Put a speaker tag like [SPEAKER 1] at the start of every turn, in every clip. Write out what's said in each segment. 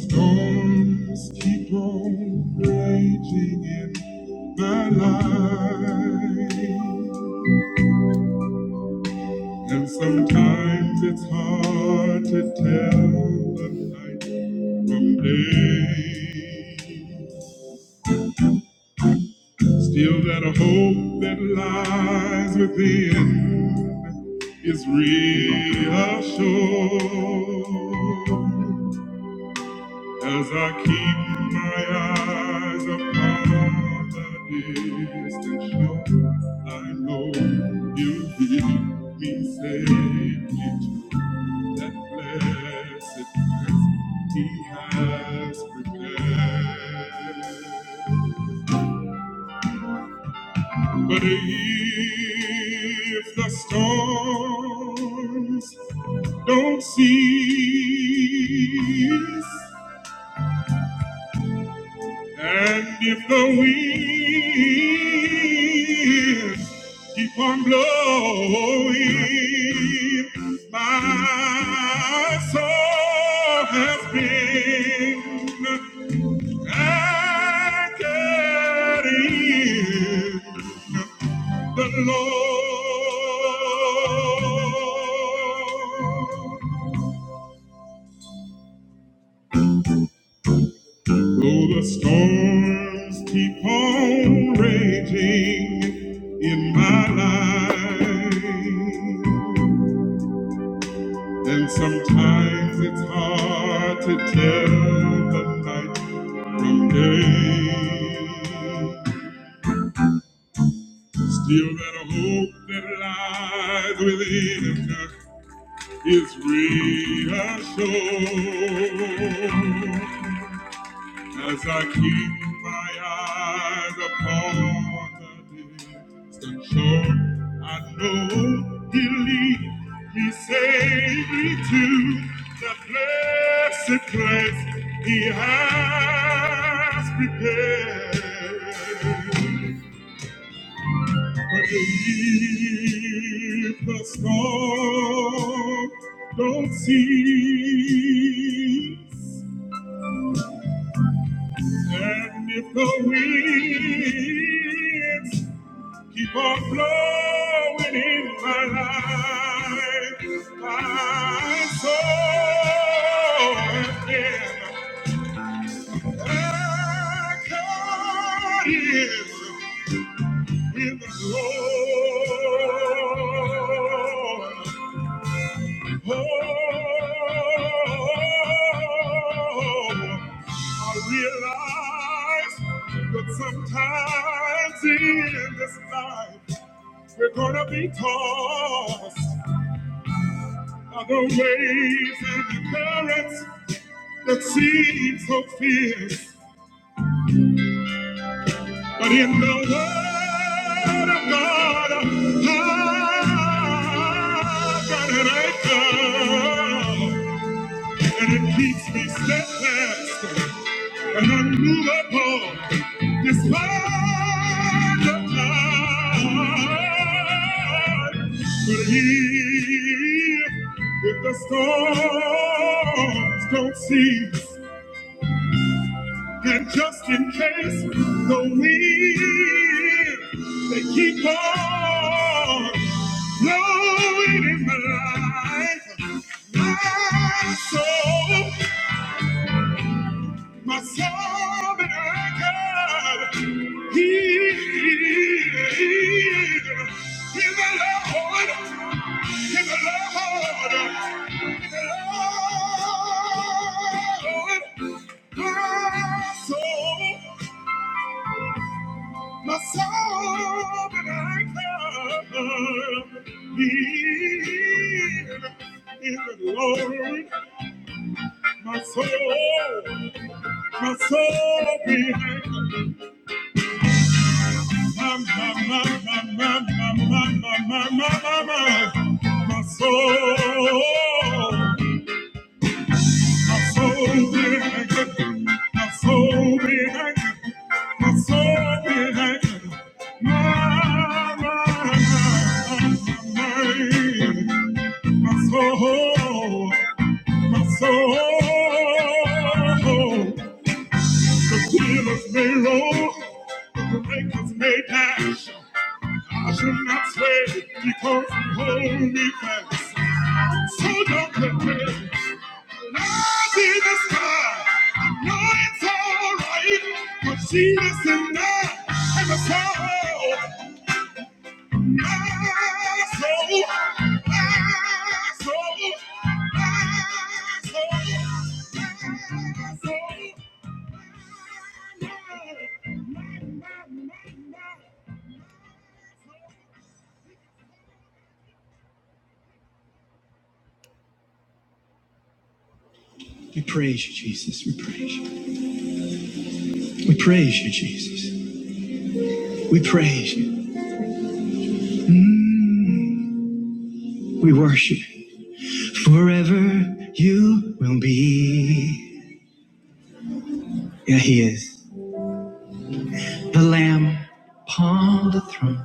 [SPEAKER 1] Storms keep on raging in my life, and sometimes it's hard to tell the night from day. Still, that hope that lies within is reassured. As I keep my eyes upon the distant shore, I know you'll hear me safely to that blessed place He has prepared. But if the storms don't cease, And if the winds keep on blowing, my soul has been anchored in the Lord. Though the storms keep on raging in my life, and sometimes it's hard to tell the night from day. Still, that hope that lies within us is reassured. As I keep my eyes upon the distant shore, I know He'll lead me safely to the blessed place He has prepared. But if the storm don't cease, And if the winds keep on blowing in my life, my soul again, I is with the Lord. Oh, I realize that sometimes in this life we're gonna be tossed by the waves and the currents that seem so fierce. But in the Word of God, I've got an anchor, and it keeps me steadfast. and unmovable despite the time. But if, if the storms don't cease, and just in case the wind they keep on blowing in my life, my soul. My sovereign God, He is the Lord, He's the Lord, He's the Lord. My soul, my sovereign God, He is the Lord. My soul, my soul, behind My my, my, my, my, my, my, my, my, my, my, my soul, my soul behind my soul behind my soul behind my, my, my, my, my soul, my soul. The killers may roll, the makers may dash. I should not sway because you hold me fast. So don't compare. I see the sky. I know it's all right. But she is in there. And the My soul. My soul. My soul. My soul. We praise you, Jesus. We praise you. We praise you, Jesus. We praise you. We worship you. Forever you will be. Yeah, he is. The Lamb upon the throne.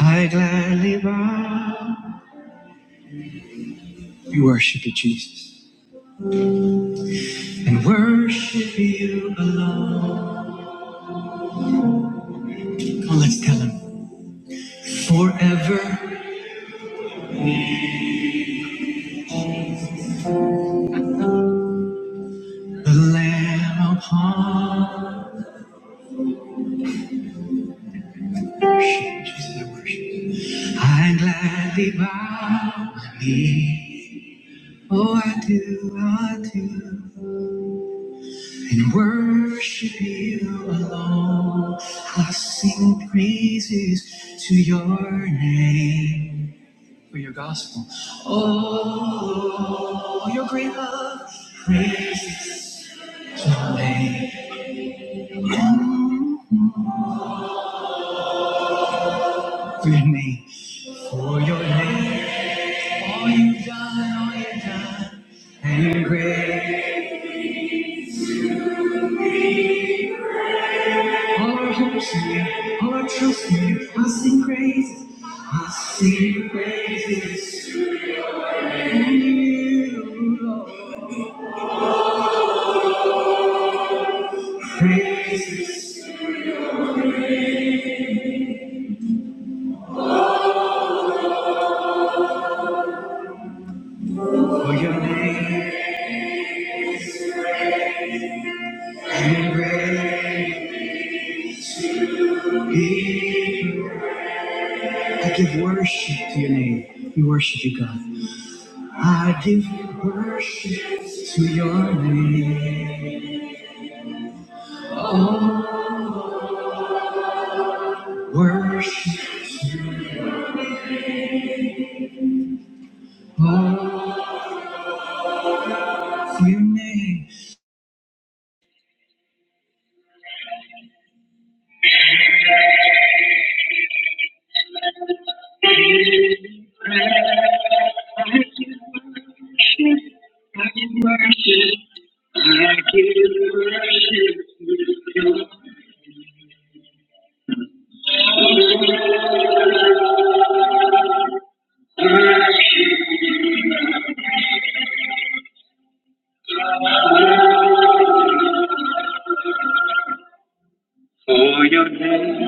[SPEAKER 1] I gladly bow. We worship you, Jesus. And worship you alone. Come on, let's tell him. Forever the Lamb upon the throne. worship, Jesus, I worship you. I gladly bow my knee. Oh, I do, I do. and worship you alone. I sing praises to your name for your gospel. Oh, your great love, praises to your name, for your name, for your name. All you've done, all you've done, and great. All our hopes in you, all our trust in you. I sing praises, I sing praises. Praises for your name and great. be. I give worship to your name. We worship you, God. I give worship to your name. Oh, Worship, oh, for your name. For your name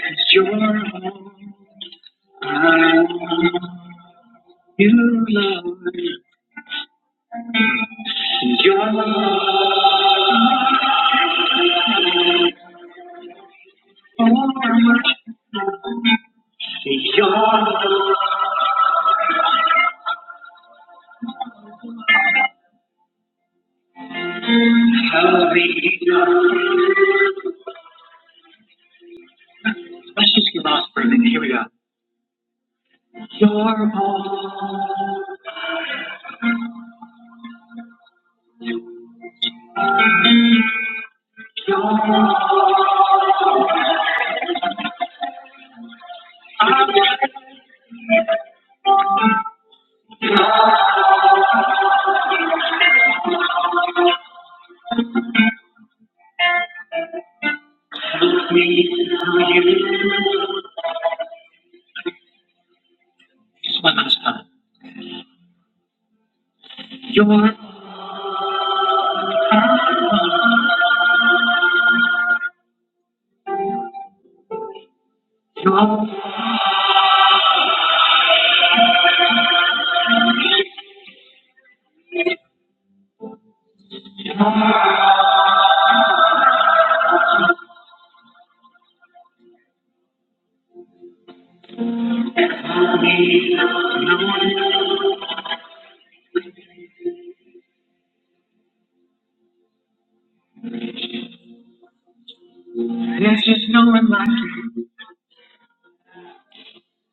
[SPEAKER 1] is your home. I want you, Lord. Your love, so much. Your love, how we know. Let's just get lost for a minute. Here we go. You're all, you're all of me to you. Just one last time. You're, you're, there's just no one like you.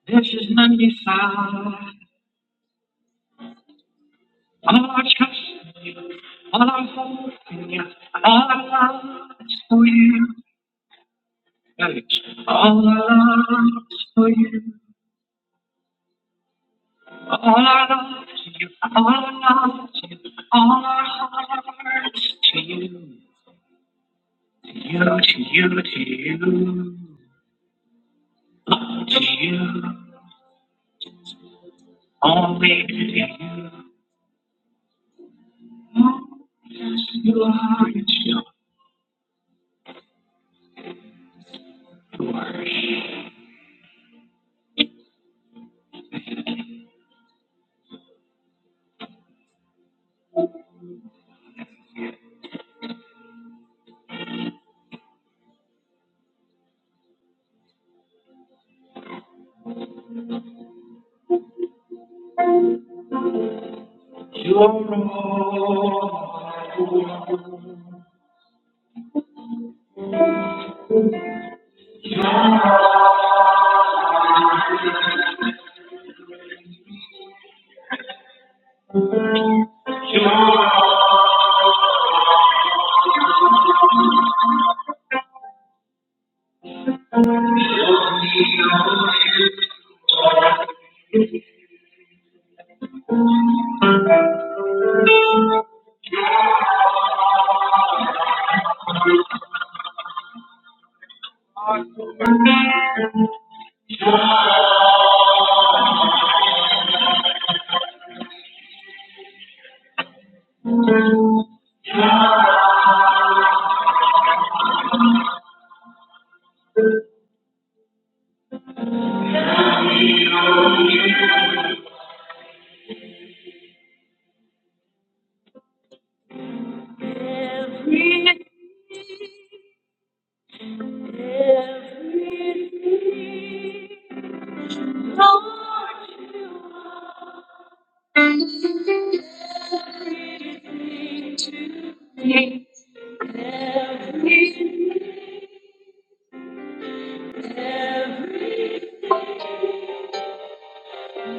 [SPEAKER 1] There's just none beside. All our trust, in you. all our hope, in you. all our love is for you. All our love is for you. All our love to you, all our love to you, all our hearts to you, to you, to you, to you, to you, only to you. Yes, you are yours. You are you are you are all. Every, everything, Lord, you are. Everything,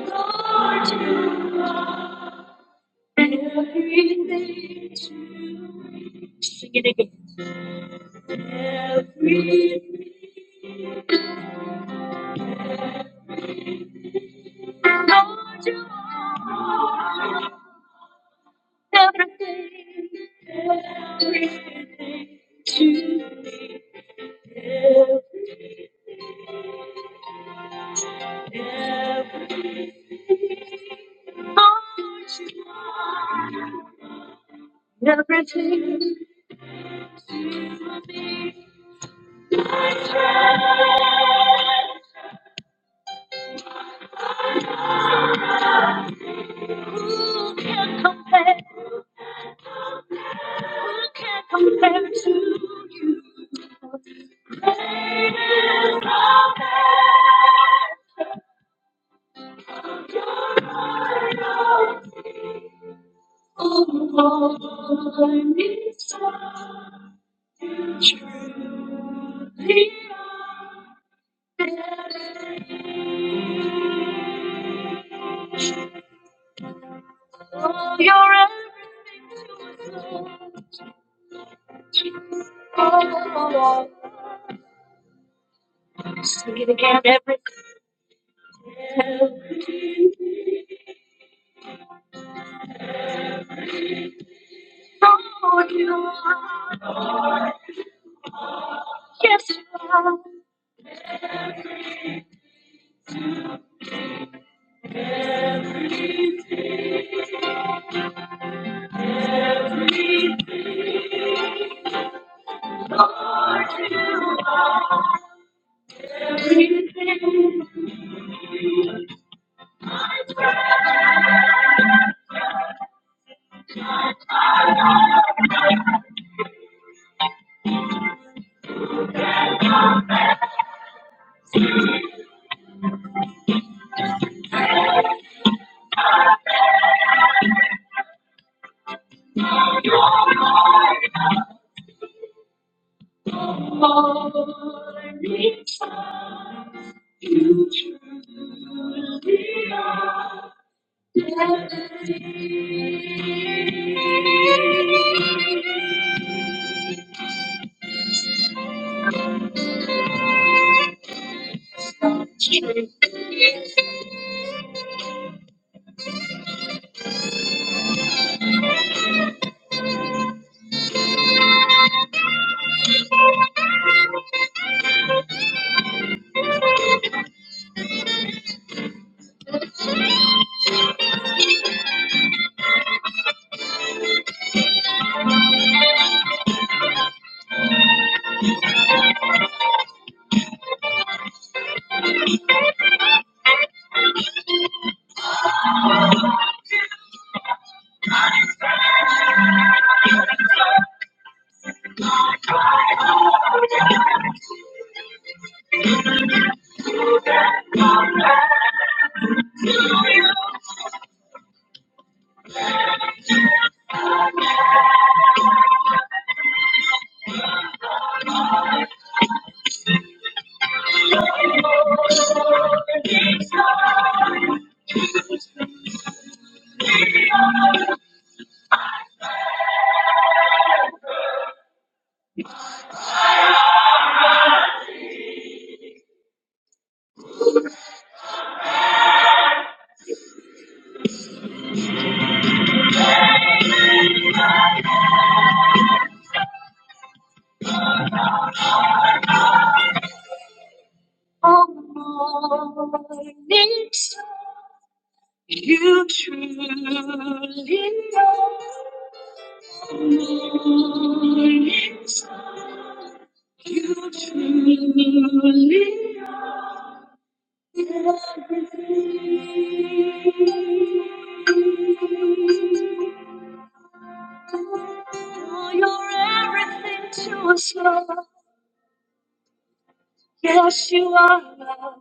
[SPEAKER 1] Lord, And Everything to sing it again. Everything, Lord, you are everything, everything to me. Every- Lord, you are everything. Who can compare? Who can compare to the greatest love? Oh, Lord, it's truly oh, you're everything to us, Jesus. Oh, Sing it again, everything. Oh, you are. Yes, you are. Everything for me. You truly are. You truly know me. You truly know everything. Oh, you're everything to us, love. Yes, you are love.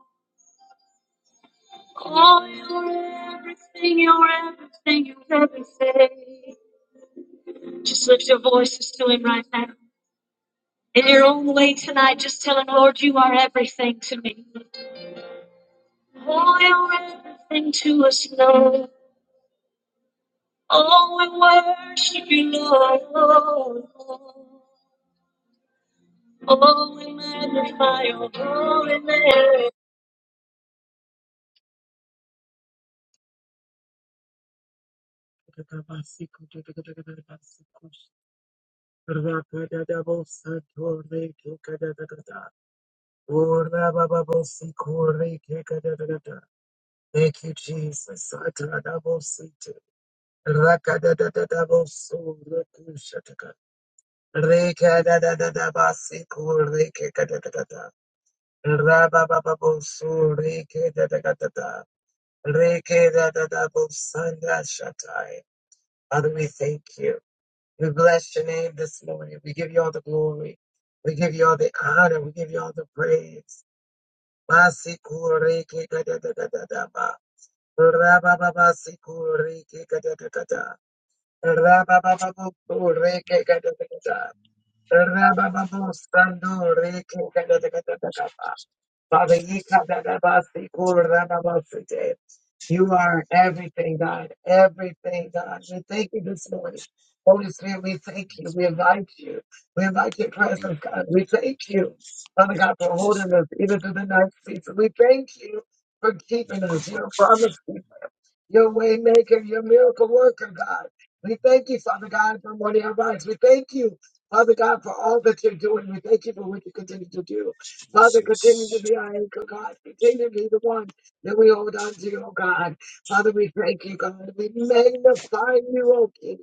[SPEAKER 1] Oh, you're everything, you're everything, you're everything. Just lift your voices to Him right now. In your own way tonight, just tell Him, Lord, you are everything to me. Oh, you're everything to us, Lord. Oh, we worship you, Lord. Oh, we magnify your holy name. Thank you, Jesus. Rekha da da da da, Basikul Rekha ka da da da da, Rabababababoo Rekha da da ka da da, Rekha da da babu Sundar Shatay. Heavenly, thank you. We bless your name this morning. We give you all the glory. We give you all the honor. We give you all the praise. Basikul Rekha ka da da da da, Rabababababoo Rekha ka da da ka da, Rabababababoo Rekha ka da da ka da. Rabababosando, rekekadadadadadaba. Father, yekadadabasikurababasite. you are everything, God. Everything, God. We thank you this morning. Holy Spirit, we thank you. We invite you. We invite your
[SPEAKER 2] Thank
[SPEAKER 1] presence, God. We thank you, Father God, for holding us even through the night season. We thank you for
[SPEAKER 2] you,
[SPEAKER 1] keeping us.
[SPEAKER 2] God,
[SPEAKER 1] Your promise. keeper your way maker, your miracle worker, God. We thank you, Father God, for morning our We thank you, Father God, for all that you're doing. We thank you for what you continue to do. Father, continue to
[SPEAKER 2] Jesus.
[SPEAKER 1] be our anchor, God. Continue to be the one that we hold on to, oh God. Father, we thank you, God. We magnify you, oh King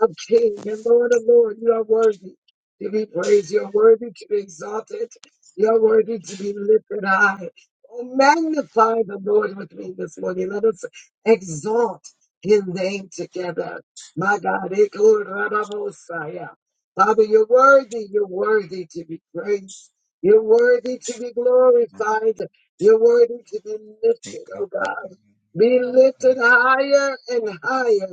[SPEAKER 1] of King and Lord of Lord. You are worthy to be praised. You're worthy to be exalted. You're worthy to be lifted high. Oh, magnify the Lord with me this morning. Let us exalt his name together. My God, Ikorababosaya. Father, you're worthy, you're worthy to be praised. You're worthy to be
[SPEAKER 2] Thank
[SPEAKER 1] glorified. You're worthy to be lifted, oh God. Be lifted higher and higher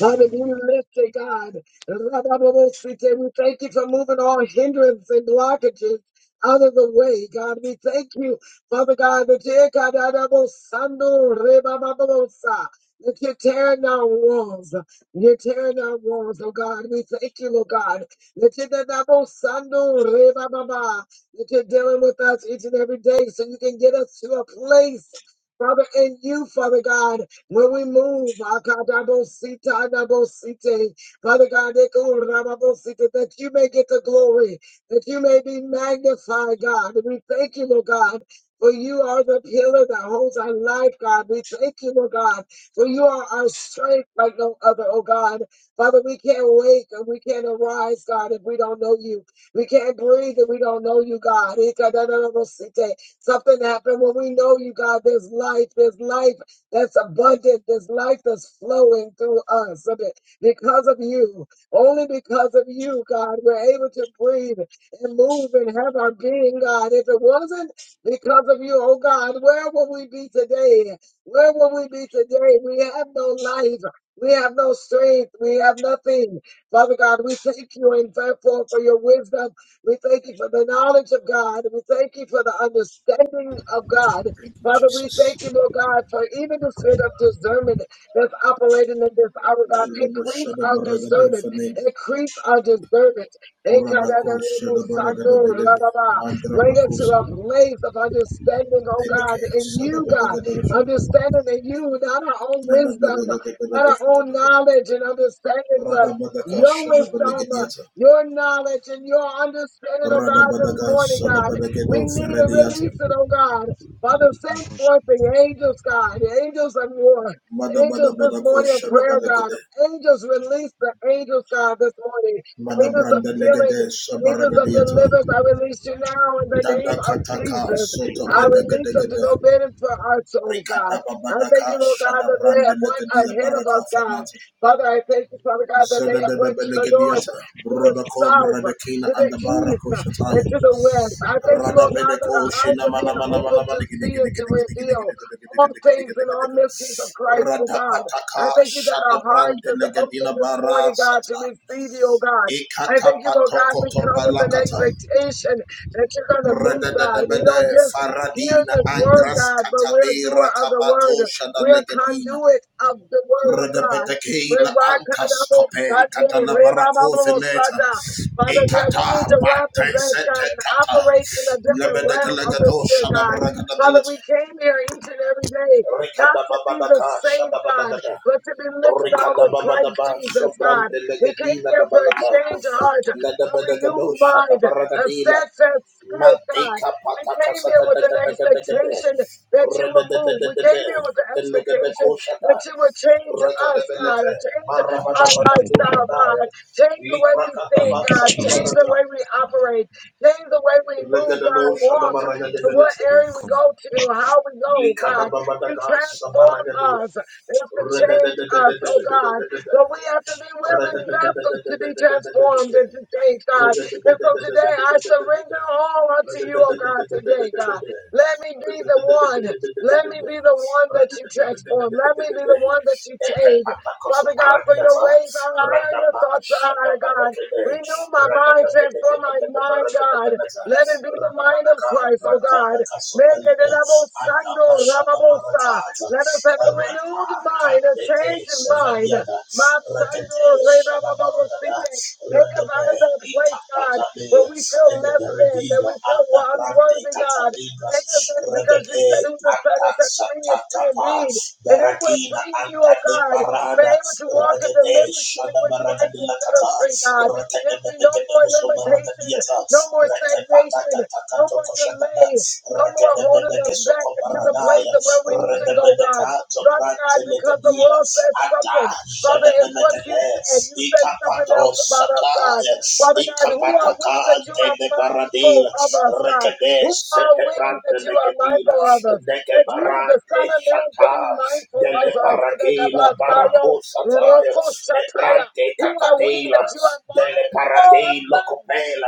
[SPEAKER 1] Hallelujah, lift it, God. Rabababosite, We thank you for moving all hindrance and blockages out of the way, God. We thank you, Father God, that you're Kadadabosando, rebabababosa, that you're tearing down walls. You're tearing down walls, oh God. We thank you, Lord God, that you're Dadabosando, rebababa, that you're dealing with us each and every day so you can get us to a place, Father, in you, Father God. When we move, Akadabosita, Adabosite, Father God, Eko Rababosite, that you may get the glory, that you may be magnified, God. And we thank you, Lord God. For you are the pillar that holds our life, God. We thank you, Lord God. For you are our strength like no other, oh God. Father, we can't wake and we can't arise, God, if we don't know you. We can't breathe if we don't know you, God. Ikadadadabosite. Something happened when we know you, God. There's life. There's life that's abundant, this life that's flowing through us. So that Because of you, only because of you, God, we're able to breathe and move and have our being, God. If it wasn't because of you, oh God, where would we be today? Where would we be today? We have no life. We have no strength. We have nothing. Father God, we thank you and therefore for your wisdom. We thank you for the knowledge of God. We thank you for the understanding of God.
[SPEAKER 3] Thank you,
[SPEAKER 1] Father, we
[SPEAKER 3] Jesus.
[SPEAKER 1] thank you, Lord God, for even the spirit of discernment that's operating in this hour, God.
[SPEAKER 3] Mandra
[SPEAKER 1] Increase
[SPEAKER 3] shada
[SPEAKER 1] our
[SPEAKER 3] baragada
[SPEAKER 1] discernment.
[SPEAKER 3] faneg.
[SPEAKER 1] Increase our discernment. Bring
[SPEAKER 3] Radako shada baragada belebe. Mandra
[SPEAKER 1] us to
[SPEAKER 3] bakosa.
[SPEAKER 1] a place of understanding, oh
[SPEAKER 3] Beneke
[SPEAKER 1] God, in
[SPEAKER 3] shada
[SPEAKER 1] you, God.
[SPEAKER 3] baragada shaka.
[SPEAKER 1] Understanding in you, not our own
[SPEAKER 3] Mena
[SPEAKER 1] wisdom,
[SPEAKER 3] belagada
[SPEAKER 1] not
[SPEAKER 3] belago
[SPEAKER 1] our
[SPEAKER 3] shaka.
[SPEAKER 1] own knowledge and understanding, but
[SPEAKER 3] Rada badaka
[SPEAKER 1] your
[SPEAKER 3] shada
[SPEAKER 1] wisdom, uh,
[SPEAKER 3] balagadiata.
[SPEAKER 1] your knowledge, and your understanding, oh
[SPEAKER 3] Rada
[SPEAKER 1] God, this
[SPEAKER 3] badaga
[SPEAKER 1] morning,
[SPEAKER 3] shada
[SPEAKER 1] God. We
[SPEAKER 3] balagado
[SPEAKER 1] need to
[SPEAKER 3] ferediata.
[SPEAKER 1] release it, oh God. Father, send forth the angels, God, the angels of war.
[SPEAKER 3] Mada bada
[SPEAKER 1] Angels this
[SPEAKER 3] badako
[SPEAKER 1] morning of
[SPEAKER 3] shada
[SPEAKER 1] prayer, God.
[SPEAKER 3] balagade.
[SPEAKER 1] Angels release the angels, God, this morning.
[SPEAKER 3] Mada
[SPEAKER 1] Angels of
[SPEAKER 3] branda
[SPEAKER 1] healing,
[SPEAKER 3] legade
[SPEAKER 1] Angels of
[SPEAKER 3] shabaragadiata.
[SPEAKER 1] deliverance, I release you now in the
[SPEAKER 3] Dada
[SPEAKER 1] name of
[SPEAKER 3] kataka
[SPEAKER 1] Jesus.
[SPEAKER 3] sota
[SPEAKER 1] I release them to
[SPEAKER 3] bedagade
[SPEAKER 1] go bidding for us, oh God. I thank
[SPEAKER 3] Rikadababadaka
[SPEAKER 1] you, Lord God, that they
[SPEAKER 3] Shadabrande
[SPEAKER 1] have went
[SPEAKER 3] Legadida
[SPEAKER 1] ahead of
[SPEAKER 3] Baraka
[SPEAKER 1] us, God.
[SPEAKER 3] Fanata
[SPEAKER 1] Father, I thank you, Father God, that they have went to the north,
[SPEAKER 3] Zadadabelagadiata
[SPEAKER 1] to the
[SPEAKER 3] Brodako
[SPEAKER 1] south,
[SPEAKER 3] Bradakina
[SPEAKER 1] to
[SPEAKER 3] and
[SPEAKER 1] the
[SPEAKER 3] the
[SPEAKER 1] east,
[SPEAKER 3] Barako Shataya
[SPEAKER 1] and to the west. I thank you, Lord God, that
[SPEAKER 3] Radabedeko
[SPEAKER 1] our eyes are
[SPEAKER 3] Shinamana
[SPEAKER 1] being
[SPEAKER 3] Mana
[SPEAKER 1] opened
[SPEAKER 3] Mana
[SPEAKER 1] to see and to reveal all things and all mysteries of Christ, oh God.
[SPEAKER 3] Radapataka
[SPEAKER 1] I thank you that our hearts
[SPEAKER 3] Shadabrande
[SPEAKER 1] is open
[SPEAKER 3] Legadina
[SPEAKER 1] this morning, God, to
[SPEAKER 3] Barasata
[SPEAKER 1] receive you, oh God. I
[SPEAKER 3] Ikata
[SPEAKER 1] thank you, Lord God. We
[SPEAKER 3] Patokoto
[SPEAKER 1] come with an
[SPEAKER 3] Palakata
[SPEAKER 1] expectation that you're going to move, God. We don't
[SPEAKER 3] Radadabede
[SPEAKER 1] just hear
[SPEAKER 3] Faradina
[SPEAKER 1] this word,
[SPEAKER 3] Angras
[SPEAKER 1] God, but we're a
[SPEAKER 3] Katabera
[SPEAKER 1] doer of the word.
[SPEAKER 3] Kabato
[SPEAKER 1] We're a
[SPEAKER 3] Shadalegadina
[SPEAKER 1] conduit of the word of God.
[SPEAKER 3] Regabeteke
[SPEAKER 1] We're
[SPEAKER 3] la antas
[SPEAKER 1] Rakadabo
[SPEAKER 3] kope
[SPEAKER 1] Sando,
[SPEAKER 3] katana barako
[SPEAKER 1] Rebababo
[SPEAKER 3] fileta
[SPEAKER 1] Sata. Father God, you
[SPEAKER 3] ikata
[SPEAKER 1] need to
[SPEAKER 3] bate
[SPEAKER 1] represent
[SPEAKER 3] sete
[SPEAKER 1] God and
[SPEAKER 3] kata
[SPEAKER 1] operate in a different
[SPEAKER 3] lebedeke
[SPEAKER 1] realm of the
[SPEAKER 3] legado
[SPEAKER 1] spirit,
[SPEAKER 3] shada
[SPEAKER 1] God.
[SPEAKER 3] baragada
[SPEAKER 1] Father,
[SPEAKER 3] belete
[SPEAKER 1] we came here each and every day
[SPEAKER 3] rikada
[SPEAKER 1] not to be the
[SPEAKER 3] babadaka
[SPEAKER 1] same
[SPEAKER 3] shada
[SPEAKER 1] God,
[SPEAKER 3] badagada
[SPEAKER 1] but to be lifted on
[SPEAKER 3] rikada
[SPEAKER 1] with Christ
[SPEAKER 3] babadaba
[SPEAKER 1] Jesus, God.
[SPEAKER 3] sobrande
[SPEAKER 1] We came
[SPEAKER 3] legedina da
[SPEAKER 1] here for a
[SPEAKER 3] balaka
[SPEAKER 1] changed heart, a
[SPEAKER 3] ledebedegado
[SPEAKER 1] renewed
[SPEAKER 3] shada
[SPEAKER 1] mind, a
[SPEAKER 3] baragadila
[SPEAKER 1] steadfast spirit, God.
[SPEAKER 3] mateka
[SPEAKER 1] We
[SPEAKER 3] pataka
[SPEAKER 1] came here with an
[SPEAKER 3] sakadakadakadakade
[SPEAKER 1] expectation that you will move. We
[SPEAKER 3] rededededede
[SPEAKER 1] came here with the expectation
[SPEAKER 3] delegedeko shada
[SPEAKER 1] that you will change us, God,
[SPEAKER 3] Rakadabelete,
[SPEAKER 1] change our lifestyle,
[SPEAKER 3] Marabadabatakushataya,
[SPEAKER 1] God, change the way we think,
[SPEAKER 2] you,
[SPEAKER 1] God, change
[SPEAKER 2] Jesus.
[SPEAKER 1] the
[SPEAKER 3] Liprakatabasatabaraga,
[SPEAKER 1] way we operate, change the way we move,
[SPEAKER 3] Regadabo
[SPEAKER 1] God, walk.
[SPEAKER 3] Shadabaraga de
[SPEAKER 2] Thank
[SPEAKER 1] And
[SPEAKER 2] you,
[SPEAKER 1] what
[SPEAKER 2] oh
[SPEAKER 3] Liprakatabatsatabarana,
[SPEAKER 1] area we
[SPEAKER 2] God.
[SPEAKER 1] go to, how we go, God. You transform
[SPEAKER 3] Regadaboshanabaragadabelete, Likadababadagasabaragadira,
[SPEAKER 1] us. You have to change us, oh God.
[SPEAKER 3] Redadadadadadadadadadadada,
[SPEAKER 1] But we have to be willing vessels to be transformed and
[SPEAKER 3] Redadadadadadadadadadadada,
[SPEAKER 1] to change, God. And so today I
[SPEAKER 3] Redadadadadadadadadadada,
[SPEAKER 1] surrender all unto you, oh God, today, God.
[SPEAKER 3] Redadadadadadadadadada,
[SPEAKER 1] Let me be the one. Let me be the one that you transform. Let me be the one that you change. Father God, for your ways are higher, your thoughts are higher, God. Renew my mind, transform my mind, God. Let it be the mind of Christ, oh God. Make it an abosango, rababosa. Let us have a
[SPEAKER 3] Rakata,
[SPEAKER 1] renewed mind, a changed mind.
[SPEAKER 3] Sevadiada,
[SPEAKER 1] Matsando
[SPEAKER 3] Rakate,
[SPEAKER 1] Rebabababosite. Take us out
[SPEAKER 3] Regede
[SPEAKER 1] of that place, God,
[SPEAKER 3] itapatane
[SPEAKER 1] where we feel
[SPEAKER 3] and
[SPEAKER 1] less
[SPEAKER 3] the
[SPEAKER 1] than, that
[SPEAKER 3] redila
[SPEAKER 1] we
[SPEAKER 3] at
[SPEAKER 1] feel
[SPEAKER 3] the
[SPEAKER 1] we're
[SPEAKER 3] Brande
[SPEAKER 1] unworthy, God.
[SPEAKER 3] Catalingas
[SPEAKER 1] Take us there because you
[SPEAKER 3] Regede
[SPEAKER 1] said who the Son
[SPEAKER 3] Anta
[SPEAKER 1] is set free is free
[SPEAKER 3] Satatapa
[SPEAKER 1] indeed. And if we're
[SPEAKER 3] Beradina
[SPEAKER 1] free in you,
[SPEAKER 3] Anta
[SPEAKER 1] oh
[SPEAKER 3] de
[SPEAKER 1] God, we're
[SPEAKER 3] Parada
[SPEAKER 1] able to walk in the
[SPEAKER 3] Regede
[SPEAKER 1] liberty in
[SPEAKER 3] Shada
[SPEAKER 1] which Christ has
[SPEAKER 3] Baragadilla
[SPEAKER 1] set us
[SPEAKER 3] Cata
[SPEAKER 1] free, God. There
[SPEAKER 3] Regede
[SPEAKER 1] will be no
[SPEAKER 3] Benegade
[SPEAKER 1] more
[SPEAKER 3] Musoma
[SPEAKER 1] limitation,
[SPEAKER 3] Regadiata
[SPEAKER 1] no more
[SPEAKER 3] Regede Patata
[SPEAKER 1] stagnation, no more
[SPEAKER 3] Tatoko Shadada
[SPEAKER 1] delay, no more
[SPEAKER 3] Regede
[SPEAKER 1] holding
[SPEAKER 3] Benege
[SPEAKER 1] us back
[SPEAKER 3] Soco
[SPEAKER 1] into the place
[SPEAKER 3] Paradaya
[SPEAKER 1] of where we need to
[SPEAKER 3] Regede
[SPEAKER 1] go, God.
[SPEAKER 3] Benecato
[SPEAKER 1] Father God,
[SPEAKER 3] Brante
[SPEAKER 1] because the
[SPEAKER 3] Legadina
[SPEAKER 1] world said
[SPEAKER 3] Ata
[SPEAKER 1] something. Father, it's what you
[SPEAKER 3] Shadamanakade,
[SPEAKER 1] said. You said something
[SPEAKER 3] Ikapato
[SPEAKER 1] else about us, God.
[SPEAKER 3] Sataya,
[SPEAKER 1] Father God, who are we
[SPEAKER 3] Ikapataka
[SPEAKER 1] that you are
[SPEAKER 3] de Paradil,
[SPEAKER 1] mindful of us, God?
[SPEAKER 3] Rekade
[SPEAKER 1] Who are we
[SPEAKER 3] Setebrante
[SPEAKER 1] that you are
[SPEAKER 3] Negadila,
[SPEAKER 1] mindful of us? That you, the
[SPEAKER 3] Negebarante
[SPEAKER 1] Son of Man, can
[SPEAKER 3] Shata,
[SPEAKER 1] be mindful of
[SPEAKER 3] Dele
[SPEAKER 1] us.
[SPEAKER 3] Parakila, Barako Sataya, Ebrante
[SPEAKER 1] Who are we that
[SPEAKER 3] Catadela,
[SPEAKER 1] you are
[SPEAKER 3] Dele
[SPEAKER 1] mindful of us?
[SPEAKER 3] Paradil,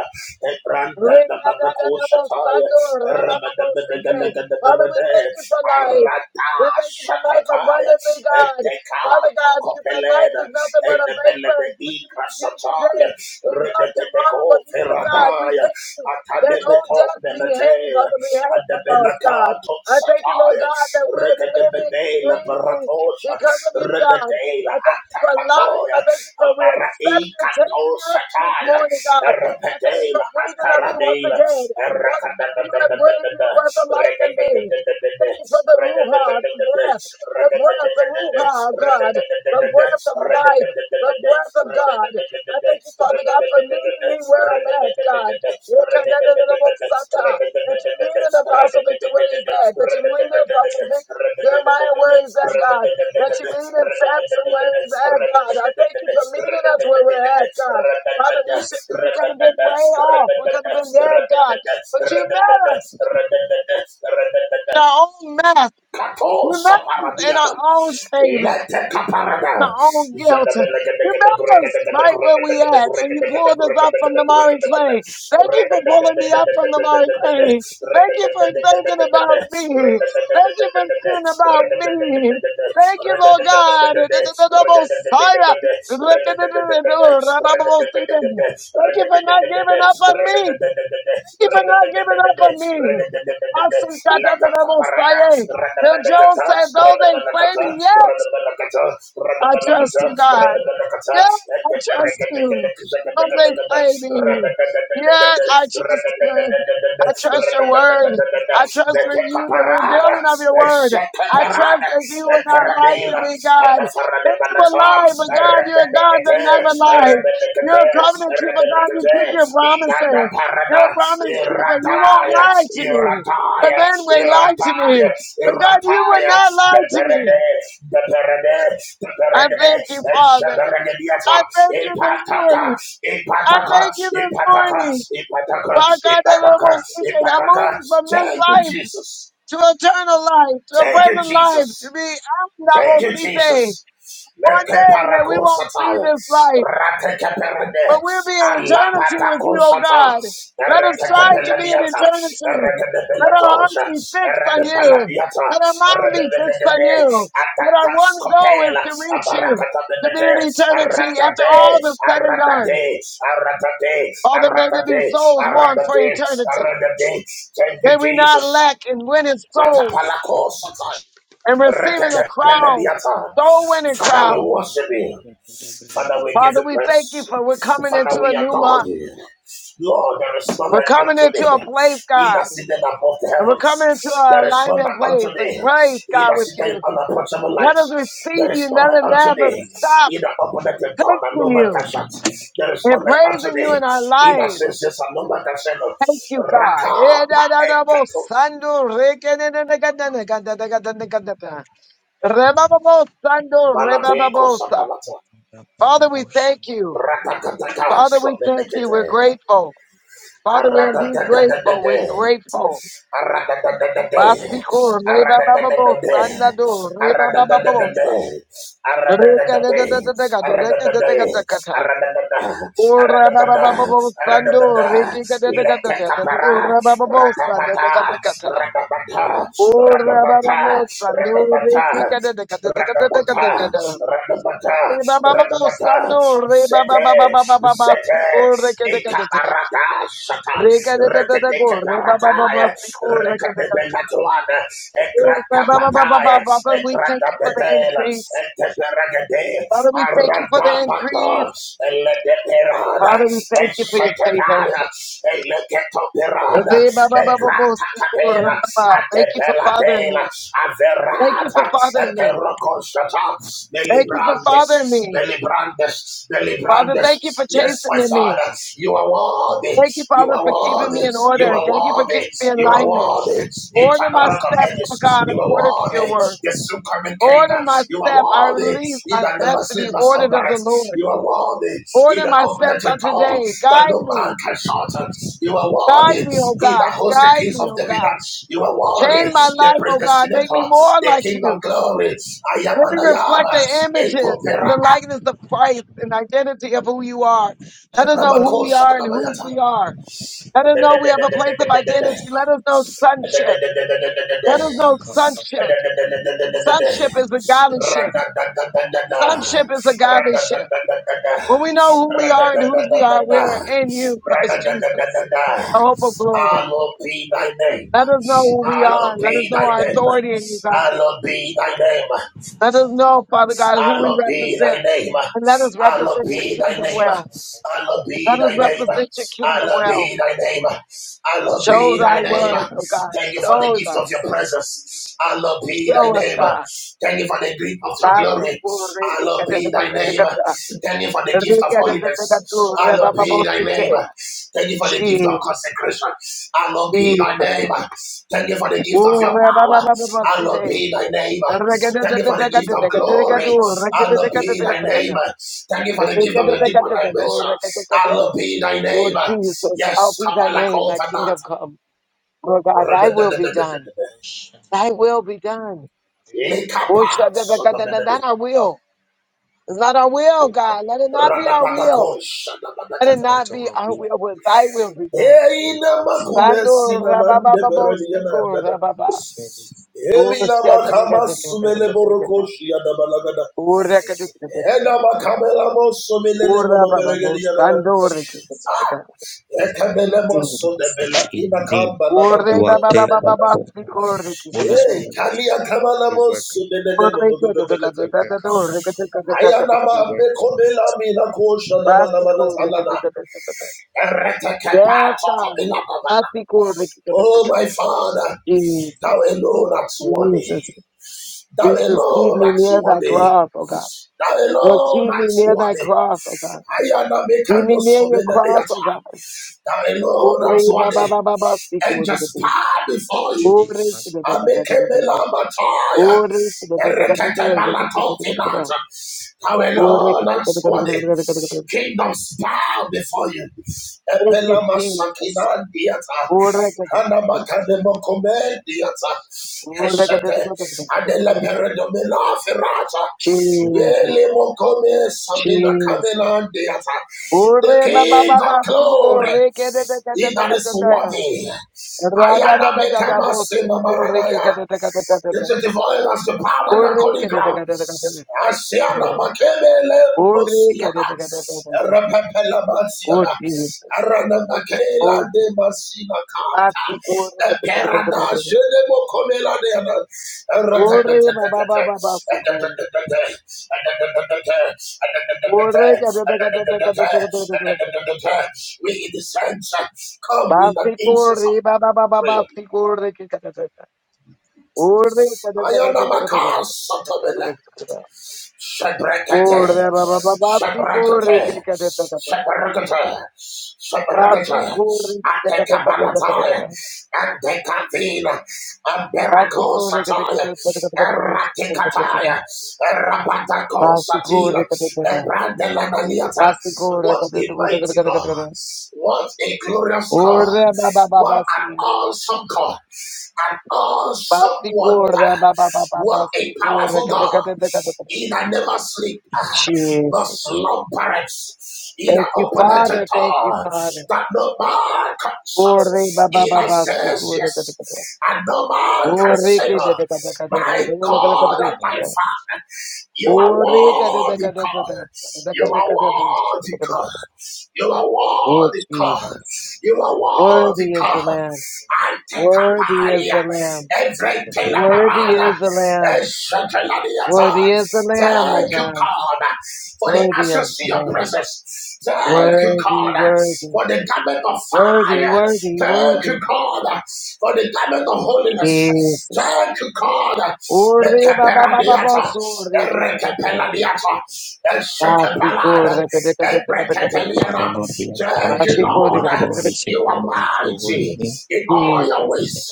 [SPEAKER 3] randa Randadabadakoshataya,
[SPEAKER 1] Rekadadadabosando, rabababosite. Father, we
[SPEAKER 3] Rabadabadagadagadaberde,
[SPEAKER 1] thank you for life.
[SPEAKER 3] Arata
[SPEAKER 1] We thank you for life
[SPEAKER 3] shatakaya,
[SPEAKER 1] abundantly, God. Father God, you said life
[SPEAKER 3] Edekatokopelena,
[SPEAKER 1] is nothing but a vapor.
[SPEAKER 3] Elebelebe
[SPEAKER 1] We can be
[SPEAKER 3] ikra
[SPEAKER 1] here
[SPEAKER 3] sataya.
[SPEAKER 1] today and gone tomorrow, but
[SPEAKER 3] Redebedeko
[SPEAKER 1] yeah, God, we
[SPEAKER 3] feradaya.
[SPEAKER 1] thank you that old
[SPEAKER 3] Atadebeto
[SPEAKER 1] death behaves
[SPEAKER 3] beletea.
[SPEAKER 1] on the behalf of us, God.
[SPEAKER 3] Adebenakato
[SPEAKER 1] I thank you, Lord
[SPEAKER 3] sataya.
[SPEAKER 1] God, that we're living and
[SPEAKER 3] Redebedela
[SPEAKER 1] breathing
[SPEAKER 3] baratosha.
[SPEAKER 1] because of you, God.
[SPEAKER 3] Rededela
[SPEAKER 1] I thank you for life.
[SPEAKER 3] atapatoya.
[SPEAKER 1] I thank you for reaccepting
[SPEAKER 3] Abaraikato
[SPEAKER 1] us this
[SPEAKER 3] sataya.
[SPEAKER 1] morning, God. I thank you for
[SPEAKER 3] Erepedela
[SPEAKER 1] breathing on me once
[SPEAKER 3] ataradela.
[SPEAKER 1] again. Once again, you have breathed
[SPEAKER 3] Erekadadadadadada.
[SPEAKER 1] your breath of life in me.
[SPEAKER 3] Redededededede.
[SPEAKER 1] Thank you for the ruha, the breath, the
[SPEAKER 3] Redededededede.
[SPEAKER 1] breath, the ruha, God, the breath of life, the breath of God. I thank you, Father God, for meeting me where I'm at, God. Ikadadadadabosata. That you meeting Apostle Victor where he's at, that you meeting Apostle Victor. Jeremiah, where is that God? That you meet in Samson, where is that God? I thank you for meeting us where we're at, God. Father, we should we could have been way off. We could have been dead, God. But you met us in our own mess.
[SPEAKER 3] Kato
[SPEAKER 1] Remain in
[SPEAKER 3] saparadia
[SPEAKER 1] our own shame,
[SPEAKER 3] let the
[SPEAKER 1] in
[SPEAKER 3] caparada.
[SPEAKER 1] our own guilt. Remember us right where we at, and you pulled us up from the miry clay. Thank you for pulling me up from the miry clay. Thank you for thinking about me. Thank you for thinking about me. Thank you, Lord God.
[SPEAKER 3] Jada
[SPEAKER 1] The Messiah. Thank you for not giving up on me even not giving up on me. I see God, that the Messiah. Bill Jones said, though they flame me, yet I trust you, God. Yeah, I trust you. Don't they play me. Yeah, I trust you. I trust your word. I trust in you, the revealing of your word.
[SPEAKER 3] Rada
[SPEAKER 1] I trust
[SPEAKER 3] Parada,
[SPEAKER 1] that you will not lie to
[SPEAKER 3] Paradela,
[SPEAKER 1] me,
[SPEAKER 3] and
[SPEAKER 1] God.
[SPEAKER 3] the Farada
[SPEAKER 1] Men will
[SPEAKER 3] Banata,
[SPEAKER 1] lie, but God, you're a
[SPEAKER 3] Rebecca,
[SPEAKER 1] God that never lies.
[SPEAKER 3] Rebecca,
[SPEAKER 1] You're a covenant keeper, God. You
[SPEAKER 3] Rebecca,
[SPEAKER 1] keep your
[SPEAKER 3] Itata
[SPEAKER 1] promises.
[SPEAKER 3] Parada,
[SPEAKER 1] You're a promise keeper. You won't
[SPEAKER 3] Irataya,
[SPEAKER 1] lie to me. But
[SPEAKER 3] Irataya,
[SPEAKER 1] men will lie to
[SPEAKER 3] Irataya,
[SPEAKER 1] me. But God, you will
[SPEAKER 3] Irataya,
[SPEAKER 1] not
[SPEAKER 3] the
[SPEAKER 1] lie to me.
[SPEAKER 3] Perede, the Perede, the
[SPEAKER 1] I thank you,
[SPEAKER 3] Perede,
[SPEAKER 1] Father.
[SPEAKER 3] Shabaragadiata,
[SPEAKER 1] I thank you this
[SPEAKER 3] Ipataka,
[SPEAKER 1] morning. I
[SPEAKER 3] Ipataka,
[SPEAKER 1] thank you this
[SPEAKER 3] Ipataka,
[SPEAKER 1] morning.
[SPEAKER 3] Ipataka,
[SPEAKER 1] By God, that
[SPEAKER 3] Ipataka,
[SPEAKER 1] little secret, I
[SPEAKER 3] Ipataka.
[SPEAKER 1] move from this
[SPEAKER 3] Thank you,
[SPEAKER 1] life
[SPEAKER 3] Jesus.
[SPEAKER 1] to eternal life, to a
[SPEAKER 3] Thank you,
[SPEAKER 1] present life,
[SPEAKER 3] Jesus.
[SPEAKER 1] to be
[SPEAKER 3] Thank
[SPEAKER 1] unable
[SPEAKER 3] you,
[SPEAKER 1] to see.
[SPEAKER 3] Jesus.
[SPEAKER 1] One day that we won't see
[SPEAKER 3] Lekeparakusata,
[SPEAKER 1] this life
[SPEAKER 3] ratekeperede,
[SPEAKER 1] but we'll be in eternity with you, O
[SPEAKER 3] alapatakosata,
[SPEAKER 1] God. Let us strive to be in
[SPEAKER 3] ereketepeladiata,
[SPEAKER 1] eternity. Let our
[SPEAKER 3] ereketepelatosha,
[SPEAKER 1] hearts be fixed on you.
[SPEAKER 3] eredepeladiata,
[SPEAKER 1] Let our mind be fixed on
[SPEAKER 3] eredepelegede,
[SPEAKER 1] you. Let our one goal is
[SPEAKER 3] atakaskopela,
[SPEAKER 1] to reach you, to be
[SPEAKER 3] abarakatabeneke,
[SPEAKER 1] in eternity after
[SPEAKER 3] aradade,
[SPEAKER 1] all that's said and done.
[SPEAKER 3] aradade, aradade,
[SPEAKER 1] All that may there be
[SPEAKER 3] aradade,
[SPEAKER 1] souls won for
[SPEAKER 3] aradade,
[SPEAKER 1] eternity.
[SPEAKER 3] aradade. Thank you,
[SPEAKER 1] May we not
[SPEAKER 3] Jesus.
[SPEAKER 1] lack in winning souls
[SPEAKER 3] Matapalakosata.
[SPEAKER 1] and receiving the crown,
[SPEAKER 3] Rekadepelediata.
[SPEAKER 1] soul winning
[SPEAKER 3] Father, we
[SPEAKER 1] crown.
[SPEAKER 3] worship you. Father, we give
[SPEAKER 1] Father,
[SPEAKER 3] you
[SPEAKER 1] we thank you
[SPEAKER 3] praise.
[SPEAKER 1] for we're coming
[SPEAKER 3] Father,
[SPEAKER 1] into
[SPEAKER 3] we
[SPEAKER 1] a new
[SPEAKER 3] adore
[SPEAKER 1] month.
[SPEAKER 3] you. Lord, there is none
[SPEAKER 1] We're
[SPEAKER 3] like
[SPEAKER 1] coming
[SPEAKER 3] Anthony.
[SPEAKER 1] into a place,
[SPEAKER 3] He that
[SPEAKER 1] God.
[SPEAKER 3] sitteth above the
[SPEAKER 1] And we're coming into
[SPEAKER 3] heavens.
[SPEAKER 1] our
[SPEAKER 3] There is none
[SPEAKER 1] alignment
[SPEAKER 3] like
[SPEAKER 1] place. And
[SPEAKER 3] Anthony.
[SPEAKER 1] praise
[SPEAKER 3] He
[SPEAKER 1] God
[SPEAKER 3] that
[SPEAKER 1] with
[SPEAKER 3] sitteth in
[SPEAKER 1] you.
[SPEAKER 3] unapproachable light.
[SPEAKER 1] Let us
[SPEAKER 3] There
[SPEAKER 1] receive
[SPEAKER 3] is
[SPEAKER 1] you.
[SPEAKER 3] none
[SPEAKER 1] Let
[SPEAKER 3] like
[SPEAKER 1] us never
[SPEAKER 3] Anthony.
[SPEAKER 1] stop
[SPEAKER 3] He that openeth the door that no
[SPEAKER 1] thanking
[SPEAKER 3] man can
[SPEAKER 1] you
[SPEAKER 3] shut. There is
[SPEAKER 1] and
[SPEAKER 3] none like
[SPEAKER 1] praising you in
[SPEAKER 3] Anthony.
[SPEAKER 1] our
[SPEAKER 3] He that
[SPEAKER 1] lives.
[SPEAKER 3] says yes and no man can say no.
[SPEAKER 1] Thank you, God.
[SPEAKER 3] Raka
[SPEAKER 1] Eh,
[SPEAKER 3] pa
[SPEAKER 1] da, da, da, bo,
[SPEAKER 3] ekato.
[SPEAKER 1] sando, re, ke, de, de, de, ga, da, da, ga, da, da, ga, da, da, ga, da, da. Rebababo, sando,
[SPEAKER 3] Balate kosa
[SPEAKER 1] rebababosa.
[SPEAKER 3] balata.
[SPEAKER 1] Father, we thank you.
[SPEAKER 3] Ratatatata,
[SPEAKER 1] Father, we thank you. We're
[SPEAKER 3] sobenekete.
[SPEAKER 1] grateful. Father, we're indeed grateful. We're
[SPEAKER 3] Aradadadadadade.
[SPEAKER 1] grateful.
[SPEAKER 3] Aradadadadade.
[SPEAKER 1] Basiko, rebababo,
[SPEAKER 3] Aradadadadade.
[SPEAKER 1] sandado, rebababosa.
[SPEAKER 3] Aradadadadade.
[SPEAKER 1] Father, we
[SPEAKER 3] Aradadadade. Aradadadade. Aradadada. Aradadada. Aradadada. Ilete kapara. Ratapata. Ratapata. Ratapata. Ratapata. Ratapata. Radabata, Radabata, Radabata, Zete, Zete, Ekaparata, Shata, Reketekeparata, Reketebenatuana, Ekratapataya,
[SPEAKER 1] thank you for the
[SPEAKER 3] Ekratabetela,
[SPEAKER 1] increase.
[SPEAKER 3] Eteperagade,
[SPEAKER 1] Father, we thank you for the
[SPEAKER 3] Aradapato,
[SPEAKER 1] increase.
[SPEAKER 3] Eledeperada,
[SPEAKER 1] Father, we thank you for your favor.
[SPEAKER 3] Eshetepala, Eleketoperada, Ekratapatela,
[SPEAKER 1] Re-ba-ba-ba-ba-bo-si-ko-ra-ba-ba. Thank you for
[SPEAKER 3] Atepela
[SPEAKER 1] fathering me.
[SPEAKER 3] Adela,
[SPEAKER 1] Thank you
[SPEAKER 3] Averata,
[SPEAKER 1] for fathering me.
[SPEAKER 3] Eterokoshata,
[SPEAKER 1] Thank you for fathering
[SPEAKER 3] Melibrandes,
[SPEAKER 1] me.
[SPEAKER 3] Melibrandes,
[SPEAKER 1] Father,
[SPEAKER 3] Melibrandes.
[SPEAKER 1] thank you for
[SPEAKER 3] Yes, my
[SPEAKER 1] chastening me.
[SPEAKER 3] Father, you are worthy,
[SPEAKER 1] Thank you,
[SPEAKER 3] you
[SPEAKER 1] Father,
[SPEAKER 3] are
[SPEAKER 1] for keeping me
[SPEAKER 3] worthy,
[SPEAKER 1] in
[SPEAKER 3] you
[SPEAKER 1] order.
[SPEAKER 3] are
[SPEAKER 1] Thank you for keeping
[SPEAKER 3] worthy,
[SPEAKER 1] me in
[SPEAKER 3] you are
[SPEAKER 1] alignment.
[SPEAKER 3] worthy.
[SPEAKER 1] Order
[SPEAKER 3] Eternal
[SPEAKER 1] my
[SPEAKER 3] rock of
[SPEAKER 1] steps, oh
[SPEAKER 3] ages,
[SPEAKER 1] God,
[SPEAKER 3] you are
[SPEAKER 1] according to your
[SPEAKER 3] worthy.
[SPEAKER 1] word.
[SPEAKER 3] The soon coming King,
[SPEAKER 1] Order my
[SPEAKER 3] you are
[SPEAKER 1] step. I
[SPEAKER 3] worthy.
[SPEAKER 1] release
[SPEAKER 3] He
[SPEAKER 1] my
[SPEAKER 3] that never
[SPEAKER 1] steps to
[SPEAKER 3] sleep
[SPEAKER 1] be
[SPEAKER 3] nor
[SPEAKER 1] ordered of the
[SPEAKER 3] slumbereth,
[SPEAKER 1] Lord.
[SPEAKER 3] you are worthy. He
[SPEAKER 1] Order
[SPEAKER 3] that
[SPEAKER 1] my
[SPEAKER 3] openeth
[SPEAKER 1] steps
[SPEAKER 3] a
[SPEAKER 1] on
[SPEAKER 3] door
[SPEAKER 1] today.
[SPEAKER 3] that
[SPEAKER 1] Guide
[SPEAKER 3] no man
[SPEAKER 1] me.
[SPEAKER 3] can shut, you are
[SPEAKER 1] Guide
[SPEAKER 3] worthy.
[SPEAKER 1] me, oh
[SPEAKER 3] He
[SPEAKER 1] God.
[SPEAKER 3] that hosts the
[SPEAKER 1] Guide
[SPEAKER 3] kings
[SPEAKER 1] me,
[SPEAKER 3] of
[SPEAKER 1] oh
[SPEAKER 3] David,
[SPEAKER 1] God.
[SPEAKER 3] you are worthy.
[SPEAKER 1] Change my
[SPEAKER 3] The
[SPEAKER 1] life, oh God. Make me
[SPEAKER 3] predestinator,
[SPEAKER 1] more
[SPEAKER 3] the
[SPEAKER 1] like
[SPEAKER 3] King of
[SPEAKER 1] you.
[SPEAKER 3] Glory. I am
[SPEAKER 1] Let me
[SPEAKER 3] an I am.
[SPEAKER 1] reflect the
[SPEAKER 3] Eto
[SPEAKER 1] images and the
[SPEAKER 3] perata
[SPEAKER 1] likeness of Christ and identity of who you are. Let us
[SPEAKER 3] na
[SPEAKER 1] know who we
[SPEAKER 3] makosha
[SPEAKER 1] are
[SPEAKER 3] na
[SPEAKER 1] and whose
[SPEAKER 3] mayata.
[SPEAKER 1] we are. Let us know we have a place of identity. Let us know sonship. Let us know sonship. Sonship is a godly ship. Sonship is a godly ship. When we know who we are and whose we are, we're in you, Christ Jesus, the hope of glory.
[SPEAKER 3] Hallowed be thy name.
[SPEAKER 1] Let us know who we
[SPEAKER 3] Hallowed
[SPEAKER 1] are. Let us
[SPEAKER 3] be thy
[SPEAKER 1] know our
[SPEAKER 3] name.
[SPEAKER 1] authority in you, God.
[SPEAKER 3] Hallowed be thy name.
[SPEAKER 1] Let us know, Father God, who we
[SPEAKER 3] Allah be thy
[SPEAKER 1] represent.
[SPEAKER 3] name.
[SPEAKER 1] And let us
[SPEAKER 3] Allah
[SPEAKER 1] represent your
[SPEAKER 3] be thy
[SPEAKER 1] kingdom
[SPEAKER 3] name.
[SPEAKER 1] well.
[SPEAKER 3] Allah be
[SPEAKER 1] Let us
[SPEAKER 3] thy name.
[SPEAKER 1] represent your kingdom
[SPEAKER 3] Allah
[SPEAKER 1] well.
[SPEAKER 3] be thy name. Allah
[SPEAKER 1] Show
[SPEAKER 3] be
[SPEAKER 1] thy
[SPEAKER 3] thy name.
[SPEAKER 1] word, oh God.
[SPEAKER 3] Thank you for the
[SPEAKER 1] Show
[SPEAKER 3] gift
[SPEAKER 1] us.
[SPEAKER 3] of your presence. Allah be thy
[SPEAKER 1] Show us,
[SPEAKER 3] name.
[SPEAKER 1] God.
[SPEAKER 3] Thank you for the gift of your
[SPEAKER 1] Thy
[SPEAKER 3] glory.
[SPEAKER 1] people, they
[SPEAKER 3] Allah
[SPEAKER 1] can take
[SPEAKER 3] be thy name. Thank you for the gift of holiness. Allah be thy name.
[SPEAKER 1] it.
[SPEAKER 3] Thank you for the gift of
[SPEAKER 1] Jesus.
[SPEAKER 3] consecration. Allah be thy name. Thank you for the gift of your power. Allah be thy name. Thank you for the gift of glory. I love be thy name. Thank you for the gift of the deeper dimension. I love be thy name.
[SPEAKER 1] Lord Jesus, I'll
[SPEAKER 3] Yes,
[SPEAKER 1] be thy
[SPEAKER 3] kapala
[SPEAKER 1] name, thy
[SPEAKER 3] kovanat.
[SPEAKER 1] kingdom come. Lord God, thy will be done. Thy will be done. Oh,
[SPEAKER 3] Lekapa
[SPEAKER 1] shada- da- da- da- da-
[SPEAKER 3] sodabenede.
[SPEAKER 1] Not our will. It's not our will, God. Let it not be our will.
[SPEAKER 3] Radapatakosh
[SPEAKER 1] Let it
[SPEAKER 3] sadabatakata.
[SPEAKER 1] not
[SPEAKER 2] Not
[SPEAKER 1] be
[SPEAKER 2] our
[SPEAKER 1] our
[SPEAKER 2] way,
[SPEAKER 1] will,
[SPEAKER 2] O
[SPEAKER 1] but thy
[SPEAKER 2] God.
[SPEAKER 1] will be done.
[SPEAKER 2] Let
[SPEAKER 3] Eina
[SPEAKER 2] your will be
[SPEAKER 3] makume
[SPEAKER 1] Sando
[SPEAKER 2] done.
[SPEAKER 3] sinamande
[SPEAKER 1] rabababo, siko
[SPEAKER 3] bereniyanandada.
[SPEAKER 2] On this
[SPEAKER 1] rababa.
[SPEAKER 2] service,
[SPEAKER 1] Oh,
[SPEAKER 3] Emila
[SPEAKER 1] shada- da- da- da-
[SPEAKER 3] makama
[SPEAKER 2] come
[SPEAKER 1] da- da- da-
[SPEAKER 2] before
[SPEAKER 3] sumele
[SPEAKER 2] you, O
[SPEAKER 1] da- da-
[SPEAKER 2] God.
[SPEAKER 1] da.
[SPEAKER 3] borokoshi
[SPEAKER 2] We
[SPEAKER 3] yadabalagada.
[SPEAKER 2] bring the
[SPEAKER 1] Oh, raka- da-
[SPEAKER 2] virtue of
[SPEAKER 1] da-
[SPEAKER 2] your
[SPEAKER 1] da- da- da-
[SPEAKER 3] Ena
[SPEAKER 1] da- da.
[SPEAKER 3] makamela moso
[SPEAKER 1] Oh,
[SPEAKER 3] milele muno
[SPEAKER 2] glory to
[SPEAKER 1] rabababo,
[SPEAKER 3] meregediyanana.
[SPEAKER 1] sando
[SPEAKER 2] this
[SPEAKER 1] reki- da-
[SPEAKER 2] place.
[SPEAKER 1] da- da- da.
[SPEAKER 2] So wherever
[SPEAKER 3] Ekabele
[SPEAKER 2] you
[SPEAKER 3] moso
[SPEAKER 2] are,
[SPEAKER 1] Jesus.
[SPEAKER 3] debela
[SPEAKER 2] In your
[SPEAKER 3] ina
[SPEAKER 2] name,
[SPEAKER 3] kamba na
[SPEAKER 1] Oh,
[SPEAKER 3] da
[SPEAKER 2] you are
[SPEAKER 3] bodo
[SPEAKER 2] there,
[SPEAKER 3] vrede.
[SPEAKER 2] O
[SPEAKER 1] rabababababa,
[SPEAKER 2] God.
[SPEAKER 1] siko reki-
[SPEAKER 2] Holy
[SPEAKER 1] da- da-
[SPEAKER 3] Eh,
[SPEAKER 1] da-
[SPEAKER 2] Spirit,
[SPEAKER 1] da.
[SPEAKER 3] Kalia
[SPEAKER 2] we
[SPEAKER 3] Kamalamos,
[SPEAKER 2] welcome,
[SPEAKER 1] Yes, God.
[SPEAKER 2] we welcome you now. We
[SPEAKER 3] Ayanama
[SPEAKER 2] welcome you.
[SPEAKER 3] Bekobela Mina
[SPEAKER 2] Spirit.
[SPEAKER 3] Kosha Namanamana Talana, Ereta Kepato Kobela Namana.
[SPEAKER 1] Nothing cool.
[SPEAKER 3] Oh, my Father, thou
[SPEAKER 1] Jesus.
[SPEAKER 3] alone art worthy.
[SPEAKER 1] Jesus.
[SPEAKER 3] Thou
[SPEAKER 1] Jesus, keep
[SPEAKER 3] alone
[SPEAKER 1] me
[SPEAKER 3] art
[SPEAKER 1] near thy
[SPEAKER 3] worthy.
[SPEAKER 1] cross, oh God.
[SPEAKER 3] Thou
[SPEAKER 1] Lord,
[SPEAKER 3] alone
[SPEAKER 1] keep me
[SPEAKER 3] art
[SPEAKER 1] near thy
[SPEAKER 3] worthy.
[SPEAKER 1] cross, oh God.
[SPEAKER 3] Ayaname
[SPEAKER 1] Keep me near
[SPEAKER 3] Kanoso
[SPEAKER 1] your cross, oh
[SPEAKER 3] Benediata.
[SPEAKER 1] God.
[SPEAKER 3] Thou alone art
[SPEAKER 1] Ore ba ba
[SPEAKER 3] worthy.
[SPEAKER 1] ba ba ba speak
[SPEAKER 3] And
[SPEAKER 1] Lord.
[SPEAKER 3] just bow before you.
[SPEAKER 2] We
[SPEAKER 1] Ore
[SPEAKER 2] welcome
[SPEAKER 1] da da da da da da da.
[SPEAKER 3] Amekebelamataya.
[SPEAKER 1] Ore da da da da da da da.
[SPEAKER 3] Ereketebalatokinata. Thou
[SPEAKER 1] Ore da
[SPEAKER 3] alone
[SPEAKER 1] da
[SPEAKER 3] art
[SPEAKER 1] da da da da
[SPEAKER 3] worthy.
[SPEAKER 2] you.
[SPEAKER 1] da.
[SPEAKER 2] We
[SPEAKER 1] da.
[SPEAKER 3] Kingdoms bow before you.
[SPEAKER 1] Thank you,
[SPEAKER 2] welcome
[SPEAKER 1] Jesus.
[SPEAKER 3] Ebelamasakinandiata. Anamakademokomediata. Heshete. Adeleperedomelafirata.
[SPEAKER 1] Jesus,
[SPEAKER 3] Yelemokome samina
[SPEAKER 1] Jesus.
[SPEAKER 3] kamelandiata. The
[SPEAKER 1] Ore baba
[SPEAKER 3] King of
[SPEAKER 1] baba cinco
[SPEAKER 3] Glory.
[SPEAKER 1] re que de de de
[SPEAKER 3] He
[SPEAKER 1] de
[SPEAKER 3] that is
[SPEAKER 1] de de
[SPEAKER 3] worthy.
[SPEAKER 1] de ra
[SPEAKER 3] I
[SPEAKER 1] da
[SPEAKER 3] am
[SPEAKER 1] da
[SPEAKER 3] a
[SPEAKER 1] da da
[SPEAKER 3] maker,
[SPEAKER 1] da
[SPEAKER 3] my
[SPEAKER 1] bo
[SPEAKER 3] sinner, my
[SPEAKER 1] cinco re que de
[SPEAKER 3] brother.
[SPEAKER 1] de de de de
[SPEAKER 3] This
[SPEAKER 1] de
[SPEAKER 3] is the violence, the power, and the
[SPEAKER 1] ore
[SPEAKER 3] holy
[SPEAKER 1] que de de
[SPEAKER 3] ground.
[SPEAKER 1] de de de
[SPEAKER 3] Asiana
[SPEAKER 1] de
[SPEAKER 3] makele
[SPEAKER 1] ore que de
[SPEAKER 3] mosiana.
[SPEAKER 1] de de de de de
[SPEAKER 3] Rapapela
[SPEAKER 1] oh
[SPEAKER 3] masiana.
[SPEAKER 1] Jesus
[SPEAKER 3] Arana makela
[SPEAKER 1] oh
[SPEAKER 3] de masina
[SPEAKER 1] ba
[SPEAKER 3] kata.
[SPEAKER 1] cinco re que de de de
[SPEAKER 3] Eperada
[SPEAKER 1] de de de
[SPEAKER 3] shede mokomela de ana.
[SPEAKER 1] ore baba baba baba cinco ore que de de de de de de de
[SPEAKER 3] We in the sense come with an incense of
[SPEAKER 1] Basikore, ba- ba- ba- ba-
[SPEAKER 3] prayer.
[SPEAKER 1] basikore, ki- ka- ka- ka- ka. Orde, ka- ka- ka- ka- ka-
[SPEAKER 3] Ayana
[SPEAKER 1] ka- ka- ka-
[SPEAKER 3] makas
[SPEAKER 1] ka-
[SPEAKER 3] satamela.
[SPEAKER 1] ka- Orde,
[SPEAKER 3] Shabrakate,
[SPEAKER 1] ba- ba- ba- basikore,
[SPEAKER 3] Shabrakate,
[SPEAKER 1] ki- ka- ka- ka- ka- ka.
[SPEAKER 3] Shabrakate, Shabrakate,
[SPEAKER 1] Basikore, ki- ka- ka- ka- ka- ka- ka- ka-
[SPEAKER 3] Atekabalatoya,
[SPEAKER 1] ka.
[SPEAKER 3] Atekavina, Aberago
[SPEAKER 1] Basikore, ka- ka-
[SPEAKER 3] Satoya,
[SPEAKER 1] ka- ka- ka- ka- ka- ka- ka.
[SPEAKER 3] Eratikataya, Erapatako
[SPEAKER 1] Basikore,
[SPEAKER 3] Satina,
[SPEAKER 1] ka- ka- ka- ka.
[SPEAKER 3] Ebrandelanaliata.
[SPEAKER 1] Basikore,
[SPEAKER 3] What
[SPEAKER 1] ka- ka-
[SPEAKER 3] a
[SPEAKER 1] ka- ka-
[SPEAKER 3] mighty
[SPEAKER 1] ka- ka- ka- ka.
[SPEAKER 3] God, what a glorious God,
[SPEAKER 1] Orde, ba- ba- ba-
[SPEAKER 3] what
[SPEAKER 1] basi.
[SPEAKER 3] an awesome God, an awesome
[SPEAKER 1] Basikore,
[SPEAKER 3] wonder,
[SPEAKER 1] ba- ba- ba- ba-
[SPEAKER 3] what a
[SPEAKER 1] basikore,
[SPEAKER 3] powerful
[SPEAKER 1] ka- ka- ka-
[SPEAKER 3] God.
[SPEAKER 1] ka- ka- ka- ka.
[SPEAKER 3] He that never sleep, ah, nor
[SPEAKER 1] Jesus.
[SPEAKER 3] slumbereth. He that
[SPEAKER 1] Thank you,
[SPEAKER 3] openeth the
[SPEAKER 1] Father. Thank you,
[SPEAKER 3] door
[SPEAKER 1] Father.
[SPEAKER 3] that no man can shut.
[SPEAKER 1] Ore ba ba
[SPEAKER 3] He
[SPEAKER 1] ba
[SPEAKER 3] that
[SPEAKER 1] ba si
[SPEAKER 3] says
[SPEAKER 1] kore da da
[SPEAKER 3] yes,
[SPEAKER 1] da da.
[SPEAKER 3] and no man can
[SPEAKER 1] Ore
[SPEAKER 3] say
[SPEAKER 1] ke
[SPEAKER 3] no.
[SPEAKER 1] da da da da da da
[SPEAKER 3] My
[SPEAKER 1] da da da da
[SPEAKER 3] God
[SPEAKER 1] da
[SPEAKER 3] and my
[SPEAKER 2] that
[SPEAKER 1] da.
[SPEAKER 3] Father, you are
[SPEAKER 1] Ore ke de da
[SPEAKER 3] worthy
[SPEAKER 1] da da da da
[SPEAKER 3] God.
[SPEAKER 1] da da da
[SPEAKER 3] You are worthy
[SPEAKER 1] da da da.
[SPEAKER 3] God. You are
[SPEAKER 1] Oh
[SPEAKER 3] worthy
[SPEAKER 2] We
[SPEAKER 3] God.
[SPEAKER 2] have
[SPEAKER 1] Jesus,
[SPEAKER 3] You are worthy
[SPEAKER 1] worthy is the
[SPEAKER 3] God.
[SPEAKER 1] Lamb. Worthy is
[SPEAKER 3] Antekapalia,
[SPEAKER 1] the Lamb.
[SPEAKER 2] in our
[SPEAKER 1] Worthy
[SPEAKER 2] you.
[SPEAKER 3] Evrentelabarada,
[SPEAKER 1] is the Lamb.
[SPEAKER 3] Eshetelaniata.
[SPEAKER 1] Worthy is the Lamb, oh
[SPEAKER 3] Thank you,
[SPEAKER 1] God.
[SPEAKER 3] God, for the
[SPEAKER 1] Worthy is
[SPEAKER 3] access to
[SPEAKER 1] the
[SPEAKER 3] your
[SPEAKER 1] Lamb.
[SPEAKER 3] presence. Thank you, God,
[SPEAKER 1] Worthy, worthy,
[SPEAKER 3] for the garment of
[SPEAKER 1] worthy,
[SPEAKER 3] fire.
[SPEAKER 1] worthy,
[SPEAKER 3] Thank
[SPEAKER 1] worthy.
[SPEAKER 3] you, God, for the garment of holiness.
[SPEAKER 1] Jesus.
[SPEAKER 3] Thank you, God, the
[SPEAKER 1] Ore ba ba ba ba ba
[SPEAKER 3] Keperadiata,
[SPEAKER 1] sore ke ka de ka de ka.
[SPEAKER 3] Erekepeladiata,
[SPEAKER 1] Basi
[SPEAKER 3] Eshekepelada,
[SPEAKER 1] kore ka de ka de ka de ka de ka.
[SPEAKER 2] Father
[SPEAKER 3] Ebreketeliana.
[SPEAKER 2] Lord, we have come
[SPEAKER 3] Thank you,
[SPEAKER 2] to
[SPEAKER 1] Basi
[SPEAKER 2] you,
[SPEAKER 1] kore
[SPEAKER 2] O
[SPEAKER 3] Lord.
[SPEAKER 1] ka de ka de ka
[SPEAKER 2] God.
[SPEAKER 1] de
[SPEAKER 2] We say,
[SPEAKER 3] You
[SPEAKER 2] go
[SPEAKER 1] ka
[SPEAKER 3] are
[SPEAKER 1] de ka.
[SPEAKER 2] with your holy
[SPEAKER 3] mighty
[SPEAKER 2] name,
[SPEAKER 3] in all your
[SPEAKER 1] Jesus.
[SPEAKER 3] ways.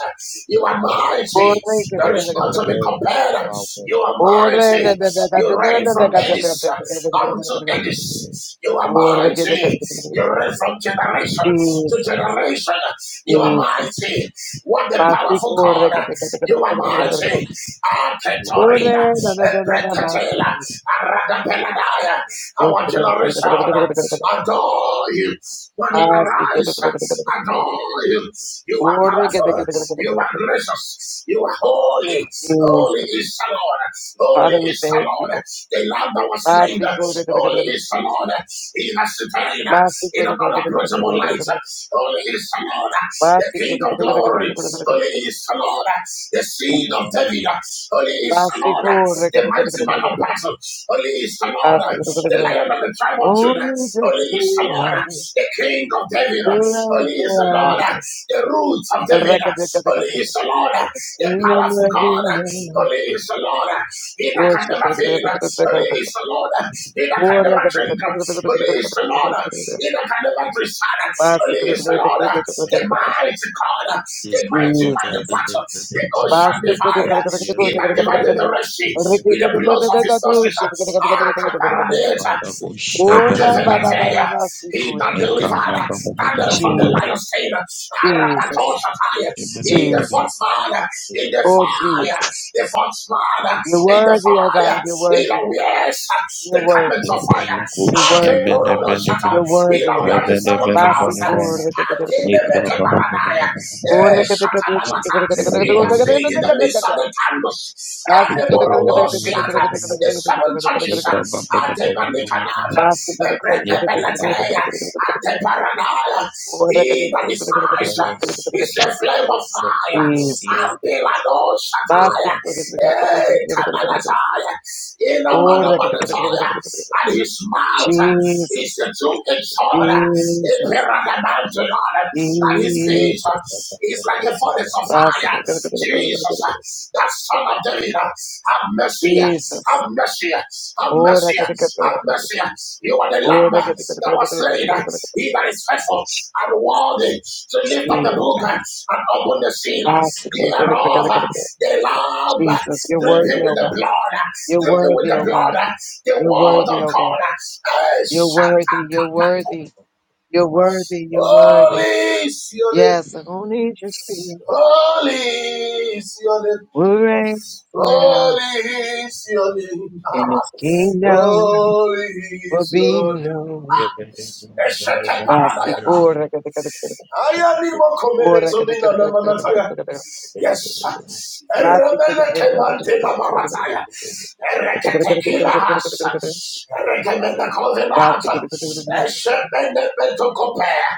[SPEAKER 2] O
[SPEAKER 3] You are
[SPEAKER 2] God,
[SPEAKER 3] mighty.
[SPEAKER 1] Ore ka de
[SPEAKER 3] There
[SPEAKER 1] ka
[SPEAKER 2] because
[SPEAKER 3] is
[SPEAKER 1] de ka
[SPEAKER 2] you
[SPEAKER 1] de
[SPEAKER 2] are
[SPEAKER 3] none
[SPEAKER 1] ka de
[SPEAKER 3] to
[SPEAKER 1] ka.
[SPEAKER 3] be
[SPEAKER 2] worthy of
[SPEAKER 3] compared.
[SPEAKER 2] our
[SPEAKER 3] You are
[SPEAKER 2] worship.
[SPEAKER 1] Ore na
[SPEAKER 3] mighty.
[SPEAKER 1] de de ka de
[SPEAKER 3] You
[SPEAKER 1] de
[SPEAKER 3] reign
[SPEAKER 1] na de
[SPEAKER 2] O
[SPEAKER 3] from
[SPEAKER 1] ka de de
[SPEAKER 2] Lord.
[SPEAKER 3] Edis
[SPEAKER 1] de de de de de
[SPEAKER 3] unto
[SPEAKER 1] de de
[SPEAKER 3] Edis. You are
[SPEAKER 1] Ore ke de ka de
[SPEAKER 3] mighty.
[SPEAKER 1] ka de ka de
[SPEAKER 3] You
[SPEAKER 1] de ka.
[SPEAKER 3] reign from generation to
[SPEAKER 1] Jesus.
[SPEAKER 3] generation. You are
[SPEAKER 1] Jesus.
[SPEAKER 3] mighty. What a
[SPEAKER 1] Basi
[SPEAKER 3] powerful
[SPEAKER 1] kore
[SPEAKER 3] God.
[SPEAKER 1] ke de ka de ka de
[SPEAKER 3] You
[SPEAKER 1] ka de
[SPEAKER 3] are
[SPEAKER 1] de ka de
[SPEAKER 3] mighty.
[SPEAKER 1] Ore
[SPEAKER 3] Arketorina,
[SPEAKER 1] na na na na na basi.
[SPEAKER 3] Ebreketela, Aradapeladaya
[SPEAKER 1] Ore
[SPEAKER 3] our
[SPEAKER 1] ka de ka de ka de
[SPEAKER 3] generation
[SPEAKER 1] ka de ka de ka.
[SPEAKER 3] adore you. Morning
[SPEAKER 1] Basi kore
[SPEAKER 3] arise,
[SPEAKER 1] ka de ka de ka de de
[SPEAKER 3] adore you. You are
[SPEAKER 1] Ore ke de ka
[SPEAKER 3] powerful,
[SPEAKER 1] de ka de de
[SPEAKER 3] you are
[SPEAKER 1] de
[SPEAKER 3] gracious, you are holy. Holy
[SPEAKER 1] Jesus.
[SPEAKER 3] is the Lord, holy
[SPEAKER 1] Father, we
[SPEAKER 3] is the
[SPEAKER 1] thank
[SPEAKER 3] Lord.
[SPEAKER 1] you.
[SPEAKER 3] The Lamb that was slain,
[SPEAKER 2] come
[SPEAKER 1] Mercy,
[SPEAKER 2] and
[SPEAKER 1] glory, glory, glory,
[SPEAKER 3] holy
[SPEAKER 1] glory.
[SPEAKER 3] is the Lord. He has retained
[SPEAKER 1] Mercy,
[SPEAKER 3] in
[SPEAKER 1] glory,
[SPEAKER 3] an
[SPEAKER 1] glory, glory, glory,
[SPEAKER 3] unapproachable
[SPEAKER 1] glory, glory,
[SPEAKER 3] light.
[SPEAKER 1] glory.
[SPEAKER 3] Holy is the Lord, the
[SPEAKER 1] Mercy,
[SPEAKER 3] King
[SPEAKER 1] glory,
[SPEAKER 3] of
[SPEAKER 1] glory, glory, glory,
[SPEAKER 3] glory.
[SPEAKER 1] glory, glory,
[SPEAKER 3] Holy
[SPEAKER 1] glory, glory.
[SPEAKER 3] is the Lord, the seed of
[SPEAKER 1] Jesus.
[SPEAKER 3] David. Holy is the
[SPEAKER 1] Mercy,
[SPEAKER 3] Lord,
[SPEAKER 1] glory, glory,
[SPEAKER 3] the
[SPEAKER 1] glory, glory,
[SPEAKER 3] mighty man
[SPEAKER 1] glory,
[SPEAKER 3] of
[SPEAKER 1] glory.
[SPEAKER 3] battle. Holy is the Lord,
[SPEAKER 1] Mercy, glory, glory,
[SPEAKER 3] the
[SPEAKER 1] glory.
[SPEAKER 3] Lion of the tribe of Judah.
[SPEAKER 1] Only to
[SPEAKER 3] Holy
[SPEAKER 1] see
[SPEAKER 3] is the Lord,
[SPEAKER 1] why
[SPEAKER 3] the King of David.
[SPEAKER 1] we're
[SPEAKER 3] Holy is the Lord,
[SPEAKER 1] after.
[SPEAKER 3] the root of David.
[SPEAKER 1] Glory, glory, glory, glory,
[SPEAKER 3] Holy is
[SPEAKER 1] glory.
[SPEAKER 3] the Lord,
[SPEAKER 1] The
[SPEAKER 3] the
[SPEAKER 1] kingdom
[SPEAKER 3] powerful
[SPEAKER 1] will be
[SPEAKER 3] God.
[SPEAKER 1] mine.
[SPEAKER 3] Holy is the Lord, he that can
[SPEAKER 1] Worship,
[SPEAKER 3] never
[SPEAKER 1] glory, glory, glory,
[SPEAKER 3] fail.
[SPEAKER 1] glory, glory,
[SPEAKER 3] Holy
[SPEAKER 1] glory.
[SPEAKER 3] is the Lord, he that can
[SPEAKER 1] Glory,
[SPEAKER 3] never
[SPEAKER 1] glory,
[SPEAKER 3] drink.
[SPEAKER 1] glory, glory, glory,
[SPEAKER 3] Holy is
[SPEAKER 1] glory,
[SPEAKER 3] the Lord,
[SPEAKER 1] glory, glory, glory.
[SPEAKER 3] he that can never preside.
[SPEAKER 2] help
[SPEAKER 1] Mercy,
[SPEAKER 3] Holy
[SPEAKER 2] us,
[SPEAKER 1] glory,
[SPEAKER 3] is the
[SPEAKER 2] O
[SPEAKER 1] glory,
[SPEAKER 3] Lord,
[SPEAKER 1] glory, glory, glory,
[SPEAKER 2] Lord.
[SPEAKER 3] the
[SPEAKER 1] glory, glory.
[SPEAKER 3] mighty God,
[SPEAKER 2] Eka
[SPEAKER 3] the mighty man in
[SPEAKER 1] Jesus.
[SPEAKER 3] battle, the ocean
[SPEAKER 1] Pasti kudu
[SPEAKER 3] divider.
[SPEAKER 1] kata kata kata kudu
[SPEAKER 3] He that
[SPEAKER 1] kata kata
[SPEAKER 3] divided
[SPEAKER 1] kata
[SPEAKER 3] the
[SPEAKER 1] kata.
[SPEAKER 3] Red Sea
[SPEAKER 1] Reki
[SPEAKER 3] with the
[SPEAKER 1] kata
[SPEAKER 3] blows
[SPEAKER 1] kata kata
[SPEAKER 3] of
[SPEAKER 1] kata
[SPEAKER 3] his
[SPEAKER 1] tu.
[SPEAKER 3] horses.
[SPEAKER 1] Shit kata kata kata kata
[SPEAKER 3] Ah,
[SPEAKER 1] kata kata kata.
[SPEAKER 3] Kaparadeza, and
[SPEAKER 1] Ora ba ba ba ba
[SPEAKER 3] Gazenatea.
[SPEAKER 1] ba si
[SPEAKER 3] He that
[SPEAKER 1] kudu.
[SPEAKER 3] delivered Daniel from the
[SPEAKER 1] Jesus,
[SPEAKER 3] lion's den.
[SPEAKER 1] Jesus,
[SPEAKER 3] Arabatoshapaya. He the fourth
[SPEAKER 1] Jesus,
[SPEAKER 3] man in the
[SPEAKER 1] oh
[SPEAKER 3] fire.
[SPEAKER 1] Jesus.
[SPEAKER 3] The fourth man
[SPEAKER 1] You're
[SPEAKER 3] in the
[SPEAKER 1] worthy, oh God,
[SPEAKER 3] fire.
[SPEAKER 1] you're
[SPEAKER 3] He that
[SPEAKER 1] worthy,
[SPEAKER 3] wears
[SPEAKER 1] you're
[SPEAKER 3] the
[SPEAKER 1] worthy,
[SPEAKER 3] garments of
[SPEAKER 1] you're
[SPEAKER 3] fire.
[SPEAKER 1] worthy, you're worthy.
[SPEAKER 3] Ilawiyande Seven
[SPEAKER 1] Pasti
[SPEAKER 3] Crowns,
[SPEAKER 1] kudu kata kata kata kata kata.
[SPEAKER 3] Akenemekebaranaya,
[SPEAKER 1] Ora
[SPEAKER 3] Eh,
[SPEAKER 1] kata kata tu. Shit kata
[SPEAKER 3] Shatabalata,
[SPEAKER 1] kata kata kata
[SPEAKER 3] He that
[SPEAKER 1] kata kata kata
[SPEAKER 3] stayed in the
[SPEAKER 1] kata
[SPEAKER 3] midst of
[SPEAKER 1] kata.
[SPEAKER 3] the candles, and
[SPEAKER 1] Pasti
[SPEAKER 3] the
[SPEAKER 1] kudu kata kata kata kata kata kata
[SPEAKER 3] Borobosiata,
[SPEAKER 1] kata kata
[SPEAKER 3] the seven
[SPEAKER 1] kata kata
[SPEAKER 3] churches,
[SPEAKER 1] kata kata.
[SPEAKER 3] and the Manikanata,
[SPEAKER 1] Pasti kudu kata kata kata kata kata kata kata kata
[SPEAKER 3] and
[SPEAKER 1] kata.
[SPEAKER 3] the paranoia. He that is eyes uh, is a
[SPEAKER 1] Jesus.
[SPEAKER 3] flame of fire. And Pilado Shataya,
[SPEAKER 1] Plastic. Jesus.
[SPEAKER 3] eh, Kamanataya, Inamanabanathaya. and his mouth uh, is the two-edged sword, uh, a
[SPEAKER 1] Jesus.
[SPEAKER 3] paradigmantion on and his feet uh,
[SPEAKER 1] Jesus.
[SPEAKER 3] is like a furnace of
[SPEAKER 1] Plastic.
[SPEAKER 3] fire. Jesus, That's. Son of David, have mercy, have
[SPEAKER 1] Jesus.
[SPEAKER 3] mercy, have
[SPEAKER 1] Ora
[SPEAKER 3] mercy,
[SPEAKER 1] que te canta,
[SPEAKER 3] have mercy. You are the lamb
[SPEAKER 1] Ora que te
[SPEAKER 3] that was slain. He that is faithful and worthy to lift up the
[SPEAKER 1] Jesus.
[SPEAKER 3] book and open the seal
[SPEAKER 1] Plastic.
[SPEAKER 3] thereof. The lamb
[SPEAKER 1] Jesus. You're
[SPEAKER 3] dripping
[SPEAKER 1] worthy,
[SPEAKER 3] with
[SPEAKER 1] oh
[SPEAKER 3] the
[SPEAKER 1] God.
[SPEAKER 3] blood,
[SPEAKER 1] You're
[SPEAKER 3] dripping with
[SPEAKER 1] worthy,
[SPEAKER 3] the
[SPEAKER 1] oh
[SPEAKER 3] blood,
[SPEAKER 1] God.
[SPEAKER 3] the
[SPEAKER 1] You're
[SPEAKER 3] word
[SPEAKER 1] worthy,
[SPEAKER 3] of
[SPEAKER 1] oh God.
[SPEAKER 3] God. Eh,
[SPEAKER 1] You're worthy. You're
[SPEAKER 3] shatakapatu.
[SPEAKER 1] worthy. You're worthy, you're worthy.
[SPEAKER 3] Holy is your name.
[SPEAKER 1] Yes, I don't need your spirit.
[SPEAKER 3] Holy is your
[SPEAKER 1] We'll
[SPEAKER 3] name.
[SPEAKER 1] reign forever
[SPEAKER 3] Holy is your name.
[SPEAKER 1] and his kingdom
[SPEAKER 3] Holy
[SPEAKER 1] will
[SPEAKER 3] is
[SPEAKER 1] be
[SPEAKER 3] your name.
[SPEAKER 1] known.
[SPEAKER 3] Eshete
[SPEAKER 1] Basi
[SPEAKER 3] paradayana.
[SPEAKER 1] ora kata kata kata kata.
[SPEAKER 3] Aya ni mo komele
[SPEAKER 1] Ora
[SPEAKER 3] to mi
[SPEAKER 1] kata
[SPEAKER 3] na
[SPEAKER 1] kata
[SPEAKER 3] na
[SPEAKER 1] kata kata kata
[SPEAKER 3] manataya.
[SPEAKER 1] kata kata.
[SPEAKER 3] Yes.
[SPEAKER 1] Basi kata
[SPEAKER 3] Eremele
[SPEAKER 1] kata kata kata kata kata
[SPEAKER 3] kemante na
[SPEAKER 1] kata kata.
[SPEAKER 3] marataya.
[SPEAKER 1] Kata kata
[SPEAKER 3] Erekete
[SPEAKER 1] kata kata
[SPEAKER 3] kila
[SPEAKER 1] kata
[SPEAKER 3] has.
[SPEAKER 1] kata kata kata kata.
[SPEAKER 3] Erekemene
[SPEAKER 1] Basi kata kata kata kata kata kata. Basi kata kata kata kata kata kata
[SPEAKER 3] kovinata.
[SPEAKER 1] kata
[SPEAKER 3] Eshepene beto kopea.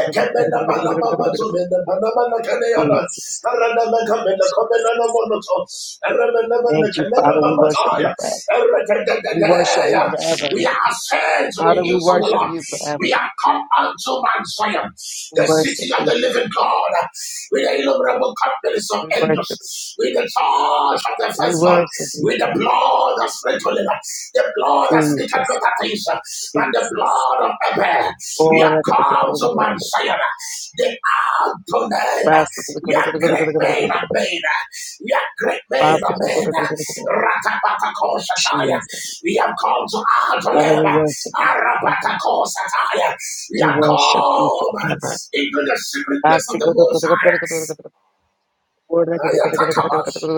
[SPEAKER 3] Ekemene bana baba
[SPEAKER 1] kata kata
[SPEAKER 3] to
[SPEAKER 1] kata kata.
[SPEAKER 3] mene bana bana kaneyana.
[SPEAKER 1] Jesus.
[SPEAKER 3] We are
[SPEAKER 1] Thank you, Father. We worship you forever. We worship you forever.
[SPEAKER 3] ascend to the
[SPEAKER 1] Father, we
[SPEAKER 3] hills of the
[SPEAKER 1] worship
[SPEAKER 3] Lord.
[SPEAKER 1] you forever.
[SPEAKER 3] We are come unto Mount Zion,
[SPEAKER 1] We
[SPEAKER 3] the
[SPEAKER 1] worship
[SPEAKER 3] city of
[SPEAKER 1] you.
[SPEAKER 3] the living God, with the innumerable companies of
[SPEAKER 1] We worship, you.
[SPEAKER 3] angels, with the charge of the
[SPEAKER 1] we
[SPEAKER 3] firstborn,
[SPEAKER 1] worship you,
[SPEAKER 3] with the blood of sprinkling, the blood that speaketh
[SPEAKER 1] Jesus,
[SPEAKER 3] better things than the
[SPEAKER 1] Jesus.
[SPEAKER 3] blood of Abel. We
[SPEAKER 1] Oh,
[SPEAKER 3] are come to Mount Zion, the Adonai. We are great men and made. We are great men, amen. Ratapatakoshakaya.
[SPEAKER 1] Jesus.
[SPEAKER 3] We have come to our
[SPEAKER 1] Father, we
[SPEAKER 3] dilemma.
[SPEAKER 1] worship you forever.
[SPEAKER 3] Arapatakosakaya. We
[SPEAKER 1] We
[SPEAKER 3] are
[SPEAKER 1] worship you
[SPEAKER 3] come
[SPEAKER 1] forever.
[SPEAKER 3] into the secret place
[SPEAKER 1] Jesus,
[SPEAKER 3] of the Most High. Ayatakabash.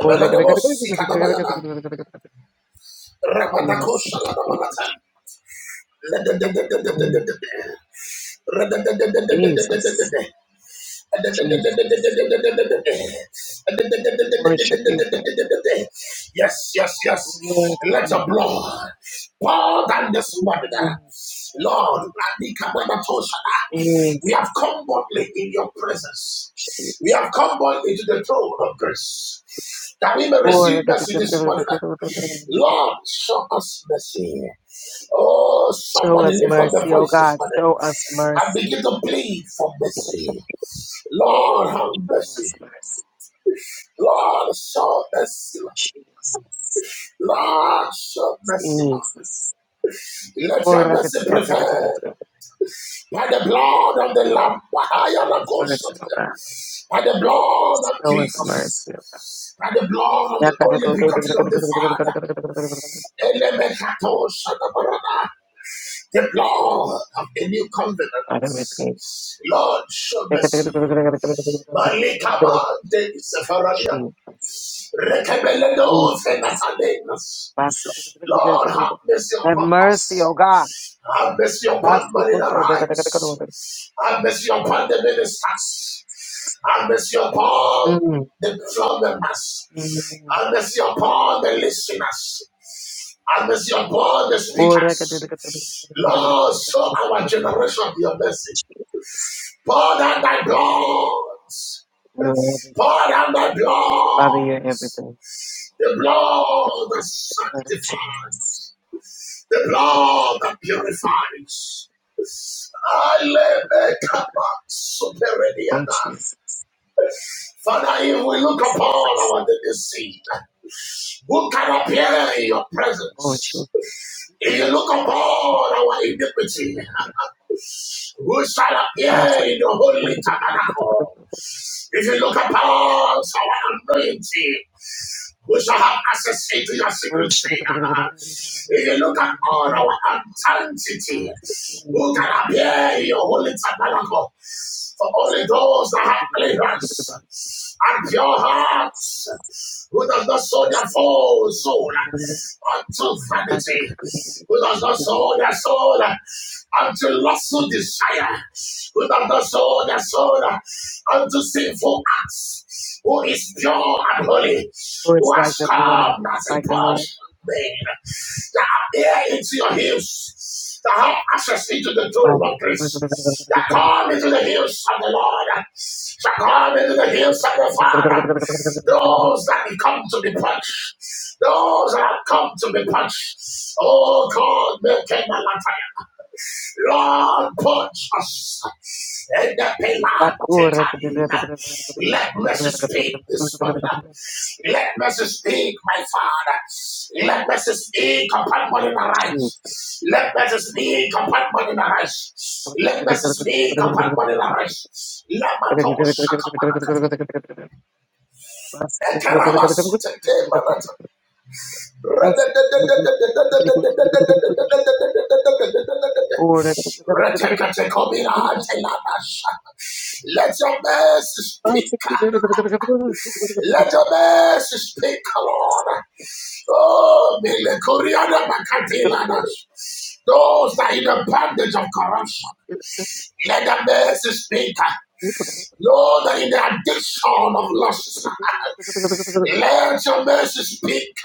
[SPEAKER 1] we
[SPEAKER 3] Ebeladabosikadabayana.
[SPEAKER 1] worship
[SPEAKER 3] Rapatakoshaladabalata.
[SPEAKER 1] you. Jesus, Jesus. We worship you forever.
[SPEAKER 3] Yes, yes, yes.
[SPEAKER 1] We worship
[SPEAKER 3] Let your blood pour down this morning. ah.
[SPEAKER 1] you.
[SPEAKER 3] Lord, we have
[SPEAKER 1] Jesus.
[SPEAKER 3] come boldly in your presence. We have
[SPEAKER 1] Jesus.
[SPEAKER 3] come boldly to the throne of grace that we may receive
[SPEAKER 1] Lord,
[SPEAKER 3] mercy this morning. ah. Lord, show us mercy. Oh,
[SPEAKER 1] show
[SPEAKER 3] somebody
[SPEAKER 1] us
[SPEAKER 3] lift up their
[SPEAKER 1] mercy, oh
[SPEAKER 3] voices, this
[SPEAKER 1] God.
[SPEAKER 3] morning
[SPEAKER 1] Show us
[SPEAKER 3] and
[SPEAKER 1] mercy.
[SPEAKER 3] begin to plead for mercy. Lord, have
[SPEAKER 1] Show us
[SPEAKER 3] mercy.
[SPEAKER 1] mercy.
[SPEAKER 3] Lord, show mercy.
[SPEAKER 1] Jesus.
[SPEAKER 3] Lord, show mercy.
[SPEAKER 1] Jesus.
[SPEAKER 3] Let your
[SPEAKER 1] Lord,
[SPEAKER 3] mercy prevail by the blood of the Lamb, by
[SPEAKER 1] show
[SPEAKER 3] the
[SPEAKER 1] us
[SPEAKER 3] ghost
[SPEAKER 1] mercy, oh God.
[SPEAKER 3] by the blood of
[SPEAKER 1] Show us mercy, oh God.
[SPEAKER 3] Jesus, by the blood of the only begotten of the Father. the blood of the new covenant.
[SPEAKER 1] Father, we pray.
[SPEAKER 3] Lord, show mercy. Malika Mande Sepharadia.
[SPEAKER 1] Jesus. Jesus.
[SPEAKER 3] Rekebeledozenatadenas. Lord, have mercy
[SPEAKER 1] Have
[SPEAKER 3] upon
[SPEAKER 1] mercy,
[SPEAKER 3] us.
[SPEAKER 1] oh God.
[SPEAKER 3] Have mercy
[SPEAKER 1] Mm.
[SPEAKER 3] upon money that rights. Have mercy upon the ministers. Have mercy upon the drummers.
[SPEAKER 1] Mm.
[SPEAKER 3] Have mercy upon the listeners. Have mercy upon the
[SPEAKER 1] Lord, I could-
[SPEAKER 3] speakers. Lord, show our generation your mercy. Pour down thy blood.
[SPEAKER 1] You're everything.
[SPEAKER 3] Pour down thy
[SPEAKER 1] Father,
[SPEAKER 3] blood.
[SPEAKER 1] you're everything.
[SPEAKER 3] The blood that sanctifies. The
[SPEAKER 1] Lord
[SPEAKER 3] blood that purifies. I let the cup
[SPEAKER 1] Jesus.
[SPEAKER 3] of superiority.
[SPEAKER 1] Oh, Jesus.
[SPEAKER 3] Father, if we look upon our daily sin, who can appear in your
[SPEAKER 1] Oh,
[SPEAKER 3] presence?
[SPEAKER 1] Jesus.
[SPEAKER 3] If you look upon our iniquity, who shall appear
[SPEAKER 1] Father.
[SPEAKER 3] in the holy tabernacle? If you look upon our anointing, who shall have access into your
[SPEAKER 1] Oh, Jesus.
[SPEAKER 3] secrecy? if you look at all our untalentity, who can appear in your holy tabernacle? For only those that have clearance and pure hearts,
[SPEAKER 1] Father.
[SPEAKER 3] who does not sow their full soul unto vanity, who does not sow their soul unto lustful
[SPEAKER 1] Who
[SPEAKER 3] desire, who does not sow their soul unto sinful acts, who is pure and holy,
[SPEAKER 1] is
[SPEAKER 3] who has
[SPEAKER 1] like the Lord?
[SPEAKER 3] come
[SPEAKER 1] Who is
[SPEAKER 3] as a
[SPEAKER 1] like the
[SPEAKER 3] blood
[SPEAKER 1] Lord?
[SPEAKER 3] men that are into your hills, that have access into the throne
[SPEAKER 1] Wow.
[SPEAKER 3] of grace, that come into the hills of the Lord, that come into the hills of the Father, those that come to be punched, those that have come to be punched. Oh God, make them a light. Lord, put us in the pillar. Take in. Let mercy speak this morning. Let mercy speak, my Father. Let mercy speak upon morning arise.
[SPEAKER 1] Jesus.
[SPEAKER 3] Let mercy speak upon morning arise. Let mercy speak upon morning arise. Let my soul shaka let your
[SPEAKER 1] That's
[SPEAKER 3] mercy speak. Let your mercy speak, Lord. Oh, Mele Koreana Makatilanas. Those that are in the bondage of corruption, let the mercy speak. Those that are in the addiction of lust, let your mercy speak.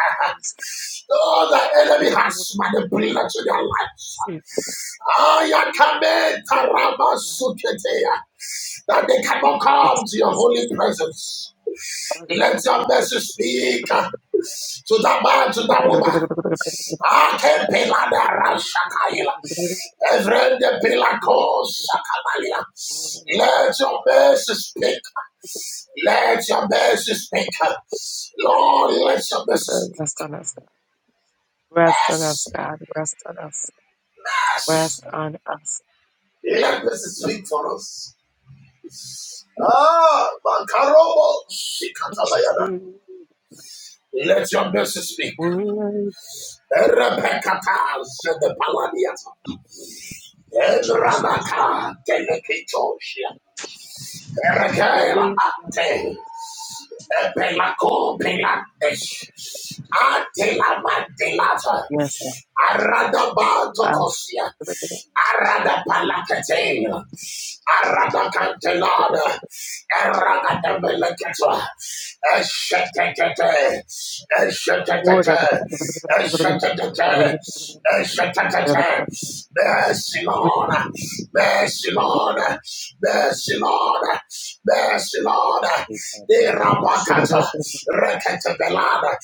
[SPEAKER 3] Oh, the enemy has manipulated their lives. Ayakame tarabasuketeya. That they cannot come to your holy presence. Let your message speak uh, to that man, to that woman. Akepeladarashakaila. Evrende pelakosakamalia. Let your message speak. Let your message speak. Lord, let your message speak.
[SPEAKER 1] Rest on us, God. Rest on us,
[SPEAKER 3] Yes,
[SPEAKER 1] God. Rest on us.
[SPEAKER 3] yes.
[SPEAKER 1] Rest on us.
[SPEAKER 3] Yeah, this is sweet for us. Ah, Makarobo, Shikatabayana. Let your mercy speak. Rebekata, Zedepalaniata. Enranaka, Telekitoshia. Perkele ate. Epelako peladesh. Ate la mandelata.
[SPEAKER 1] Yes,
[SPEAKER 3] Arada bato kosia.
[SPEAKER 1] God.
[SPEAKER 3] Arada palakatela. Arada
[SPEAKER 1] Us.
[SPEAKER 3] cantelada. Arada de belakatwa. Eshatatata,
[SPEAKER 1] Watch
[SPEAKER 3] eshatatata, eshatatata, eshatatata. Mercy, Lord, mercy, Lord, mercy, Lord, mercy, Lord. The Rabakata, Rekata Belada,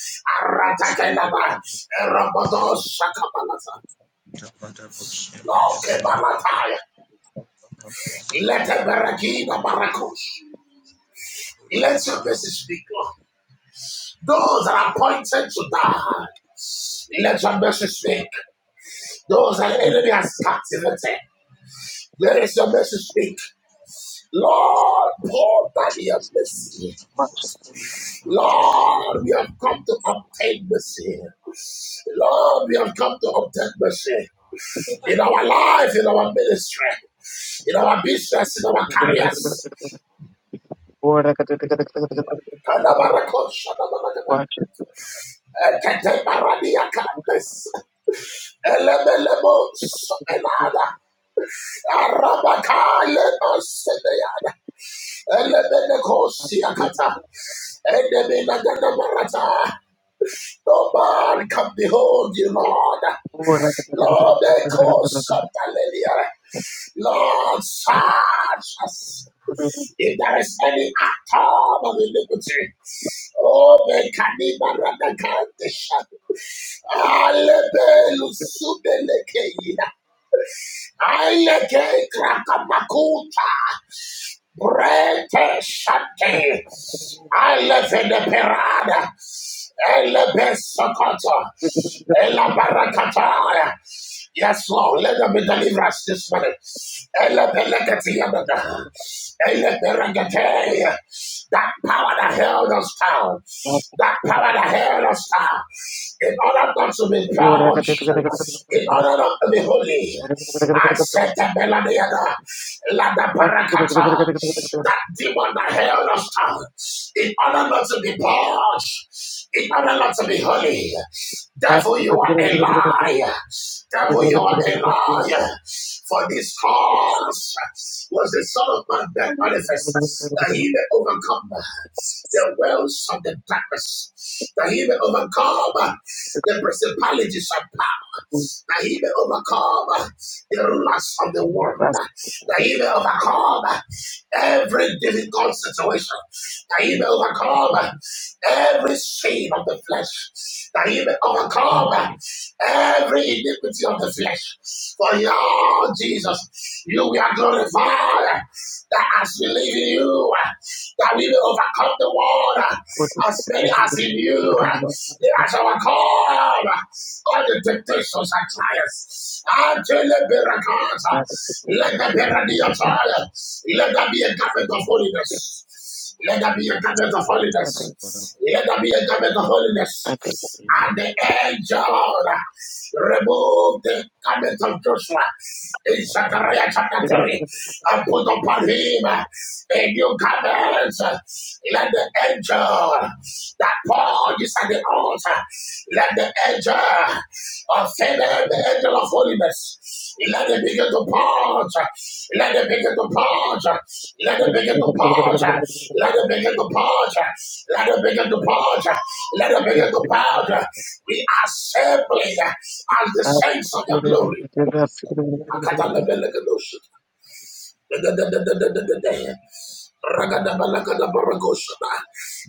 [SPEAKER 3] Aratakanaba, Rabado Loke Balataya, Let the Barakina Barakush, let your message speak, Lord. Those that are appointed to die, let your mercy speak. Those that the enemy has captivated, let your mercy speak. Lord, pour down your mercy.
[SPEAKER 2] Jesus, Jesus, my God.
[SPEAKER 3] Lord, we have come to obtain mercy. Lord, we have come to obtain mercy in our life, in our ministry, in our business, in our careers. Kadabarakosha, Arabakale masebeya. Elebene kosiakata. Edebena gadamarata. No man can behold you, Lord. Lord, ekosatalelia. Lord, search us. If there is any atom of iniquity, oh, the Kanibaradakandeshan. Alebelu subelekeina. Aleke krakamakuta. Brete Shante, Alevene Perada, Elebe Sokoto, Ela Barakata. Yes, Lord, let them be deliverance this morning. Elebe Lekete Yabada, Elebe Rekete. That power that held us down, that power that held us down, in order not to be purged, in order not to be holy, I said the melody. Lada Barakata. That demon that held us down in order not to be purged, in order not to be holy. Devil, you are a
[SPEAKER 1] it.
[SPEAKER 3] liar.
[SPEAKER 1] I
[SPEAKER 3] Devil, you are a liar. For this cause was the Son of Man that manifests that he may overcome the wells of the darkness, that he may overcome the principalities of power, that he may overcome the lust of the world, that you may overcome every difficult situation, that you may overcome every sin of the flesh, that you may overcome every iniquity of the flesh. For you, Jesus, you we are glorified, that as we live in you, that we may overcome the world, as many as in you, as our call, all the temptations and trials, until the miracles, let there be a radio trial, let there be a garment of holiness, let there be a garment of holiness, let there be a garment of holiness, and the angel removed the garment of Joshua in Zechariah chapter 3 and put upon him in your garments. Let the angel that Paul is at the altar, let the angel of favor, the angel of holiness, let it begin to purge, let it begin to purge, let it begin to purge, let it begin to purge, let it begin to purge, let it begin to purge. We are simply as the saints of the glory. Akata lebele kedoshi. Ragadabalagadabaragosha.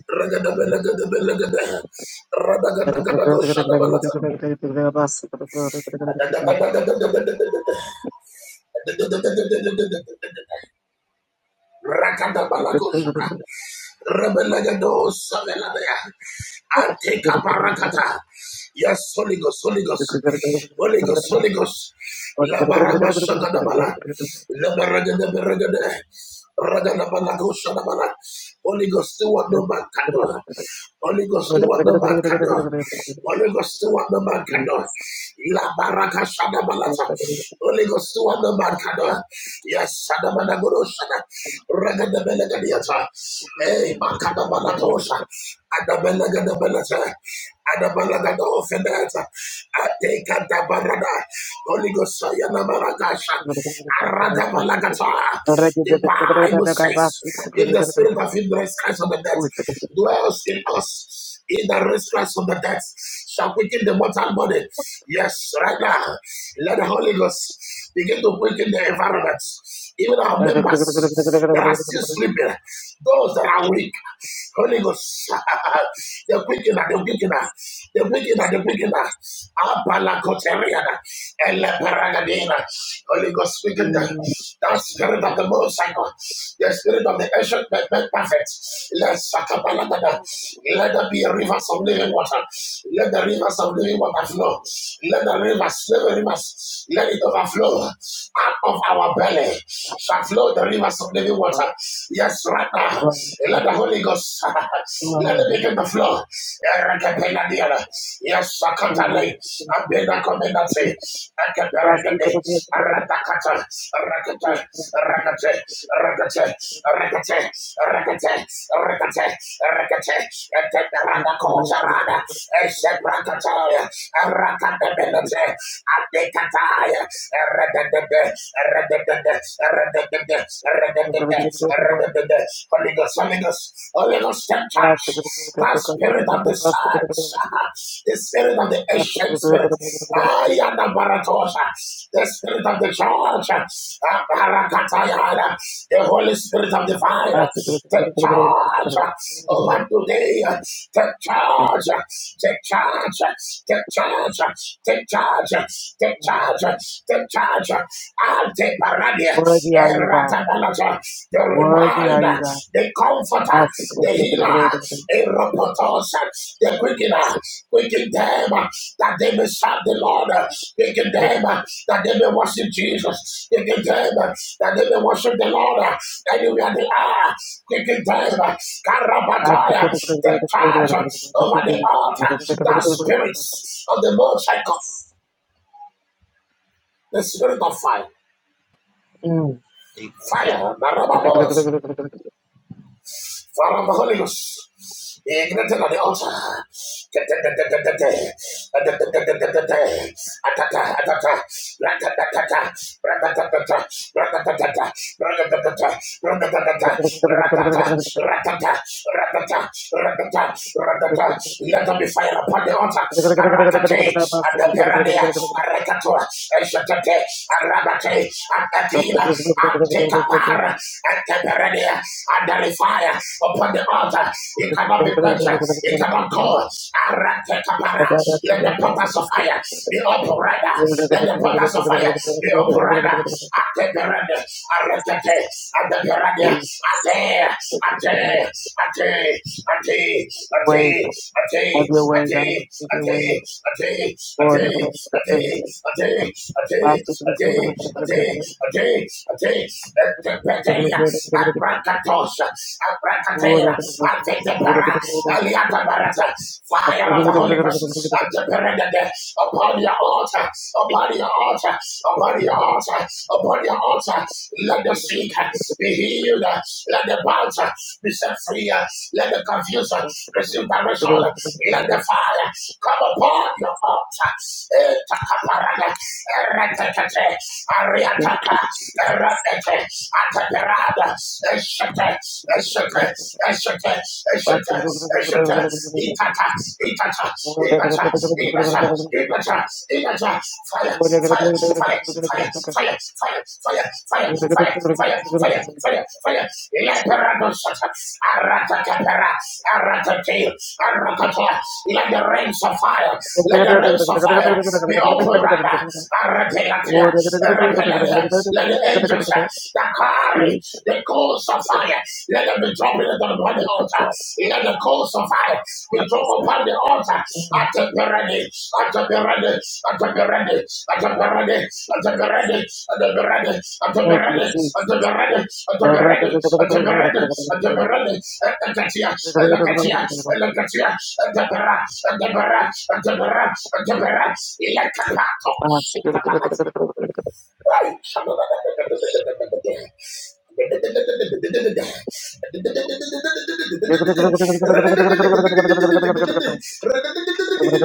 [SPEAKER 3] Ragadabalagadabalagadaya. Radagadagadagosadabalata. Rakadabalagosha. Rebelagadosabeladaya. Antekabarakata. Yes, Holy Ghost, Holy
[SPEAKER 1] think.
[SPEAKER 3] Ghost, Holy Ghost, Holy Ghost.
[SPEAKER 1] Thank
[SPEAKER 3] La baraba shagadabala. La baragada baragada. Ragadabala bala go shaga da bala. Holy Ghost, do what no
[SPEAKER 1] you.
[SPEAKER 3] man can do. Holy Ghost, do what no man can do. Holy Ghost, do what no man can do. La baraka shada balata. Holy Ghost, do what no man can do. Yes, shada mana guru shada. Raga de bele gadiata. Hey, makada balatosha. Adabela gadabelata. Adabela gadofenata. Ateka da barada. Holy Ghost, yana marakasha. Arada balagata. The Bible says, if the spirit of him that raised Christ from the dead dwells in us, in the raised Christ from the dead shall quicken the mortal body. Yes, right now, let the Holy Ghost begin to quicken the environment, even our members that are still sleeping, those that are weak. Holy Ghost, the quickener, the quickener, the quickener, the quickener. Abala Coteriana, Holy Ghost, quicken them. That spirit of the most high the spirit of the ancient men, men perfect. Let Sakabalagada, let there be rivers of living water. Let the rivers of living water flow. Let the rivers, let the rivers, let it overflow. Out of our belly shall flow the rivers of living water. Yes, right now. Let the Holy Ghost, let it begin to flow. Erekepenadiana. Yes, Sakatale, Abena Comenate, Akaparagade, Aratakata, Rakata, Rakate, Rakate, Rakate, Rakate, Rakate, Rakate, Eteparada Kotarada, Eseprakataya,
[SPEAKER 1] Worthy
[SPEAKER 3] Rakatabenate, Adekataya, Erededede, Erededede, Erededede, Erededede, Erededede, Holy Ghost, Holy Ghost, Holy Ghost, ancient church, the spirit of the sons, the spirit of the ancient spirit, I am the Baratosha, the spirit of the church, the the Holy Spirit of the fire, the charge over today, the charge, the charge, the charge, the charge, the charge, the charge, and the Baradia,
[SPEAKER 1] are
[SPEAKER 3] the
[SPEAKER 1] you, God.
[SPEAKER 3] Ratabalaja, the
[SPEAKER 1] Worthy are you,
[SPEAKER 3] reminder,
[SPEAKER 1] God.
[SPEAKER 3] the comforter, the healer, Eropotos, the quickener, quicken them uh, that they may serve the Lord, uh, quicken them uh, that they may worship Jesus, quicken them uh, that they may worship the Lord uh, anywhere they are, quicken them, uh, Karabataya, the charge uh, over the altar, the spirits of the Most High God, the spirit of fire,
[SPEAKER 1] Mm.
[SPEAKER 3] fire, Father of the Holy Ghost. Ignited on the altar. Let them be fire upon the altar. Aratate, and the Perania, Arakatua, Eshatate,
[SPEAKER 1] Way,
[SPEAKER 3] Atatila, Antikapara, Anteberedia, and there is fire upon the altar. It cannot be quenched, it cannot go. Aratekapara, let the portals of fire be open right now. Let the portals of fire be open right now. Anteberedia, Arakate, Anteberedia, Ate, Ate, Ate, Ate, Ate, Ate, Ate, Ate,
[SPEAKER 1] have your way, God, have your
[SPEAKER 3] Ate, Ate,
[SPEAKER 1] way,
[SPEAKER 3] Ate,
[SPEAKER 1] Lord.
[SPEAKER 3] Ate, Ate, Ate, Ate, Ate, Atis, Atis, Petelias, Abracatos, Abracatera, Artetepera, Aliata Barata, fire of the Holy Ghost, Anteperede, upon your altar, upon your altar, upon your altar, upon your altar, let the sick be healed, let the bound be set free, let the confused receive direction, let the fire come upon your altar. Etakaparada, eretekete,
[SPEAKER 1] Thank
[SPEAKER 3] Ariataka,
[SPEAKER 1] you.
[SPEAKER 3] Erateke, Ataperada, Eshete, Eshete, Eshete,
[SPEAKER 1] Thank
[SPEAKER 3] Eshete, Eshete, Itata, Itata, Itata, Itata, Itata, Itata, Fire, fire, fire, fire, fire, fire, fire, fire, fire, fire, fire, fire, fire, Leperado Sata, Aratacapera, Aratacate, Aratacate, let the rains of fire, let the rains of fire be open right now. Arapelatia, Arapelatia, let the angels uh, that carry the coals of fire, let them be dropping it upon the altar. Let the coals of fire be dropped upon the altar. At the ready, at the ready, at the ready, at the ready, at the ready, at the ready, at the
[SPEAKER 1] you,
[SPEAKER 3] ready, at the ready, at the ready, at the ready, at the ready. Look at you, look at you, look at you, at the barrage, at the barrage, at the barrage, at the barrage. Let the Right.
[SPEAKER 1] Jesus. Jesus,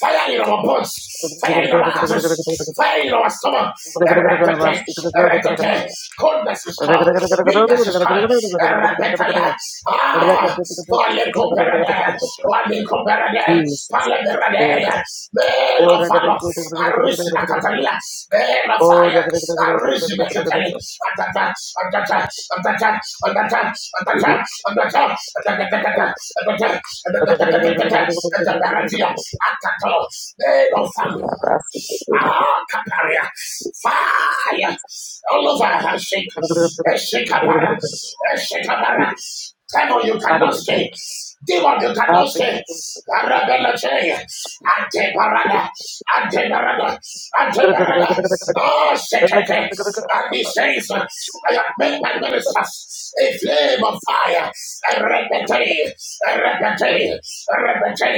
[SPEAKER 3] Fire in our bones, fire in our arteries, fire in our stomach. Coldness is gone.
[SPEAKER 1] there God. Oh,
[SPEAKER 3] Ah, Kaparia. Fire. All over her shake. Eshikabara. Eshikabara. Devil, you
[SPEAKER 1] Father,
[SPEAKER 3] cannot
[SPEAKER 1] we
[SPEAKER 3] stay.
[SPEAKER 1] it.
[SPEAKER 3] Demon, you
[SPEAKER 1] Oh, I
[SPEAKER 3] cannot
[SPEAKER 1] thank
[SPEAKER 3] stay.
[SPEAKER 1] you.
[SPEAKER 3] Arabelate. Anteparada. Anteparada.
[SPEAKER 1] Thank
[SPEAKER 3] Anteparada. Oh, Sekete. And he says, I have made my ministers a flame name of fire. Repete, repete, repete,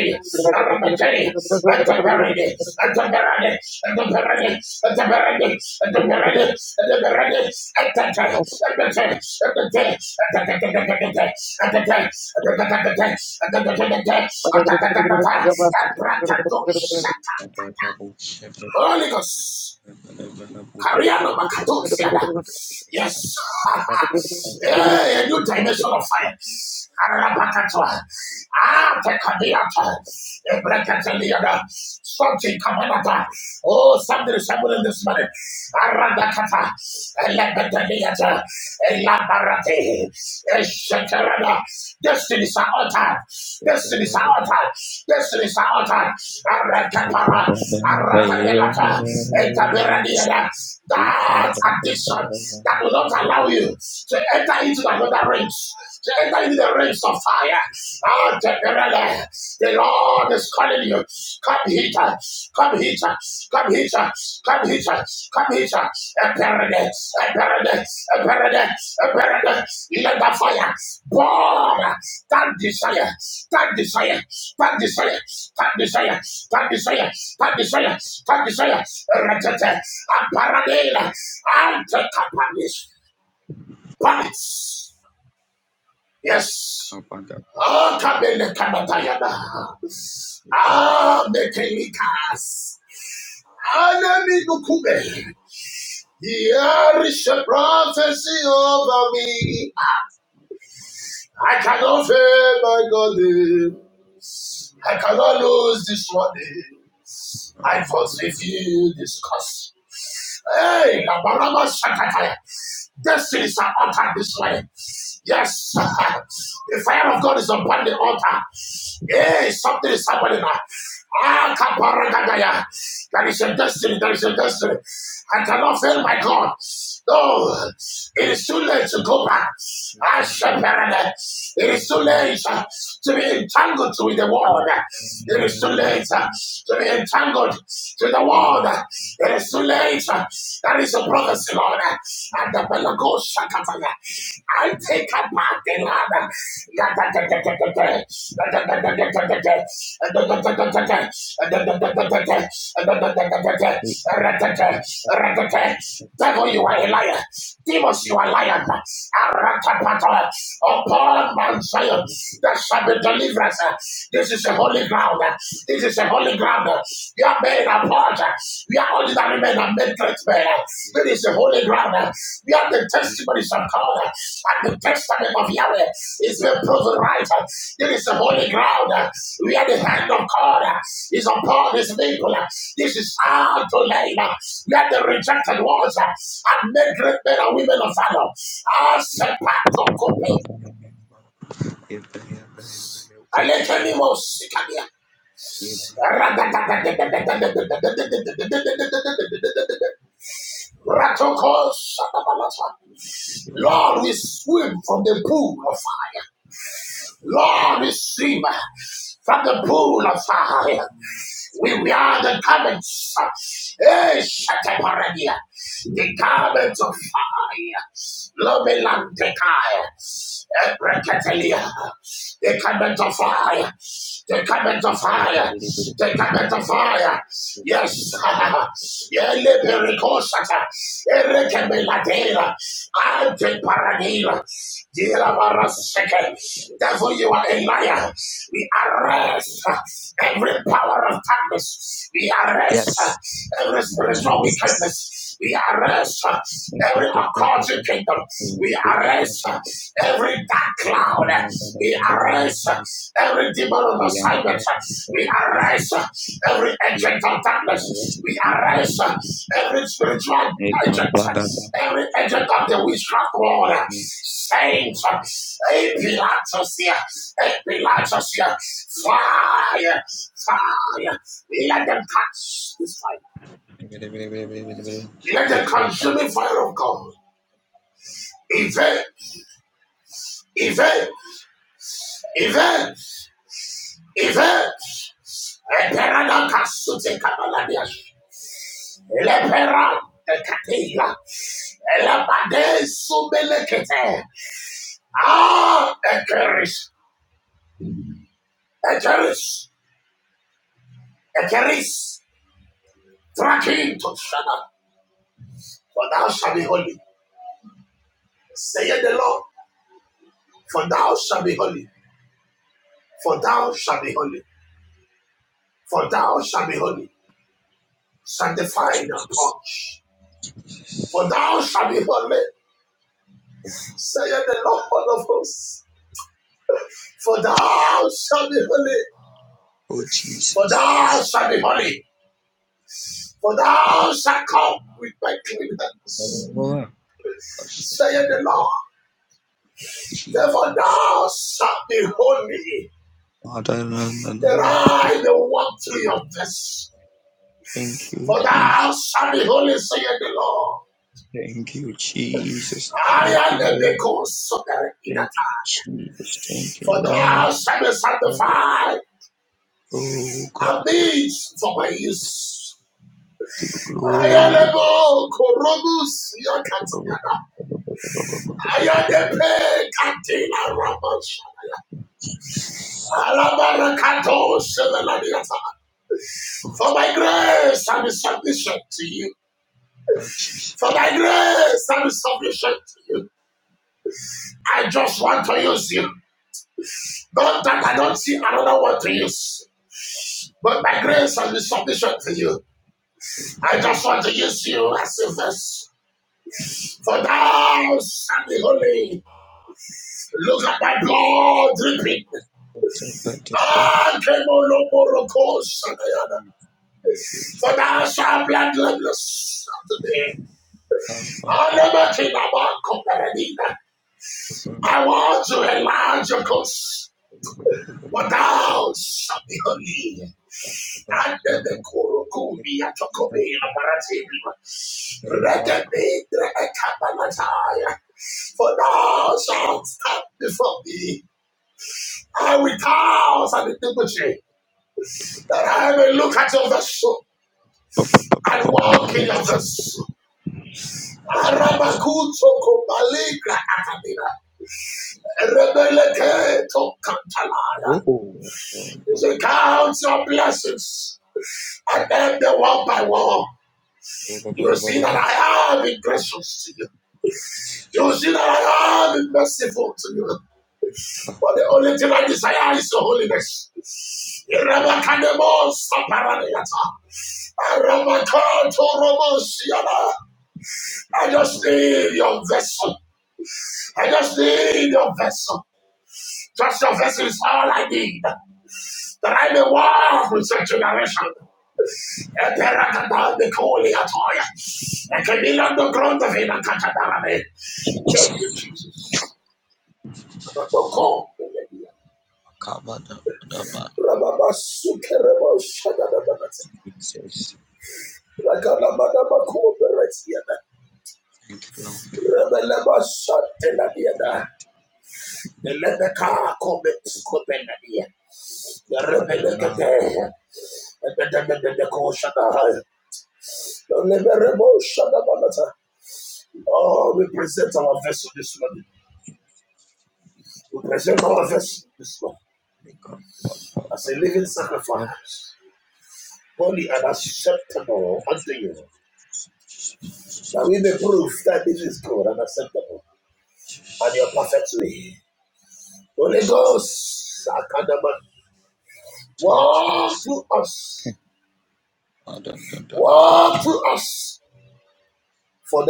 [SPEAKER 3] repete. Atabarade, atabarade, atabarade, atabarade, atabarade,
[SPEAKER 1] you.
[SPEAKER 3] atabarade. Atata, atata, atata, atata, atata, atata, atata, atata, atata, atata, atata. Holy Ghost. Kariano Makatosiada. Yes.
[SPEAKER 2] Amen.
[SPEAKER 3] hey, a new dimension of fire.
[SPEAKER 2] Yes,
[SPEAKER 3] Arabakatoa. Ah, Tekadiata. Ebrekateliada. Something Kamanata. Oh, something is happening this morning. Aradakata. Elebedeliata. Elabarate. Eshatarada altar, Destinies are altered. Destinies are altered. Destinies are altered. Arakapara. Arakabelata. Ekaberadiada. That addiction that will not allow you to enter into another race, to enter into the race of fire. Ah, Teperele. The Lord is calling you. Come hither. Come here, come here, come here, come here, a paradise, a paradise, a paradise, a paradise. Let the fire burn. That desire, that desire, that desire, that desire, that desire, that desire, that desire. Ratata, a paradela, antekapanis, palace. Yes. oh, come Ah, kabele kamatayana. Ah, mekelikas. Anemi Nukube. Here is a prophecy over me. I cannot fail my God. I cannot lose this money. I forsake you this cause. Hey, Abarama Shakataya. Destinies are altered this way. Yes, the fire of God is upon the altar. Hey, something is happening now. Ah, Kabaragagaya. There is a destiny, there is a destiny. I cannot fail my God. Oh, it is too late to go back. I shall paradise. It is too
[SPEAKER 2] Lord.
[SPEAKER 3] late uh, to be entangled with the world.
[SPEAKER 2] Yes.
[SPEAKER 3] It is too late uh, to be entangled to the world. It is too late. uh, That is a prophecy, Lord. And the Belagos Shakataya. I take a up my Lord. Devil, you are a liar. Demons, you are liars. Aratapata, Upon Mount Zion, there shall be deliverance. This is a holy ground. This is a holy ground. We are men apart. We are ordinary men and men great men. This is a holy ground. We are the testimony but it's uncalled. And the testament of Yahweh is the proven right. It is the holy ground. We are the hand of God It's upon his people. This is our to labor. We are the rejected ones and men, great men and women of valor. Our sepato kope.
[SPEAKER 2] I am
[SPEAKER 3] Aletanimo sikania. Ratoko satabalasa. Lord, we swim from the pool of fire. Lord, receive from the pool of fire. We wear the garments. eh, Shataparadia. The garments of fire. Lomelantekai. eh, Brekatelia. The garment of fire. The garment of fire. The garment of fire. Yes. yeah, pericosata. Erekemeladeira. Ante paranila. Therefore, you are a liar. We arrest
[SPEAKER 2] Thank
[SPEAKER 3] every
[SPEAKER 2] you.
[SPEAKER 3] power of darkness. We arrest
[SPEAKER 2] Yes,
[SPEAKER 3] every spiritual
[SPEAKER 2] Jesus.
[SPEAKER 3] wickedness. We
[SPEAKER 2] We are
[SPEAKER 3] arrest every occult kingdom. We arrest every dark cloud. We arrest every demon on assignment. We arrest every agent of darkness.
[SPEAKER 2] arrested.
[SPEAKER 3] We
[SPEAKER 2] We are
[SPEAKER 3] arrest
[SPEAKER 2] arrested.
[SPEAKER 3] every spiritual agents, every agent of the witchcraft world, saints, a Pilatus here, a Pilatus here, fire, fire, let them catch this fire,
[SPEAKER 2] We
[SPEAKER 3] let them
[SPEAKER 2] are arrested.
[SPEAKER 3] consume the fire of God. Event, event, event, event. Lepera da casute cabaladias. Lepera da catila. Elabade subelecete. Ah, ekeris. Ekeris, Ekeris, Trakim to Shana, for thou shalt be holy. Saith the Lord, for thou shalt be holy, for thou shalt be holy, for thou shalt be holy,
[SPEAKER 2] Oh
[SPEAKER 3] sanctified and
[SPEAKER 2] Jesus.
[SPEAKER 3] purged. For thou shalt be holy, saith the Lord of hosts. For thou shalt be holy,
[SPEAKER 2] Oh
[SPEAKER 3] for thou
[SPEAKER 2] Jesus.
[SPEAKER 3] shalt be holy, for thou shalt come with my clean hands, saith the Lord. Therefore
[SPEAKER 2] Jesus.
[SPEAKER 3] thou shalt be holy, The I the walk through your vessel.
[SPEAKER 2] Thank you,
[SPEAKER 3] For
[SPEAKER 2] Jesus.
[SPEAKER 3] thou shalt be holy, saith the Lord.
[SPEAKER 2] Thank you, Jesus.
[SPEAKER 3] I
[SPEAKER 2] Thank
[SPEAKER 3] am
[SPEAKER 2] you,
[SPEAKER 3] the
[SPEAKER 2] Lord.
[SPEAKER 3] bacon sucker in a
[SPEAKER 2] Thank you, Jesus. Thank you,
[SPEAKER 3] For thou
[SPEAKER 2] Lord.
[SPEAKER 3] shalt be sanctified
[SPEAKER 2] Oh
[SPEAKER 3] and
[SPEAKER 2] God, we
[SPEAKER 3] means for my use.
[SPEAKER 2] give you
[SPEAKER 3] I am the
[SPEAKER 2] glory.
[SPEAKER 3] book, Robus, Yakatana. I am the peg, Cantina Ramos.
[SPEAKER 2] Jesus.
[SPEAKER 3] Alabarakato, Seveladiata.
[SPEAKER 2] Oh,
[SPEAKER 3] For my grace and submission to you.
[SPEAKER 2] Jesus. Jesus.
[SPEAKER 3] For my grace and submission to you. I just want to use you. Not that I don't see another word to use, but my grace shall be sufficient to you. I just want to use you as a vessel. For thou shalt be holy. Look at my blood dripping.
[SPEAKER 2] Jesus.
[SPEAKER 3] Ah, Kemolomorokoshanayana. For thou
[SPEAKER 2] Jesus.
[SPEAKER 3] shalt bloodless today.
[SPEAKER 2] Come on.
[SPEAKER 3] I want to enlarge your course, For thou shalt be holy. Andele koro kumbi ya tokobe ya baratibu. Rekebedre ekabalataya. For thou shalt stand before me, and with cows and iniquity, that I may look at your vessel and walk in your vessel. Arabakuto kubaligra atabira. Rebeleketo
[SPEAKER 2] Oh,
[SPEAKER 3] kantalaya. You say, count your blessings,
[SPEAKER 2] God.
[SPEAKER 3] and then the one by one,
[SPEAKER 2] Jesus.
[SPEAKER 3] you will see that I have been gracious to you. You see that I am merciful to you. But the only thing I desire is your holiness. Irabakademo saparaniyata. Arabakatoromosiyana. I just need your vessel. I just need your vessel. Just your vessel is all I need. That I may walk with such generation. I I can can be be at all. I can be on the Eperakadabekoliatoya. Ekemilandogrondovina katabarane. Thank you, Jesus. I'm not going to call. Rababasukereboshadadabakata.
[SPEAKER 2] Jesus.
[SPEAKER 3] Rakalabadabakoberetiada.
[SPEAKER 2] Thank you, Lord. Thank you,
[SPEAKER 3] Rebelebashanteladiada.
[SPEAKER 2] Lord.
[SPEAKER 3] Elebekakobetskobenadia.
[SPEAKER 2] Thank you, Adonai.
[SPEAKER 3] Rebelekete.
[SPEAKER 2] Company
[SPEAKER 3] Ebedebedebekoshadahai. Lebereboshadabakata. Oh, we present our vessel this morning. We present our vessel this morning
[SPEAKER 2] God. Pa- pa- pa-
[SPEAKER 3] as
[SPEAKER 2] pa-
[SPEAKER 3] a living
[SPEAKER 2] pa- pa. pa.
[SPEAKER 3] sacrifice, holy and
[SPEAKER 2] Jesus.
[SPEAKER 3] acceptable unto you, that we may prove that this is good and acceptable and your perfect will. Holy Ghost, Akadaba, walk
[SPEAKER 2] Jesus.
[SPEAKER 3] through us,
[SPEAKER 2] Ah, da- da- da- da- da- da.
[SPEAKER 3] walk through us, for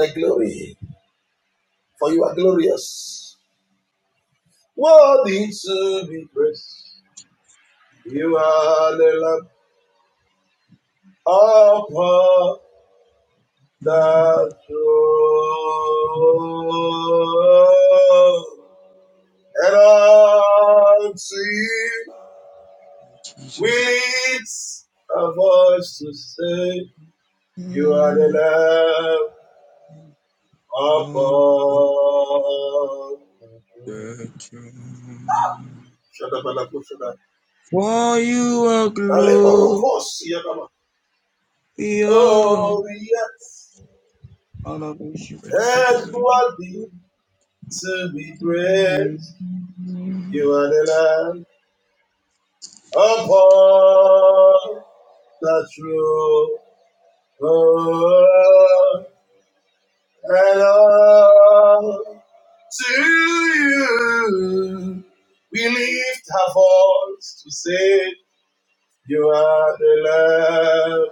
[SPEAKER 3] thee, for you are glorious. And unto you we
[SPEAKER 2] Jesus.
[SPEAKER 3] lift a voice to say, You are the
[SPEAKER 2] Mm.
[SPEAKER 3] Lamb
[SPEAKER 2] Oh, oh,
[SPEAKER 3] upon
[SPEAKER 2] the joy.
[SPEAKER 3] Shadabalakosada.
[SPEAKER 2] For you are glorious.
[SPEAKER 3] Aleborokos, Yadaba. Oh, yes,
[SPEAKER 2] Hallelujah.
[SPEAKER 3] and worthy to be praised. You are the land upon the true and all to you. We lift our voice to say, You are the land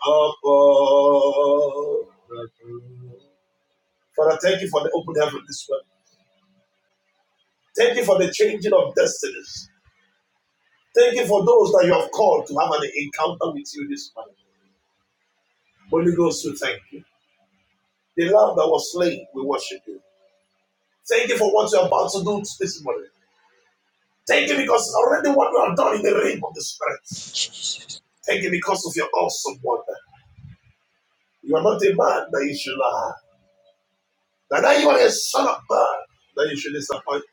[SPEAKER 3] upon the true. Father, thank you for the open heaven this morning. Thank you for the changing of destinies. Thank you for those that you have called to have an encounter with you this morning. Holy Ghost, we thank you. The lamb that was slain, we worship you. Thank you for what you're about to do this morning. Thank you because already what you have done in the realm of the Spirit.
[SPEAKER 2] Jesus.
[SPEAKER 3] Thank you because of your awesome wonder. You are not a man that you should lie. Neither you are a son of man that you should disappoint.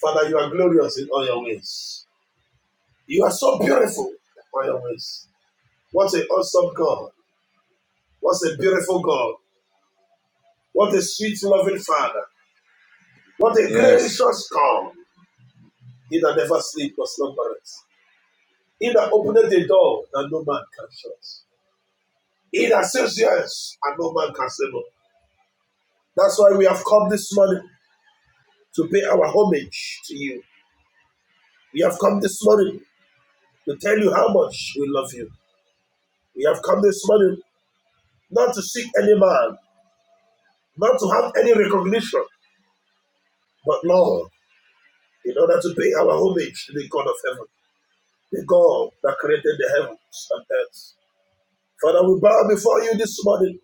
[SPEAKER 3] Father, you are glorious in all your ways. You are so beautiful in all your ways. What an awesome God. What a beautiful God. What a sweet, loving Father. What a
[SPEAKER 2] Yes.
[SPEAKER 3] gracious God. He that never sleeps nor slumbereth. He that openeth the door that no man can shut. He that says yes and no man can say no. That's why we have come this morning to pay our homage to you. We have come this morning to tell you how much we love you. We have come this morning not to seek any man, not to have any recognition, but Lord, in order to pay our homage to the God of heaven, the God that created the heavens and earth. Father, we bow before you this morning.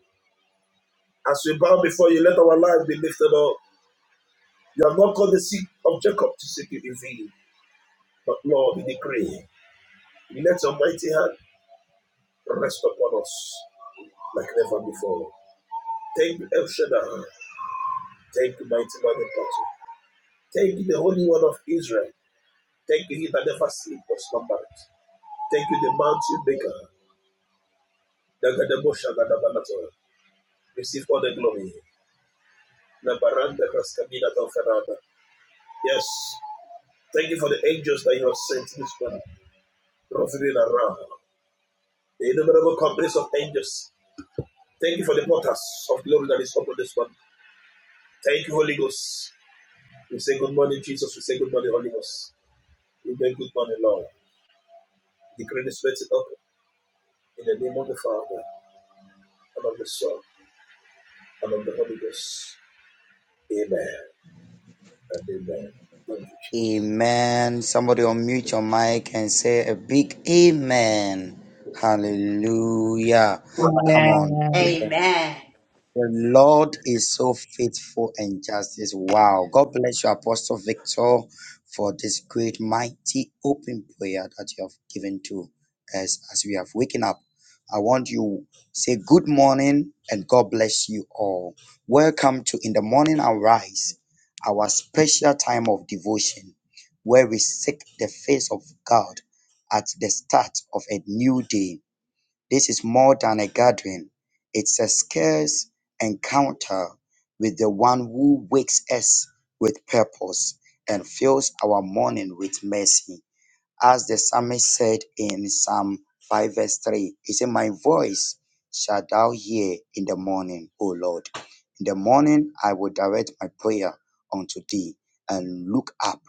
[SPEAKER 3] As we bow before you, let our life be lifted up. You have not called the seed of Jacob to seek it in vain. But Lord, we decree, let your mighty hand rest upon us like never before. Thank you, El Shaddai. Thank you, mighty man in battle. Thank you, the Holy One of Israel. Thank you, he that never sleep or slumber. Thank you, the mountain maker. Dagadabosha Gadabanato. Receive all the glory. Nabaranda Kraskabina Ferrada. Yes. Thank you for the angels that you have sent this morning, roving around. The innumerable companies of angels Thank you for the portals of glory that is upon this one. Thank you, Holy Ghost. We say good morning, Jesus. We say good morning, Holy Ghost. We say good morning, Lord. Decree this blessing up in the name of the Father and of the Son and of the Holy Ghost. Amen and amen.
[SPEAKER 2] Amen. Somebody unmute your mic and say a big amen. Hallelujah. Come on.
[SPEAKER 4] Amen.
[SPEAKER 2] The Lord is so faithful and just. justice. Wow. God bless you, Apostle Victor, for this great, mighty, open prayer that you have given to us as we have waken up. I want you say good morning and God bless you all. Welcome to In the Morning I Rise, our special time of devotion where we seek the face of God at the start of a new day. This is more than a gathering, it's a scarce encounter with the one who wakes us with purpose and fills our morning with mercy. As the psalmist said in Psalm 5, verse 3, he said, My voice shall thou hear in the morning, O Lord. In the morning I will direct my prayer unto thee and look up.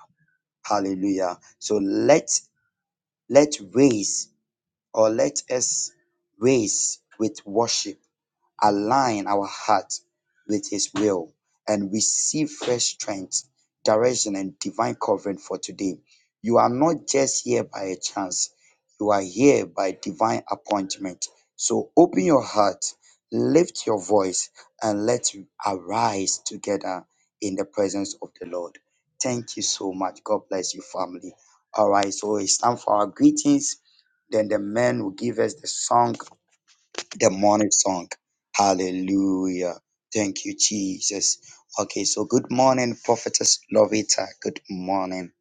[SPEAKER 2] Hallelujah. So let let raise or let us raise with worship, align our heart with His will, and receive fresh strength, direction, and divine covering for today. You are not just here by a chance, you are here by divine appointment. So open your heart, lift your voice, and let's arise together in the presence of the Lord. Thank you so much. God bless you, family. All right, so it's time for our greetings. Then the man will give us the song, the morning song. Hallelujah. Thank you, Jesus. Okay, so good morning, Prophetess Lovita. Good morning.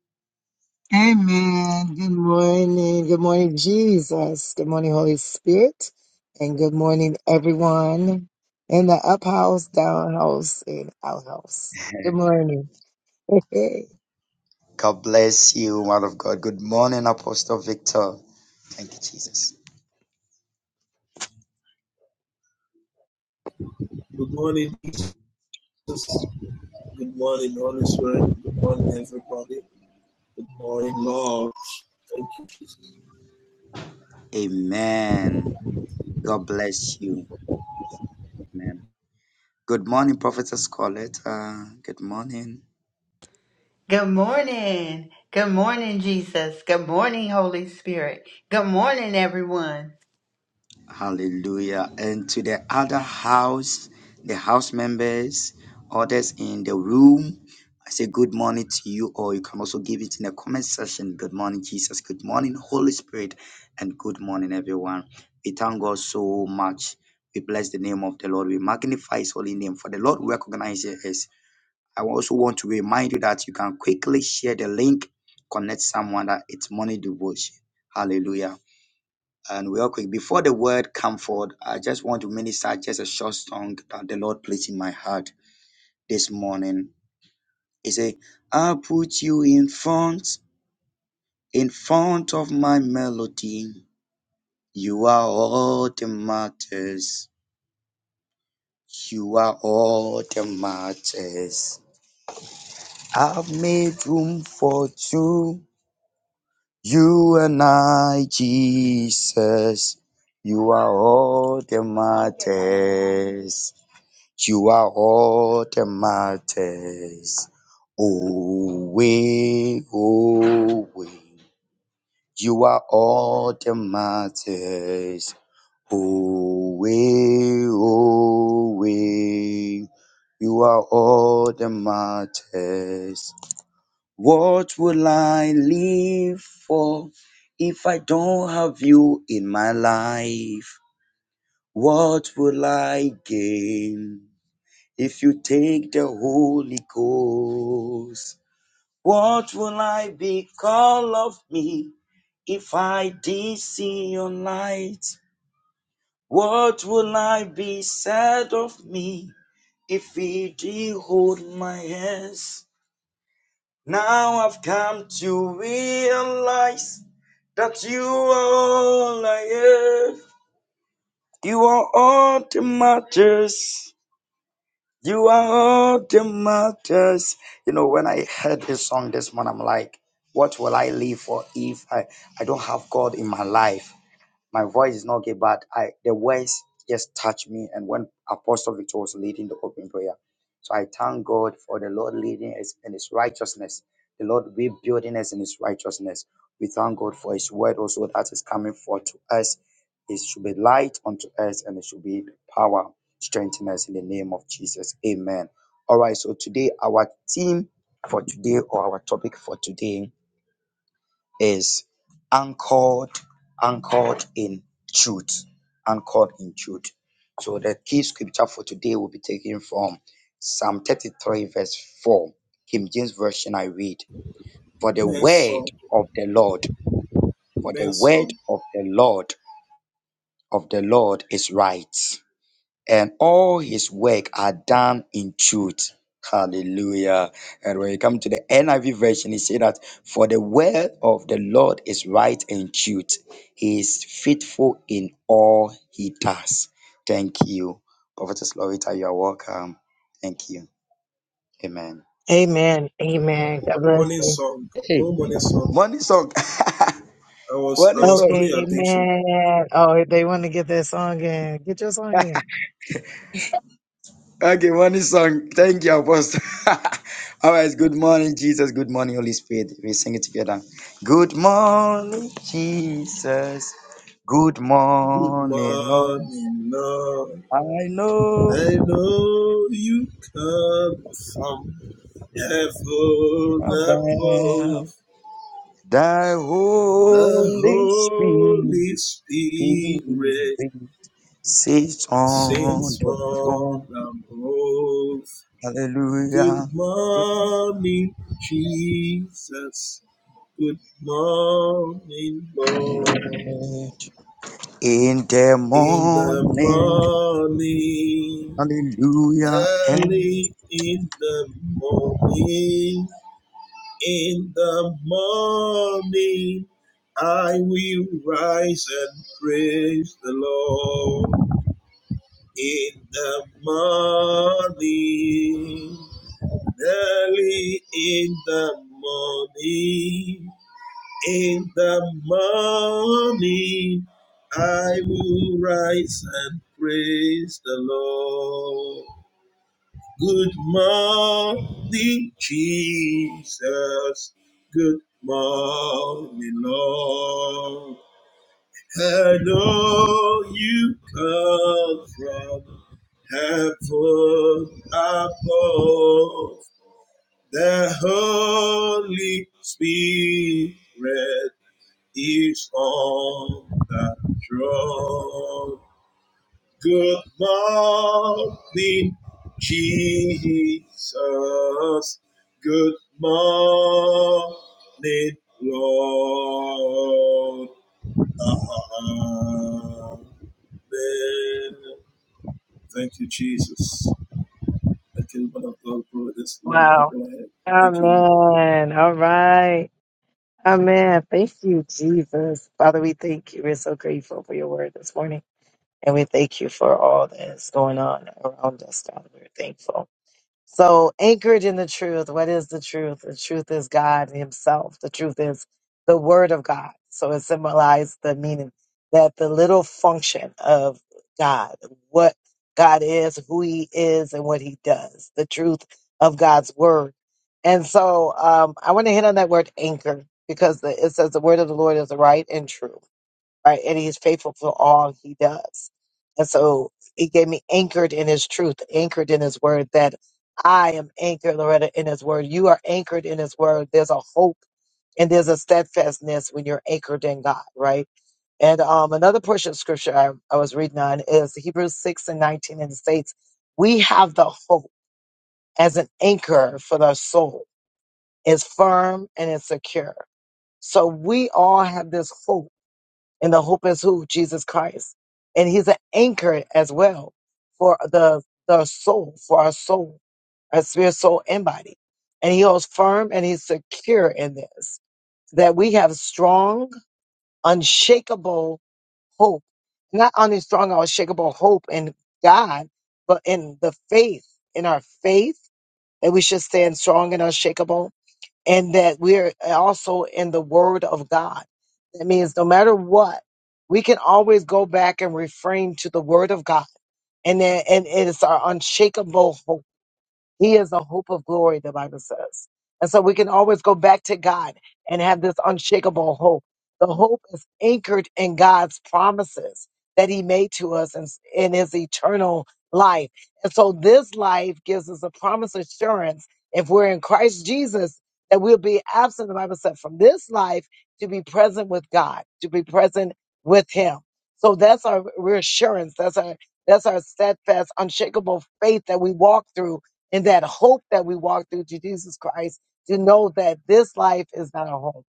[SPEAKER 1] Amen. Good morning. Good morning, Jesus. Good morning, Holy Spirit. And good morning, everyone in the up house, down house, and out house. Good morning.
[SPEAKER 2] God bless you, man of God. Good morning, Apostle Victor. Thank you, Jesus.
[SPEAKER 3] Good morning, Jesus. Good morning, Holy Spirit. Good morning, everybody. Good morning, Lord. Thank you, Jesus.
[SPEAKER 2] Amen. God bless you. Amen. Good morning, Prophetess Coletta. Good morning.
[SPEAKER 4] Good morning. Good morning, Jesus. Good morning, Holy Spirit. Good morning, everyone.
[SPEAKER 2] Hallelujah. And to the other house, the house members, others in the room, I say good morning to you, or you can also give it in the comment section. Good morning, Jesus. Good morning, Holy Spirit. And good morning, everyone. We thank God so much. We bless the name of the Lord. We magnify his holy name, for the Lord recognizes us. I also want to remind you that you can quickly share the link, connect someone that it's money devotion. Hallelujah. And real quick, before the word come forward, I just want to minister just a short song that the Lord placed in my heart this morning. He said, I put you in front, in front of my melody. You are all the matters. You are all the matters. I've made room for two. You and I, Jesus. You are all the matters. You are all that matters. Away, away. You are all that matters. Away, away. You are all that matters. What will I live for if I don't have you in my life? What will I gain? If you take the Holy Ghost, what will I be called of me if I did see your light? What will I be said of me if he did hold my hands? Now I've come to realize that you are all I have. You are all that matters. You are all that matters. You know, when I heard this song this morning, I'm like, what will I live for if I, I don't have God in my life? My voice is not get bad. I the words just touch me. And when Apostle Victor was leading the open prayer, so I thank God for the Lord leading us in His righteousness. The Lord rebuilding us in His righteousness. We thank God for His word also that is coming forth to us. It should be light unto us, and it should be power strengthen us in the name of Jesus. Amen. All right. So today our theme for today or our topic for today is anchored, anchored in truth, anchored in truth. So the key scripture for today will be taken from Psalm 33, verse 4. King James Version, I read, For the
[SPEAKER 3] Men's
[SPEAKER 2] word
[SPEAKER 3] song,
[SPEAKER 2] of the Lord, for the
[SPEAKER 3] men's
[SPEAKER 2] word
[SPEAKER 3] song,
[SPEAKER 2] of the Lord, of the Lord is right and all his work are done in truth. Hallelujah. And when you come to the NIV version, he said that for the word of the Lord is right and truth. He is faithful in all he does. Thank you. Prophetess Lorita, you are welcome. Thank you. Amen.
[SPEAKER 1] Amen. Amen. God bless
[SPEAKER 3] morning
[SPEAKER 1] you.
[SPEAKER 3] song,
[SPEAKER 2] Hey.
[SPEAKER 3] no morning song.
[SPEAKER 2] Morning song.
[SPEAKER 3] I was I
[SPEAKER 2] Morning
[SPEAKER 3] was
[SPEAKER 2] song.
[SPEAKER 3] calling
[SPEAKER 1] Okay.
[SPEAKER 3] your attention.
[SPEAKER 1] Amen. Oh, they want to get their song in. Get your song in.
[SPEAKER 2] Okay, morning song. Thank you, Apostle. All right, good morning, Jesus. Good morning, Holy Spirit. We sing it together. Good morning, Jesus. Good morning, Lord.
[SPEAKER 3] morning, Lord.
[SPEAKER 2] I know
[SPEAKER 3] I know you come from heaven
[SPEAKER 2] about
[SPEAKER 3] above.
[SPEAKER 2] thy
[SPEAKER 3] The
[SPEAKER 2] Holy Spirit
[SPEAKER 3] Holy Spirit
[SPEAKER 2] sits on
[SPEAKER 3] sings
[SPEAKER 2] the
[SPEAKER 3] from
[SPEAKER 2] throne.
[SPEAKER 3] above. Good
[SPEAKER 2] Hallelujah. Good morning
[SPEAKER 3] morning, Jesus. Good morning, Lord.
[SPEAKER 2] in the
[SPEAKER 3] In the
[SPEAKER 2] morning.
[SPEAKER 3] morning,
[SPEAKER 2] Hallelujah
[SPEAKER 3] early in the morning, In the morning I will rise and praise the Lord. In the morning, in the morning, in the morning I will morning, Jesus. Good morning, Lord. I know you come from heaven above. The Holy Spirit is on the throne. Good morning, Jesus. Good morning, Lord. Amen. Thank you, Jesus. Thank you, man of God, for this love. that
[SPEAKER 1] Wow.
[SPEAKER 3] Go ahead. Thank you. Lord.
[SPEAKER 1] Amen. All right. Amen. Thank you, Jesus. Father, we thank you. We're so grateful for your word this morning. And we thank you for all that is going on around us, God. We're thankful. So, anchored in the truth, what is the truth? The truth is God Himself. The truth is the Word of God. So, it symbolized the meaning that the little function of God, what God is, who He is, and what He does, the truth of God's Word. And so, um, I want to hit on that word anchor because the, it says the Word of the Lord is right and true right? And He is faithful for all he does. And so he gave me anchored in his truth, anchored in his word, that I am anchored, Loretta, in his word. You are anchored in his word. There's a hope and there's a steadfastness when you're anchored in God, right? And um, another portion of scripture I, I was reading on is Hebrews 6 and 19, and it states, We have the hope as an anchor for the soul, is firm and is secure. So we all have this hope and the hope is who? Jesus Christ. And he's an anchor as well for the, the soul, for our soul, our spirit, soul, and body. And he holds firm and he's secure in this, that we have strong, unshakable hope. Not only strong, unshakable hope in God, but in the faith, in our faith, that we should stand strong and unshakable and that we're also in the Word of God. That means no matter what, we can always go back and refrain to the Word of God, and then, and it is our unshakable hope he is the hope of glory, the Bible says. And so we can always go back to God and have this unshakable hope. The hope is anchored in God's promises that He made to us in, in His eternal life. And so this life gives us a promise assurance if we're in Christ Jesus that we'll be absent, the Bible said, from this life to be present with God, to be present with Him. So that's our reassurance. That's our that's our steadfast, unshakable faith that we walk through in that hope that we walk through to Jesus Christ to know that this life is not our home.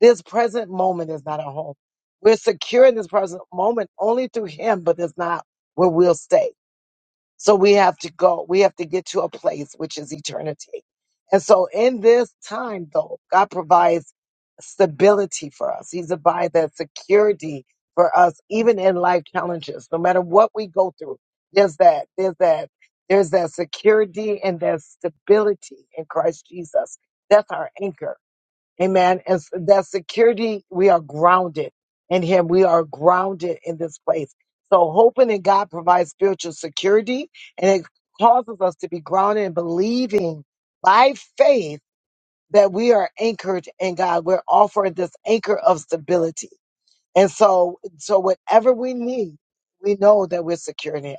[SPEAKER 1] This present moment is not our home. We're secure in this present moment only through Him, but it's not where we'll stay. So we have to go. We have to get to a place which is eternity. And so in this time, though, God provides stability for us. He's provided that security for us, even in life challenges, no matter what we go through. There's that, there's that, there's that security and that stability in Christ Jesus. That's our anchor. Amen. And s- that security, we are grounded in Him. We are grounded in this place. So, hoping in God provides spiritual security and it causes us to be grounded in believing by faith that we are anchored in God. We're offered this anchor of stability. And so, so whatever we need, we know that we're secure in Him.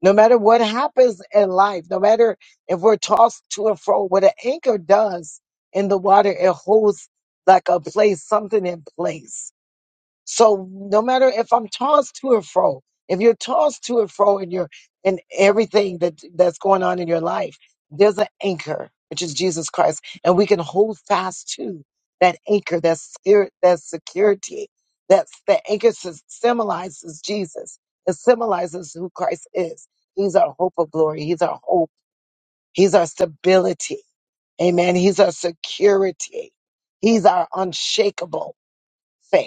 [SPEAKER 1] No matter what happens in life, no matter if we're tossed to and fro, what an anchor does in the water, it holds like a place, something in place so no matter if I'm tossed to and fro, if you're tossed to and fro in your in everything that that's going on in your life, there's an anchor, which is Jesus Christ, and we can hold fast to that anchor, that spirit, that security. That's the anchor sys- symbolizes Jesus. It symbolizes who Christ is. He's our hope of glory. He's our hope. He's our stability. Amen. He's our security. He's our unshakable faith.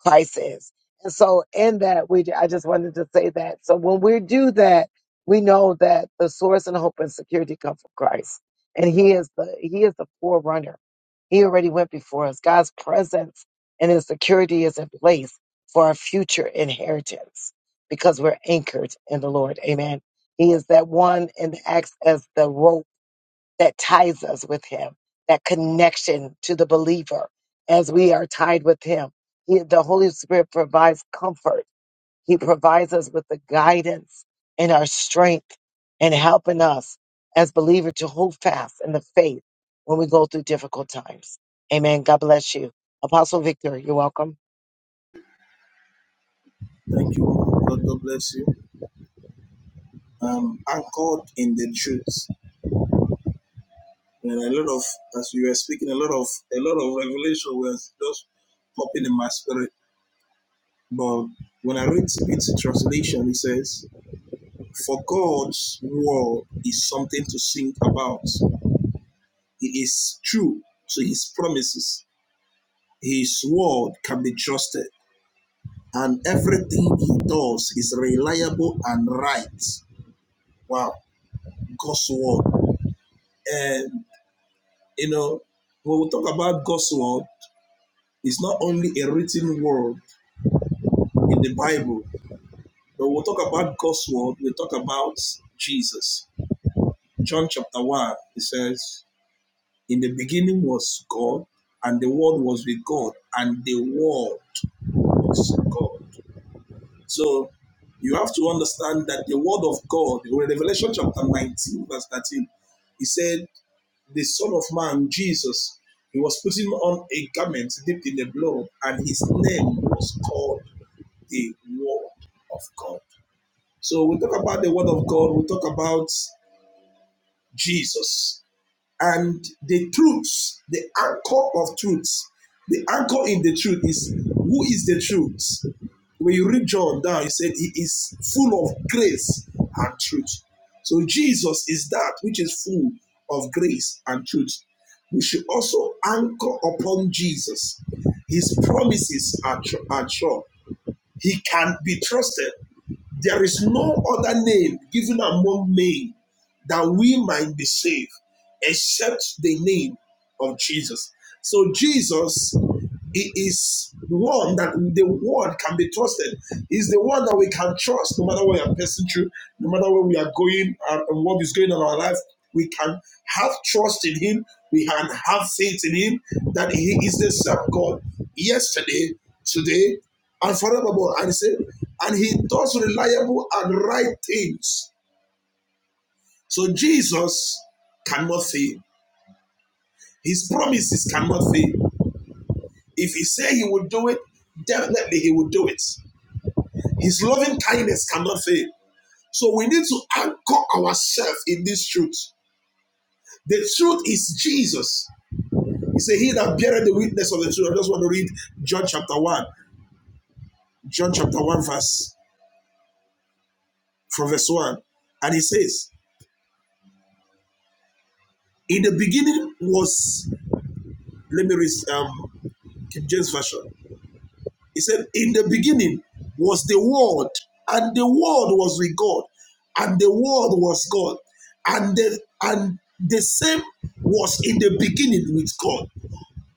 [SPEAKER 1] Christ is. And so in that, we, I just wanted to say that. So when we do that, we know that the source and hope and security come from Christ. And he is the, he is the forerunner. He already went before us. God's presence and his security is in place for our future inheritance because we're anchored in the Lord. Amen. He is that one and acts as the rope that ties us with him, that connection to the believer as we are tied with him. He, the Holy Spirit provides comfort. He provides us with the guidance and our strength and helping us as believers to hold fast in the faith when we go through difficult times. Amen. God bless you. Apostle Victor, you're welcome.
[SPEAKER 3] Thank you. Lord. God, God bless you. Um, anchored in the truth. And a lot of, as you were speaking, a lot of, a lot of revelation was just popping in my spirit. But when I read its translation, it says, "For God's word is something to sing about. He is true to His promises. His word can be trusted, and everything He does is reliable and right." Wow. God's word. And you know, when we talk about God's word, it's not only a written word in the Bible, but when we talk about God's word, we talk about Jesus. John chapter 1, it says, In the beginning was God, and the word was with God, and the word was God. So you have to understand that the word of God, in Revelation chapter 19, verse 13, he said, the Son of Man, Jesus, he was putting on a garment dipped in the blood, and his name was called the Word of God. So we talk about the Word of God, we talk about Jesus and the truths, the anchor of truths, the anchor in the truth is who is the truth. When you read John down, he said he is full of grace and truth. So Jesus is that which is full of grace and truth. We should also anchor upon Jesus. His promises are, tru- are sure. He can be trusted. There is no other name given among men that we might be saved except the name of Jesus. So, Jesus he is the one that the word can be trusted. Is the one that we can trust no matter what we are passing through, no matter where we are going and, and what is going on in our life. We can have trust in Him. We can have faith in Him that He is the same God yesterday, today, and forevermore. And He said, and He does reliable and right things. So Jesus cannot fail. His promises cannot fail. If He said He will do it, definitely He will do it. His loving kindness cannot fail. So we need to anchor ourselves in this truth. The truth is Jesus. He said, He that beareth the witness of the truth. I just want to read John chapter 1, John chapter 1, verse from verse 1. And he says, In the beginning was, let me read um, King James Version. He said, In the beginning was the Word, and the Word was with God, and the Word was God, and the and the same was in the beginning with God.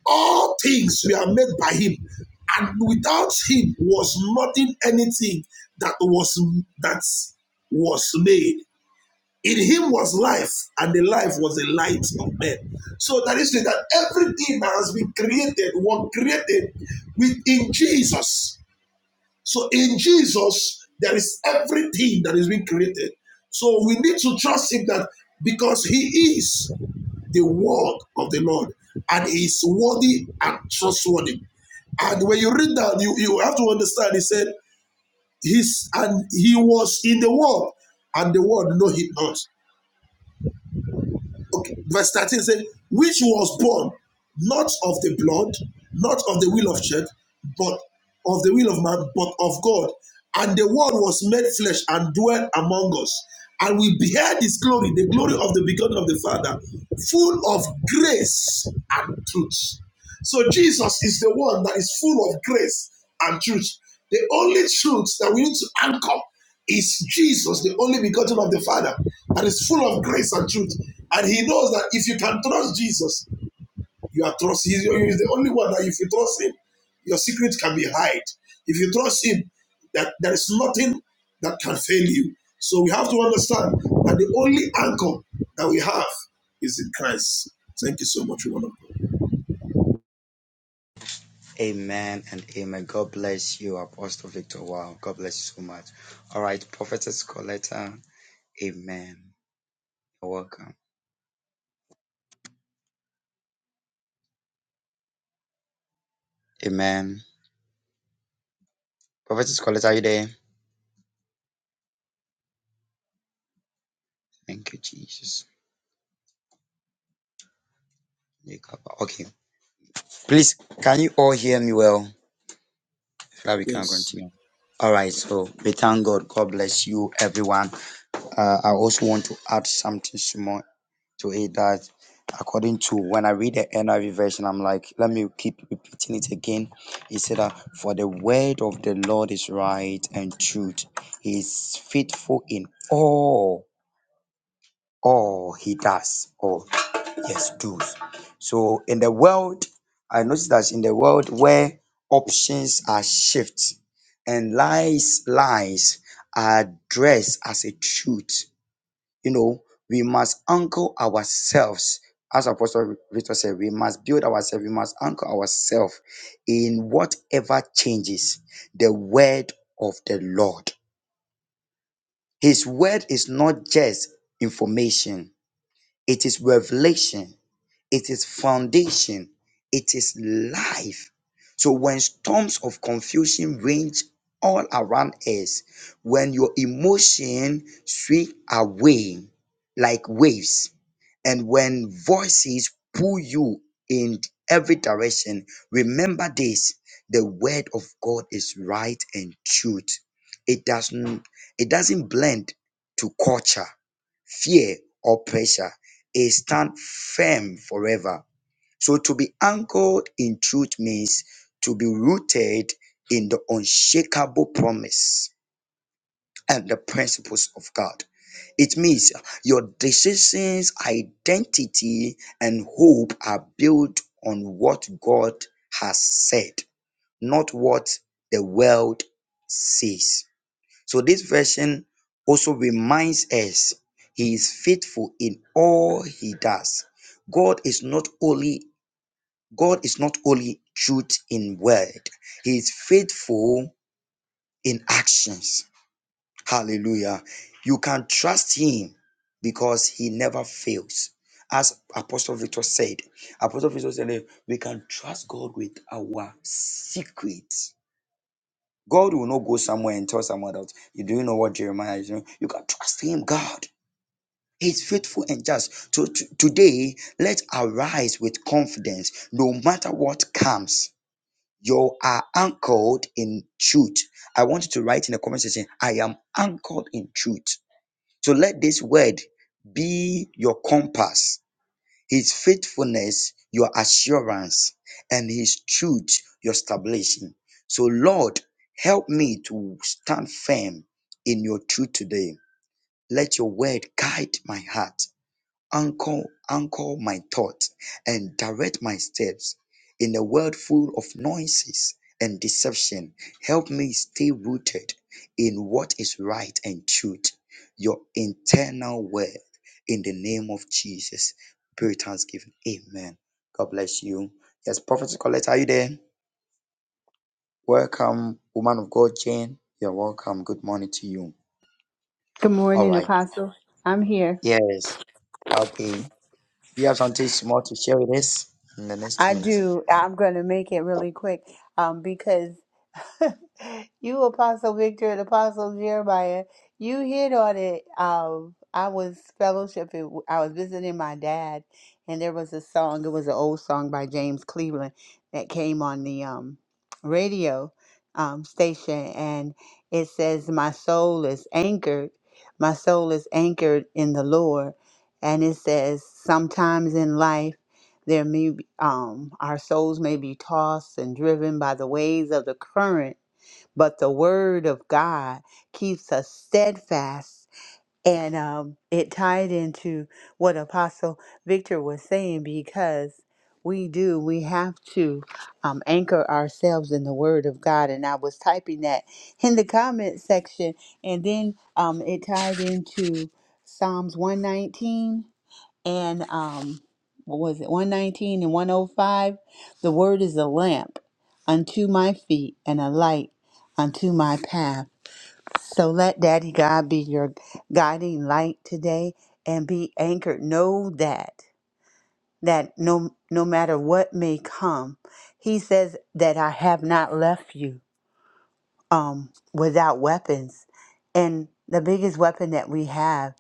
[SPEAKER 3] All things were made by Him, and without Him was nothing anything that was that was made. In Him was life, and the life was the light of men. So that is to say that everything that has been created was created within Jesus. So in Jesus, there is everything that is being created. So we need to trust Him that because He is the word of the Lord and He is worthy and trustworthy. And when you read that, you, you have to understand, He said, He's, and He was in the world, and the world know Him not. Okay, verse 13 says, which was born not of the blood, not of the will of church, but of the will of man, but of God. And the word was made flesh and dwelt among us. And we beheld his glory, the glory of the begotten of the Father, full of grace and truth. So Jesus is the one that is full of grace and truth. The only truth that we need to anchor is Jesus, the only begotten of the Father, and is full of grace and truth. And he knows that if you can trust Jesus, you are trust. He is the only one that if you trust him, your secret can be hid. If you trust him, that there is nothing that can fail you. So we have to understand that the only anchor that we have is in Christ. Thank you so much, one of God.
[SPEAKER 2] Amen and amen. God bless you, Apostle Victor. Wow, God bless you so much. All right, Prophetess Coletta. Amen. You're welcome. Amen. Prophetess Coletta, are you there? Thank you, Jesus. Okay, please, can you all hear me well? If not, we can
[SPEAKER 3] Yes.
[SPEAKER 2] continue. All right, so we thank God. God bless you, everyone. Uh, I also want to add something small to it that according to when I read the NIV version, I'm like, let me keep repeating it again. He said that for the word of the Lord is right and truth. He is faithful in all, all he does. All yes, does. So in the world, I noticed that in the world where options are shifts and lies, lies are dressed as a truth you know, we must anchor ourselves. As Apostle Victor said, we must build ourselves, we must anchor ourselves in whatever changes the word of the Lord. His word is not just information, it is revelation it is foundation, it is life. So when storms of confusion range all around us, when your emotion sweep away like waves, and when voices pull you in every direction, remember this: the word of God is right and truth. It doesn't it doesn't blend to culture fear, or pressure. It stand firm forever. So to be anchored in truth means to be rooted in the unshakable promise and the principles of God. It means your decisions, identity, and hope are built on what God has said, not what the world says. So this version also reminds us he is faithful in all he does. God is not only God is not only truth in word. He is faithful in actions. Hallelujah. You can trust him because he never fails. As Apostle Victor said, Apostle Victor said, that we can trust God with our secret. God will not go somewhere and tell someone else. You do know what Jeremiah is doing. You can trust him, God. He's faithful and just. So t- today, let's arise with confidence no matter what comes. You are anchored in truth. I want you to write in the comment section, I am anchored in truth. So let this word be your compass his faithfulness, your assurance, and His truth, your establishing. So, Lord, help me to stand firm in your truth today. Let your word guide my heart anchor, anchor my thought and direct my steps in a world full of noises and deception. Help me stay rooted in what is right and truth, your internal word, in the name of Jesus. Pray with thanksgiving. Amen. God bless you. Yes, Prophet Colette, are you there? Welcome, woman of God, Jane. You're welcome. Good morning to you.
[SPEAKER 4] Good
[SPEAKER 2] All
[SPEAKER 4] morning,
[SPEAKER 2] right.
[SPEAKER 4] Apostle. I'm here.
[SPEAKER 2] Yes. Okay. You have something small to share with us in the next two
[SPEAKER 4] I
[SPEAKER 2] minutes.
[SPEAKER 4] do. I'm going to make it really quick um, because you apostle victor and apostle jeremiah you hit on it um i was fellowshipping i was visiting my dad and there was a song it was an old song by james cleveland that came on the um radio um station and it says my soul is anchored my soul is anchored in the lord and it says sometimes in life there may be, um our souls may be tossed and driven by the waves of the current but the word of God keeps us steadfast. And um, it tied into what Apostle Victor was saying because we do, we have to um, anchor ourselves in the word of God. And I was typing that in the comment section, and then um, it tied into Psalms 119 and um what was it 119 and 105 the word is a lamp unto my feet and a light unto my path so let daddy god be your guiding light today and be anchored know that that no no matter what may come he says that i have not left you um without weapons and the biggest weapon that we have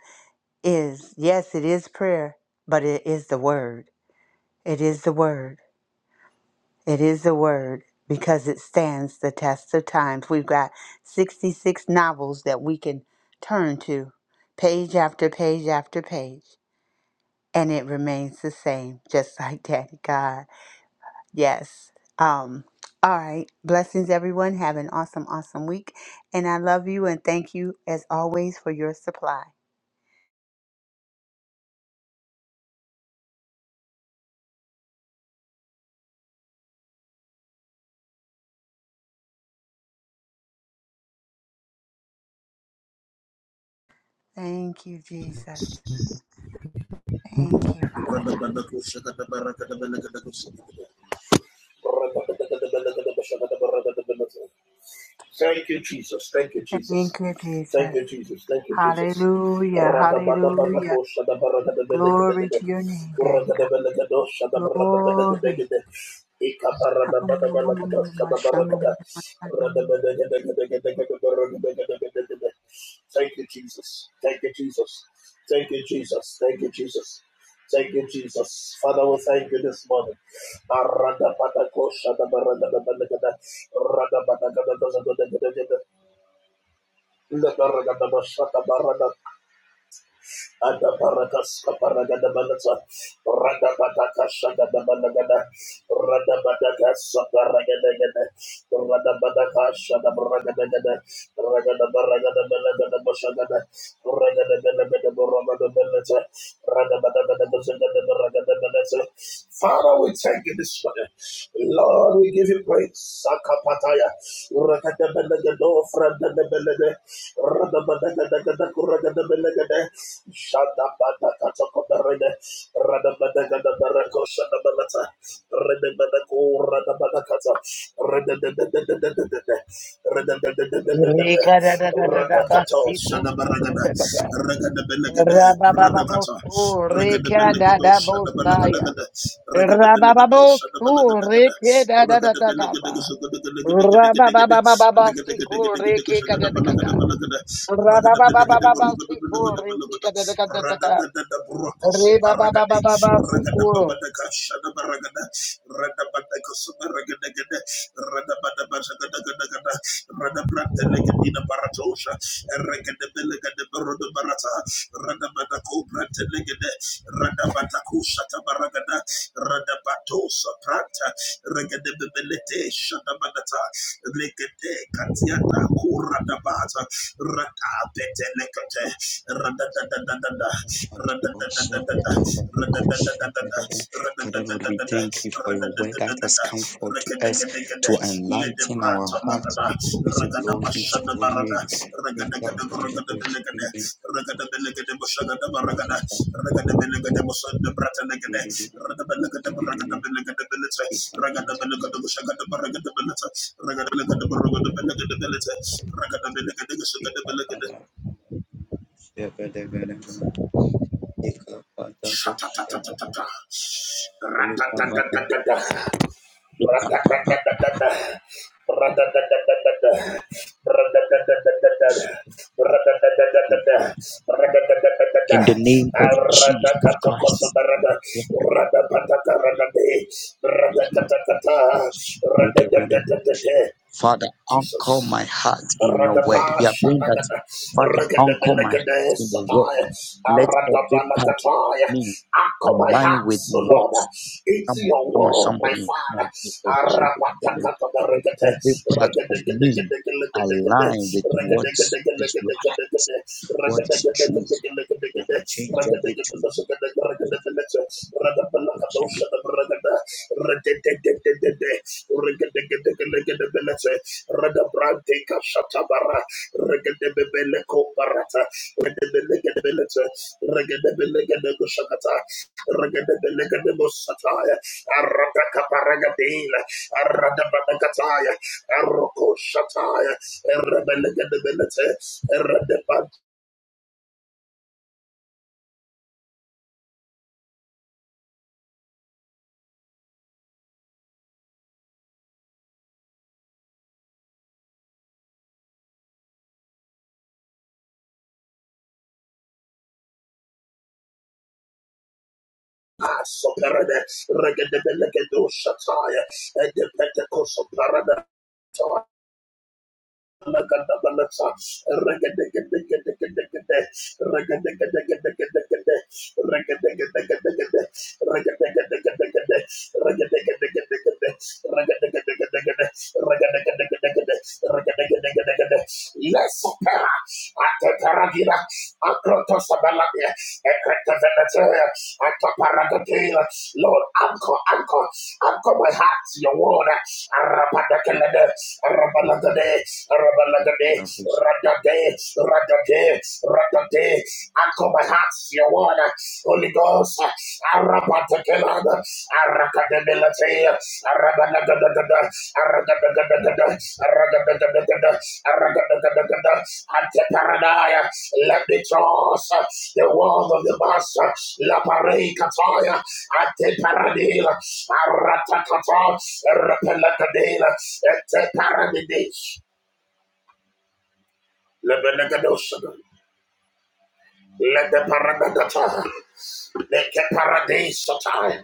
[SPEAKER 4] is yes it is prayer but it is the word It is the word. It is the word because it stands the test of times. We've got 66 novels that we can turn to, page after page after page, and it remains the same, just like Daddy God. Yes. Um, all right. Blessings, everyone. Have an awesome, awesome week. And I love you and thank you, as always, for your supply. Thank you, Jesus. Thank you, Father.
[SPEAKER 3] Thank you, Jesus. Thank you, Jesus.
[SPEAKER 4] Thank you,
[SPEAKER 3] Thank
[SPEAKER 4] Jesus.
[SPEAKER 3] you, Jesus. Thank you, Jesus.
[SPEAKER 4] Hallelujah. Hallelujah.
[SPEAKER 3] Radabadabadako
[SPEAKER 4] Glory
[SPEAKER 3] shadabaradabadabadabada.
[SPEAKER 4] to your name, Daddy
[SPEAKER 3] Uradabadabadabado
[SPEAKER 4] God. Glory.
[SPEAKER 3] Thank you, Jesus. Thank you, Jesus. Thank you, Jesus. Thank you, Jesus. Thank you, Jesus. Father, we thank you this morning. Rada Adabarakas kaparagadabalata, radabadakashagadabalagada, radabadakasaparagadagada, radabadakashadabragadagada, ragadabaragadabalagadabashagada, ragadabelagadaborobadabalata, radabadakadabazagadabaragadabalata. Father, we thank you this morning. Lord, we give you praise. Sakapataya. Rakadabalagado, fradabelade,
[SPEAKER 1] Rabababo,
[SPEAKER 3] Rada
[SPEAKER 1] reke da da da da
[SPEAKER 3] Rate
[SPEAKER 1] da ba Rabababababa, siku reke da da da da. da. Rabababababa, siku reke da da da da da. da. Rebababababa, siku
[SPEAKER 2] Father Lord, we thank you for your word that has come forth to us to enlighten our hearts. We say, Glory be to your holy name.
[SPEAKER 3] Ragada
[SPEAKER 2] In the name of Jesus Christ. Thank you, very Father, anchor my heart in your word. We are praying that, Father, anchor my heart in your word. Let every part of me align with
[SPEAKER 3] hearts, O
[SPEAKER 2] what.
[SPEAKER 3] Lord,
[SPEAKER 2] Come
[SPEAKER 3] into
[SPEAKER 2] on,
[SPEAKER 3] your
[SPEAKER 2] come on,
[SPEAKER 3] word, my
[SPEAKER 2] somebody. Come
[SPEAKER 3] Father.
[SPEAKER 2] on, people. Let
[SPEAKER 3] Arapatabarakate,
[SPEAKER 2] every part of me align with what is right, what is truth, unchangeable truth. Let every
[SPEAKER 3] Let's opera at the Caragina, the Paragadela. Lord, anchor, anchor, anchor my heart to your word. Arabalagade, Arabalagade,
[SPEAKER 2] part of me
[SPEAKER 3] Arabalagade,
[SPEAKER 2] align with what you have, Father, we should be.
[SPEAKER 3] Radade, Radade, Radade. Anchor my heart, to your word, Holy Ghost. Arabatakilada, Arakadability, Arabalagade, Arabalagade, Anteparadaya. Let me trust uh, the word of the master. La parecatoya. Anteparadela. Aratacata. Repelatadela. Anteparadidis. Lebenegadosa. Let the paradise, Let the paradise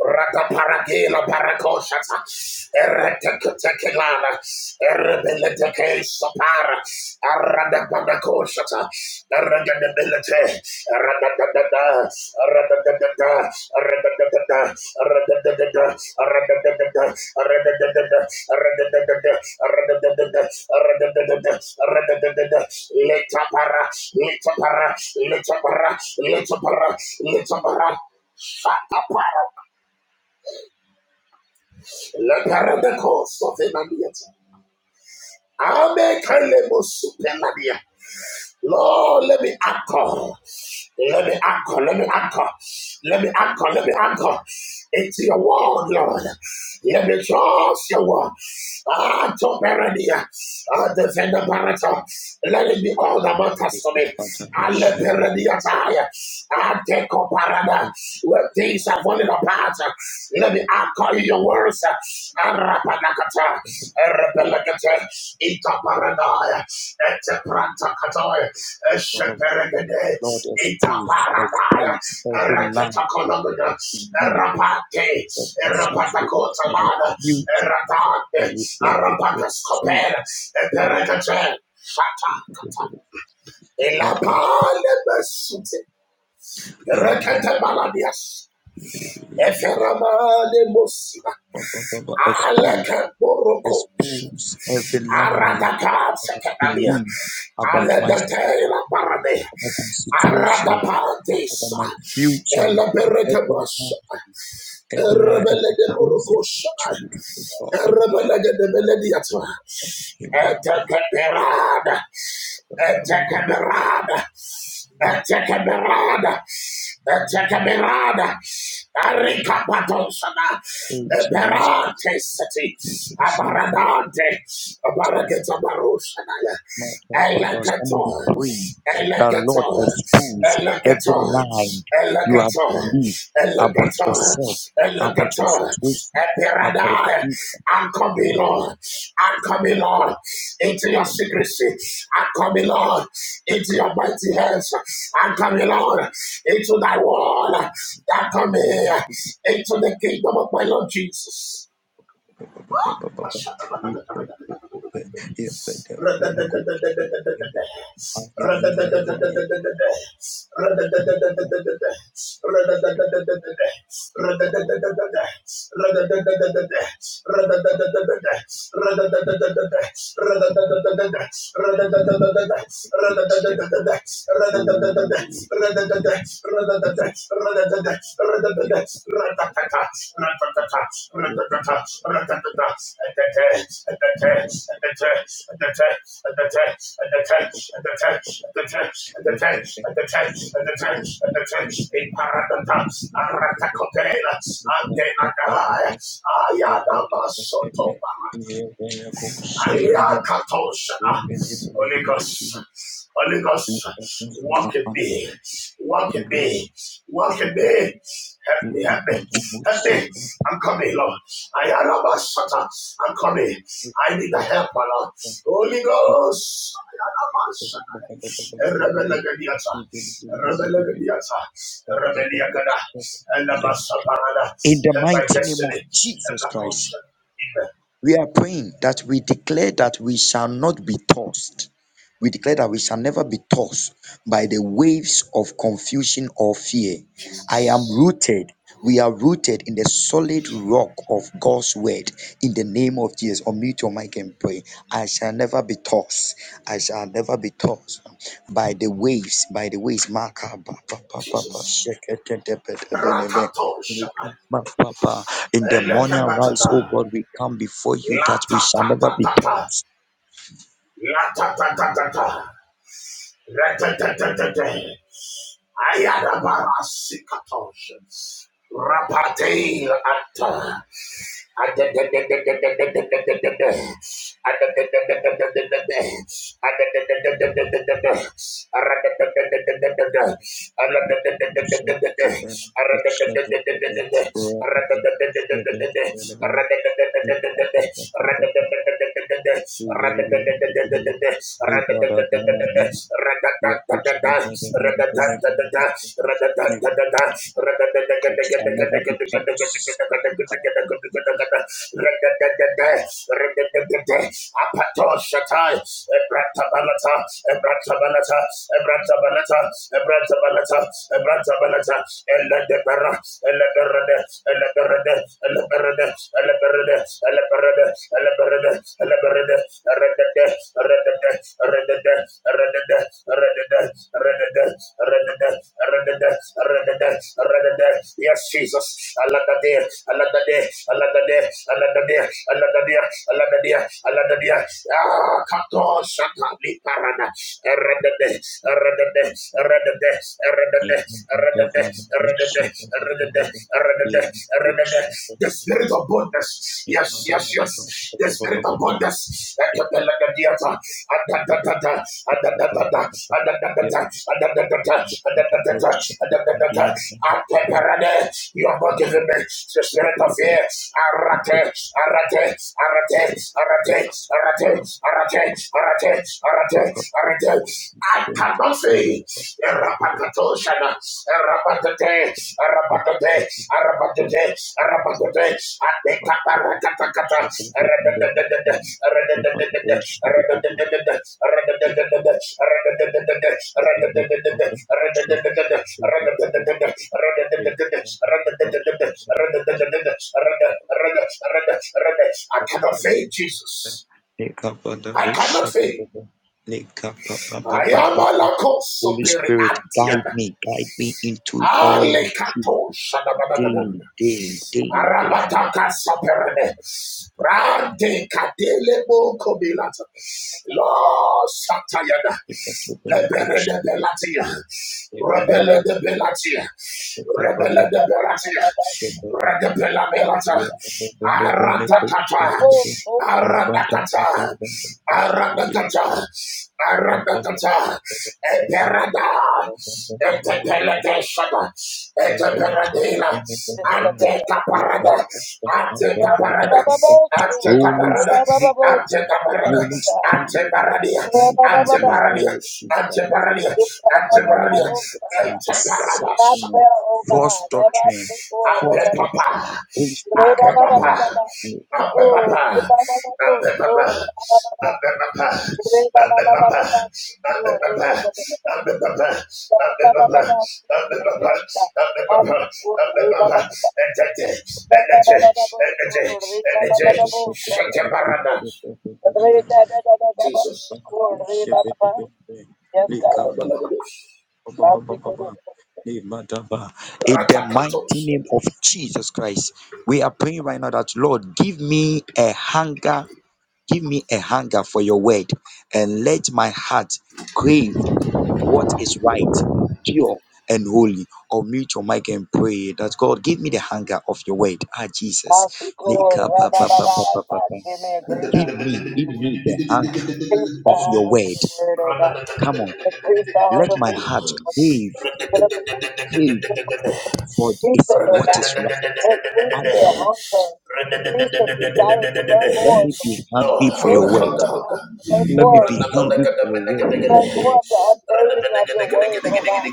[SPEAKER 3] Rataparagela parakoshata. Ereteketekelana. Erebelete sopara. Aradabanakoshata. Eredebelete. Aradadadada. Aradadadada. Aradadadada. Aradadadada. Aradadadada. Aradadadada. Aradadadada. Aradadadada. Aradadadada. Aradadadada. Letapara. Letapara. Letapara. Letapara. Letapara. Shut up, Leparadekosofenaniata. Lord, let me anchor. Let me anchor. Let me anchor. Let me anchor. Let me anchor into your word, Lord. Let me trust your word. Ah, to Paradia, ah, defend the Barata. Let it be all that matters
[SPEAKER 2] Let
[SPEAKER 3] to
[SPEAKER 2] the
[SPEAKER 3] me.
[SPEAKER 2] Father, we should
[SPEAKER 3] Aleperediataya. Ateko parada, Where things are falling apart, let me anchor in your words. Arapanakata. Erebelekete. Itaparanaya. Eteprantakatoya. Esheperegede.
[SPEAKER 2] Lord, expose,
[SPEAKER 3] Itaparanaya.
[SPEAKER 2] expose every lie of
[SPEAKER 3] Ereketakolomina.
[SPEAKER 2] belief
[SPEAKER 3] Erapate.
[SPEAKER 2] that constitutes my
[SPEAKER 3] Erapatakotalada.
[SPEAKER 2] future
[SPEAKER 3] Eratande.
[SPEAKER 2] and replace it with truth.
[SPEAKER 3] Arapataskopera. Eperekete. Shata
[SPEAKER 2] truth.
[SPEAKER 3] baladías.
[SPEAKER 2] They come from-
[SPEAKER 3] Elapalebesute.
[SPEAKER 2] they mother-
[SPEAKER 3] Reketebaladias. Eferamalebosina.
[SPEAKER 2] Expose,
[SPEAKER 3] Alekeborokosh.
[SPEAKER 2] expose every lie that I
[SPEAKER 3] Aradakasekebania.
[SPEAKER 2] believe about myself,
[SPEAKER 3] Aledetelabarade.
[SPEAKER 2] about my situation, about
[SPEAKER 3] Aradapadesa.
[SPEAKER 2] my future, every lie,
[SPEAKER 3] Eleberekebasa.
[SPEAKER 2] every lie, and replace it with
[SPEAKER 3] Erebeledeborokosa.
[SPEAKER 2] truth, oh
[SPEAKER 3] Erebelegedebelediatwa.
[SPEAKER 2] God.
[SPEAKER 3] Etekeperada. Etekeperada. Etekeberada, etekeberada, arikapatosana,
[SPEAKER 2] Oh, Jesus.
[SPEAKER 3] eberate seti, abaradante, abarageta barusana, eleketo,
[SPEAKER 2] Somebody pray that Lord
[SPEAKER 3] eleketo,
[SPEAKER 2] expose every
[SPEAKER 3] eleketo,
[SPEAKER 2] lie you have
[SPEAKER 3] eleketo,
[SPEAKER 2] believed about
[SPEAKER 3] Elegator,
[SPEAKER 2] yourself, about your
[SPEAKER 3] Elegator,
[SPEAKER 2] situation, about
[SPEAKER 3] Eperadai,
[SPEAKER 2] you
[SPEAKER 3] I'm
[SPEAKER 2] and
[SPEAKER 3] coming,
[SPEAKER 2] that.
[SPEAKER 3] Lord. I'm coming, Lord, into your secrecy. I'm coming, Lord, into your mighty hands. I'm coming, Lord, into thy wall. I'm coming into the kingdom of my Lord Jesus. Radadadadadada,
[SPEAKER 2] Oh, Jesus.
[SPEAKER 3] Ayada basoto Yakatosha. Holy Ghost. Holy Ghost. Walk in me. Walk in me. Walk in me. Help me. Help me. Help me. I'm coming, Lord. I am a shutter. I'm coming. I need the help, my Lord. Holy Ghost. Rebellegadiata, Rebellegadiata, Rebelliagada, and the Parada,
[SPEAKER 2] In the
[SPEAKER 3] and my
[SPEAKER 2] mighty name of
[SPEAKER 3] destiny, Help
[SPEAKER 2] Jesus
[SPEAKER 3] my
[SPEAKER 2] Christ.
[SPEAKER 3] Kosha,
[SPEAKER 2] We are praying that we declare that we shall not be tossed. We declare that we shall never be tossed by the waves of confusion or fear. I am rooted. We are rooted in the solid rock of God's word. In the name of Jesus, unmute your mic and pray. I shall never be tossed. I shall never be tossed by the waves. By the waves, Maka, ba, ba, ba, ba, ba,
[SPEAKER 3] Jesus.
[SPEAKER 2] shake it, it, it, it,
[SPEAKER 3] Rakatosh.
[SPEAKER 2] it, it, it. In the morning, arise,
[SPEAKER 3] Elekebatata.
[SPEAKER 2] O God, we come before you
[SPEAKER 3] La
[SPEAKER 2] that we
[SPEAKER 3] ta
[SPEAKER 2] shall
[SPEAKER 3] ta
[SPEAKER 2] never
[SPEAKER 3] ta
[SPEAKER 2] be
[SPEAKER 3] ta ta.
[SPEAKER 2] taught.
[SPEAKER 3] La ta ta ta ta ta. Re ta ta ta ta ta. Ayadabarasikatos. Rapate
[SPEAKER 2] I shall never
[SPEAKER 3] ata. Ebrata
[SPEAKER 2] be taught.
[SPEAKER 3] Yes, Jesus. Aladadir, aladadir, aladadir, aladadir, aladadir, aladadir, aladadir. Ah, kato shatali parana. Eredede, eredede, eredede, eredede, eredede, eredede, the spirit of boldness. Yes, yes, yes. The spirit of boldness.
[SPEAKER 2] If
[SPEAKER 3] Ekepelagadiata.
[SPEAKER 2] not,
[SPEAKER 3] Adadadada. Adadadada. Adadadada. Adadadada. Adadadada. Adadadada. Ateperade. You have not given me the spirit of fear. Arate. Arate. Arate. Arate. Arate. Arate. Arate. Arate. Arate. Kadafi,
[SPEAKER 2] Yep.
[SPEAKER 3] Rapakatoshana, Rapatate, Rapatate, Rapatate, Rapatate, Adekaparakatakata, Redededede, Redededede, Redededede, Redededede, Redededede, Redededede, Redededede, Redededede, Redededede, Redededede, Redededede, Rede- Rede- Rede- Rede. I
[SPEAKER 2] Holy
[SPEAKER 3] cannot fail, Jesus. I cannot fail. I am a lacoste
[SPEAKER 2] Spirit, guide
[SPEAKER 3] superior.
[SPEAKER 2] me, guide me into all the truth
[SPEAKER 3] Alekato
[SPEAKER 2] daily,
[SPEAKER 3] shadabadabadabada.
[SPEAKER 2] daily, daily, daily.
[SPEAKER 3] Arabataka saperede. Rante kadele boko bilata. Lo satayada. Lebere de belatia. Rebele de belatia. Rebele de belatia. Redebela belata. Aratakata. Aradakata. Aradakata. Aradakata. Eperada. Etepelete shada.
[SPEAKER 2] Holy
[SPEAKER 3] Eteperadela,
[SPEAKER 1] da da da da da.
[SPEAKER 3] Antekaparada,
[SPEAKER 1] da da.
[SPEAKER 3] Antekaparada,
[SPEAKER 1] Rababababo, siku.
[SPEAKER 3] parada,
[SPEAKER 2] Spirit,
[SPEAKER 1] Rababababo, siku da da
[SPEAKER 3] Antekaparada,
[SPEAKER 1] da
[SPEAKER 2] Holy
[SPEAKER 1] da da.
[SPEAKER 2] Spirit,
[SPEAKER 3] Anteparadia,
[SPEAKER 2] guide me
[SPEAKER 1] Rababababa,
[SPEAKER 2] in all
[SPEAKER 3] Anteparadia,
[SPEAKER 2] your truth. God.
[SPEAKER 3] Anteparadia,
[SPEAKER 2] Guide
[SPEAKER 1] siku da
[SPEAKER 2] My
[SPEAKER 1] da da da
[SPEAKER 3] Anteparadia,
[SPEAKER 2] mind
[SPEAKER 1] da.
[SPEAKER 2] from
[SPEAKER 1] Do
[SPEAKER 3] Anteparada,
[SPEAKER 1] not
[SPEAKER 2] deception, of
[SPEAKER 1] fail, O
[SPEAKER 2] false
[SPEAKER 1] God. Ever
[SPEAKER 2] doctrine, false
[SPEAKER 1] siku.
[SPEAKER 3] Antepapa,
[SPEAKER 2] doctrine. Holy Spirit,
[SPEAKER 1] Re ba
[SPEAKER 2] guide
[SPEAKER 1] ba ba ba ba
[SPEAKER 3] Antepapa,
[SPEAKER 1] ba.
[SPEAKER 2] me.
[SPEAKER 1] Iko re
[SPEAKER 3] Antepapa,
[SPEAKER 1] ba ba ba ba. Oh, re ba ba ba
[SPEAKER 3] Antepapa,
[SPEAKER 1] ba. Re ba
[SPEAKER 3] Antepapa,
[SPEAKER 1] ba ba ba ba ba. Oh, re ki ba ba ba. Ba ba ba ba ba. Yes, da. Ah, oh, re ba ba ba ba. Ba ba ba ba ba ba.
[SPEAKER 3] Antepapa,
[SPEAKER 1] Oh, re ba ba ba ba ba. Ba ba ba ba. Re da da da da da ba. Iko re ba ba ba. Yes, God.
[SPEAKER 2] Ba,
[SPEAKER 1] Now
[SPEAKER 2] ba, ba,
[SPEAKER 1] speak
[SPEAKER 2] ba,
[SPEAKER 1] over
[SPEAKER 2] ba.
[SPEAKER 1] the
[SPEAKER 2] Nemadaba. In the mighty name of Jesus Christ, we are praying right now that Lord, give me a hunger, give me a hunger for your word, and let my heart crave what is right, pure, and holy. Or mute your mic and pray that God, give me the hunger of your word. Ah,
[SPEAKER 1] Now
[SPEAKER 2] Jesus.
[SPEAKER 1] speak over
[SPEAKER 2] Leka pa
[SPEAKER 1] Rabba
[SPEAKER 2] pa pa
[SPEAKER 1] Baba.
[SPEAKER 2] pa pa pa
[SPEAKER 1] God,
[SPEAKER 2] pa.
[SPEAKER 1] give me a greater
[SPEAKER 2] Give
[SPEAKER 1] hunger
[SPEAKER 2] me,
[SPEAKER 1] for
[SPEAKER 2] give
[SPEAKER 1] the
[SPEAKER 2] me
[SPEAKER 1] word.
[SPEAKER 2] the hunger
[SPEAKER 1] Increase the
[SPEAKER 2] of your
[SPEAKER 1] hunger for
[SPEAKER 2] word.
[SPEAKER 1] the word, oh God.
[SPEAKER 2] Come on,
[SPEAKER 1] Increase the hunger
[SPEAKER 2] let
[SPEAKER 1] for
[SPEAKER 2] my
[SPEAKER 1] the
[SPEAKER 2] heart
[SPEAKER 3] Lord,
[SPEAKER 2] crave,
[SPEAKER 3] hunger,
[SPEAKER 1] Give us the
[SPEAKER 2] crave
[SPEAKER 1] hunger for the word.
[SPEAKER 2] for
[SPEAKER 1] Increase
[SPEAKER 2] is
[SPEAKER 1] it, Lord
[SPEAKER 2] what
[SPEAKER 1] God.
[SPEAKER 2] is right. Ah,
[SPEAKER 1] Increase the
[SPEAKER 2] yeah, yeah,
[SPEAKER 1] hunger. Increase the desire to
[SPEAKER 2] yeah.
[SPEAKER 1] learn
[SPEAKER 2] Let
[SPEAKER 1] more of
[SPEAKER 2] me
[SPEAKER 1] the
[SPEAKER 2] be hungry for your word.
[SPEAKER 1] mysteries
[SPEAKER 3] hunger,
[SPEAKER 1] of God. To learn
[SPEAKER 2] Let me
[SPEAKER 1] more of
[SPEAKER 2] be
[SPEAKER 1] your
[SPEAKER 2] hungry
[SPEAKER 1] mysteries,
[SPEAKER 2] for your
[SPEAKER 1] God.
[SPEAKER 2] word,
[SPEAKER 1] To
[SPEAKER 2] oh
[SPEAKER 3] hunger.
[SPEAKER 1] learn more
[SPEAKER 2] God.
[SPEAKER 1] of your unveiling of your word, oh God.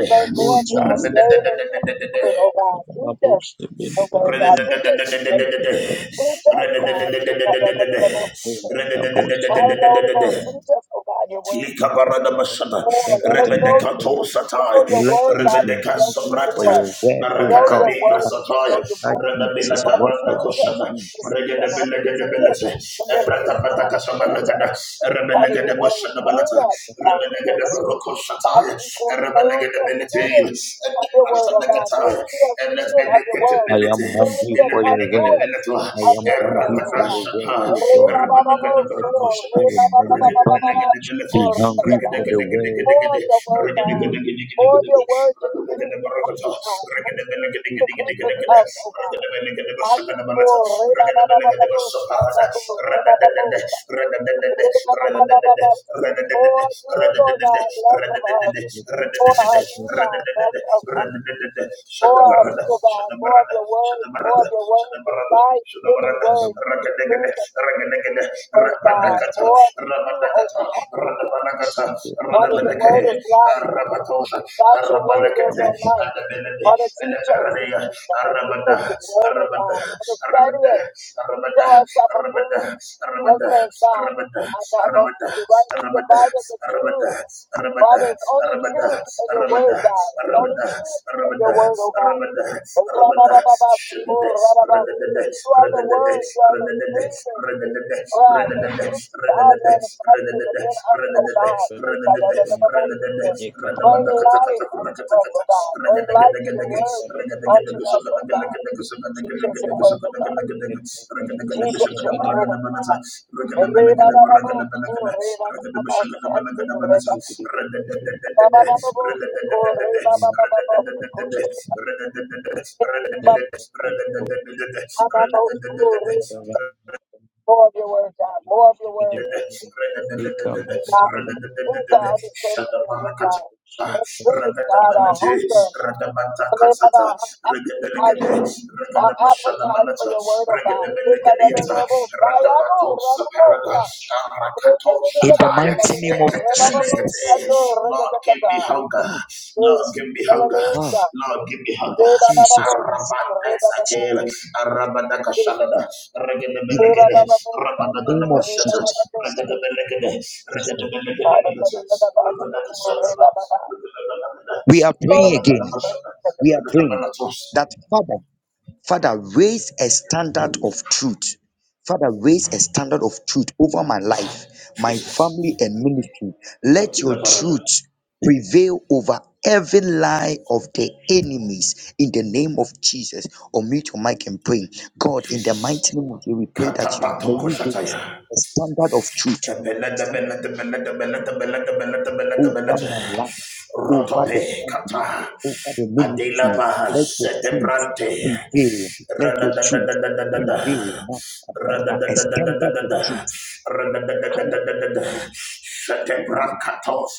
[SPEAKER 1] To learn
[SPEAKER 2] Oh
[SPEAKER 1] more of your
[SPEAKER 2] Jesus.
[SPEAKER 1] unveiling of your word, oh God.
[SPEAKER 2] Let
[SPEAKER 1] Teach us the word, God. Teach us the word. Teach us, God. Teach us, God. Teach us, God.
[SPEAKER 3] Run
[SPEAKER 1] Teach us, oh God, your word.
[SPEAKER 3] Likabarada Bashada,
[SPEAKER 1] Lord, let us know
[SPEAKER 3] Rebedeka
[SPEAKER 1] you, more. To know
[SPEAKER 3] Tosatai,
[SPEAKER 1] your word,
[SPEAKER 2] me
[SPEAKER 1] God,
[SPEAKER 2] be
[SPEAKER 1] is to
[SPEAKER 3] Rebedeka
[SPEAKER 2] hungry
[SPEAKER 1] know you
[SPEAKER 2] for
[SPEAKER 3] Sobrata,
[SPEAKER 1] more.
[SPEAKER 2] your word, oh
[SPEAKER 1] Know
[SPEAKER 3] Barakata
[SPEAKER 1] your
[SPEAKER 2] God.
[SPEAKER 3] Negra
[SPEAKER 1] word is to know
[SPEAKER 3] Satai,
[SPEAKER 1] you
[SPEAKER 2] Ah,
[SPEAKER 1] more.
[SPEAKER 3] Rebebila
[SPEAKER 2] Jesus,
[SPEAKER 1] Father,
[SPEAKER 3] Tabata
[SPEAKER 2] whatever
[SPEAKER 1] teach
[SPEAKER 2] I
[SPEAKER 1] us
[SPEAKER 3] Koshana,
[SPEAKER 2] do,
[SPEAKER 1] to speak of it.
[SPEAKER 3] Regedebele
[SPEAKER 1] Teach us
[SPEAKER 3] Gedebelete,
[SPEAKER 1] to live
[SPEAKER 2] I
[SPEAKER 1] this
[SPEAKER 3] Ebrata
[SPEAKER 1] God.
[SPEAKER 3] Patakasama
[SPEAKER 1] Teach us,
[SPEAKER 3] Lagada,
[SPEAKER 1] Father, your
[SPEAKER 3] Rebelegede
[SPEAKER 1] word.
[SPEAKER 3] Boshana
[SPEAKER 1] Train
[SPEAKER 3] Balata,
[SPEAKER 1] us, God, in your
[SPEAKER 3] Rebelegede
[SPEAKER 1] word.
[SPEAKER 3] Baroko
[SPEAKER 1] God,
[SPEAKER 3] Satai,
[SPEAKER 1] speak on. May we be
[SPEAKER 3] Rebelegede
[SPEAKER 1] a
[SPEAKER 3] Benete,
[SPEAKER 1] student of your
[SPEAKER 3] Ebrata
[SPEAKER 1] word, oh God. May
[SPEAKER 3] Nagatai,
[SPEAKER 1] we be a student of your word.
[SPEAKER 2] am
[SPEAKER 3] Elegedebility,
[SPEAKER 1] May we be
[SPEAKER 2] hungry
[SPEAKER 1] a
[SPEAKER 2] for your
[SPEAKER 3] Elebelegede
[SPEAKER 2] word.
[SPEAKER 1] conduit
[SPEAKER 3] Benetua,
[SPEAKER 2] I
[SPEAKER 1] of
[SPEAKER 2] am
[SPEAKER 1] your word,
[SPEAKER 2] hungry
[SPEAKER 1] oh
[SPEAKER 3] Erabana
[SPEAKER 2] for
[SPEAKER 1] God.
[SPEAKER 2] your word,
[SPEAKER 3] Satai,
[SPEAKER 2] oh God.
[SPEAKER 3] Rebelegede
[SPEAKER 2] Let
[SPEAKER 1] Re-ba-ba-ba-ba-so,
[SPEAKER 3] de
[SPEAKER 2] my spirit, let
[SPEAKER 3] Satai,
[SPEAKER 2] my
[SPEAKER 3] Shut
[SPEAKER 2] body
[SPEAKER 1] re-ba-ba-ba-ba-ba-ba-ba, oh,
[SPEAKER 2] be hungry for
[SPEAKER 1] re-ba-ba-ba.
[SPEAKER 2] the word.
[SPEAKER 1] All of your word, God. All of your word decrees of us, God. All of your word decrees of us, oh God. Asiko, reba, ba, ba, ba, ba, bo, sa, da, bo, reba, ba, bo, sa. Reba, ba, ba, ba, ba, ba, siko. For you, Lord God, less of us. More of you, God, less of us.
[SPEAKER 3] the
[SPEAKER 1] More of you,
[SPEAKER 3] barada,
[SPEAKER 1] oh
[SPEAKER 3] shut
[SPEAKER 1] God.
[SPEAKER 3] the
[SPEAKER 1] More of
[SPEAKER 3] barada,
[SPEAKER 1] your
[SPEAKER 3] shut
[SPEAKER 1] word.
[SPEAKER 3] the
[SPEAKER 1] More
[SPEAKER 3] barada,
[SPEAKER 1] of your
[SPEAKER 3] shut
[SPEAKER 1] word.
[SPEAKER 3] the
[SPEAKER 1] Your
[SPEAKER 3] barada.
[SPEAKER 1] life,
[SPEAKER 3] Rabada,
[SPEAKER 1] given word. We breathe upon you, God. More of you, oh God. Father, your word is life. Without your word, there's no life. Father, teach us to be God. Give us the word, oh God. Let us study it. Show ourselves approved. Workman's God. I talk about to you. Rightly
[SPEAKER 3] Aramada,
[SPEAKER 1] divide the truth.
[SPEAKER 3] Aramada, Aramada,
[SPEAKER 1] Father, it's only
[SPEAKER 3] Aramada,
[SPEAKER 1] truth in your word,
[SPEAKER 3] Aramada,
[SPEAKER 1] God. It's only
[SPEAKER 3] Aramada,
[SPEAKER 1] truth in your
[SPEAKER 3] Aramada,
[SPEAKER 1] word, oh God.
[SPEAKER 3] Aramada,
[SPEAKER 1] You are
[SPEAKER 3] Aramada,
[SPEAKER 1] the
[SPEAKER 3] Shadade, Radadade,
[SPEAKER 1] word.
[SPEAKER 3] Radadade,
[SPEAKER 1] You are the
[SPEAKER 3] Radadade,
[SPEAKER 1] breathing.
[SPEAKER 3] Radadade, Radadade,
[SPEAKER 1] Ah, the
[SPEAKER 3] Radadade,
[SPEAKER 1] gifts are
[SPEAKER 3] Radadade,
[SPEAKER 1] manifested within us, O
[SPEAKER 3] Radadade,
[SPEAKER 1] God.
[SPEAKER 3] Radadade, Radadade,
[SPEAKER 1] Bring
[SPEAKER 3] Radamada Katakata,
[SPEAKER 1] life unto us, O God. Bring
[SPEAKER 3] Kurakata,
[SPEAKER 1] life to your word unto us, O God. Teach us your word, O God. Teach us your word, O
[SPEAKER 2] If In
[SPEAKER 3] Regarde,
[SPEAKER 1] God. More of your word, God. More of your word. And oh, God, use our
[SPEAKER 3] Shut
[SPEAKER 1] understanding of your word,
[SPEAKER 3] up,
[SPEAKER 1] God. Increase, God, our
[SPEAKER 3] Rakatamanati,
[SPEAKER 1] hunger.
[SPEAKER 3] Rakamata
[SPEAKER 1] Pray for
[SPEAKER 3] Katsata,
[SPEAKER 1] Our appetite.
[SPEAKER 3] Regadelegade,
[SPEAKER 1] Our appetite for
[SPEAKER 3] Regadamashalamanaja,
[SPEAKER 1] your word, oh God.
[SPEAKER 3] Regadelegadeata, Ratabato Superada, Rakato
[SPEAKER 2] the
[SPEAKER 3] Shataya,
[SPEAKER 2] mighty name of Jesus.
[SPEAKER 3] Ekatabelegate. Lord, give me hunger. Lord, give me hunger.
[SPEAKER 2] Ah,
[SPEAKER 1] Hallelujah.
[SPEAKER 3] Lord, give me hunger.
[SPEAKER 2] Jesus Christ. Jesus.
[SPEAKER 3] Arabat again. Arabadakashalada,
[SPEAKER 2] Give me the
[SPEAKER 3] Regadabelegade,
[SPEAKER 2] name of
[SPEAKER 3] Rabadagadabashata,
[SPEAKER 2] Jesus Christ.
[SPEAKER 3] Regadabelegade,
[SPEAKER 2] Yes, Lord.
[SPEAKER 1] Father, raise
[SPEAKER 3] Regadabelegadabelegade,
[SPEAKER 1] us up and do the
[SPEAKER 3] Rabadakasalaba, Regadabelegade,
[SPEAKER 2] We are praying again.
[SPEAKER 3] Rabadagadabashata,
[SPEAKER 2] We are praying
[SPEAKER 3] Regadabelegade.
[SPEAKER 2] that Father. Father, raise a standard of truth. Father, raise a standard of truth over my life, my family, and ministry. Let your truth prevail over every lie of the enemies in the name of Jesus. Or meet your mic and pray. God, in the
[SPEAKER 3] Jesus.
[SPEAKER 2] mighty name of Jesus, we pray that you may
[SPEAKER 3] Katabato
[SPEAKER 2] you raise
[SPEAKER 3] koshataya.
[SPEAKER 2] a standard of truth over my life, over
[SPEAKER 3] Rotope
[SPEAKER 2] the family,
[SPEAKER 3] kata
[SPEAKER 2] over the
[SPEAKER 3] Adela
[SPEAKER 2] ministry. Let your
[SPEAKER 3] Bahasete
[SPEAKER 2] truth
[SPEAKER 3] Brante
[SPEAKER 2] prevail. Let your truth
[SPEAKER 3] Radadadadadadada
[SPEAKER 2] prevail. Ma- A standard of
[SPEAKER 3] Radadadadadadada
[SPEAKER 2] truth. Come on.
[SPEAKER 3] Radadadadadadada Sete Brakatos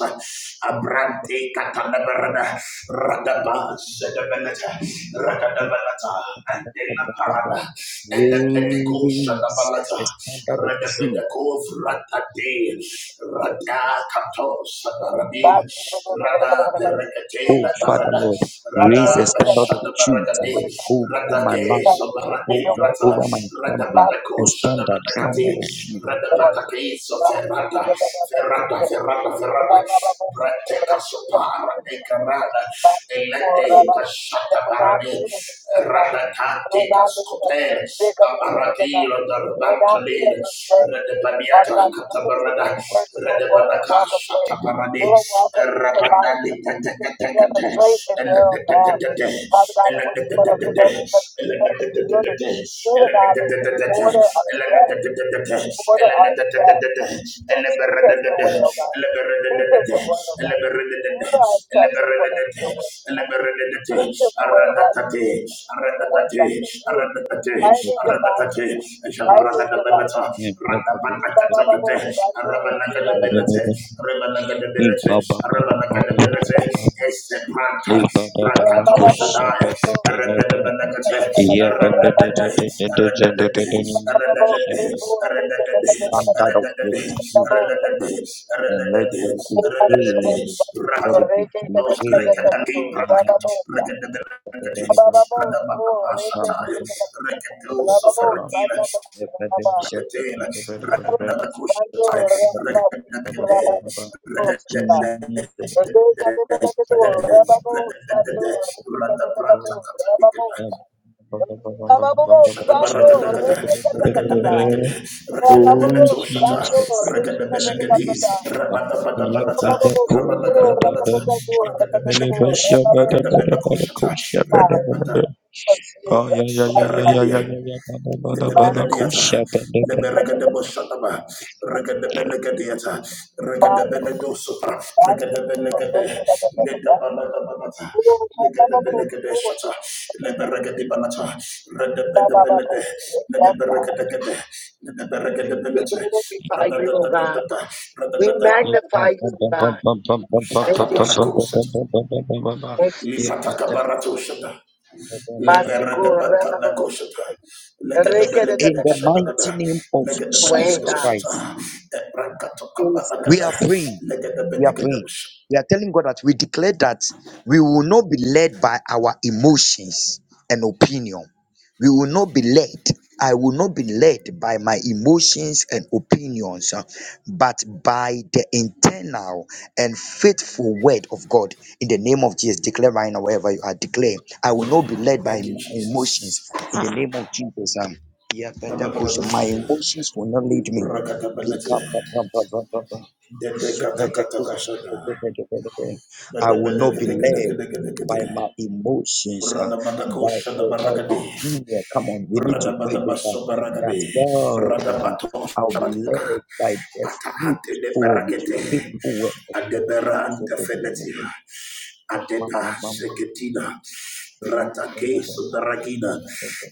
[SPEAKER 3] Abrante Catalabarada Radaba Sete Beleta Radadabeleta Adela Parada Elepedeco
[SPEAKER 2] Raise
[SPEAKER 3] Shadabalata,
[SPEAKER 2] a standard of truth.
[SPEAKER 3] Redepedeco Ratade, Rada Katos, Rabila, Rada
[SPEAKER 2] Oh,
[SPEAKER 3] Berekatela
[SPEAKER 2] Father
[SPEAKER 3] Barada,
[SPEAKER 2] Lord,
[SPEAKER 3] Rada
[SPEAKER 2] raise a standard of
[SPEAKER 3] Bashada
[SPEAKER 2] truth uh,
[SPEAKER 3] Baragade,
[SPEAKER 1] word of
[SPEAKER 2] over
[SPEAKER 1] God.
[SPEAKER 3] Rada
[SPEAKER 2] my life,
[SPEAKER 1] Stand
[SPEAKER 3] Keso
[SPEAKER 1] up true for
[SPEAKER 3] Barade
[SPEAKER 1] your
[SPEAKER 2] over,
[SPEAKER 1] word,
[SPEAKER 3] Grata,
[SPEAKER 2] over
[SPEAKER 1] God.
[SPEAKER 2] my
[SPEAKER 3] Rada
[SPEAKER 2] family,
[SPEAKER 1] Father, we
[SPEAKER 2] a
[SPEAKER 3] Bataco
[SPEAKER 1] thank
[SPEAKER 2] standard,
[SPEAKER 1] you,
[SPEAKER 3] Shadabatakati,
[SPEAKER 2] standard
[SPEAKER 3] Rada
[SPEAKER 1] Lord.
[SPEAKER 3] Batake, so
[SPEAKER 1] God, we thank
[SPEAKER 3] Ferrata,
[SPEAKER 1] you, Lord, for your
[SPEAKER 3] Ferrata,
[SPEAKER 1] word.
[SPEAKER 3] Ferrata,
[SPEAKER 1] Blah, blah, blah,
[SPEAKER 3] Ferrata,
[SPEAKER 1] blah, for your
[SPEAKER 3] Brateka sopara
[SPEAKER 1] word.
[SPEAKER 3] ekarada
[SPEAKER 1] Lord,
[SPEAKER 3] elete
[SPEAKER 1] Rabbi,
[SPEAKER 3] kashata
[SPEAKER 1] that would not
[SPEAKER 3] barade
[SPEAKER 1] lead us astray, God. It
[SPEAKER 3] radakate
[SPEAKER 1] would not lead us to
[SPEAKER 3] kaskopere
[SPEAKER 1] the big of the big of the back.
[SPEAKER 3] abaratira
[SPEAKER 1] It would not lead
[SPEAKER 3] darbantalira
[SPEAKER 1] us astray. Father
[SPEAKER 3] radabaniata
[SPEAKER 1] God, to know the truth
[SPEAKER 3] katabarada
[SPEAKER 1] of the word, we won't go and
[SPEAKER 3] radabanaka
[SPEAKER 1] walk
[SPEAKER 3] shata
[SPEAKER 1] astray.
[SPEAKER 3] barade
[SPEAKER 1] We will walk us into life.
[SPEAKER 3] rabandali tete
[SPEAKER 1] We have a straight and narrow path.
[SPEAKER 3] tete
[SPEAKER 1] Father God, and what you
[SPEAKER 3] tete
[SPEAKER 1] want us
[SPEAKER 3] Randa
[SPEAKER 1] to go, but you have the word. Through the God, that you order our steps. Order our steps. So teach us your way, O God. Teach us your word, O God. Order our steps according to your word, O God. Teach us the way of righteousness, the word, God, the truth.
[SPEAKER 2] of
[SPEAKER 1] Rightly divided, God. Rightly divided.
[SPEAKER 3] Rabanakatakate, Rabanakadabilite,
[SPEAKER 2] truth.
[SPEAKER 3] Rabanakadabilite,
[SPEAKER 2] Standard
[SPEAKER 3] Rabanakadabilite, Estebranta, Brancato Shaddai, Rabanakate, Rabanakate, Rabanakate, Rabanakate, Rabanakate, Rabanakate,
[SPEAKER 2] of your truth and and let it
[SPEAKER 1] Thank
[SPEAKER 3] Rabanakate,
[SPEAKER 2] prevail. Let
[SPEAKER 3] Rabanakate,
[SPEAKER 2] it be prevail.
[SPEAKER 3] Rabanakate, Rabanakate, Ragadela, Radabakushatai, Ragadagade,
[SPEAKER 2] Jesus,
[SPEAKER 3] Ragadagade, Ragadagade, Ragadagade,
[SPEAKER 2] Oh
[SPEAKER 3] Radabratakatakata, Shadabaradagada, Ragadabalagada, Ragadabeletoshata,
[SPEAKER 2] Jesus,
[SPEAKER 3] Ragadabelagadi,
[SPEAKER 2] Jesus.
[SPEAKER 1] you. We
[SPEAKER 2] Yeah,
[SPEAKER 3] Rabadabadabanata,
[SPEAKER 2] better cool, better
[SPEAKER 3] Rabadagadabanata,
[SPEAKER 2] better.
[SPEAKER 3] Ragadabelagade, Ragadabelakoshata, Ragabada,
[SPEAKER 2] Oh yeah, yeah, yeah, yeah, yeah, yeah,
[SPEAKER 3] Superagadia.
[SPEAKER 2] yeah, yeah. Bada bada bada cool, sha,
[SPEAKER 3] Nedebenediata,
[SPEAKER 2] bada,
[SPEAKER 3] neberegedeboshataba, regedebelegedeata, regedebelegedosopa, regedebelegede, nedebaladabalata, negedebelegedeshata, neberegedibalata, redebedebelede, nedeberegedegede, nedeberegedebelete,
[SPEAKER 1] glorify you, O God.
[SPEAKER 3] radadadadadada,
[SPEAKER 1] We
[SPEAKER 3] radadada,
[SPEAKER 1] magnify you, O God.
[SPEAKER 2] bada
[SPEAKER 1] Thank you,
[SPEAKER 3] shatabarakosata,
[SPEAKER 1] Jesus. Thank you, Jesus.
[SPEAKER 3] lipatakabarato shata.
[SPEAKER 2] bada bada.
[SPEAKER 3] Leberedebantanagosata.
[SPEAKER 2] In the mighty
[SPEAKER 3] Legedebelegedesadagada.
[SPEAKER 2] name of
[SPEAKER 1] Wayne,
[SPEAKER 2] Jesus
[SPEAKER 1] God.
[SPEAKER 2] Christ, we are
[SPEAKER 1] Jesus.
[SPEAKER 2] praying. We are praying. We are telling God that we declare that we will not be led by our emotions and opinion. We will not be led. I will not be led by my emotions and opinions, uh, but by the internal and faithful word of God. In the name of Jesus, declare right now, wherever you are, declare, I will not be led by my emotions. In the name of Jesus. um, yeah, Pentecost, my emotions will not lead me. I will not be led by my emotions, uh, by uh, uh, opinion. Come on, we need to pray this, uh, that God, uh, I'll be led by the
[SPEAKER 3] Atahantele
[SPEAKER 2] fruitful,
[SPEAKER 3] berakete.
[SPEAKER 2] faithful word.
[SPEAKER 3] Adeberanta fenetina. Adeta seketina. Bratake sobaragina.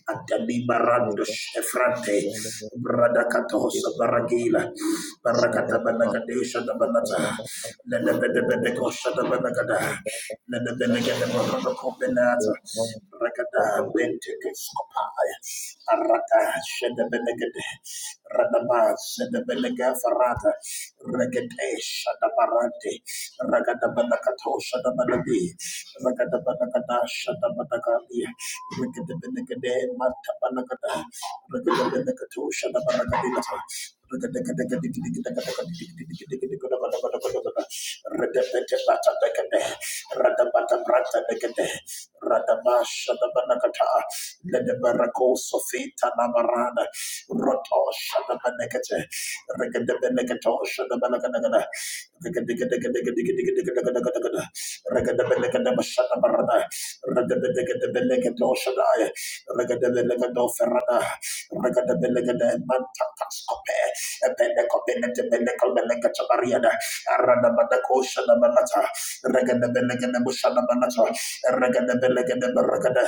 [SPEAKER 3] Adami barando shefrante. Bradakato sabaragila. Barakata
[SPEAKER 2] of
[SPEAKER 3] banagadesha da banata. Nenebedebedeko shadabanagada. Nenebenegede barakato benata.
[SPEAKER 2] God.
[SPEAKER 3] Rakada bente keskopai. Arata Shadabelegade Radaba Shadabelega Farata Regate Shadabarate Ragadabanakato Shadabanadi Ragadabanakata Shadabanakadi Regadabenegade Matabanakata Regadabenekato Shadabanakadinata Radabata Brata Negade Radabasha Dabanakata let the birds go, Sofia Navrana. Rotoshade, what's that? What's that? What's that? What's that? What's that? What's that? What's that? What's that? Regadabelekadabashadabarada. Regadabelekadabelekedoshadaya. Regadabelekedoferada. Regadabelekedamantakatskope. Epelekobelekebelekobelekechabariada. Aradabadakoshadabalata. Regadabelekadabushadabalata. Regadabelekadabarakada.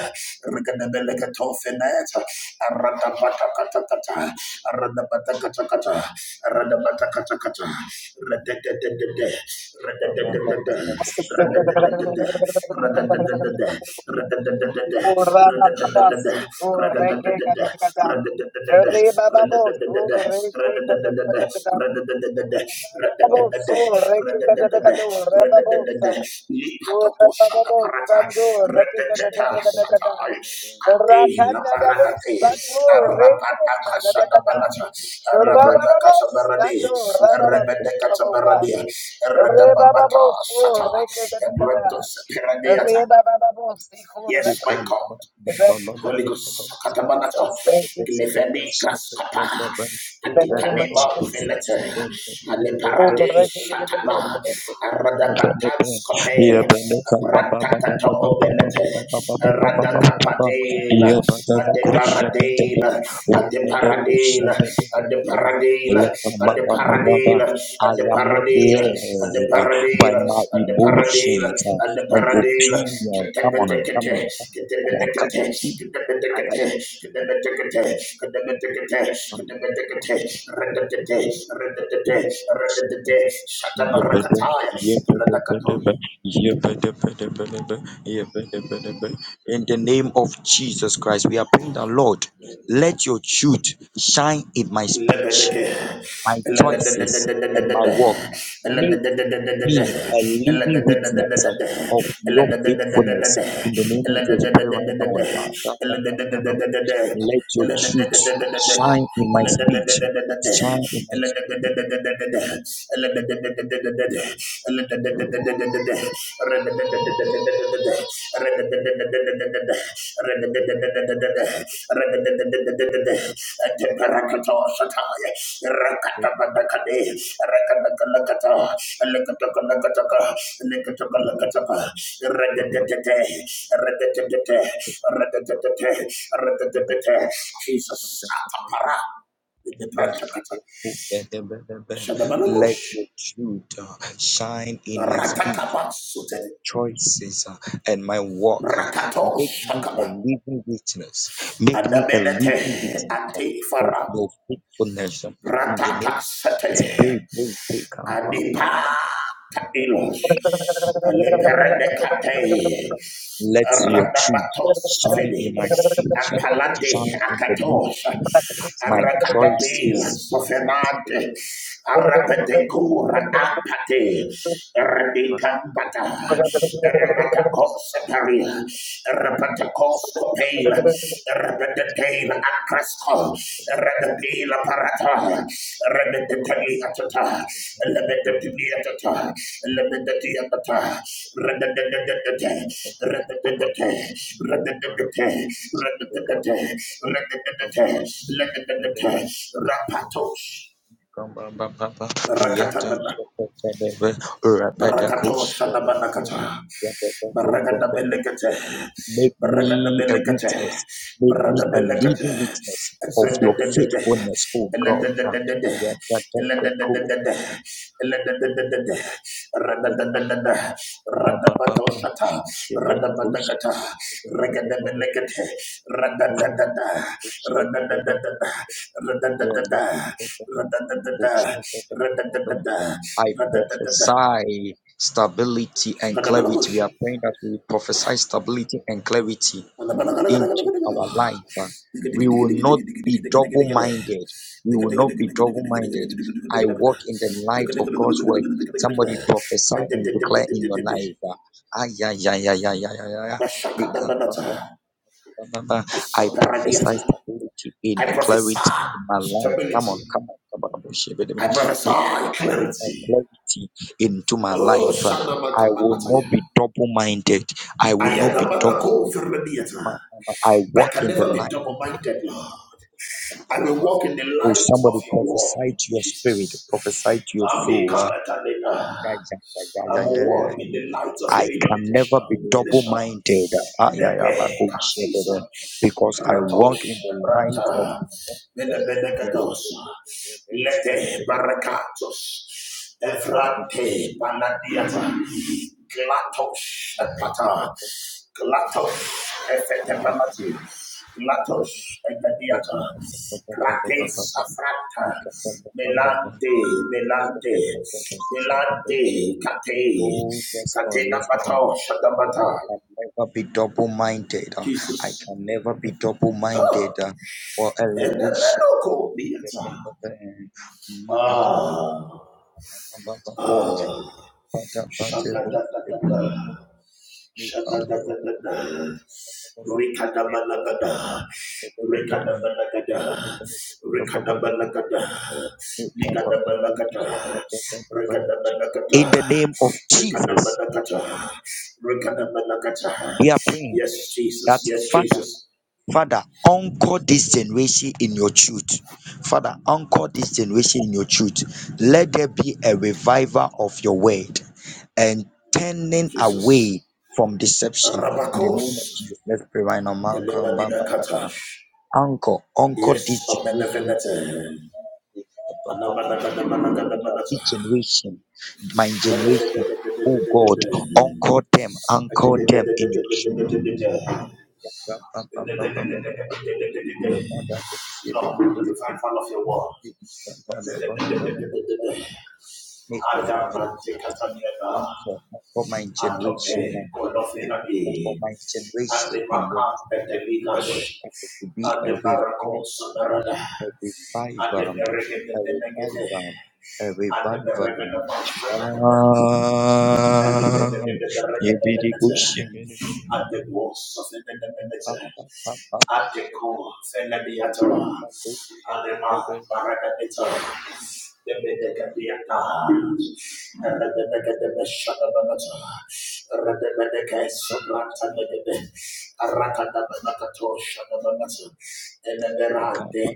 [SPEAKER 3] Regadabeleketofeneta. Aradabatakatakata, Aradabatakatakata, Aradabatakatakata, Radadadadada,
[SPEAKER 2] Become
[SPEAKER 3] Radadadadada,
[SPEAKER 1] Rakana
[SPEAKER 3] Radadadadada, Radadadadada, Radadadadada, Radadadadada, Radadadadada, Radadadadada, Radadadadada, Radadadadada, Radadadadada,
[SPEAKER 1] Re baba bo sur re ke ke ke ke. Re baba bo si khur
[SPEAKER 3] Yes,
[SPEAKER 1] re ke.
[SPEAKER 3] my God.
[SPEAKER 1] Re baba.
[SPEAKER 3] Holy Ghost, Katabanaka,
[SPEAKER 1] Jesus, thank you
[SPEAKER 3] Leveni
[SPEAKER 1] Jesus.
[SPEAKER 3] Graskapa,
[SPEAKER 1] In the name of
[SPEAKER 3] Adikanima
[SPEAKER 1] Jesus.
[SPEAKER 3] Velete,
[SPEAKER 1] Oh,
[SPEAKER 3] Aleparade
[SPEAKER 1] re ke ke ke
[SPEAKER 3] Shatama,
[SPEAKER 1] ke ke.
[SPEAKER 2] I am not
[SPEAKER 3] Radapatans Copel, Brantakato Velete, Radakapadela, Adeparadela, Adeparadela, Adeparadela, and the paradil, and the paradil, and the
[SPEAKER 2] led by
[SPEAKER 3] paradil,
[SPEAKER 2] my
[SPEAKER 3] and the paradil,
[SPEAKER 2] emotions uh,
[SPEAKER 3] and the
[SPEAKER 2] and
[SPEAKER 3] paradil.
[SPEAKER 2] opinion. Come on, come on, come on,
[SPEAKER 3] Ketebetekete,
[SPEAKER 2] come on.
[SPEAKER 3] ketebetekete, ketebetekete, ketebetekete, ketebetekete,
[SPEAKER 2] Come on.
[SPEAKER 3] ketebetekete, redetete, redetete, redetete,
[SPEAKER 2] In the
[SPEAKER 3] shatabarakataya, radakato.
[SPEAKER 2] name of Jesus Christ, we are praying that Lord, let your truth shine in my speech, my choices, and my work. Make me a living witness of your faithfulness. In the name of Jesus, pray right now. Let your truth shine in my speech, shine in my
[SPEAKER 3] Let
[SPEAKER 2] speech.
[SPEAKER 3] Jesus. Atapara. The Pratakata. Shadabalagosh.
[SPEAKER 2] Let your truth uh, shine in my speech,
[SPEAKER 3] Ratakaba
[SPEAKER 2] my
[SPEAKER 3] Sutede.
[SPEAKER 2] choices, uh, and my walk. uh.
[SPEAKER 3] Rakato
[SPEAKER 2] Make me a
[SPEAKER 3] Shakaba.
[SPEAKER 2] living witness. Make me a living
[SPEAKER 3] Adabenete
[SPEAKER 2] witness uh, of
[SPEAKER 3] antifara
[SPEAKER 2] your faithfulness. uh, In the name
[SPEAKER 3] ratata
[SPEAKER 2] of
[SPEAKER 3] sete
[SPEAKER 2] Jesus, pray, pray, pray. come, come, come.
[SPEAKER 3] adipa ilos leperede kate
[SPEAKER 2] Let your truth
[SPEAKER 3] radabato
[SPEAKER 2] shine in
[SPEAKER 3] sofene
[SPEAKER 2] my speech, uh,
[SPEAKER 3] apalade
[SPEAKER 2] shine in the name
[SPEAKER 3] akatos
[SPEAKER 2] of my
[SPEAKER 3] rakadabela
[SPEAKER 2] choices.
[SPEAKER 3] sofenade arapete kura apate radikambata rabata koseparia Pentecoscopel, Rebedetail Acresco, Rebedail Parata, Rebedetaliatata, Lebedetaliatata, Lebedetiatata,
[SPEAKER 2] uh,
[SPEAKER 3] Rededededede, Redededede, Redededede, Redededede, Redededede, Redededede, Rapatos, Rakatanana. Barakato shada barakata. Baragada belekete.
[SPEAKER 2] Make
[SPEAKER 3] Baragada
[SPEAKER 2] me a
[SPEAKER 3] belekete.
[SPEAKER 2] witness. Make me
[SPEAKER 3] Barada
[SPEAKER 2] a
[SPEAKER 3] belekete.
[SPEAKER 2] living witness of your
[SPEAKER 3] Ezendededede.
[SPEAKER 2] faithfulness, O God.
[SPEAKER 3] Eledededede. Eledededede. Eledededede.
[SPEAKER 2] Make
[SPEAKER 3] Radadadadada. Radabato shata. Radabadakata. Regada belekete. Radadadada. Radadadada. Radadadada. Radadadada. Radadadada.
[SPEAKER 2] I
[SPEAKER 3] Radadadada.
[SPEAKER 2] prophesy stability and clarity. We are praying that we prophesy stability and clarity into our life. Uh, We will not be double minded. We will not be double minded. I walk in the light of God's word. Somebody prophesy and declare in your life. uh, Ay, ay, ay, ay, ay, ay, ay, ay. Remember, I prophesy stability in a clarity in my life. Come on, come on, come on, worship it. Nick, and clarity into my life. Uh, I will not be double minded. I will not be double minded. I walk in the light
[SPEAKER 3] I
[SPEAKER 2] of
[SPEAKER 3] will
[SPEAKER 2] God.
[SPEAKER 3] walk in the
[SPEAKER 2] Oh,
[SPEAKER 3] light of
[SPEAKER 2] somebody
[SPEAKER 3] your word,
[SPEAKER 2] prophesy to your spirit,
[SPEAKER 3] Jesus.
[SPEAKER 2] prophesy to your
[SPEAKER 3] I will
[SPEAKER 2] soul.
[SPEAKER 3] come
[SPEAKER 2] Uh,
[SPEAKER 3] at a
[SPEAKER 2] yeah, yeah, yeah, yeah,
[SPEAKER 3] I
[SPEAKER 2] yeah,
[SPEAKER 3] will
[SPEAKER 2] yeah, yeah.
[SPEAKER 3] walk in the light of your
[SPEAKER 2] I can never
[SPEAKER 3] illumination,
[SPEAKER 2] be double
[SPEAKER 3] illumination.
[SPEAKER 2] minded
[SPEAKER 3] And the pay Jesus.
[SPEAKER 2] because I
[SPEAKER 3] Kratos,
[SPEAKER 2] walk in
[SPEAKER 3] the
[SPEAKER 2] the light of
[SPEAKER 3] Brata,
[SPEAKER 2] the Lord.
[SPEAKER 3] Menebenegados, Lete Barakatos. Evrate Banadiata Glatos Epata Glatos Efetepanati Glatos Epediata Grates Afrata Melante Melante Melante Kate
[SPEAKER 2] Oh, yes, Lord,
[SPEAKER 3] Katena
[SPEAKER 2] yes, Lord.
[SPEAKER 3] Bato
[SPEAKER 2] I
[SPEAKER 3] Shadabata
[SPEAKER 2] can never be double minded. I
[SPEAKER 3] Jesus
[SPEAKER 2] can never be double
[SPEAKER 3] Ah,
[SPEAKER 2] minded. For
[SPEAKER 3] and the Menoko Biata
[SPEAKER 2] a
[SPEAKER 3] Ah Ah Shadadadadada Shadadadadada. Rikadabalagada. Rikadabalagada. Rikadabalagada. Likadabalagada. Rikadabalagada.
[SPEAKER 2] In the name of Jesus,
[SPEAKER 3] Rikadabalagada. Rikadabalagada.
[SPEAKER 2] we are praying
[SPEAKER 3] Yes,
[SPEAKER 2] that
[SPEAKER 3] Jesus. Yes,
[SPEAKER 2] Father.
[SPEAKER 3] Jesus.
[SPEAKER 2] Father, anchor this generation in your truth. Father, anchor this generation in your truth. Let there be a revival of your word and turning
[SPEAKER 3] Jesus.
[SPEAKER 2] away from deception. In the name of
[SPEAKER 3] Rabakos.
[SPEAKER 2] Jesus, let's pray right now. Man, come, ba,
[SPEAKER 3] Elemanina
[SPEAKER 2] ba, ba, ba.
[SPEAKER 3] Katash.
[SPEAKER 2] Anchor, anchor
[SPEAKER 3] Yes,
[SPEAKER 2] this generation. with your
[SPEAKER 3] Amenevenete.
[SPEAKER 2] truth. Ba, ba, ba, ba, ba, ba, ba.
[SPEAKER 3] Anamanagadamanagadamanata.
[SPEAKER 2] This generation, my generation, oh God, anchor them,
[SPEAKER 3] Lord,
[SPEAKER 2] anchor
[SPEAKER 3] you
[SPEAKER 2] them in your truth. Ni bada kushi bolo bolo
[SPEAKER 3] find
[SPEAKER 2] bolo.
[SPEAKER 3] fun of your word.
[SPEAKER 2] Bada bada bada bada. Ni bada
[SPEAKER 3] Adabrantikataniana,
[SPEAKER 2] ako for my generation,
[SPEAKER 3] Atope,
[SPEAKER 2] Ni bada for
[SPEAKER 3] Kodofenabi,
[SPEAKER 2] my
[SPEAKER 3] and
[SPEAKER 2] generation,
[SPEAKER 3] the
[SPEAKER 2] in the
[SPEAKER 3] Maka Peteligade,
[SPEAKER 2] to be
[SPEAKER 3] and the
[SPEAKER 2] a
[SPEAKER 3] Barako
[SPEAKER 2] revive,
[SPEAKER 3] Samarada,
[SPEAKER 2] a
[SPEAKER 3] and the
[SPEAKER 2] revival,
[SPEAKER 3] Beregan
[SPEAKER 2] a
[SPEAKER 3] the Negade,
[SPEAKER 2] revival, a
[SPEAKER 3] and the
[SPEAKER 2] revival.
[SPEAKER 3] Beregan of at
[SPEAKER 2] Ah, you be
[SPEAKER 3] the boss of the manager, at the core, Fenadiatara, Alema, Barakabitor, the Bedekadiata, Rebecca de Beshabanata, Rebecca Sobranta
[SPEAKER 2] the
[SPEAKER 3] Negade, Rakadabanakato Shadabanato, and the
[SPEAKER 2] We come
[SPEAKER 3] Rande
[SPEAKER 2] up,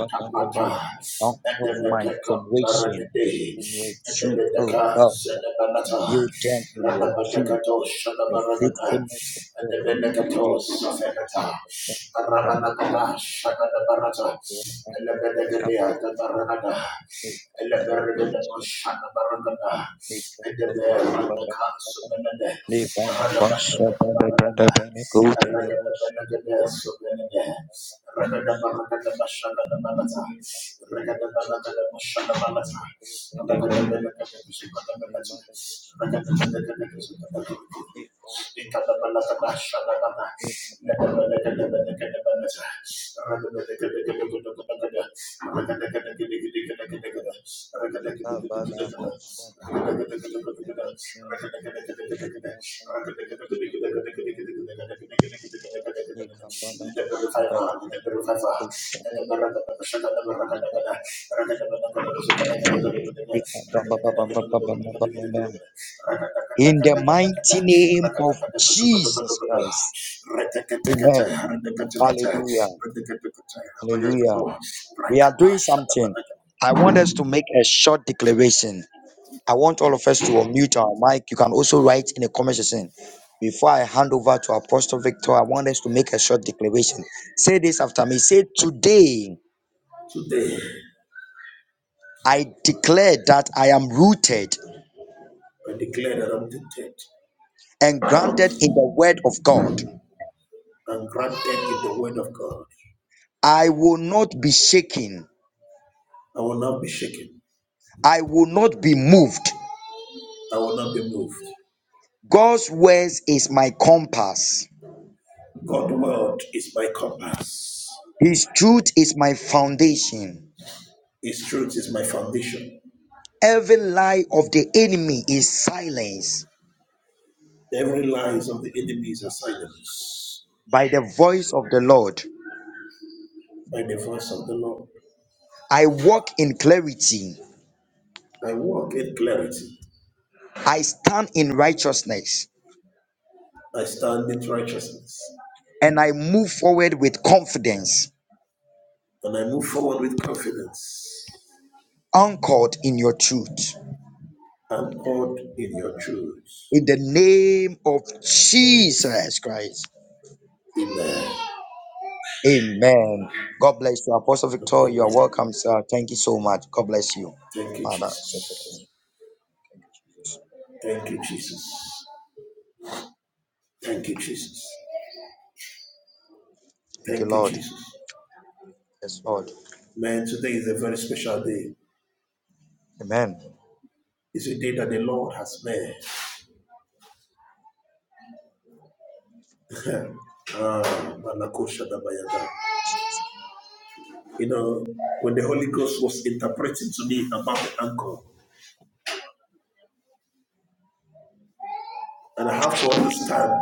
[SPEAKER 2] up, up, up, up, up.
[SPEAKER 3] and the
[SPEAKER 2] Uncle my
[SPEAKER 3] Betaka
[SPEAKER 2] generation
[SPEAKER 3] Paramide,
[SPEAKER 2] in your
[SPEAKER 3] and the
[SPEAKER 2] truth, oh
[SPEAKER 3] Betaka
[SPEAKER 2] God.
[SPEAKER 3] Zenabanata,
[SPEAKER 2] Build them in your truth
[SPEAKER 3] Rababakato
[SPEAKER 2] and the
[SPEAKER 3] Shadabaragana,
[SPEAKER 2] faithfulness of
[SPEAKER 3] and the
[SPEAKER 2] God.
[SPEAKER 3] Benekato
[SPEAKER 2] Give us the strength
[SPEAKER 3] Safekata,
[SPEAKER 2] of our Lord.
[SPEAKER 3] Rabanakata Shadabarata,
[SPEAKER 2] We are
[SPEAKER 3] and the
[SPEAKER 2] thankful
[SPEAKER 3] Benekadia Baranada. Thank
[SPEAKER 2] for the Take up the words of the Take up the words of the Lord. Leave on the bus, the bus, up on the- go to the bus, up on the bus, Leave on the bus, the bus, up on the- In
[SPEAKER 3] you. Let
[SPEAKER 2] the mighty name of Jesus Christ. Amen. Hallelujah. Hallelujah. We are doing something. I want us to make a short declaration. I want all of us to unmute our mic. You can also write in the comment section. Before I hand over to Apostle Victor, I want us to make a short declaration. Say this after me. Say, Today I declare that I am rooted and grounded in the word of God.
[SPEAKER 3] and granted in the word of God,
[SPEAKER 2] I will not be shaken,
[SPEAKER 3] not be shaken,
[SPEAKER 2] I will not be moved.
[SPEAKER 3] no
[SPEAKER 2] God's words is my compass,
[SPEAKER 3] foot of us.
[SPEAKER 2] His truth is my foundation. Every lie of the enemy is silenced
[SPEAKER 3] Every
[SPEAKER 2] by the voice of the Lord.
[SPEAKER 3] by the voice of the Lord,
[SPEAKER 2] I walk in clarity.
[SPEAKER 3] I walk in clarity,
[SPEAKER 2] I stand in righteousness
[SPEAKER 3] I stand in righteousness,
[SPEAKER 2] and I move forward with confidence,
[SPEAKER 3] and I move forward with confidence.
[SPEAKER 2] anchored in your truth.
[SPEAKER 3] I'm called in your truth.
[SPEAKER 2] In the name of Jesus Christ. Amen. God bless you. Apostle Victor, you are welcome, sir. Thank you so much. God bless you. Mother, thank you, Lord. Yes, Lord. Amen.
[SPEAKER 3] It's a day that the Lord has made. Ah, Malakosha Dabayata. You know, when the Holy Ghost was interpreting to me about the anchor, and I have to understand,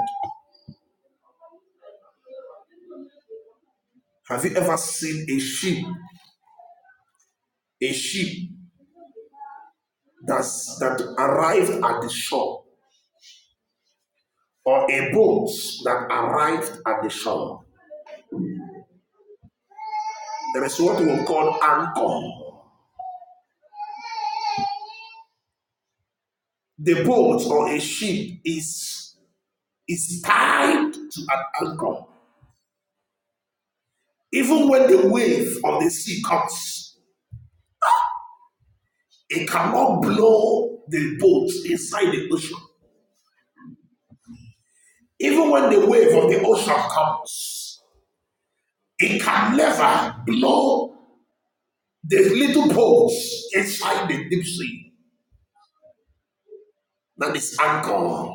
[SPEAKER 3] have you ever seen a ship, a ship that's, that arrived at the shore, or a boat that arrived at the shore? There is what we call anchor. The boat or a ship is is tied to an anchor. Even when the wave of the sea comes, It cannot blow the boat inside the ocean. Even when the wave of the ocean comes, it can never blow the little boats inside the deep sea that is anchor.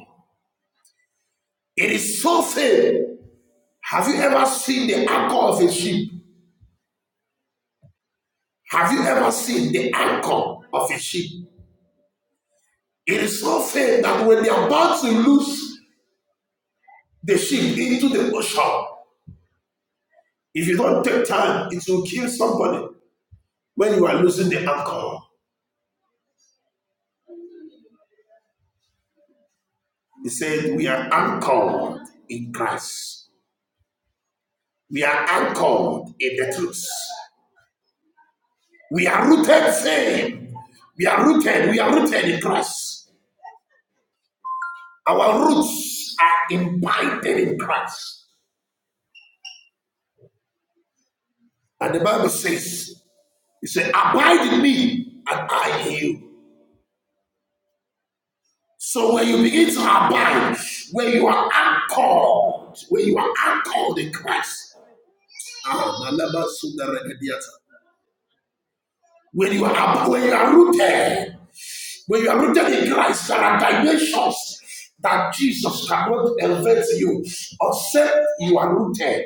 [SPEAKER 3] It is so thin. Have you ever seen the anchor of a ship? Have you ever seen the anchor of a ship? It is so thin that when they are about to lose the ship into the ocean, if you don't take time, it will kill somebody when you are losing the anchor. He said, We are anchored in Christ. We are anchored in the truth. We are rooted firm. We are rooted. We are rooted in Christ. Our roots are implanted in Christ. And the Bible says, He said, Abide in me and I in you. So when you begin to abide, when you are anchored, when you are anchored in Christ, ah, when you are when you are rooted When you are rooted in Christ, there are dimensions that Jesus cannot elevate you except you are rooted.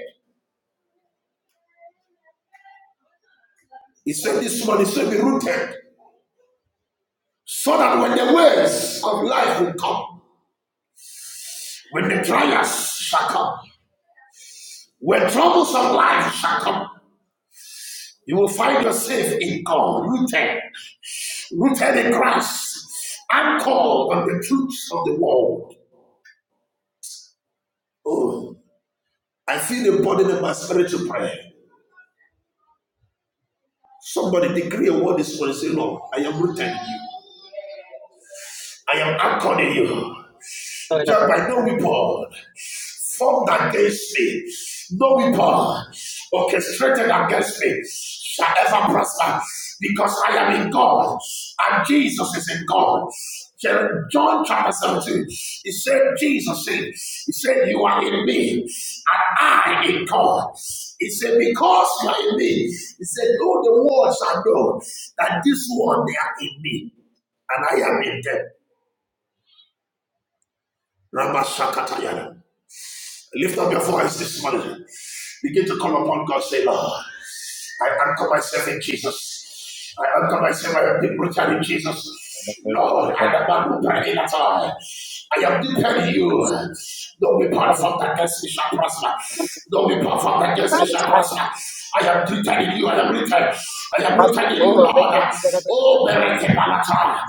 [SPEAKER 3] He said this morning, he said be rooted, so that when the waves of life will come, when the trials shall come, when troubles of life shall come, you will find yourself in God, rooted, rooted in Christ, anchored on the truths of the world. Oh, I feel the burden of my spirit to pray. Somebody decree a word this morning, say, Lord, I am rooted in you. I am anchoring you. Just by no weapon formed against me, no weapon orchestrated against me shall ever prosper because I am in God and Jesus is in God. John chapter 17, he said, Jesus said, He said, You are in me and I in God. He said, Because you are in me, He said, Know the world shall know that this one they are in me and I am in them. Rabashakatayana. Lift up your voice this morning. Begin to call upon God. Say, Lord, I anchor myself in Jesus. I anchor myself. I am deep rooted in Jesus. Lord, I am not rooted in at all. I am deeper in you. Don't be part weapon formed against me shall prosper. Don't be part weapon formed against me shall
[SPEAKER 1] Sometimes
[SPEAKER 3] prosper. I am rooted in you. I am rooted. I am
[SPEAKER 1] I
[SPEAKER 3] rooted
[SPEAKER 1] speak,
[SPEAKER 3] in you,
[SPEAKER 1] Lord, make it
[SPEAKER 3] Lord.
[SPEAKER 1] do better than
[SPEAKER 3] Oh,
[SPEAKER 1] my past.
[SPEAKER 3] Berete Balata.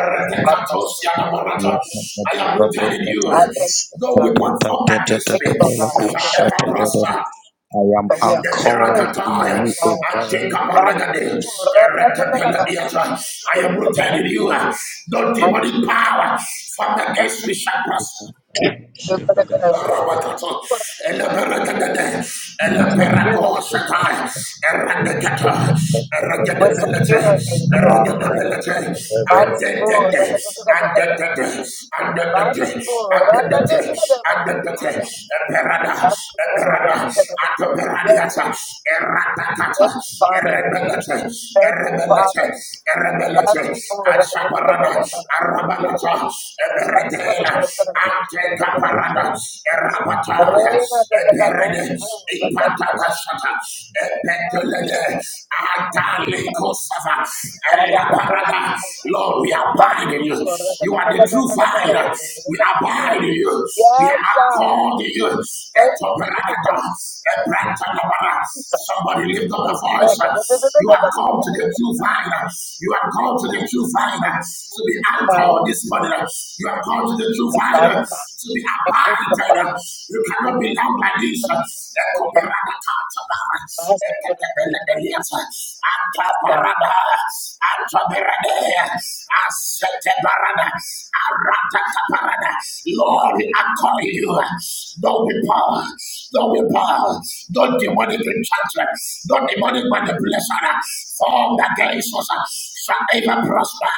[SPEAKER 3] Erete
[SPEAKER 1] Out of my
[SPEAKER 3] Katosia
[SPEAKER 1] soul, that's I
[SPEAKER 3] Laborata.
[SPEAKER 1] thank you.
[SPEAKER 3] I am rooted in you.
[SPEAKER 1] I thank you, Lord
[SPEAKER 3] No
[SPEAKER 1] God.
[SPEAKER 3] weapon formed against
[SPEAKER 1] Thank you,
[SPEAKER 3] me
[SPEAKER 1] Lord God. Make
[SPEAKER 3] shall
[SPEAKER 1] it
[SPEAKER 3] ever
[SPEAKER 1] better than us.
[SPEAKER 3] prosper.
[SPEAKER 2] I am
[SPEAKER 1] But we are
[SPEAKER 3] The
[SPEAKER 1] seekers
[SPEAKER 2] anchored
[SPEAKER 1] in you,
[SPEAKER 2] in
[SPEAKER 3] Perakatai,
[SPEAKER 1] Lord
[SPEAKER 2] you, O
[SPEAKER 1] God.
[SPEAKER 2] God.
[SPEAKER 1] But,
[SPEAKER 3] Atekabaragade,
[SPEAKER 1] Lord, I think that i God. a
[SPEAKER 3] Eretepeladiata. I
[SPEAKER 1] seeker.
[SPEAKER 3] am
[SPEAKER 1] I think that i
[SPEAKER 3] rooted in you. No
[SPEAKER 1] God. a
[SPEAKER 3] demonic power formed against me shall prosper.
[SPEAKER 1] seeker. Good for the good of us.
[SPEAKER 3] Rabakata, Eleberegedede,
[SPEAKER 1] We're secure in you, Lord oh
[SPEAKER 3] Eleberagoshatai,
[SPEAKER 1] God.
[SPEAKER 3] Eregekata,
[SPEAKER 1] We're
[SPEAKER 3] Eregedebelete,
[SPEAKER 1] secure in you, Lord God.
[SPEAKER 3] Eregedebelete,
[SPEAKER 1] But, Lord, I
[SPEAKER 3] Adedede,
[SPEAKER 1] think that I'm a seeker.
[SPEAKER 3] Adedede,
[SPEAKER 1] But,
[SPEAKER 3] Adedede,
[SPEAKER 1] Lord, I
[SPEAKER 3] Adedede,
[SPEAKER 1] think that I'm a
[SPEAKER 3] Adedede,
[SPEAKER 1] seeker.
[SPEAKER 3] Eperada,
[SPEAKER 1] Bless the Lord.
[SPEAKER 3] Eperada,
[SPEAKER 1] Yes,
[SPEAKER 3] Adoperadiata,
[SPEAKER 1] God.
[SPEAKER 3] Eratakata,
[SPEAKER 1] Thank you, Father.
[SPEAKER 3] Erebelete,
[SPEAKER 1] Thank you,
[SPEAKER 3] Erebelete,
[SPEAKER 1] Father.
[SPEAKER 3] Erebelete,
[SPEAKER 1] Bless the Lord.
[SPEAKER 3] Asabarada, Arabalata, Eberetela, Ant. Lekaparada, Erapata, Eperede, Ipatakashata, Epetelede, Atalikosava, Elaparada. Lord, we abide in you. You are the true fire. We abide in you. We
[SPEAKER 1] Yes,
[SPEAKER 3] are
[SPEAKER 1] God.
[SPEAKER 3] called in you.
[SPEAKER 1] Thank you,
[SPEAKER 3] Etoperada,
[SPEAKER 1] Jesus. Thank
[SPEAKER 3] Epratanabara.
[SPEAKER 1] you, Jesus.
[SPEAKER 3] Somebody lift up the voice.
[SPEAKER 1] Father,
[SPEAKER 3] You are called to the true fire. You are called to the true fire. to be anchored this morning. You are called God, the
[SPEAKER 1] the fire,
[SPEAKER 3] provider,
[SPEAKER 1] God.
[SPEAKER 3] to be
[SPEAKER 1] I pray for the
[SPEAKER 3] abided.
[SPEAKER 1] fire.
[SPEAKER 3] You cannot be down like this.
[SPEAKER 1] My husband doesn't think it's God.
[SPEAKER 3] Antabarada, Antabarada, Asetabarada, Aratakabarada. Lord, I call you. Don't be power, don't be power, don't demonic enchantment, don't demonic manipulation formed against us shall ever prosper.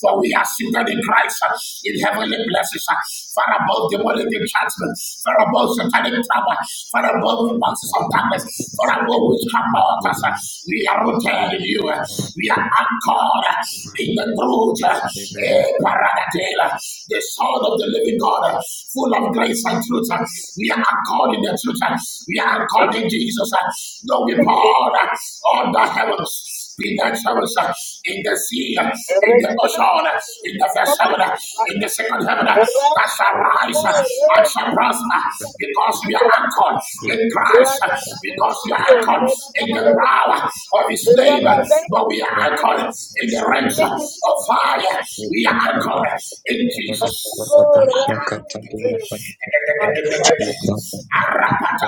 [SPEAKER 3] For we are seated in Christ uh, in heavenly places, uh, far above demonic enchantment, far above satanic power, far above the monsters of darkness, far above witchcraft altars. uh, We are rooted in you. uh, We are anchored uh, in the truth. uh, eh, Paradatela, The Son of the living God, uh, full of grace and truth. uh, We are anchored in the truth. uh, We are
[SPEAKER 1] Thank
[SPEAKER 3] anchored in Jesus. uh, No weapon uh, on the heavens in the heavens, in the sea, in the ocean, in the first heaven, in the second heaven, that shall rise and shall prosper because we are anchored in Christ, because we are anchored in the power of His name, but we are anchored in the realms of fire. We are anchored in Jesus.
[SPEAKER 1] you.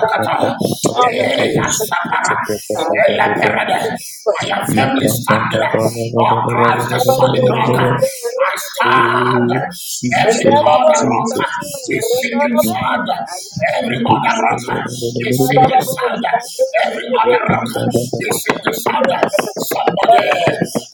[SPEAKER 1] God. Thank you, Father,
[SPEAKER 3] Eh,
[SPEAKER 1] for keeping
[SPEAKER 3] Yasapara.
[SPEAKER 1] us. God,
[SPEAKER 2] Thank
[SPEAKER 1] thank
[SPEAKER 2] you.
[SPEAKER 1] you for the
[SPEAKER 3] Eleperede. I
[SPEAKER 1] word.
[SPEAKER 3] am
[SPEAKER 2] Oh,
[SPEAKER 3] firmly standing
[SPEAKER 1] God,
[SPEAKER 3] on Christ, the
[SPEAKER 1] Rababo
[SPEAKER 3] solid rock.
[SPEAKER 1] Santo,
[SPEAKER 3] I
[SPEAKER 1] Rababo Santo,
[SPEAKER 3] stand. Every
[SPEAKER 2] Jesus,
[SPEAKER 1] Rababo
[SPEAKER 3] other rock
[SPEAKER 2] Jesus, Jesus.
[SPEAKER 3] is sinking sand. Every other rock is sinking sand. Every other rock is sinking sand. Somebody,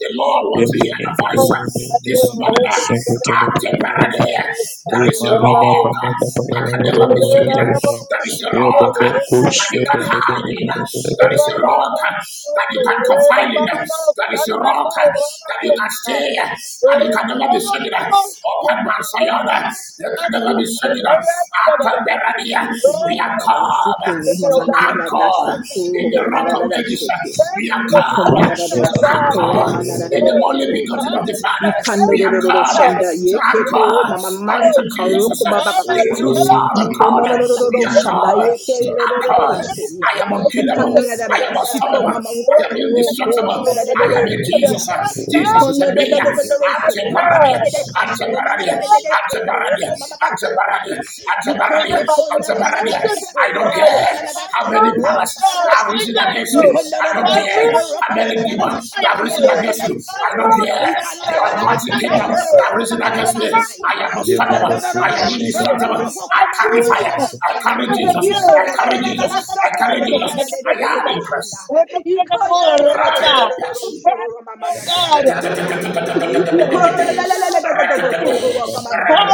[SPEAKER 3] the Lord wants to hear your voice. This morning, uh,
[SPEAKER 1] Santo,
[SPEAKER 3] after
[SPEAKER 1] Rababo
[SPEAKER 3] Parade,
[SPEAKER 1] Santo,
[SPEAKER 3] there is a rock
[SPEAKER 2] Mama,
[SPEAKER 1] Rababo Santo,
[SPEAKER 3] uh, that can
[SPEAKER 1] Thank you, oh
[SPEAKER 3] never be
[SPEAKER 1] God.
[SPEAKER 3] shaken.
[SPEAKER 1] Thank
[SPEAKER 3] There is a rock uh, that you can hide in. There is a rock uh, that you can confide in. There is a rock uh, that you can stay uh, and you can never be shaken. Open Mount Zion, uh, you can never be shaken. After Parade, we are
[SPEAKER 5] Kumanadadadada
[SPEAKER 3] come
[SPEAKER 5] sikiru,
[SPEAKER 3] to anchor
[SPEAKER 5] mamanadadada
[SPEAKER 1] you for
[SPEAKER 3] anchored
[SPEAKER 1] keeping
[SPEAKER 3] in
[SPEAKER 5] sakuru,
[SPEAKER 1] me,
[SPEAKER 3] the
[SPEAKER 1] oh
[SPEAKER 3] rock of
[SPEAKER 1] God.
[SPEAKER 5] manadadada shiki.
[SPEAKER 3] ages.
[SPEAKER 1] Thank
[SPEAKER 3] We
[SPEAKER 1] you
[SPEAKER 3] are
[SPEAKER 1] for
[SPEAKER 3] come
[SPEAKER 1] keeping me,
[SPEAKER 5] Ikumanadadada
[SPEAKER 1] oh
[SPEAKER 3] to
[SPEAKER 1] God.
[SPEAKER 5] sakuru,
[SPEAKER 1] Thank
[SPEAKER 3] anchor
[SPEAKER 1] you,
[SPEAKER 3] in the
[SPEAKER 1] Lord.
[SPEAKER 3] only
[SPEAKER 5] mamanadadadadadaku.
[SPEAKER 3] begotten of the Father.
[SPEAKER 1] Hallelujah.
[SPEAKER 3] We
[SPEAKER 1] Thank
[SPEAKER 3] are
[SPEAKER 1] you,
[SPEAKER 5] Ikandororo
[SPEAKER 3] come
[SPEAKER 5] shanda
[SPEAKER 1] God.
[SPEAKER 3] to
[SPEAKER 5] ye
[SPEAKER 1] My
[SPEAKER 5] kekero
[SPEAKER 3] anchor
[SPEAKER 5] mama mama
[SPEAKER 1] will,
[SPEAKER 3] unto
[SPEAKER 1] oh
[SPEAKER 3] Jesus,
[SPEAKER 5] sakaroko baba baba
[SPEAKER 3] the
[SPEAKER 1] God,
[SPEAKER 5] saya.
[SPEAKER 3] true
[SPEAKER 2] Oh,
[SPEAKER 3] Son of
[SPEAKER 2] Jesus,
[SPEAKER 3] God.
[SPEAKER 2] Jesus,
[SPEAKER 3] We
[SPEAKER 5] Ikondororo
[SPEAKER 3] are
[SPEAKER 2] Jesus,
[SPEAKER 5] shanda
[SPEAKER 3] come
[SPEAKER 5] ye
[SPEAKER 3] to
[SPEAKER 2] Jesus,
[SPEAKER 5] kerororo
[SPEAKER 3] anchor.
[SPEAKER 2] Jesus, Jesus.
[SPEAKER 5] seya.
[SPEAKER 3] I am unkillable. I
[SPEAKER 5] Ikondororo
[SPEAKER 3] am
[SPEAKER 5] siko
[SPEAKER 3] unstoppable.
[SPEAKER 5] mama
[SPEAKER 3] I
[SPEAKER 5] uko
[SPEAKER 3] am
[SPEAKER 5] roko
[SPEAKER 3] indestructible.
[SPEAKER 5] mana da da da
[SPEAKER 3] I am
[SPEAKER 5] da
[SPEAKER 3] in
[SPEAKER 5] ke
[SPEAKER 3] Jesus.
[SPEAKER 5] ya.
[SPEAKER 3] Jesus is in me.
[SPEAKER 5] Ikondororo
[SPEAKER 3] Ante
[SPEAKER 5] soko mama da da da da
[SPEAKER 3] paradia.
[SPEAKER 5] kashoko mama da da da da kekero
[SPEAKER 3] Antibaradia,
[SPEAKER 5] mama baka
[SPEAKER 3] antibaradia,
[SPEAKER 5] saya.
[SPEAKER 3] antibaradia,
[SPEAKER 5] Ikondoko na na na na
[SPEAKER 3] antibaradia. I
[SPEAKER 5] sikero
[SPEAKER 3] don't
[SPEAKER 5] Roko la la
[SPEAKER 3] care
[SPEAKER 5] la la
[SPEAKER 3] how
[SPEAKER 5] basi.
[SPEAKER 3] many
[SPEAKER 5] Roko
[SPEAKER 3] powers
[SPEAKER 5] ma la la
[SPEAKER 3] that have risen
[SPEAKER 5] saya.
[SPEAKER 3] against me.
[SPEAKER 5] Ikonda la
[SPEAKER 3] I
[SPEAKER 5] la
[SPEAKER 3] don't
[SPEAKER 5] la
[SPEAKER 3] care
[SPEAKER 5] sheke.
[SPEAKER 3] how
[SPEAKER 5] Roko ma
[SPEAKER 3] many
[SPEAKER 5] ma la la la
[SPEAKER 3] demons
[SPEAKER 1] anchor in
[SPEAKER 3] that have
[SPEAKER 5] saka.
[SPEAKER 3] risen
[SPEAKER 5] Yele
[SPEAKER 1] you.
[SPEAKER 5] le le
[SPEAKER 3] against
[SPEAKER 5] le
[SPEAKER 3] me.
[SPEAKER 1] My
[SPEAKER 3] I don't
[SPEAKER 5] chura.
[SPEAKER 1] mind
[SPEAKER 3] care
[SPEAKER 1] is, oh
[SPEAKER 5] Ikonda
[SPEAKER 3] the
[SPEAKER 5] la
[SPEAKER 1] God,
[SPEAKER 5] la la la
[SPEAKER 3] ungodly
[SPEAKER 5] saka.
[SPEAKER 1] anchored in
[SPEAKER 3] kingdoms
[SPEAKER 5] Yoko
[SPEAKER 3] that
[SPEAKER 1] you.
[SPEAKER 3] have
[SPEAKER 5] ro ma
[SPEAKER 3] risen
[SPEAKER 5] ma la
[SPEAKER 1] My
[SPEAKER 5] la
[SPEAKER 3] against
[SPEAKER 5] la
[SPEAKER 3] me.
[SPEAKER 5] saya.
[SPEAKER 3] I
[SPEAKER 1] life is
[SPEAKER 3] am unstoppable.
[SPEAKER 5] Ikonda la la la
[SPEAKER 3] I am
[SPEAKER 5] la
[SPEAKER 1] Oh God, you're gonna lie
[SPEAKER 5] sheke.
[SPEAKER 3] indestructible.
[SPEAKER 5] Roko
[SPEAKER 3] I
[SPEAKER 5] ko ma ma
[SPEAKER 3] carry
[SPEAKER 5] ma
[SPEAKER 1] to
[SPEAKER 5] la
[SPEAKER 3] fire.
[SPEAKER 5] la
[SPEAKER 1] this
[SPEAKER 5] la
[SPEAKER 1] house.
[SPEAKER 3] I
[SPEAKER 5] saya.
[SPEAKER 3] carry Jesus. I
[SPEAKER 5] Ikonda la la
[SPEAKER 3] carry
[SPEAKER 5] la la la
[SPEAKER 3] Jesus. I
[SPEAKER 5] saka.
[SPEAKER 3] carry
[SPEAKER 5] Ro ma la la de
[SPEAKER 3] Jesus.
[SPEAKER 5] de
[SPEAKER 3] I
[SPEAKER 5] de de de
[SPEAKER 3] am in
[SPEAKER 5] shanda.
[SPEAKER 3] Christ.
[SPEAKER 5] Ikoye ye la la
[SPEAKER 3] Grant a
[SPEAKER 5] shanda. Ikaya la la la la
[SPEAKER 3] compassion.
[SPEAKER 5] shuru ma ma la shura. Mama la la
[SPEAKER 3] I am
[SPEAKER 5] la
[SPEAKER 3] in Christ.
[SPEAKER 5] saya.
[SPEAKER 3] I
[SPEAKER 5] You go la la la la la la
[SPEAKER 3] am
[SPEAKER 5] la sokoro kama baba da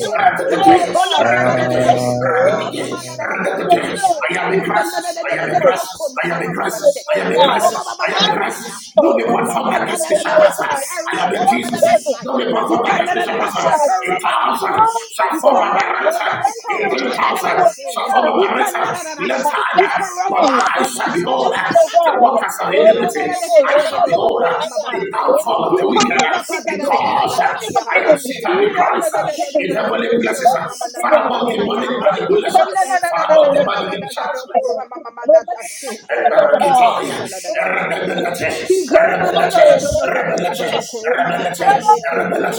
[SPEAKER 1] Do it,
[SPEAKER 5] You
[SPEAKER 1] oh
[SPEAKER 5] go la
[SPEAKER 1] God.
[SPEAKER 5] la la la la
[SPEAKER 1] you
[SPEAKER 5] la
[SPEAKER 1] don't
[SPEAKER 5] la
[SPEAKER 1] come
[SPEAKER 5] sokoro
[SPEAKER 1] in
[SPEAKER 5] kama na na na na na
[SPEAKER 1] to the
[SPEAKER 5] saya.
[SPEAKER 3] in
[SPEAKER 5] You go
[SPEAKER 3] Christ.
[SPEAKER 5] la la la
[SPEAKER 3] I
[SPEAKER 5] la la
[SPEAKER 3] am in
[SPEAKER 5] la
[SPEAKER 1] new
[SPEAKER 5] la
[SPEAKER 3] Christ.
[SPEAKER 5] koma
[SPEAKER 3] I am
[SPEAKER 5] mama
[SPEAKER 3] in
[SPEAKER 1] to
[SPEAKER 5] mama
[SPEAKER 3] Christ.
[SPEAKER 1] the
[SPEAKER 3] I
[SPEAKER 1] real
[SPEAKER 3] am
[SPEAKER 5] sekoro
[SPEAKER 1] God.
[SPEAKER 5] koma baba baba
[SPEAKER 3] in
[SPEAKER 1] My
[SPEAKER 3] Christ.
[SPEAKER 5] saya.
[SPEAKER 3] No
[SPEAKER 1] will
[SPEAKER 5] You go
[SPEAKER 3] weapon
[SPEAKER 5] go
[SPEAKER 1] is
[SPEAKER 3] formed
[SPEAKER 5] go na
[SPEAKER 1] to
[SPEAKER 3] against
[SPEAKER 5] na
[SPEAKER 3] me
[SPEAKER 1] the
[SPEAKER 5] na na
[SPEAKER 3] shall
[SPEAKER 1] real
[SPEAKER 3] prosper.
[SPEAKER 1] God.
[SPEAKER 3] I
[SPEAKER 5] sekoro
[SPEAKER 1] My
[SPEAKER 3] am in
[SPEAKER 5] koma mama na
[SPEAKER 3] Jesus.
[SPEAKER 1] focus is the
[SPEAKER 3] No
[SPEAKER 5] saya.
[SPEAKER 3] weapon
[SPEAKER 5] You
[SPEAKER 3] formed
[SPEAKER 5] go
[SPEAKER 3] against
[SPEAKER 5] na
[SPEAKER 3] me
[SPEAKER 5] na na
[SPEAKER 3] shall
[SPEAKER 1] real
[SPEAKER 5] na
[SPEAKER 3] prosper.
[SPEAKER 1] God.
[SPEAKER 5] sekoro
[SPEAKER 3] It
[SPEAKER 5] baba
[SPEAKER 3] shall
[SPEAKER 1] My
[SPEAKER 5] baba saya.
[SPEAKER 1] mind is
[SPEAKER 5] You go
[SPEAKER 3] Shafoma
[SPEAKER 5] na na na na
[SPEAKER 3] Barata,
[SPEAKER 5] na
[SPEAKER 3] in
[SPEAKER 5] koro
[SPEAKER 3] ten
[SPEAKER 1] taken in
[SPEAKER 5] kada na
[SPEAKER 3] thousand,
[SPEAKER 1] you,
[SPEAKER 5] na
[SPEAKER 1] oh
[SPEAKER 5] saya.
[SPEAKER 1] God.
[SPEAKER 3] Shafoma
[SPEAKER 5] You go na
[SPEAKER 3] Barata,
[SPEAKER 5] na na na
[SPEAKER 1] You
[SPEAKER 5] sa.
[SPEAKER 3] left
[SPEAKER 5] You
[SPEAKER 1] got
[SPEAKER 5] go
[SPEAKER 3] hand,
[SPEAKER 5] ko
[SPEAKER 3] but
[SPEAKER 1] me.
[SPEAKER 5] baba
[SPEAKER 3] I
[SPEAKER 5] ko
[SPEAKER 1] You
[SPEAKER 3] shall
[SPEAKER 5] shona
[SPEAKER 1] got
[SPEAKER 3] behold
[SPEAKER 5] na na
[SPEAKER 1] me,
[SPEAKER 5] na
[SPEAKER 1] oh
[SPEAKER 5] na
[SPEAKER 3] the
[SPEAKER 1] God.
[SPEAKER 5] saya.
[SPEAKER 3] workers of
[SPEAKER 5] You go na
[SPEAKER 3] iniquity,
[SPEAKER 5] na na
[SPEAKER 1] Ra-pa-da-da-go,
[SPEAKER 3] I
[SPEAKER 5] na na
[SPEAKER 3] shall
[SPEAKER 5] na
[SPEAKER 3] behold
[SPEAKER 5] koro mama
[SPEAKER 1] ra-da-da-da-da-da.
[SPEAKER 3] the
[SPEAKER 5] baba saya.
[SPEAKER 3] downfall of
[SPEAKER 1] Ra-da-da-da-da.
[SPEAKER 5] He
[SPEAKER 3] the
[SPEAKER 1] Thank
[SPEAKER 3] wicked,
[SPEAKER 1] you for
[SPEAKER 5] korabaka da
[SPEAKER 1] giving
[SPEAKER 5] da
[SPEAKER 1] me.
[SPEAKER 5] da da da da
[SPEAKER 3] because
[SPEAKER 1] Thank you
[SPEAKER 5] saya
[SPEAKER 1] for
[SPEAKER 3] I am
[SPEAKER 5] ya.
[SPEAKER 1] giving me.
[SPEAKER 3] seated with
[SPEAKER 5] Ya
[SPEAKER 1] Thank
[SPEAKER 3] Christ
[SPEAKER 5] da
[SPEAKER 1] you
[SPEAKER 5] da
[SPEAKER 1] for
[SPEAKER 5] da da da da da
[SPEAKER 3] in
[SPEAKER 1] giving
[SPEAKER 5] da
[SPEAKER 3] heavenly
[SPEAKER 1] me.
[SPEAKER 3] places,
[SPEAKER 1] Thank you for giving
[SPEAKER 3] far
[SPEAKER 5] da
[SPEAKER 3] above
[SPEAKER 1] me.
[SPEAKER 3] the money
[SPEAKER 5] korabakadadadadadasaya. Yadadadadadadadado, shuramamanadanasaya. He
[SPEAKER 3] manipulation,
[SPEAKER 5] kola na na na
[SPEAKER 3] far
[SPEAKER 5] na na na
[SPEAKER 3] above the
[SPEAKER 1] Ra-da-da-da-da-da.
[SPEAKER 5] na
[SPEAKER 3] money
[SPEAKER 5] na na na
[SPEAKER 3] enchantment.
[SPEAKER 5] kora mama mama da
[SPEAKER 1] Ra-da-da-da-da-da.
[SPEAKER 5] koramamadadasukuro-maya, yadadadadasaya. He
[SPEAKER 1] Ra-da-da-da-da-da.
[SPEAKER 5] komamanadododododododo,
[SPEAKER 1] Ra-da-da-da-da.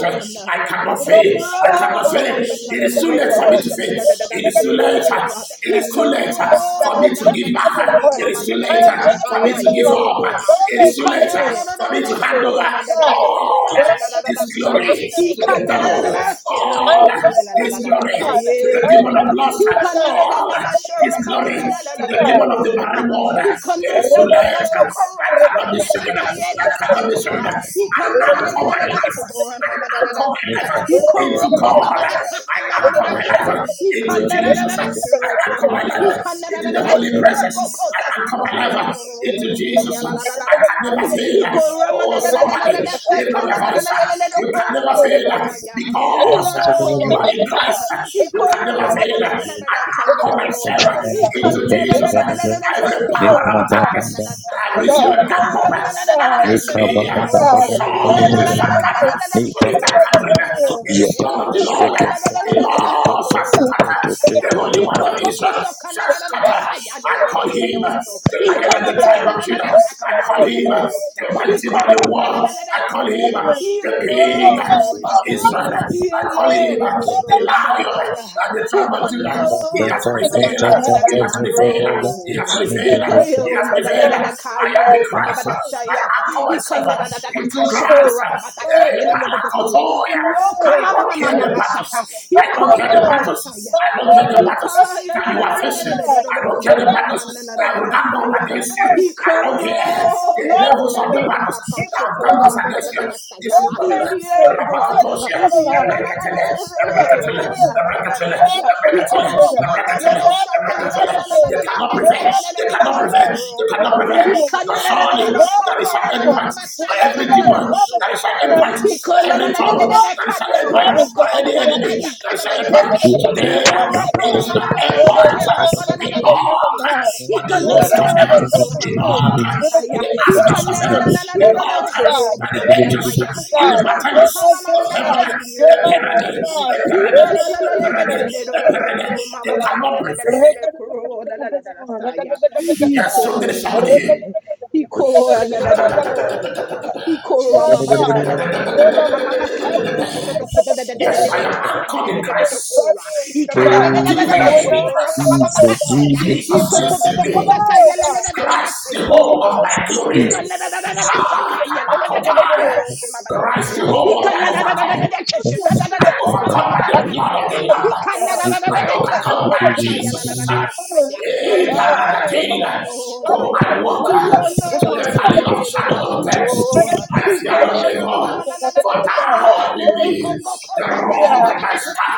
[SPEAKER 3] I cannot
[SPEAKER 5] He
[SPEAKER 3] fail. I cannot
[SPEAKER 5] ro
[SPEAKER 3] fail.
[SPEAKER 5] le kan
[SPEAKER 3] It
[SPEAKER 5] no
[SPEAKER 3] is too
[SPEAKER 5] no no
[SPEAKER 3] late
[SPEAKER 5] no
[SPEAKER 3] for
[SPEAKER 5] no
[SPEAKER 3] me to
[SPEAKER 5] shen
[SPEAKER 3] fail.
[SPEAKER 5] da
[SPEAKER 3] It is too late.
[SPEAKER 5] shanadadadadasero.
[SPEAKER 3] It
[SPEAKER 5] He
[SPEAKER 3] is too late for me to give back.
[SPEAKER 5] koroladadadadasuro,
[SPEAKER 3] It is too late for me to give up.
[SPEAKER 5] mamanadadadadasaya,
[SPEAKER 3] It
[SPEAKER 5] he
[SPEAKER 3] is too
[SPEAKER 5] can
[SPEAKER 3] late
[SPEAKER 5] no no no no
[SPEAKER 3] for
[SPEAKER 5] no
[SPEAKER 1] God.
[SPEAKER 5] no
[SPEAKER 3] me
[SPEAKER 5] no
[SPEAKER 3] to
[SPEAKER 5] so
[SPEAKER 3] hand over
[SPEAKER 5] man da da da da care
[SPEAKER 3] all
[SPEAKER 5] and da da da da
[SPEAKER 3] this
[SPEAKER 5] sa.
[SPEAKER 3] glory
[SPEAKER 5] He
[SPEAKER 3] to the
[SPEAKER 5] can no no no
[SPEAKER 3] devil.
[SPEAKER 5] no
[SPEAKER 3] All
[SPEAKER 5] so la la la la
[SPEAKER 3] this
[SPEAKER 5] da da
[SPEAKER 3] glory
[SPEAKER 5] sa
[SPEAKER 3] to the
[SPEAKER 5] ye
[SPEAKER 3] demon
[SPEAKER 5] God.
[SPEAKER 3] of lust.
[SPEAKER 5] He can no no no no
[SPEAKER 3] All
[SPEAKER 5] no so
[SPEAKER 3] this
[SPEAKER 5] man
[SPEAKER 3] glory
[SPEAKER 5] da da da
[SPEAKER 3] to
[SPEAKER 5] da da da
[SPEAKER 3] the demon of the
[SPEAKER 5] go
[SPEAKER 3] my
[SPEAKER 5] man.
[SPEAKER 3] reward
[SPEAKER 5] He can no
[SPEAKER 3] it is
[SPEAKER 5] no
[SPEAKER 3] too
[SPEAKER 5] no
[SPEAKER 3] late. I
[SPEAKER 5] no so corrupt
[SPEAKER 3] cannot be
[SPEAKER 5] kata
[SPEAKER 3] shaken.
[SPEAKER 5] saka ye la la
[SPEAKER 3] I
[SPEAKER 5] la da
[SPEAKER 3] cannot be shaken.
[SPEAKER 5] sa.
[SPEAKER 3] I
[SPEAKER 5] He can no no no
[SPEAKER 3] anchor
[SPEAKER 5] no
[SPEAKER 3] my
[SPEAKER 5] no
[SPEAKER 2] Ah,
[SPEAKER 3] life.
[SPEAKER 5] so man da
[SPEAKER 3] I
[SPEAKER 5] da
[SPEAKER 3] anchor
[SPEAKER 5] da si.
[SPEAKER 2] Thank
[SPEAKER 3] my life
[SPEAKER 5] He
[SPEAKER 3] into
[SPEAKER 5] corrupt ba
[SPEAKER 3] God. I
[SPEAKER 5] ba saka la la la
[SPEAKER 3] anchor
[SPEAKER 5] da sa.
[SPEAKER 3] my life into Jesus. I anchor
[SPEAKER 5] Ikandarararasirokoha.
[SPEAKER 3] my life into the Holy Presence. I
[SPEAKER 5] Ikandarararasirokokotasa.
[SPEAKER 3] anchor my
[SPEAKER 2] you.
[SPEAKER 3] life into Jesus. I
[SPEAKER 5] Ikedorororosokorialaladadadasa.
[SPEAKER 3] can never fail. Oh, somebody,
[SPEAKER 5] Ikoramadadadadadadasa.
[SPEAKER 3] lift up your voice. You can never fail
[SPEAKER 5] Ikandararararelelelokoromadadadasaya.
[SPEAKER 3] because you are in
[SPEAKER 5] Irolia.
[SPEAKER 3] Christ. You can never
[SPEAKER 1] Thank you.
[SPEAKER 3] fail. I
[SPEAKER 5] Ikoramadadadadadadasa.
[SPEAKER 1] Thank
[SPEAKER 3] Come myself into Jesus. Every power of darkness,
[SPEAKER 5] Ikandararararelelelosoromamadadadasa.
[SPEAKER 3] every zero dark up against me, surely the Shakata, for if that it is not of the Lord, the Lord shall scatter, the Holy One of Israel shall scatter. I call him the Lion and the Tribe of Judah. I call him the Mighty Man of War. I call him uh, the king uh, of
[SPEAKER 5] He
[SPEAKER 3] Israel. I call him
[SPEAKER 5] Yene,
[SPEAKER 3] uh,
[SPEAKER 5] do, do, do,
[SPEAKER 3] the
[SPEAKER 5] do,
[SPEAKER 3] lion uh,
[SPEAKER 1] you.
[SPEAKER 3] and
[SPEAKER 5] shandaya.
[SPEAKER 3] the tribe of Judah. He has
[SPEAKER 1] God. My soul is forsaken
[SPEAKER 5] Hikando, mama, da,
[SPEAKER 3] prevailed. uh,
[SPEAKER 5] da, da, da, da,
[SPEAKER 3] He has prevailed. uh, He
[SPEAKER 5] siro.
[SPEAKER 3] has prevailed. uh, He
[SPEAKER 5] Hikayo,
[SPEAKER 3] has
[SPEAKER 1] in the
[SPEAKER 5] na, da, da,
[SPEAKER 3] prevailed.
[SPEAKER 5] da,
[SPEAKER 1] middle
[SPEAKER 3] uh,
[SPEAKER 1] of
[SPEAKER 5] da,
[SPEAKER 3] I am the
[SPEAKER 5] kairo, mama,
[SPEAKER 3] Christ.
[SPEAKER 5] ba, da,
[SPEAKER 3] uh, I
[SPEAKER 5] saya.
[SPEAKER 3] anchor myself
[SPEAKER 5] Hikanda,
[SPEAKER 3] uh,
[SPEAKER 5] da, da, da, da,
[SPEAKER 3] into Christ.
[SPEAKER 5] kashokora,
[SPEAKER 3] uh,
[SPEAKER 5] ba, ba, da,
[SPEAKER 3] Hey,
[SPEAKER 5] saya, la, la, la, doko.
[SPEAKER 3] Palakotoya.
[SPEAKER 5] Roka,
[SPEAKER 3] I
[SPEAKER 5] mama,
[SPEAKER 3] do here
[SPEAKER 5] mama,
[SPEAKER 3] in the
[SPEAKER 5] mama, shaha.
[SPEAKER 3] battles. I don't
[SPEAKER 5] Hiko,
[SPEAKER 3] care the
[SPEAKER 5] mama,
[SPEAKER 3] battles.
[SPEAKER 5] masaya.
[SPEAKER 3] I don't care the battles
[SPEAKER 5] Hikaya, la, la,
[SPEAKER 3] that you
[SPEAKER 5] la,
[SPEAKER 3] are
[SPEAKER 5] la, la, la,
[SPEAKER 3] facing.
[SPEAKER 5] la, do,
[SPEAKER 1] God.
[SPEAKER 5] do,
[SPEAKER 3] I
[SPEAKER 5] do,
[SPEAKER 3] don't care
[SPEAKER 1] The
[SPEAKER 3] the
[SPEAKER 5] so,
[SPEAKER 3] battles
[SPEAKER 5] mama, na, na,
[SPEAKER 1] God
[SPEAKER 5] na,
[SPEAKER 1] is
[SPEAKER 5] na,
[SPEAKER 3] that will
[SPEAKER 5] na,
[SPEAKER 3] not
[SPEAKER 1] good.
[SPEAKER 3] come
[SPEAKER 5] saya.
[SPEAKER 3] against
[SPEAKER 1] No,
[SPEAKER 3] you. I don't care
[SPEAKER 1] they don't
[SPEAKER 3] the
[SPEAKER 5] Ikaro
[SPEAKER 1] lied
[SPEAKER 3] levels
[SPEAKER 1] to
[SPEAKER 5] shora
[SPEAKER 3] of the
[SPEAKER 1] me.
[SPEAKER 5] mama
[SPEAKER 3] battles
[SPEAKER 5] mama
[SPEAKER 1] He
[SPEAKER 3] that have
[SPEAKER 1] wouldn't
[SPEAKER 5] shoko
[SPEAKER 3] done us
[SPEAKER 1] lied
[SPEAKER 5] mama da
[SPEAKER 1] to
[SPEAKER 5] da
[SPEAKER 3] against
[SPEAKER 5] da
[SPEAKER 3] you.
[SPEAKER 5] da da
[SPEAKER 1] me.
[SPEAKER 3] This
[SPEAKER 5] saya.
[SPEAKER 3] is
[SPEAKER 1] They
[SPEAKER 3] what
[SPEAKER 1] may lie,
[SPEAKER 5] Yeah,
[SPEAKER 1] but God,
[SPEAKER 5] God.
[SPEAKER 1] you
[SPEAKER 3] Rabakatosia,
[SPEAKER 1] never
[SPEAKER 5] Yeah, na
[SPEAKER 1] lie.
[SPEAKER 5] na na na
[SPEAKER 3] Ebrekatele,
[SPEAKER 5] na na
[SPEAKER 1] You're a
[SPEAKER 5] na.
[SPEAKER 1] God of the
[SPEAKER 3] Ebrekatele,
[SPEAKER 5] Oh,
[SPEAKER 1] truth.
[SPEAKER 5] na na na
[SPEAKER 1] You're
[SPEAKER 3] Ebrekatele,
[SPEAKER 1] God
[SPEAKER 5] saya.
[SPEAKER 1] of your
[SPEAKER 3] Ebrekatele,
[SPEAKER 1] word.
[SPEAKER 5] Ikaro ko do do
[SPEAKER 3] Ebrekatele,
[SPEAKER 1] You're
[SPEAKER 5] do
[SPEAKER 1] God of
[SPEAKER 5] shana
[SPEAKER 1] your
[SPEAKER 5] na na
[SPEAKER 3] Ebrekatele.
[SPEAKER 5] na na na
[SPEAKER 1] promises.
[SPEAKER 3] They
[SPEAKER 5] na
[SPEAKER 3] cannot
[SPEAKER 1] Your
[SPEAKER 3] prevent.
[SPEAKER 5] sakada na na
[SPEAKER 3] They
[SPEAKER 1] promises
[SPEAKER 5] na da da da da da
[SPEAKER 1] are
[SPEAKER 3] cannot
[SPEAKER 5] da
[SPEAKER 1] yea
[SPEAKER 3] prevent. They
[SPEAKER 5] shoro.
[SPEAKER 1] and
[SPEAKER 3] cannot prevent.
[SPEAKER 1] amen.
[SPEAKER 5] Ikana
[SPEAKER 3] The
[SPEAKER 5] na
[SPEAKER 1] You
[SPEAKER 5] na na
[SPEAKER 1] are
[SPEAKER 3] surely
[SPEAKER 1] a
[SPEAKER 5] na na
[SPEAKER 3] there
[SPEAKER 1] promise
[SPEAKER 3] is
[SPEAKER 5] sokora
[SPEAKER 3] an end
[SPEAKER 5] mama
[SPEAKER 1] keeper.
[SPEAKER 5] mama
[SPEAKER 1] You
[SPEAKER 3] for
[SPEAKER 5] saya na
[SPEAKER 1] never
[SPEAKER 3] every
[SPEAKER 5] na na
[SPEAKER 1] made a
[SPEAKER 5] na
[SPEAKER 3] demon,
[SPEAKER 5] na
[SPEAKER 1] promise
[SPEAKER 3] there
[SPEAKER 1] that
[SPEAKER 3] is
[SPEAKER 5] shoro.
[SPEAKER 1] you
[SPEAKER 3] an
[SPEAKER 1] cannot
[SPEAKER 3] impact.
[SPEAKER 1] keep.
[SPEAKER 3] For
[SPEAKER 5] Ikala la
[SPEAKER 3] every
[SPEAKER 5] la la
[SPEAKER 1] You
[SPEAKER 5] la
[SPEAKER 3] trouble,
[SPEAKER 5] la la
[SPEAKER 1] promised
[SPEAKER 3] there is
[SPEAKER 1] a
[SPEAKER 3] an
[SPEAKER 5] kanero
[SPEAKER 3] impact.
[SPEAKER 1] promise
[SPEAKER 5] roko
[SPEAKER 1] that
[SPEAKER 3] For
[SPEAKER 1] you
[SPEAKER 5] mama
[SPEAKER 3] any
[SPEAKER 5] mama
[SPEAKER 1] cannot
[SPEAKER 3] enemy,
[SPEAKER 5] saya
[SPEAKER 1] keep.
[SPEAKER 3] there is
[SPEAKER 5] kada na
[SPEAKER 3] an
[SPEAKER 5] na na
[SPEAKER 1] You're the
[SPEAKER 3] impact.
[SPEAKER 5] ke.
[SPEAKER 3] Today,
[SPEAKER 5] Ikaro Roka
[SPEAKER 3] it is
[SPEAKER 5] mama
[SPEAKER 3] the
[SPEAKER 5] mama mama shake
[SPEAKER 3] impact.
[SPEAKER 1] God
[SPEAKER 5] roka la la
[SPEAKER 3] We
[SPEAKER 5] la
[SPEAKER 1] that
[SPEAKER 5] la
[SPEAKER 3] knock
[SPEAKER 1] does
[SPEAKER 5] la la
[SPEAKER 1] not
[SPEAKER 5] ya.
[SPEAKER 1] lie.
[SPEAKER 3] on the
[SPEAKER 5] Ika
[SPEAKER 1] You're
[SPEAKER 5] na
[SPEAKER 1] a
[SPEAKER 5] na na
[SPEAKER 3] host of
[SPEAKER 5] na
[SPEAKER 1] God
[SPEAKER 5] na na
[SPEAKER 1] that
[SPEAKER 3] heaven.
[SPEAKER 1] tells
[SPEAKER 5] so
[SPEAKER 1] the
[SPEAKER 3] We
[SPEAKER 5] mama mama
[SPEAKER 1] truth.
[SPEAKER 3] knock
[SPEAKER 5] mama
[SPEAKER 1] You're a
[SPEAKER 3] with
[SPEAKER 5] saya.
[SPEAKER 1] God
[SPEAKER 3] the
[SPEAKER 1] that tells
[SPEAKER 5] Ika
[SPEAKER 1] the
[SPEAKER 3] aspects
[SPEAKER 5] na
[SPEAKER 3] of
[SPEAKER 5] na
[SPEAKER 1] truth.
[SPEAKER 3] heaven.
[SPEAKER 5] na na na
[SPEAKER 3] We
[SPEAKER 1] You're
[SPEAKER 5] na na
[SPEAKER 1] a
[SPEAKER 5] na
[SPEAKER 3] knock
[SPEAKER 1] truth God.
[SPEAKER 5] so
[SPEAKER 3] by
[SPEAKER 5] mama
[SPEAKER 1] You're
[SPEAKER 5] da
[SPEAKER 3] the
[SPEAKER 1] a
[SPEAKER 5] da
[SPEAKER 1] life
[SPEAKER 3] angels
[SPEAKER 5] kaya.
[SPEAKER 1] giving
[SPEAKER 3] on the
[SPEAKER 1] God.
[SPEAKER 5] Ika roka
[SPEAKER 1] You're a
[SPEAKER 5] pa
[SPEAKER 1] life
[SPEAKER 3] battalions
[SPEAKER 5] mama na
[SPEAKER 1] giving
[SPEAKER 3] of
[SPEAKER 5] na na
[SPEAKER 3] heaven. A
[SPEAKER 5] na
[SPEAKER 1] God.
[SPEAKER 3] paradise,
[SPEAKER 1] You're a
[SPEAKER 3] a
[SPEAKER 1] life
[SPEAKER 5] so
[SPEAKER 1] giving
[SPEAKER 3] paradise,
[SPEAKER 5] lady.
[SPEAKER 3] a
[SPEAKER 5] Ila la la la la la la la
[SPEAKER 3] paradise,
[SPEAKER 5] la la
[SPEAKER 3] a
[SPEAKER 5] la so
[SPEAKER 3] paradise. They
[SPEAKER 5] mama mama
[SPEAKER 1] God.
[SPEAKER 5] na na
[SPEAKER 3] cannot
[SPEAKER 5] na na
[SPEAKER 1] Yes,
[SPEAKER 5] na na
[SPEAKER 3] prevail.
[SPEAKER 5] na
[SPEAKER 1] God.
[SPEAKER 5] so la la la la la saya.
[SPEAKER 3] Yes, something is
[SPEAKER 5] Iko
[SPEAKER 3] happening
[SPEAKER 5] lady. Iko na da da da da saya. Iko ra mama na na na
[SPEAKER 3] here.
[SPEAKER 5] da da kora. Kapapa sakoro kodo do kodo da da da da
[SPEAKER 3] Yes,
[SPEAKER 5] da
[SPEAKER 3] I
[SPEAKER 5] da
[SPEAKER 3] am
[SPEAKER 5] kasa na
[SPEAKER 3] anchored
[SPEAKER 5] da da
[SPEAKER 3] in
[SPEAKER 5] da da
[SPEAKER 3] Christ.
[SPEAKER 5] kora.
[SPEAKER 3] I
[SPEAKER 5] Ikanda na
[SPEAKER 3] am
[SPEAKER 5] na na
[SPEAKER 2] Oh,
[SPEAKER 5] na
[SPEAKER 3] deeper
[SPEAKER 5] na
[SPEAKER 1] I
[SPEAKER 5] na
[SPEAKER 1] would
[SPEAKER 3] in
[SPEAKER 1] not
[SPEAKER 2] Jesus, Jesus,
[SPEAKER 5] sokoro
[SPEAKER 1] believe a
[SPEAKER 5] kapapa
[SPEAKER 1] lie,
[SPEAKER 5] mama
[SPEAKER 1] oh
[SPEAKER 2] Jesus,
[SPEAKER 1] God.
[SPEAKER 3] Christ.
[SPEAKER 5] saya.
[SPEAKER 2] Jesus,
[SPEAKER 1] I
[SPEAKER 3] Jesus
[SPEAKER 1] would
[SPEAKER 5] Iko
[SPEAKER 1] not
[SPEAKER 3] lives
[SPEAKER 5] kodo
[SPEAKER 3] in
[SPEAKER 5] do
[SPEAKER 1] believe a
[SPEAKER 2] Jesus,
[SPEAKER 5] kota
[SPEAKER 3] me.
[SPEAKER 5] saya la
[SPEAKER 1] lie,
[SPEAKER 5] la la la la la
[SPEAKER 3] Christ, the
[SPEAKER 1] oh
[SPEAKER 5] sekoro
[SPEAKER 3] hope of my
[SPEAKER 1] God.
[SPEAKER 5] koa.
[SPEAKER 3] glory.
[SPEAKER 2] Jesus,
[SPEAKER 5] Ikanda na na na na na
[SPEAKER 2] Jesus,
[SPEAKER 3] Ah,
[SPEAKER 5] sakaya la la la la la
[SPEAKER 3] Kamakotaya.
[SPEAKER 5] koro koma ba
[SPEAKER 3] Christ,
[SPEAKER 5] saya.
[SPEAKER 3] the hope of my
[SPEAKER 5] Ikanda na na na na
[SPEAKER 3] overcoming.
[SPEAKER 5] na keshika na keshi kada na
[SPEAKER 3] I
[SPEAKER 5] ko
[SPEAKER 2] Jesus.
[SPEAKER 5] mama
[SPEAKER 3] overcome by
[SPEAKER 5] mama na
[SPEAKER 3] the
[SPEAKER 5] da
[SPEAKER 3] blood of the
[SPEAKER 5] saya.
[SPEAKER 3] Lamb.
[SPEAKER 5] Ikanda na na na na
[SPEAKER 3] I
[SPEAKER 2] Thank
[SPEAKER 5] na keko
[SPEAKER 3] overcome by
[SPEAKER 5] koko saya la la la
[SPEAKER 3] Jesus.
[SPEAKER 5] la la saya.
[SPEAKER 3] Eh,
[SPEAKER 5] Yeah, oh
[SPEAKER 3] paradakaila.
[SPEAKER 5] no
[SPEAKER 3] Though
[SPEAKER 5] saya.
[SPEAKER 3] I walk uh, to the
[SPEAKER 5] Irono, la la
[SPEAKER 3] valley
[SPEAKER 5] la
[SPEAKER 3] of
[SPEAKER 5] la la la
[SPEAKER 3] shadow of death,
[SPEAKER 5] suro.
[SPEAKER 3] I fear no
[SPEAKER 5] Ikora mama
[SPEAKER 3] evil,
[SPEAKER 5] mama na na na
[SPEAKER 3] for
[SPEAKER 5] na
[SPEAKER 1] Thank
[SPEAKER 3] thou
[SPEAKER 5] kaye.
[SPEAKER 1] you.
[SPEAKER 3] art with
[SPEAKER 5] Ikora
[SPEAKER 3] me.
[SPEAKER 5] koko
[SPEAKER 3] The
[SPEAKER 5] kosa na na na
[SPEAKER 3] rod
[SPEAKER 5] na
[SPEAKER 1] Father,
[SPEAKER 3] and
[SPEAKER 5] na
[SPEAKER 3] my
[SPEAKER 5] kasha.
[SPEAKER 3] staff,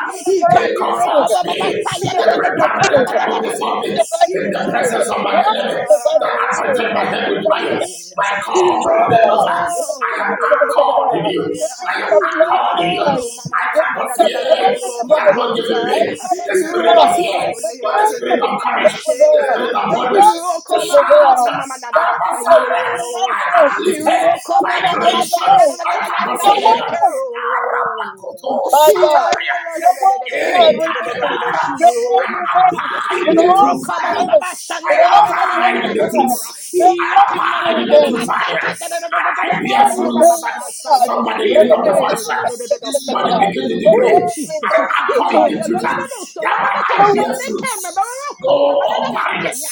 [SPEAKER 3] they
[SPEAKER 5] Ikayuro
[SPEAKER 1] truth.
[SPEAKER 3] comfort
[SPEAKER 5] koba baba
[SPEAKER 1] when
[SPEAKER 3] me.
[SPEAKER 1] you
[SPEAKER 5] saya
[SPEAKER 3] They
[SPEAKER 5] la la la
[SPEAKER 1] divided your
[SPEAKER 5] doko
[SPEAKER 3] prepare the
[SPEAKER 1] truth.
[SPEAKER 5] baba baba
[SPEAKER 3] table
[SPEAKER 1] when
[SPEAKER 3] before me
[SPEAKER 1] you
[SPEAKER 5] dasi.
[SPEAKER 1] divided
[SPEAKER 3] in
[SPEAKER 1] your
[SPEAKER 3] the
[SPEAKER 1] truth.
[SPEAKER 5] Ila
[SPEAKER 1] be
[SPEAKER 3] presence of my
[SPEAKER 5] ona
[SPEAKER 3] enemies.
[SPEAKER 1] be
[SPEAKER 3] They anointed my head with oil.
[SPEAKER 5] e.
[SPEAKER 3] My cup
[SPEAKER 1] the
[SPEAKER 3] runneth over. I
[SPEAKER 5] Irole.
[SPEAKER 3] am
[SPEAKER 1] the
[SPEAKER 3] anchored in you.
[SPEAKER 1] the shall
[SPEAKER 3] I am
[SPEAKER 1] shall be rightly
[SPEAKER 3] anchored in you.
[SPEAKER 5] Iro
[SPEAKER 1] divided.
[SPEAKER 5] mama
[SPEAKER 3] I
[SPEAKER 5] na
[SPEAKER 1] The
[SPEAKER 5] na na
[SPEAKER 3] but
[SPEAKER 1] truth
[SPEAKER 5] na na
[SPEAKER 1] shall be
[SPEAKER 5] na
[SPEAKER 3] fear,
[SPEAKER 1] rightly
[SPEAKER 5] suro
[SPEAKER 3] he has
[SPEAKER 1] divided.
[SPEAKER 5] mama
[SPEAKER 3] not given
[SPEAKER 5] ya
[SPEAKER 1] I
[SPEAKER 3] me
[SPEAKER 5] ya.
[SPEAKER 1] shall
[SPEAKER 3] the
[SPEAKER 1] believe a
[SPEAKER 3] spirit of
[SPEAKER 1] lie.
[SPEAKER 3] fear,
[SPEAKER 1] The
[SPEAKER 3] but the
[SPEAKER 1] truth
[SPEAKER 5] Irole
[SPEAKER 3] spirit
[SPEAKER 5] ko
[SPEAKER 3] of
[SPEAKER 5] mama
[SPEAKER 3] courage,
[SPEAKER 1] shall
[SPEAKER 3] the
[SPEAKER 1] prevail.
[SPEAKER 5] mashea.
[SPEAKER 3] spirit of
[SPEAKER 1] Your
[SPEAKER 3] boldness,
[SPEAKER 1] word
[SPEAKER 3] to
[SPEAKER 5] Iroko
[SPEAKER 1] shall
[SPEAKER 5] mama mama
[SPEAKER 3] shout,
[SPEAKER 5] mama
[SPEAKER 1] prevail.
[SPEAKER 5] mama da da da
[SPEAKER 1] Back
[SPEAKER 3] Abba
[SPEAKER 1] today, back
[SPEAKER 3] Father,
[SPEAKER 1] in the one
[SPEAKER 3] I
[SPEAKER 5] sayero.
[SPEAKER 3] am
[SPEAKER 1] flesh,
[SPEAKER 3] lifted
[SPEAKER 5] Iroko
[SPEAKER 1] everybody's
[SPEAKER 3] by
[SPEAKER 5] baba
[SPEAKER 1] got
[SPEAKER 5] baba
[SPEAKER 1] passed
[SPEAKER 3] grace,
[SPEAKER 5] shanda da
[SPEAKER 1] away.
[SPEAKER 5] da da
[SPEAKER 3] I
[SPEAKER 5] da da
[SPEAKER 1] It's
[SPEAKER 3] cannot
[SPEAKER 1] the
[SPEAKER 3] fail.
[SPEAKER 1] one.
[SPEAKER 5] sayekero.
[SPEAKER 3] Arabakoto
[SPEAKER 5] Yeah,
[SPEAKER 1] My
[SPEAKER 5] yeah,
[SPEAKER 1] God,
[SPEAKER 3] Sataya.
[SPEAKER 5] yeah,
[SPEAKER 1] your
[SPEAKER 5] yeah,
[SPEAKER 1] word,
[SPEAKER 5] yeah, yeah, yeah,
[SPEAKER 1] oh
[SPEAKER 5] yeah, yeah, yeah,
[SPEAKER 1] God,
[SPEAKER 3] Hey,
[SPEAKER 5] do, do, do, do,
[SPEAKER 1] remains.
[SPEAKER 5] do,
[SPEAKER 3] Katabara,
[SPEAKER 1] Your
[SPEAKER 5] shiro,
[SPEAKER 1] word
[SPEAKER 3] I
[SPEAKER 5] mama ba
[SPEAKER 1] remains
[SPEAKER 5] saya.
[SPEAKER 3] abide in
[SPEAKER 1] with
[SPEAKER 3] the
[SPEAKER 1] all
[SPEAKER 3] true
[SPEAKER 5] Iroko
[SPEAKER 1] of
[SPEAKER 5] baba
[SPEAKER 3] vine,
[SPEAKER 1] us,
[SPEAKER 5] baba
[SPEAKER 3] I
[SPEAKER 5] shanda
[SPEAKER 1] with
[SPEAKER 5] da da
[SPEAKER 1] all
[SPEAKER 5] da da
[SPEAKER 1] the
[SPEAKER 5] da da
[SPEAKER 1] love
[SPEAKER 5] da
[SPEAKER 3] abide
[SPEAKER 1] of
[SPEAKER 3] in
[SPEAKER 5] da
[SPEAKER 3] the
[SPEAKER 1] God.
[SPEAKER 5] sora.
[SPEAKER 1] Your
[SPEAKER 3] truth. I
[SPEAKER 5] Yeah,
[SPEAKER 3] and
[SPEAKER 5] kana da
[SPEAKER 3] abide
[SPEAKER 1] word
[SPEAKER 3] in
[SPEAKER 5] da da
[SPEAKER 3] the
[SPEAKER 5] da
[SPEAKER 1] remains.
[SPEAKER 3] true
[SPEAKER 5] da
[SPEAKER 3] fire,
[SPEAKER 5] saka da da da da
[SPEAKER 3] and
[SPEAKER 5] da da
[SPEAKER 3] I
[SPEAKER 1] Your
[SPEAKER 3] bear
[SPEAKER 1] word
[SPEAKER 5] shoko baba
[SPEAKER 3] fruits.
[SPEAKER 1] remains,
[SPEAKER 5] baba
[SPEAKER 1] oh God.
[SPEAKER 5] saya.
[SPEAKER 1] Your
[SPEAKER 3] Somebody
[SPEAKER 1] word
[SPEAKER 3] lift up the
[SPEAKER 5] Yeah,
[SPEAKER 3] voice.
[SPEAKER 5] do, do, do, do, do, do,
[SPEAKER 3] This
[SPEAKER 1] remains
[SPEAKER 3] body
[SPEAKER 5] saya.
[SPEAKER 3] begin to degrade.
[SPEAKER 5] Oh Jesus,
[SPEAKER 3] I
[SPEAKER 5] he
[SPEAKER 3] anchor
[SPEAKER 5] call
[SPEAKER 3] in
[SPEAKER 5] you.
[SPEAKER 1] true.
[SPEAKER 3] the
[SPEAKER 5] La la
[SPEAKER 3] truth,
[SPEAKER 5] la la. So mama
[SPEAKER 3] thereby
[SPEAKER 5] mama
[SPEAKER 3] I
[SPEAKER 1] Your
[SPEAKER 5] kasha.
[SPEAKER 3] bear
[SPEAKER 1] word
[SPEAKER 5] Then they came. Mama
[SPEAKER 3] fruits.
[SPEAKER 5] mama call.
[SPEAKER 3] No
[SPEAKER 5] Mama da da da
[SPEAKER 3] unbarrenness
[SPEAKER 5] saya.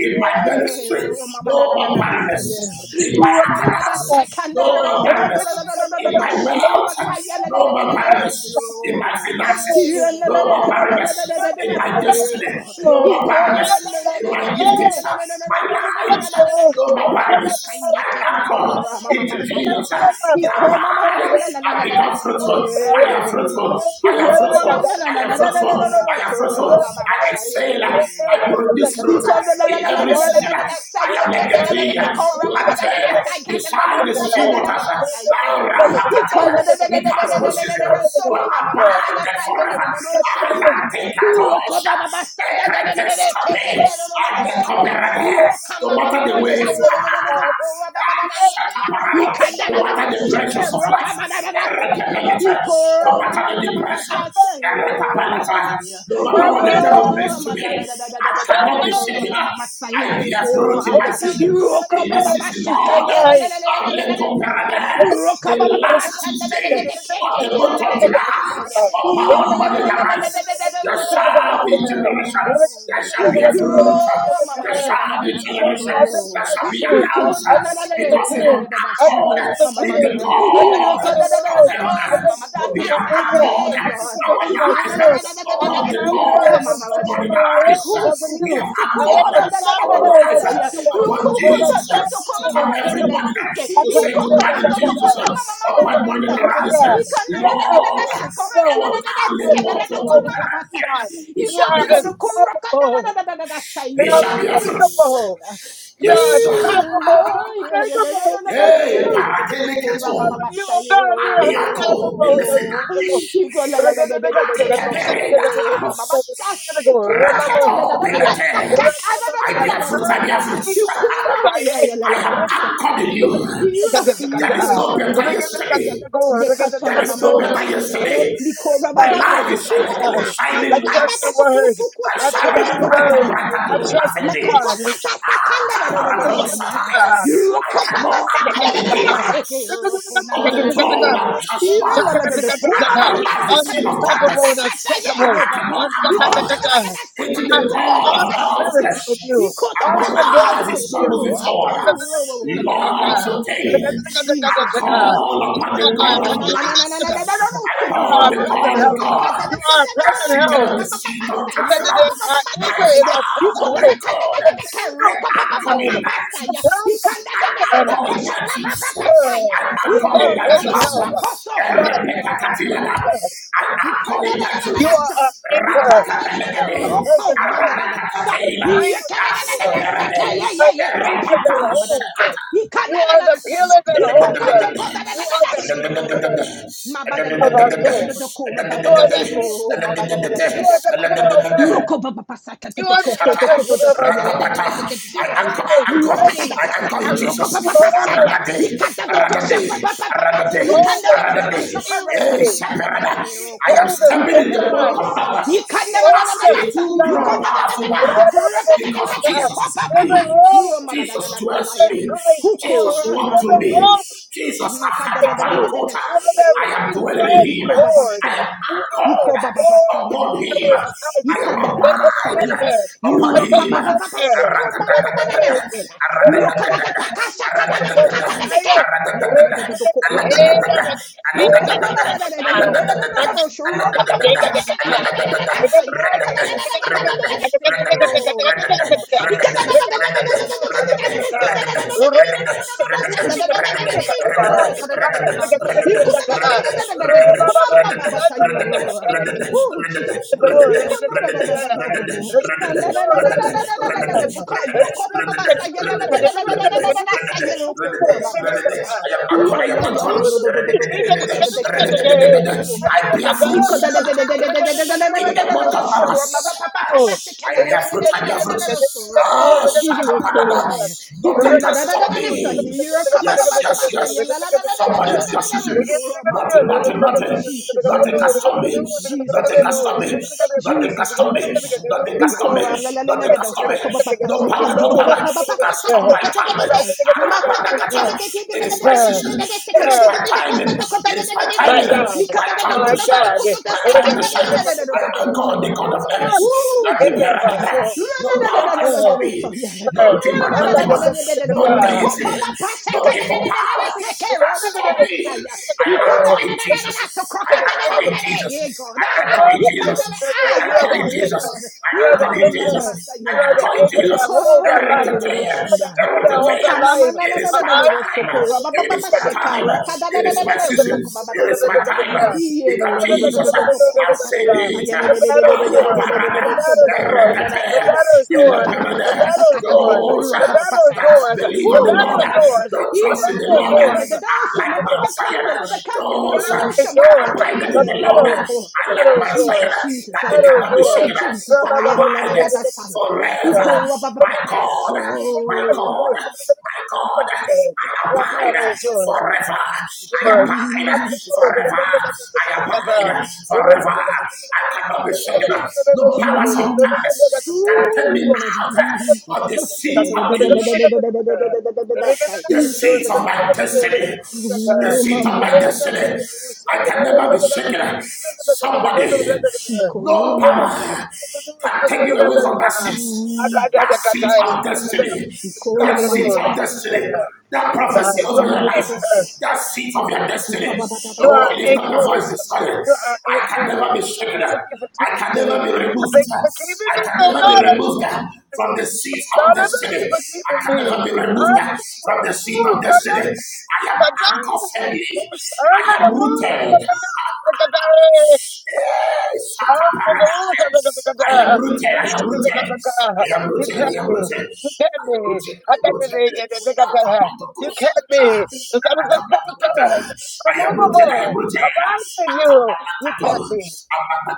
[SPEAKER 3] in my ministry,
[SPEAKER 5] Oh, mama, da,
[SPEAKER 3] no
[SPEAKER 5] da, da, da, da, sa,
[SPEAKER 3] unbarrenness
[SPEAKER 5] yeah.
[SPEAKER 3] in my
[SPEAKER 5] Oh, mama,
[SPEAKER 3] academics,
[SPEAKER 5] baba, sa,
[SPEAKER 3] past,
[SPEAKER 5] kan,
[SPEAKER 3] no
[SPEAKER 5] da, da, da,
[SPEAKER 3] more
[SPEAKER 5] oh, ko, da,
[SPEAKER 3] barrenness
[SPEAKER 5] da, da, da, da, da, da,
[SPEAKER 3] in
[SPEAKER 5] da,
[SPEAKER 3] my
[SPEAKER 5] sha, ma, baba,
[SPEAKER 3] wealth,
[SPEAKER 5] ka, ya, la,
[SPEAKER 3] no
[SPEAKER 5] la, la,
[SPEAKER 3] more
[SPEAKER 5] la, la, la, la, this,
[SPEAKER 3] barrenness
[SPEAKER 1] remains
[SPEAKER 3] in my
[SPEAKER 5] oh.
[SPEAKER 1] true,
[SPEAKER 5] Yeah,
[SPEAKER 3] finances,
[SPEAKER 1] Abba.
[SPEAKER 5] la,
[SPEAKER 3] no
[SPEAKER 5] la, la,
[SPEAKER 3] more
[SPEAKER 5] la, la, la,
[SPEAKER 3] barrenness
[SPEAKER 5] la, la, la, la,
[SPEAKER 3] in
[SPEAKER 5] la,
[SPEAKER 3] my
[SPEAKER 5] say,
[SPEAKER 3] destiny,
[SPEAKER 5] oh.
[SPEAKER 1] Oh,
[SPEAKER 3] no
[SPEAKER 5] He
[SPEAKER 3] more
[SPEAKER 5] ko,
[SPEAKER 3] barrenness
[SPEAKER 5] da, da,
[SPEAKER 3] in my
[SPEAKER 5] da,
[SPEAKER 3] giftings,
[SPEAKER 5] da, da, da, da, da, da, da, da, da, ko,
[SPEAKER 3] my
[SPEAKER 5] mama,
[SPEAKER 3] life,
[SPEAKER 5] da, da, da, da, da,
[SPEAKER 3] no
[SPEAKER 5] ka,
[SPEAKER 3] more
[SPEAKER 5] ya, sa,
[SPEAKER 3] barrenness.
[SPEAKER 5] ka, ye, ke,
[SPEAKER 3] I am
[SPEAKER 5] ke, ko,
[SPEAKER 3] called
[SPEAKER 5] ra, ma, ma, ma,
[SPEAKER 3] into
[SPEAKER 5] sha, ya.
[SPEAKER 3] Jesus.
[SPEAKER 5] He ko,
[SPEAKER 3] thereby
[SPEAKER 5] ma, ma, ma, ma, la, la, la,
[SPEAKER 3] I
[SPEAKER 5] la, la, la,
[SPEAKER 3] become fruitful. I am
[SPEAKER 5] say,
[SPEAKER 3] fruitful.
[SPEAKER 5] yeah.
[SPEAKER 3] I am
[SPEAKER 5] Hero mama
[SPEAKER 3] fruitful.
[SPEAKER 5] na na na na
[SPEAKER 3] I am
[SPEAKER 5] na na na
[SPEAKER 3] fruitful.
[SPEAKER 5] na na
[SPEAKER 3] I am
[SPEAKER 5] so mama
[SPEAKER 3] fruitful.
[SPEAKER 5] mama
[SPEAKER 3] I excel.
[SPEAKER 5] shaye
[SPEAKER 3] I
[SPEAKER 5] God.
[SPEAKER 3] produce
[SPEAKER 5] He
[SPEAKER 3] fruit
[SPEAKER 5] called la la
[SPEAKER 3] in
[SPEAKER 5] la la la
[SPEAKER 3] every
[SPEAKER 5] la la la
[SPEAKER 3] season.
[SPEAKER 5] la la
[SPEAKER 3] I
[SPEAKER 5] saye
[SPEAKER 3] am
[SPEAKER 5] ke
[SPEAKER 3] like
[SPEAKER 5] da
[SPEAKER 3] a
[SPEAKER 5] da da
[SPEAKER 3] tree
[SPEAKER 5] da da kora mama da da da
[SPEAKER 3] planted
[SPEAKER 5] saye ke da da da
[SPEAKER 3] beside the sea
[SPEAKER 5] kroko da da
[SPEAKER 3] waters.
[SPEAKER 5] da da saye
[SPEAKER 3] I am
[SPEAKER 5] ya. He called
[SPEAKER 3] rapakatoya
[SPEAKER 5] da da da da
[SPEAKER 3] with
[SPEAKER 5] da da
[SPEAKER 3] has
[SPEAKER 5] da
[SPEAKER 3] no
[SPEAKER 5] da da da
[SPEAKER 3] season,
[SPEAKER 5] so
[SPEAKER 3] but
[SPEAKER 5] mama mama na na
[SPEAKER 3] abide
[SPEAKER 5] na kaya na da
[SPEAKER 3] forever.
[SPEAKER 5] da da
[SPEAKER 3] I
[SPEAKER 5] shaye.
[SPEAKER 3] am
[SPEAKER 5] Roko
[SPEAKER 3] tekatosha.
[SPEAKER 5] baba baba sa da da da da da ke ke
[SPEAKER 3] Ekretescope.
[SPEAKER 5] ke da da da
[SPEAKER 3] I
[SPEAKER 5] da
[SPEAKER 3] and the copy.
[SPEAKER 5] shaye.
[SPEAKER 3] No matter the waves.
[SPEAKER 1] Oh, God.
[SPEAKER 3] No matter the pressures of life, no matter the depression, no
[SPEAKER 1] Why
[SPEAKER 3] matter
[SPEAKER 1] do
[SPEAKER 3] what the
[SPEAKER 1] you go?
[SPEAKER 3] devil brings to me,
[SPEAKER 1] It's so
[SPEAKER 3] I cannot be
[SPEAKER 1] long.
[SPEAKER 3] shaken. up. I bear fruit in my
[SPEAKER 1] Oh God,
[SPEAKER 3] season.
[SPEAKER 1] you're not a
[SPEAKER 3] In this season,
[SPEAKER 1] bad
[SPEAKER 3] Lord,
[SPEAKER 1] sunlight.
[SPEAKER 3] I
[SPEAKER 1] I
[SPEAKER 3] let
[SPEAKER 1] thank
[SPEAKER 3] go
[SPEAKER 1] you
[SPEAKER 3] The last Tuesday of the month of July, upon Monday, arise. There shall be generation.
[SPEAKER 5] Roka
[SPEAKER 3] There
[SPEAKER 5] holy.
[SPEAKER 3] shall be a fruit.
[SPEAKER 5] mama,
[SPEAKER 3] There
[SPEAKER 5] da, da, da, da,
[SPEAKER 3] shall
[SPEAKER 5] da,
[SPEAKER 3] be
[SPEAKER 5] da,
[SPEAKER 3] generation. There
[SPEAKER 5] roar.
[SPEAKER 1] for the
[SPEAKER 3] shall be
[SPEAKER 5] He
[SPEAKER 3] an
[SPEAKER 1] truth.
[SPEAKER 5] called,
[SPEAKER 1] I
[SPEAKER 3] answer
[SPEAKER 5] na, na,
[SPEAKER 1] thank
[SPEAKER 5] na,
[SPEAKER 1] you
[SPEAKER 5] na
[SPEAKER 1] for
[SPEAKER 5] na
[SPEAKER 1] the
[SPEAKER 5] na
[SPEAKER 3] because we
[SPEAKER 1] truth.
[SPEAKER 3] have
[SPEAKER 5] na na na da,
[SPEAKER 1] I thank
[SPEAKER 3] accord
[SPEAKER 1] you
[SPEAKER 5] roar, come,
[SPEAKER 3] in
[SPEAKER 5] mama, da,
[SPEAKER 3] the
[SPEAKER 5] da. He roar,
[SPEAKER 3] God
[SPEAKER 1] for
[SPEAKER 5] come,
[SPEAKER 1] the
[SPEAKER 5] da, da, da, da,
[SPEAKER 3] of
[SPEAKER 1] word.
[SPEAKER 5] da, da,
[SPEAKER 1] I
[SPEAKER 5] oh,
[SPEAKER 3] heaven.
[SPEAKER 1] thank you
[SPEAKER 5] mama,
[SPEAKER 1] for
[SPEAKER 5] da,
[SPEAKER 3] But
[SPEAKER 5] da,
[SPEAKER 1] being
[SPEAKER 3] we
[SPEAKER 1] my
[SPEAKER 3] have
[SPEAKER 5] sa,
[SPEAKER 1] anchor.
[SPEAKER 5] yeah,
[SPEAKER 3] accord
[SPEAKER 1] I thank
[SPEAKER 5] God.
[SPEAKER 1] you for being my
[SPEAKER 5] He, la,
[SPEAKER 3] our
[SPEAKER 5] la, la,
[SPEAKER 1] shield.
[SPEAKER 5] da,
[SPEAKER 3] lives
[SPEAKER 5] da, da, da,
[SPEAKER 1] I'm
[SPEAKER 3] upon
[SPEAKER 5] da,
[SPEAKER 3] the
[SPEAKER 5] da,
[SPEAKER 1] unstoppable
[SPEAKER 3] God
[SPEAKER 5] roar,
[SPEAKER 1] and
[SPEAKER 5] mama, da, sa,
[SPEAKER 3] upon in
[SPEAKER 5] yeah.
[SPEAKER 1] unsinkable
[SPEAKER 3] our
[SPEAKER 1] I am
[SPEAKER 3] eyes.
[SPEAKER 1] because of
[SPEAKER 3] We have
[SPEAKER 1] you. I am
[SPEAKER 3] anchored
[SPEAKER 5] Hallelujah.
[SPEAKER 3] our
[SPEAKER 1] unstoppable and
[SPEAKER 3] life
[SPEAKER 1] unshakable.
[SPEAKER 3] upon
[SPEAKER 1] I am
[SPEAKER 3] Jesus
[SPEAKER 1] unstoppable
[SPEAKER 3] to
[SPEAKER 1] and
[SPEAKER 3] come every
[SPEAKER 1] unshakable.
[SPEAKER 3] morning
[SPEAKER 1] I
[SPEAKER 3] to
[SPEAKER 1] tell
[SPEAKER 3] say
[SPEAKER 1] them
[SPEAKER 3] good
[SPEAKER 1] that that
[SPEAKER 3] morning,
[SPEAKER 1] that that
[SPEAKER 3] Jesus.
[SPEAKER 1] that. Oh, look at
[SPEAKER 3] Upon morning
[SPEAKER 1] that that that
[SPEAKER 3] arise,
[SPEAKER 1] that. We are
[SPEAKER 3] Lord,
[SPEAKER 1] unstoppable
[SPEAKER 3] our
[SPEAKER 1] and
[SPEAKER 3] darling
[SPEAKER 1] unshakable
[SPEAKER 3] Motoko
[SPEAKER 1] because of
[SPEAKER 3] Paradia.
[SPEAKER 1] God.
[SPEAKER 3] We
[SPEAKER 1] We
[SPEAKER 3] shall
[SPEAKER 1] are
[SPEAKER 3] be a fruit.
[SPEAKER 1] unstoppable and
[SPEAKER 3] We shall be a fruit.
[SPEAKER 1] unshakable. We are
[SPEAKER 3] Yes, sir.
[SPEAKER 5] Hero
[SPEAKER 1] unstoppable and
[SPEAKER 5] Lord.
[SPEAKER 1] unshakable because of
[SPEAKER 3] Hey,
[SPEAKER 1] you. Because of
[SPEAKER 3] parakeleketon.
[SPEAKER 1] you, oh God, we are
[SPEAKER 3] Amiako,
[SPEAKER 1] unstoppable and
[SPEAKER 3] melefinanish.
[SPEAKER 1] unshakable.
[SPEAKER 5] Iko la la
[SPEAKER 1] I
[SPEAKER 5] la de
[SPEAKER 1] trust
[SPEAKER 5] de de de de de de
[SPEAKER 3] Atekepere
[SPEAKER 5] shokuro
[SPEAKER 3] dakaros.
[SPEAKER 5] mama ba da suku mama ba da da
[SPEAKER 3] Raketo,
[SPEAKER 5] da da da sa
[SPEAKER 3] belete.
[SPEAKER 5] ka ka da
[SPEAKER 3] I
[SPEAKER 5] da da da
[SPEAKER 3] bear
[SPEAKER 5] da
[SPEAKER 3] fruit,
[SPEAKER 5] sa
[SPEAKER 3] I
[SPEAKER 5] ya.
[SPEAKER 3] bear fruit.
[SPEAKER 5] Iko na ya ya la
[SPEAKER 3] I
[SPEAKER 5] la da
[SPEAKER 3] am
[SPEAKER 5] da sa.
[SPEAKER 3] anchored in you.
[SPEAKER 5] Hira
[SPEAKER 3] There is
[SPEAKER 5] iko
[SPEAKER 3] no
[SPEAKER 5] ya.
[SPEAKER 3] better yesterday. There
[SPEAKER 5] Dekasoma
[SPEAKER 3] is
[SPEAKER 5] mama
[SPEAKER 3] no better
[SPEAKER 5] dasaya.
[SPEAKER 3] yesterday.
[SPEAKER 5] Mikora baba
[SPEAKER 3] My
[SPEAKER 5] baba
[SPEAKER 3] life is
[SPEAKER 5] suku
[SPEAKER 3] shining
[SPEAKER 5] baba
[SPEAKER 3] like
[SPEAKER 5] baba
[SPEAKER 3] shining
[SPEAKER 5] saya kata
[SPEAKER 1] your
[SPEAKER 5] tata ku
[SPEAKER 1] word.
[SPEAKER 3] lights.
[SPEAKER 5] tuku
[SPEAKER 3] Thy
[SPEAKER 1] I
[SPEAKER 5] sada de
[SPEAKER 3] shining
[SPEAKER 1] trust
[SPEAKER 5] de
[SPEAKER 1] your
[SPEAKER 5] de de de
[SPEAKER 3] brighter,
[SPEAKER 5] de
[SPEAKER 1] word.
[SPEAKER 3] brighter
[SPEAKER 1] I
[SPEAKER 3] to
[SPEAKER 5] suku.
[SPEAKER 3] the
[SPEAKER 1] trust
[SPEAKER 3] perfect
[SPEAKER 1] you,
[SPEAKER 3] day.
[SPEAKER 5] Makuko tata
[SPEAKER 3] Ah,
[SPEAKER 5] sakanda da da da da saya.
[SPEAKER 3] Kaparakosataya.
[SPEAKER 1] God.
[SPEAKER 3] I
[SPEAKER 5] Iroko papa
[SPEAKER 3] cannot anchor
[SPEAKER 5] sakanda da
[SPEAKER 3] in
[SPEAKER 5] da da
[SPEAKER 3] the
[SPEAKER 5] da
[SPEAKER 3] light
[SPEAKER 5] seke. Iroko na da
[SPEAKER 3] of
[SPEAKER 5] da
[SPEAKER 3] the
[SPEAKER 5] da
[SPEAKER 3] throne
[SPEAKER 5] saya.
[SPEAKER 3] of Joshua,
[SPEAKER 5] Iro da da da da
[SPEAKER 3] and
[SPEAKER 5] kuma
[SPEAKER 3] my
[SPEAKER 5] ba da da
[SPEAKER 3] life is
[SPEAKER 5] sakanda da
[SPEAKER 3] filled of
[SPEAKER 5] ko
[SPEAKER 1] Unstoppable
[SPEAKER 5] tata
[SPEAKER 1] and
[SPEAKER 5] kasha
[SPEAKER 3] darkness. I,
[SPEAKER 5] ye
[SPEAKER 1] unshakable.
[SPEAKER 3] I
[SPEAKER 5] ye God.
[SPEAKER 1] I
[SPEAKER 3] cannot anchor
[SPEAKER 5] Ikanda da da da da
[SPEAKER 3] into
[SPEAKER 5] sakanda
[SPEAKER 3] the
[SPEAKER 1] speak
[SPEAKER 5] iroko
[SPEAKER 1] of
[SPEAKER 3] God
[SPEAKER 5] papa
[SPEAKER 3] of
[SPEAKER 5] baba
[SPEAKER 1] awesome
[SPEAKER 3] all
[SPEAKER 5] saya.
[SPEAKER 1] ability
[SPEAKER 3] flesh,
[SPEAKER 1] of you.
[SPEAKER 3] and
[SPEAKER 5] Ikoto
[SPEAKER 3] my
[SPEAKER 1] Awesome
[SPEAKER 5] kusama
[SPEAKER 3] life
[SPEAKER 1] ability
[SPEAKER 5] baba
[SPEAKER 3] is
[SPEAKER 1] of
[SPEAKER 3] not
[SPEAKER 1] you.
[SPEAKER 3] moving
[SPEAKER 5] shiroko
[SPEAKER 3] forward.
[SPEAKER 1] You
[SPEAKER 5] ro ro ro
[SPEAKER 1] are
[SPEAKER 5] saya.
[SPEAKER 3] Lord, today I
[SPEAKER 5] Jesus, Jesus.
[SPEAKER 3] call upon the
[SPEAKER 5] My
[SPEAKER 3] God of light. I
[SPEAKER 1] you are
[SPEAKER 3] call
[SPEAKER 1] a
[SPEAKER 3] the
[SPEAKER 1] present
[SPEAKER 3] God of
[SPEAKER 1] help.
[SPEAKER 3] God
[SPEAKER 1] You are a
[SPEAKER 3] that
[SPEAKER 1] present
[SPEAKER 3] seated
[SPEAKER 1] help.
[SPEAKER 3] on the seat of
[SPEAKER 1] Because
[SPEAKER 3] Joshua.
[SPEAKER 1] today our
[SPEAKER 3] My
[SPEAKER 1] anchor is a
[SPEAKER 3] Father,
[SPEAKER 1] present
[SPEAKER 3] my
[SPEAKER 1] help. In
[SPEAKER 3] God,
[SPEAKER 1] the time
[SPEAKER 3] I
[SPEAKER 1] of storm, in
[SPEAKER 3] anchor in
[SPEAKER 1] the
[SPEAKER 3] thy
[SPEAKER 1] time
[SPEAKER 3] Jesus. I
[SPEAKER 1] of storm,
[SPEAKER 3] anchor in thy Jesus. I
[SPEAKER 1] what
[SPEAKER 3] anchor
[SPEAKER 1] about
[SPEAKER 3] in thy
[SPEAKER 1] present help?
[SPEAKER 3] Jesus. And
[SPEAKER 1] God, you
[SPEAKER 3] Rebecca
[SPEAKER 1] are our
[SPEAKER 5] God,
[SPEAKER 3] Catalina,
[SPEAKER 5] my
[SPEAKER 1] anchor.
[SPEAKER 5] God.
[SPEAKER 3] I anchor in thy
[SPEAKER 1] You are
[SPEAKER 3] Jesus.
[SPEAKER 1] our
[SPEAKER 5] He
[SPEAKER 1] anchor.
[SPEAKER 5] can
[SPEAKER 1] You are our
[SPEAKER 3] Ratakapelegede,
[SPEAKER 5] roko
[SPEAKER 1] present
[SPEAKER 5] mama
[SPEAKER 1] help.
[SPEAKER 5] da da da sa.
[SPEAKER 1] in The
[SPEAKER 3] Aradakatakaila,
[SPEAKER 5] Ye
[SPEAKER 1] time of
[SPEAKER 5] can da da da
[SPEAKER 1] storm.
[SPEAKER 5] da sa ka
[SPEAKER 3] Aseperede,
[SPEAKER 1] You
[SPEAKER 5] ye
[SPEAKER 1] are
[SPEAKER 5] ye
[SPEAKER 1] the
[SPEAKER 5] ye.
[SPEAKER 1] anchor
[SPEAKER 5] She
[SPEAKER 1] that
[SPEAKER 5] roko mama da
[SPEAKER 3] Erapatash,
[SPEAKER 5] da
[SPEAKER 1] holds
[SPEAKER 5] ah.
[SPEAKER 1] us.
[SPEAKER 5] He can da
[SPEAKER 1] You
[SPEAKER 5] da
[SPEAKER 1] are
[SPEAKER 5] da
[SPEAKER 1] the
[SPEAKER 5] da sa ya.
[SPEAKER 1] pillar that
[SPEAKER 5] He
[SPEAKER 3] Shata,
[SPEAKER 5] koko
[SPEAKER 1] holds us.
[SPEAKER 5] soko da
[SPEAKER 1] You
[SPEAKER 5] da da
[SPEAKER 1] are
[SPEAKER 5] da
[SPEAKER 1] the
[SPEAKER 5] she
[SPEAKER 1] anchor
[SPEAKER 5] roko. Ma ba da da
[SPEAKER 1] of
[SPEAKER 5] da da
[SPEAKER 1] our
[SPEAKER 5] da da da da
[SPEAKER 1] souls.
[SPEAKER 5] da ko ma ba
[SPEAKER 1] You
[SPEAKER 5] da da
[SPEAKER 1] are the
[SPEAKER 5] se ko
[SPEAKER 1] anchor.
[SPEAKER 5] ma ba da da da da da
[SPEAKER 1] You
[SPEAKER 5] da
[SPEAKER 1] are the
[SPEAKER 5] sa ya
[SPEAKER 1] pillar, oh God.
[SPEAKER 5] roko ba ba ba sa ka te
[SPEAKER 1] You
[SPEAKER 5] te
[SPEAKER 1] are
[SPEAKER 5] ko
[SPEAKER 1] the
[SPEAKER 5] to to
[SPEAKER 1] anchor
[SPEAKER 5] ko to da
[SPEAKER 1] pillar of
[SPEAKER 5] sa
[SPEAKER 1] our
[SPEAKER 5] ya la la da
[SPEAKER 3] ratapata.
[SPEAKER 1] souls.
[SPEAKER 5] da da da da da
[SPEAKER 3] I
[SPEAKER 1] You
[SPEAKER 5] sa
[SPEAKER 3] anchor,
[SPEAKER 1] hold
[SPEAKER 3] I
[SPEAKER 1] us
[SPEAKER 5] you
[SPEAKER 3] anchor,
[SPEAKER 5] roka
[SPEAKER 3] I
[SPEAKER 5] da da
[SPEAKER 1] steady.
[SPEAKER 5] da sa
[SPEAKER 3] anchor
[SPEAKER 5] ka
[SPEAKER 3] in Jesus.
[SPEAKER 5] roko ba
[SPEAKER 1] You
[SPEAKER 5] ba ba
[SPEAKER 1] hold
[SPEAKER 5] sa ya
[SPEAKER 1] us
[SPEAKER 3] Aragade,
[SPEAKER 1] for
[SPEAKER 5] you ka da do ko
[SPEAKER 3] aragade,
[SPEAKER 5] sha
[SPEAKER 1] stability.
[SPEAKER 5] ba ba ba ba ba
[SPEAKER 1] You
[SPEAKER 3] aragade,
[SPEAKER 5] you can
[SPEAKER 1] hold
[SPEAKER 5] da da
[SPEAKER 1] us
[SPEAKER 5] da
[SPEAKER 1] for
[SPEAKER 5] da
[SPEAKER 3] aragade.
[SPEAKER 5] da sha ba ba ba
[SPEAKER 1] security.
[SPEAKER 3] Yes,
[SPEAKER 5] ba sa
[SPEAKER 3] Shaparada.
[SPEAKER 5] ya
[SPEAKER 1] You
[SPEAKER 3] I
[SPEAKER 5] roko
[SPEAKER 3] am
[SPEAKER 1] hold us,
[SPEAKER 5] you
[SPEAKER 3] stepping in
[SPEAKER 5] can
[SPEAKER 1] oh
[SPEAKER 5] da
[SPEAKER 3] the
[SPEAKER 5] da da
[SPEAKER 3] boat
[SPEAKER 1] God.
[SPEAKER 3] of
[SPEAKER 5] sa
[SPEAKER 3] others
[SPEAKER 5] you
[SPEAKER 1] You
[SPEAKER 5] can da da da
[SPEAKER 3] as
[SPEAKER 5] da
[SPEAKER 1] hold
[SPEAKER 3] a
[SPEAKER 1] us,
[SPEAKER 5] sa you
[SPEAKER 3] full-grown
[SPEAKER 1] oh
[SPEAKER 5] can da da da
[SPEAKER 3] powerful
[SPEAKER 5] da da
[SPEAKER 3] man
[SPEAKER 5] sa ka da da da
[SPEAKER 3] because
[SPEAKER 5] ka da
[SPEAKER 1] God.
[SPEAKER 5] da
[SPEAKER 3] Jesus
[SPEAKER 5] ko
[SPEAKER 3] is
[SPEAKER 5] pa
[SPEAKER 3] in
[SPEAKER 1] Give
[SPEAKER 3] me.
[SPEAKER 5] pa
[SPEAKER 1] the
[SPEAKER 5] pa you
[SPEAKER 1] rope
[SPEAKER 5] ma ba da
[SPEAKER 3] Jesus
[SPEAKER 5] da da da
[SPEAKER 3] dwells
[SPEAKER 5] sa
[SPEAKER 1] ever
[SPEAKER 5] ya
[SPEAKER 3] in me.
[SPEAKER 1] tried
[SPEAKER 5] who ko
[SPEAKER 3] Jesus,
[SPEAKER 1] to.
[SPEAKER 5] ran
[SPEAKER 3] walk
[SPEAKER 5] ba
[SPEAKER 3] through
[SPEAKER 1] Never
[SPEAKER 5] ya
[SPEAKER 3] me.
[SPEAKER 1] wrong
[SPEAKER 3] Jesus,
[SPEAKER 1] tried to.
[SPEAKER 3] Akatapalukota.
[SPEAKER 1] You are that
[SPEAKER 3] I am
[SPEAKER 1] three
[SPEAKER 3] dwelling in
[SPEAKER 1] thread
[SPEAKER 3] him. I
[SPEAKER 1] cord.
[SPEAKER 3] am
[SPEAKER 1] You are the
[SPEAKER 3] anchored
[SPEAKER 1] cord
[SPEAKER 3] upon
[SPEAKER 1] that
[SPEAKER 3] him. I
[SPEAKER 1] was tied to.
[SPEAKER 3] am
[SPEAKER 1] The
[SPEAKER 3] abiding
[SPEAKER 1] connector.
[SPEAKER 3] upon
[SPEAKER 1] The
[SPEAKER 3] him.
[SPEAKER 1] connector. The bridge. Look at look at the camera. The fire. Look at look at the tega. Look at the tega. Look at the tega. Look at the
[SPEAKER 3] I am
[SPEAKER 1] tega. Look
[SPEAKER 3] anchored.
[SPEAKER 1] at the tega. Thank you.
[SPEAKER 5] Oh, Jesus.
[SPEAKER 1] Thank
[SPEAKER 5] He couldn't.
[SPEAKER 3] I am anchored. Yes. Somebody
[SPEAKER 1] you.
[SPEAKER 3] is your sister.
[SPEAKER 1] My
[SPEAKER 3] Nothing, nothing, nothing.
[SPEAKER 5] Jesus,
[SPEAKER 3] Nothing can
[SPEAKER 5] Jesus.
[SPEAKER 3] stop me.
[SPEAKER 5] Jesus,
[SPEAKER 3] Nothing can stop
[SPEAKER 5] Jesus,
[SPEAKER 3] me. Nothing can
[SPEAKER 5] Jesus,
[SPEAKER 3] stop me.
[SPEAKER 5] Jesus.
[SPEAKER 3] Nothing can
[SPEAKER 5] You
[SPEAKER 3] stop me.
[SPEAKER 5] cora la la la la
[SPEAKER 3] Nothing
[SPEAKER 5] la
[SPEAKER 3] can
[SPEAKER 5] do
[SPEAKER 3] stop me.
[SPEAKER 5] so ko ba ba ta
[SPEAKER 3] No
[SPEAKER 5] sa ka
[SPEAKER 3] power,
[SPEAKER 5] da
[SPEAKER 3] no
[SPEAKER 5] do
[SPEAKER 3] power
[SPEAKER 5] ko baba pa ba ba
[SPEAKER 3] can
[SPEAKER 5] sa ka da
[SPEAKER 3] stop
[SPEAKER 5] de ke
[SPEAKER 3] my
[SPEAKER 5] de de de
[SPEAKER 3] timing.
[SPEAKER 5] ke mama ka da de ke de
[SPEAKER 3] Arabadakata.
[SPEAKER 5] de de de
[SPEAKER 3] It
[SPEAKER 5] ke de
[SPEAKER 3] is
[SPEAKER 5] de
[SPEAKER 3] my
[SPEAKER 5] de de de
[SPEAKER 3] season.
[SPEAKER 5] de de se ka
[SPEAKER 3] It
[SPEAKER 5] da
[SPEAKER 3] is
[SPEAKER 5] de de
[SPEAKER 3] my
[SPEAKER 5] de de ko ta
[SPEAKER 3] timing.
[SPEAKER 5] ta ko ta
[SPEAKER 3] It
[SPEAKER 5] de
[SPEAKER 3] is
[SPEAKER 5] de de
[SPEAKER 3] my
[SPEAKER 5] de de se
[SPEAKER 3] timing.
[SPEAKER 5] mi
[SPEAKER 1] God,
[SPEAKER 5] ka
[SPEAKER 3] My
[SPEAKER 5] da da do
[SPEAKER 3] time
[SPEAKER 5] ko
[SPEAKER 1] my
[SPEAKER 3] to
[SPEAKER 5] ta ta do
[SPEAKER 3] shine.
[SPEAKER 1] God,
[SPEAKER 5] ko ta
[SPEAKER 3] My
[SPEAKER 5] saka
[SPEAKER 3] time to
[SPEAKER 5] ta sa
[SPEAKER 3] shine.
[SPEAKER 5] ka da de de de de de do do do
[SPEAKER 3] I
[SPEAKER 5] do
[SPEAKER 3] anchor
[SPEAKER 5] sha
[SPEAKER 3] on the
[SPEAKER 5] ya
[SPEAKER 3] God of heaven
[SPEAKER 5] Woo,
[SPEAKER 3] and the
[SPEAKER 1] take care
[SPEAKER 5] Jesus.
[SPEAKER 1] of
[SPEAKER 5] So, yeah.
[SPEAKER 1] us,
[SPEAKER 3] Paradada.
[SPEAKER 1] Lord.
[SPEAKER 3] No power
[SPEAKER 1] Take
[SPEAKER 3] can
[SPEAKER 1] care.
[SPEAKER 3] stop me.
[SPEAKER 1] You are
[SPEAKER 3] No
[SPEAKER 1] the
[SPEAKER 3] demon, no
[SPEAKER 1] anchor.
[SPEAKER 3] demon, no
[SPEAKER 5] Scoop
[SPEAKER 3] deity,
[SPEAKER 5] up a
[SPEAKER 3] no no
[SPEAKER 5] pasaka.
[SPEAKER 3] evil power
[SPEAKER 5] Seke.
[SPEAKER 3] can stop me. I
[SPEAKER 5] He can
[SPEAKER 3] anchor in
[SPEAKER 5] never. So
[SPEAKER 3] Jesus. I
[SPEAKER 5] crocata.
[SPEAKER 3] anchor in
[SPEAKER 5] Yeah,
[SPEAKER 3] Jesus.
[SPEAKER 5] God.
[SPEAKER 3] I anchor in
[SPEAKER 5] He can
[SPEAKER 3] Jesus.
[SPEAKER 5] never.
[SPEAKER 3] I
[SPEAKER 5] Ah, yeah,
[SPEAKER 3] anchor in
[SPEAKER 5] God. Yeah,
[SPEAKER 3] Jesus.
[SPEAKER 5] God.
[SPEAKER 1] You
[SPEAKER 3] I
[SPEAKER 1] are
[SPEAKER 5] You
[SPEAKER 1] the
[SPEAKER 3] anchor
[SPEAKER 5] are
[SPEAKER 3] in
[SPEAKER 1] anchor.
[SPEAKER 5] Nabasa.
[SPEAKER 3] Jesus.
[SPEAKER 1] You are
[SPEAKER 3] I
[SPEAKER 5] Yeah.
[SPEAKER 1] the
[SPEAKER 3] anchor in
[SPEAKER 1] anchor
[SPEAKER 5] He
[SPEAKER 1] that
[SPEAKER 3] Jesus.
[SPEAKER 1] holds our life.
[SPEAKER 3] Erekataya,
[SPEAKER 1] You are the
[SPEAKER 5] called.
[SPEAKER 1] anchor that holds
[SPEAKER 3] erekataya.
[SPEAKER 5] Makama ma na
[SPEAKER 3] It
[SPEAKER 5] na na
[SPEAKER 3] is
[SPEAKER 5] na na
[SPEAKER 3] my
[SPEAKER 5] na na
[SPEAKER 3] time.
[SPEAKER 5] soko ra ba ba
[SPEAKER 3] It
[SPEAKER 5] ba
[SPEAKER 3] is
[SPEAKER 5] ba
[SPEAKER 3] my
[SPEAKER 5] sheka
[SPEAKER 3] time.
[SPEAKER 1] our
[SPEAKER 5] ra ka
[SPEAKER 1] life.
[SPEAKER 5] da da
[SPEAKER 3] It
[SPEAKER 5] da da
[SPEAKER 3] is
[SPEAKER 5] da
[SPEAKER 3] my
[SPEAKER 5] da
[SPEAKER 1] The
[SPEAKER 5] ro
[SPEAKER 3] season.
[SPEAKER 1] battle
[SPEAKER 5] ba ba
[SPEAKER 3] It
[SPEAKER 5] da
[SPEAKER 3] is my
[SPEAKER 5] saya
[SPEAKER 3] time.
[SPEAKER 5] ye no no
[SPEAKER 3] Because
[SPEAKER 5] no no no no
[SPEAKER 3] Jesus
[SPEAKER 5] no ko
[SPEAKER 3] has
[SPEAKER 5] ko ta
[SPEAKER 3] said
[SPEAKER 5] ta ta
[SPEAKER 3] it.
[SPEAKER 5] saya le le le le le
[SPEAKER 3] I
[SPEAKER 1] is
[SPEAKER 5] le le le
[SPEAKER 3] am
[SPEAKER 1] yours.
[SPEAKER 5] le le
[SPEAKER 1] The
[SPEAKER 5] le
[SPEAKER 3] parada.
[SPEAKER 5] so da
[SPEAKER 1] battle is
[SPEAKER 5] da da da da
[SPEAKER 1] yours.
[SPEAKER 5] da da
[SPEAKER 1] The
[SPEAKER 3] Erekataya.
[SPEAKER 5] saya
[SPEAKER 1] battle is
[SPEAKER 5] ra pa
[SPEAKER 1] yours.
[SPEAKER 5] pa pa
[SPEAKER 1] The
[SPEAKER 5] ka
[SPEAKER 3] Yeleperada.
[SPEAKER 5] ta ta
[SPEAKER 1] battle
[SPEAKER 5] ka
[SPEAKER 1] is yours. The battle is
[SPEAKER 5] ta de
[SPEAKER 1] yours.
[SPEAKER 5] ko
[SPEAKER 3] Those
[SPEAKER 5] ra
[SPEAKER 1] The
[SPEAKER 5] pa pa pa
[SPEAKER 1] battle is
[SPEAKER 3] that
[SPEAKER 5] saya
[SPEAKER 1] yours.
[SPEAKER 3] believe
[SPEAKER 1] The
[SPEAKER 3] on the Lord
[SPEAKER 5] oh
[SPEAKER 3] the
[SPEAKER 1] battle is
[SPEAKER 5] god
[SPEAKER 3] Lord,
[SPEAKER 1] yours.
[SPEAKER 3] the
[SPEAKER 1] The
[SPEAKER 5] ye na
[SPEAKER 3] trust in
[SPEAKER 1] battle
[SPEAKER 3] the
[SPEAKER 5] na na
[SPEAKER 1] is
[SPEAKER 3] Lord,
[SPEAKER 5] na na
[SPEAKER 3] are
[SPEAKER 5] da
[SPEAKER 1] yours.
[SPEAKER 5] da
[SPEAKER 1] The
[SPEAKER 5] da so ma
[SPEAKER 3] like
[SPEAKER 5] ma
[SPEAKER 3] Mount
[SPEAKER 5] ba kan
[SPEAKER 3] Zion,
[SPEAKER 5] da da
[SPEAKER 1] battle.
[SPEAKER 5] da kan da
[SPEAKER 1] The
[SPEAKER 5] no no
[SPEAKER 3] those
[SPEAKER 1] battle
[SPEAKER 5] no
[SPEAKER 3] that
[SPEAKER 1] is
[SPEAKER 5] sha ma ba ba
[SPEAKER 1] yours.
[SPEAKER 5] ka
[SPEAKER 3] abide
[SPEAKER 1] The
[SPEAKER 3] in
[SPEAKER 5] ye
[SPEAKER 3] the
[SPEAKER 5] ye
[SPEAKER 3] Lord,
[SPEAKER 5] ro
[SPEAKER 3] are
[SPEAKER 5] ko
[SPEAKER 3] like
[SPEAKER 1] battle is
[SPEAKER 3] Mount Zion,
[SPEAKER 1] yours.
[SPEAKER 5] Jesus,
[SPEAKER 3] that
[SPEAKER 5] Jesus, ah,
[SPEAKER 3] they cannot be
[SPEAKER 5] oh
[SPEAKER 3] shaken,
[SPEAKER 5] Jesus,
[SPEAKER 3] but
[SPEAKER 5] I am la da
[SPEAKER 3] abide
[SPEAKER 5] da da saya. He
[SPEAKER 3] forever.
[SPEAKER 5] called up a
[SPEAKER 3] My God, my God,
[SPEAKER 5] passo.
[SPEAKER 3] my God, I
[SPEAKER 1] The battle
[SPEAKER 3] abide
[SPEAKER 1] is yours.
[SPEAKER 3] forever. I
[SPEAKER 1] Sure.
[SPEAKER 3] abide
[SPEAKER 5] Jesus,
[SPEAKER 3] forever.
[SPEAKER 5] Jesus,
[SPEAKER 3] I abide forever. I cannot be shaken. No powers of
[SPEAKER 5] Jesus,
[SPEAKER 3] darkness can take
[SPEAKER 5] Ooh,
[SPEAKER 3] me
[SPEAKER 5] Lord
[SPEAKER 3] out of
[SPEAKER 5] Jesus.
[SPEAKER 3] the
[SPEAKER 5] Da, da,
[SPEAKER 3] seat
[SPEAKER 5] da,
[SPEAKER 3] of
[SPEAKER 5] da, da, da, da,
[SPEAKER 3] kingship
[SPEAKER 5] da, da, da, da, da, da, da, da, da. Sai.
[SPEAKER 3] the seat of my destiny, the
[SPEAKER 5] Ooh, ma,
[SPEAKER 3] seat of
[SPEAKER 5] ma, ma,
[SPEAKER 3] my
[SPEAKER 5] ma. Sai.
[SPEAKER 3] destiny. I can never be shaken. Somebody,
[SPEAKER 5] Shiko, ooh,
[SPEAKER 3] no
[SPEAKER 5] ma, ma,
[SPEAKER 3] power
[SPEAKER 5] ma, ma.
[SPEAKER 3] can take you away from that
[SPEAKER 5] Mm.
[SPEAKER 3] seat. That seat of destiny.
[SPEAKER 5] Shiko,
[SPEAKER 3] That
[SPEAKER 5] ma, ma, ma,
[SPEAKER 3] seat
[SPEAKER 5] ma.
[SPEAKER 3] of
[SPEAKER 5] Sai.
[SPEAKER 3] destiny that
[SPEAKER 1] Oh God,
[SPEAKER 3] prophecy
[SPEAKER 5] Ika,
[SPEAKER 1] you
[SPEAKER 3] over
[SPEAKER 5] na,
[SPEAKER 3] your
[SPEAKER 1] are
[SPEAKER 5] do, do,
[SPEAKER 3] life,
[SPEAKER 5] do,
[SPEAKER 1] anchor.
[SPEAKER 5] so.
[SPEAKER 3] that seed of your
[SPEAKER 5] Ika,
[SPEAKER 3] destiny.
[SPEAKER 5] ba, ba, da, da,
[SPEAKER 1] You
[SPEAKER 5] da,
[SPEAKER 3] Oh,
[SPEAKER 1] are a
[SPEAKER 3] lift up your
[SPEAKER 5] sai.
[SPEAKER 1] God.
[SPEAKER 3] voice this morning.
[SPEAKER 1] You are a
[SPEAKER 3] I can never
[SPEAKER 1] God.
[SPEAKER 3] be shaken.
[SPEAKER 1] Thank you for
[SPEAKER 3] I
[SPEAKER 1] keeping
[SPEAKER 3] can
[SPEAKER 1] me.
[SPEAKER 3] never be
[SPEAKER 1] I
[SPEAKER 3] removed.
[SPEAKER 1] thank you for keeping
[SPEAKER 3] I
[SPEAKER 1] me.
[SPEAKER 3] can
[SPEAKER 1] Oh
[SPEAKER 3] never be
[SPEAKER 1] God, I thank
[SPEAKER 3] removed
[SPEAKER 1] you for keeping me.
[SPEAKER 3] from the
[SPEAKER 1] Oh
[SPEAKER 3] seat of
[SPEAKER 1] God, I thank
[SPEAKER 3] destiny.
[SPEAKER 1] you for
[SPEAKER 3] I
[SPEAKER 1] keeping
[SPEAKER 3] can
[SPEAKER 1] me.
[SPEAKER 3] never be
[SPEAKER 1] I
[SPEAKER 3] removed
[SPEAKER 1] thank you for
[SPEAKER 3] from the
[SPEAKER 1] keeping
[SPEAKER 3] seat of destiny. I
[SPEAKER 1] me.
[SPEAKER 3] am
[SPEAKER 1] You
[SPEAKER 3] anchored firmly. I am rooted. Eh, Sakaparadaya. I am rooted. I am rooted. I am rooted.
[SPEAKER 1] can't
[SPEAKER 3] I am rooted. I am
[SPEAKER 1] be. You can't be.
[SPEAKER 3] rooted. I
[SPEAKER 1] I
[SPEAKER 3] am
[SPEAKER 1] can't
[SPEAKER 3] rooted.
[SPEAKER 1] make it. You can't
[SPEAKER 3] Akapatokosakata.
[SPEAKER 1] be. That was the first time.
[SPEAKER 3] Akapatokata. I am rooted. I am
[SPEAKER 1] Unmovable.
[SPEAKER 3] rooted.
[SPEAKER 1] Arise in you. You
[SPEAKER 3] Akapatato.
[SPEAKER 1] can't be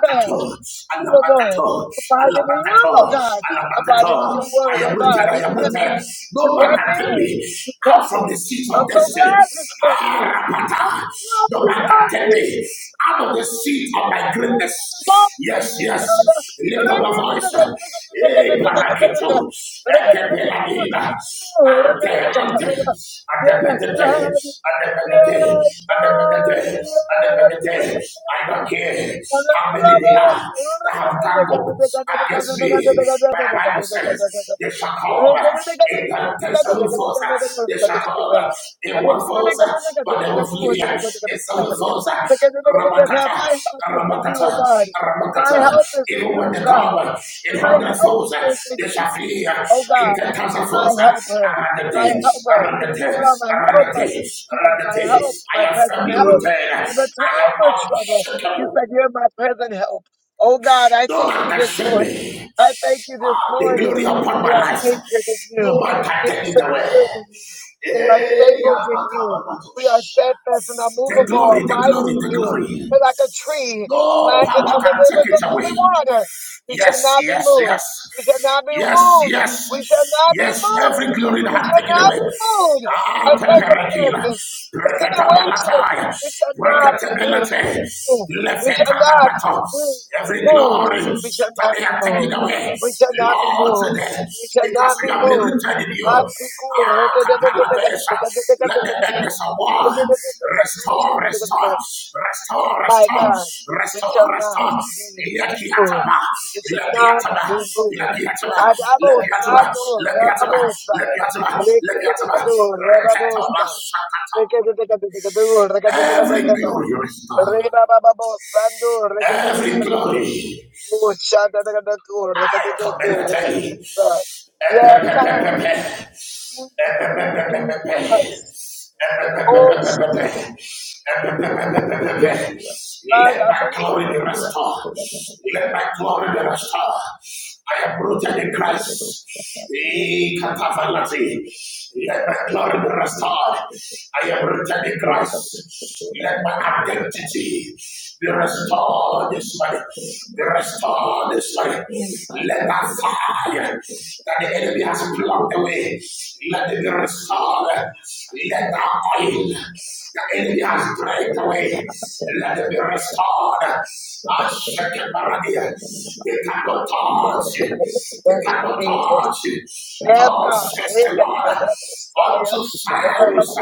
[SPEAKER 1] fast. Unmovable.
[SPEAKER 3] Alapatato.
[SPEAKER 1] Abide in you, oh
[SPEAKER 3] Alapatato.
[SPEAKER 1] God. Abide in
[SPEAKER 3] Alapatato.
[SPEAKER 1] your word,
[SPEAKER 3] I
[SPEAKER 1] oh
[SPEAKER 3] am rooted.
[SPEAKER 1] God.
[SPEAKER 3] I
[SPEAKER 1] You
[SPEAKER 3] am
[SPEAKER 1] kept me.
[SPEAKER 3] rooted.
[SPEAKER 1] You
[SPEAKER 3] No man
[SPEAKER 1] kept
[SPEAKER 3] can
[SPEAKER 1] me.
[SPEAKER 3] take me
[SPEAKER 1] You kept
[SPEAKER 3] out from
[SPEAKER 1] me.
[SPEAKER 3] the sea
[SPEAKER 1] I'm so glad you
[SPEAKER 3] Jesus.
[SPEAKER 1] kept me. I'm
[SPEAKER 3] Arapata.
[SPEAKER 1] so glad
[SPEAKER 3] No
[SPEAKER 1] you
[SPEAKER 3] man can
[SPEAKER 1] kept
[SPEAKER 3] take
[SPEAKER 1] me.
[SPEAKER 3] me out of
[SPEAKER 1] Yes,
[SPEAKER 3] the seat of my greatness. Yes, yes. Lift up a voice. Hey, paraketo. Ekepeladina. Ante, ante.
[SPEAKER 1] God.
[SPEAKER 3] Adepetete. Adepetete.
[SPEAKER 1] Yes, God.
[SPEAKER 3] Adepetete. Adepetete. I don't care how many they are that have ganged up against me. My they shall come over in ten seven folds. They shall come over in one folds, but
[SPEAKER 1] Yes,
[SPEAKER 3] they will flee in seven
[SPEAKER 1] God.
[SPEAKER 3] folds.
[SPEAKER 1] Because the niggas in death have
[SPEAKER 3] Ramakata,
[SPEAKER 1] my help is in you, O
[SPEAKER 3] Ramakata,
[SPEAKER 1] God. My
[SPEAKER 3] Ramakata.
[SPEAKER 1] help is in
[SPEAKER 3] Even
[SPEAKER 1] you,
[SPEAKER 3] when
[SPEAKER 1] O
[SPEAKER 3] they
[SPEAKER 1] God.
[SPEAKER 3] come in
[SPEAKER 1] My
[SPEAKER 3] hundred
[SPEAKER 1] help
[SPEAKER 3] folds,
[SPEAKER 1] is in
[SPEAKER 3] they shall
[SPEAKER 1] you,
[SPEAKER 3] flee
[SPEAKER 1] O
[SPEAKER 3] in
[SPEAKER 1] God.
[SPEAKER 3] ten thousand
[SPEAKER 1] My
[SPEAKER 3] folds.
[SPEAKER 1] helper,
[SPEAKER 3] Around the
[SPEAKER 1] my
[SPEAKER 3] day,
[SPEAKER 1] helper.
[SPEAKER 3] around the
[SPEAKER 1] You
[SPEAKER 3] day,
[SPEAKER 1] are my
[SPEAKER 3] around the
[SPEAKER 1] helper.
[SPEAKER 3] day,
[SPEAKER 1] You are
[SPEAKER 3] around the
[SPEAKER 1] my
[SPEAKER 3] day.
[SPEAKER 1] help,
[SPEAKER 3] I
[SPEAKER 1] my
[SPEAKER 3] am
[SPEAKER 1] present
[SPEAKER 3] firmly
[SPEAKER 1] help.
[SPEAKER 3] rooted. I
[SPEAKER 1] In the time of
[SPEAKER 3] am
[SPEAKER 1] trouble, you
[SPEAKER 3] unshakable.
[SPEAKER 1] said you're my present help. Oh God, I
[SPEAKER 3] No
[SPEAKER 1] thank
[SPEAKER 3] man
[SPEAKER 1] you
[SPEAKER 3] can
[SPEAKER 1] this
[SPEAKER 3] shake
[SPEAKER 1] morning.
[SPEAKER 3] me.
[SPEAKER 1] I thank you this
[SPEAKER 3] The
[SPEAKER 1] morning.
[SPEAKER 3] glory upon
[SPEAKER 1] We
[SPEAKER 3] my
[SPEAKER 1] are
[SPEAKER 3] life.
[SPEAKER 1] anchored in
[SPEAKER 3] No
[SPEAKER 1] you.
[SPEAKER 3] man can
[SPEAKER 1] We are
[SPEAKER 3] take it away.
[SPEAKER 1] secured in you. We are
[SPEAKER 3] Eh,
[SPEAKER 1] stable in you. We are steadfast and
[SPEAKER 3] The
[SPEAKER 1] unmovable,
[SPEAKER 3] glory, the
[SPEAKER 1] abiding
[SPEAKER 3] glory,
[SPEAKER 1] in
[SPEAKER 3] the
[SPEAKER 1] you.
[SPEAKER 3] glory.
[SPEAKER 1] We're like a tree
[SPEAKER 3] No
[SPEAKER 1] planted
[SPEAKER 3] power
[SPEAKER 1] on the
[SPEAKER 3] can take
[SPEAKER 1] rivers
[SPEAKER 3] it
[SPEAKER 1] of living
[SPEAKER 3] away.
[SPEAKER 1] water. We shall
[SPEAKER 3] Yes,
[SPEAKER 1] not be
[SPEAKER 3] yes,
[SPEAKER 1] moved.
[SPEAKER 3] yes.
[SPEAKER 1] We shall not be
[SPEAKER 3] Yes,
[SPEAKER 1] wooed. We shall
[SPEAKER 3] yes.
[SPEAKER 1] not be
[SPEAKER 3] Yes, every
[SPEAKER 1] moved.
[SPEAKER 3] glory that
[SPEAKER 1] We
[SPEAKER 3] have
[SPEAKER 1] shall
[SPEAKER 3] taken
[SPEAKER 1] not
[SPEAKER 3] away.
[SPEAKER 1] be moved.
[SPEAKER 3] Ah,
[SPEAKER 1] And
[SPEAKER 3] teperakina.
[SPEAKER 1] circumstances, and situations,
[SPEAKER 3] Breketabalataya.
[SPEAKER 1] we shall not be
[SPEAKER 3] Breketabelete.
[SPEAKER 1] moved. We shall not
[SPEAKER 3] Lefetatabato.
[SPEAKER 1] be
[SPEAKER 3] Every
[SPEAKER 1] moved.
[SPEAKER 3] glory
[SPEAKER 1] We shall
[SPEAKER 3] that
[SPEAKER 1] not
[SPEAKER 3] they
[SPEAKER 1] be
[SPEAKER 3] are taken
[SPEAKER 1] moved.
[SPEAKER 3] away,
[SPEAKER 1] We shall not be
[SPEAKER 3] Lord,
[SPEAKER 1] moved.
[SPEAKER 3] today,
[SPEAKER 1] We shall
[SPEAKER 3] because
[SPEAKER 1] not
[SPEAKER 3] we
[SPEAKER 1] be
[SPEAKER 3] have been
[SPEAKER 1] moved.
[SPEAKER 3] rooted in you. Ah. Let the enemies of war restore, restore, restore,
[SPEAKER 1] My
[SPEAKER 3] restore,
[SPEAKER 1] God, we
[SPEAKER 3] restore,
[SPEAKER 1] shall not
[SPEAKER 3] restore.
[SPEAKER 1] be
[SPEAKER 3] Let the
[SPEAKER 1] moved.
[SPEAKER 3] atama,
[SPEAKER 1] We shall
[SPEAKER 3] let the
[SPEAKER 1] not
[SPEAKER 3] atama,
[SPEAKER 1] be
[SPEAKER 3] let
[SPEAKER 1] moved.
[SPEAKER 3] the atama, let the
[SPEAKER 1] Adabosa
[SPEAKER 3] atama,
[SPEAKER 1] to
[SPEAKER 3] let the atama,
[SPEAKER 1] Rababosa.
[SPEAKER 3] let the atama, let the atama,
[SPEAKER 1] Rekadekadu
[SPEAKER 3] Reketoma
[SPEAKER 1] Rababosa.
[SPEAKER 3] shakata.
[SPEAKER 1] Rekadekadu
[SPEAKER 3] Every
[SPEAKER 1] Rekadekadekadekada.
[SPEAKER 3] glory restore,
[SPEAKER 1] Rebababosandu
[SPEAKER 3] every
[SPEAKER 1] Rekadekadekadekada.
[SPEAKER 3] glory.
[SPEAKER 1] Oh, shadadakadaku
[SPEAKER 3] I Come
[SPEAKER 1] Rekadekadaku
[SPEAKER 3] and I tell you.
[SPEAKER 1] Rekadekadekada. Yes, God. Mm, Jesus. Oh, Jesus.
[SPEAKER 3] Let my glory be restored. Let my glory be restored. I am rooted in Christ. Eh, katavalati. Let my glory be restored. I am rooted in Christ. Let my identity be restored this morning. Be restored this morning. Let that fire that the enemy has plucked away, let it be restored. Let that oil the enemy has drained away, let it be restored. Ah, shake Baradia. They cannot touch
[SPEAKER 1] Thank
[SPEAKER 3] you. They
[SPEAKER 1] you,
[SPEAKER 3] cannot
[SPEAKER 1] Jesus.
[SPEAKER 3] touch you.
[SPEAKER 1] Yes,
[SPEAKER 3] Touch,
[SPEAKER 1] God.
[SPEAKER 3] says
[SPEAKER 1] Thank
[SPEAKER 3] the
[SPEAKER 1] you,
[SPEAKER 3] Lord
[SPEAKER 1] the
[SPEAKER 3] unto
[SPEAKER 1] Messiah.
[SPEAKER 3] Cyrus,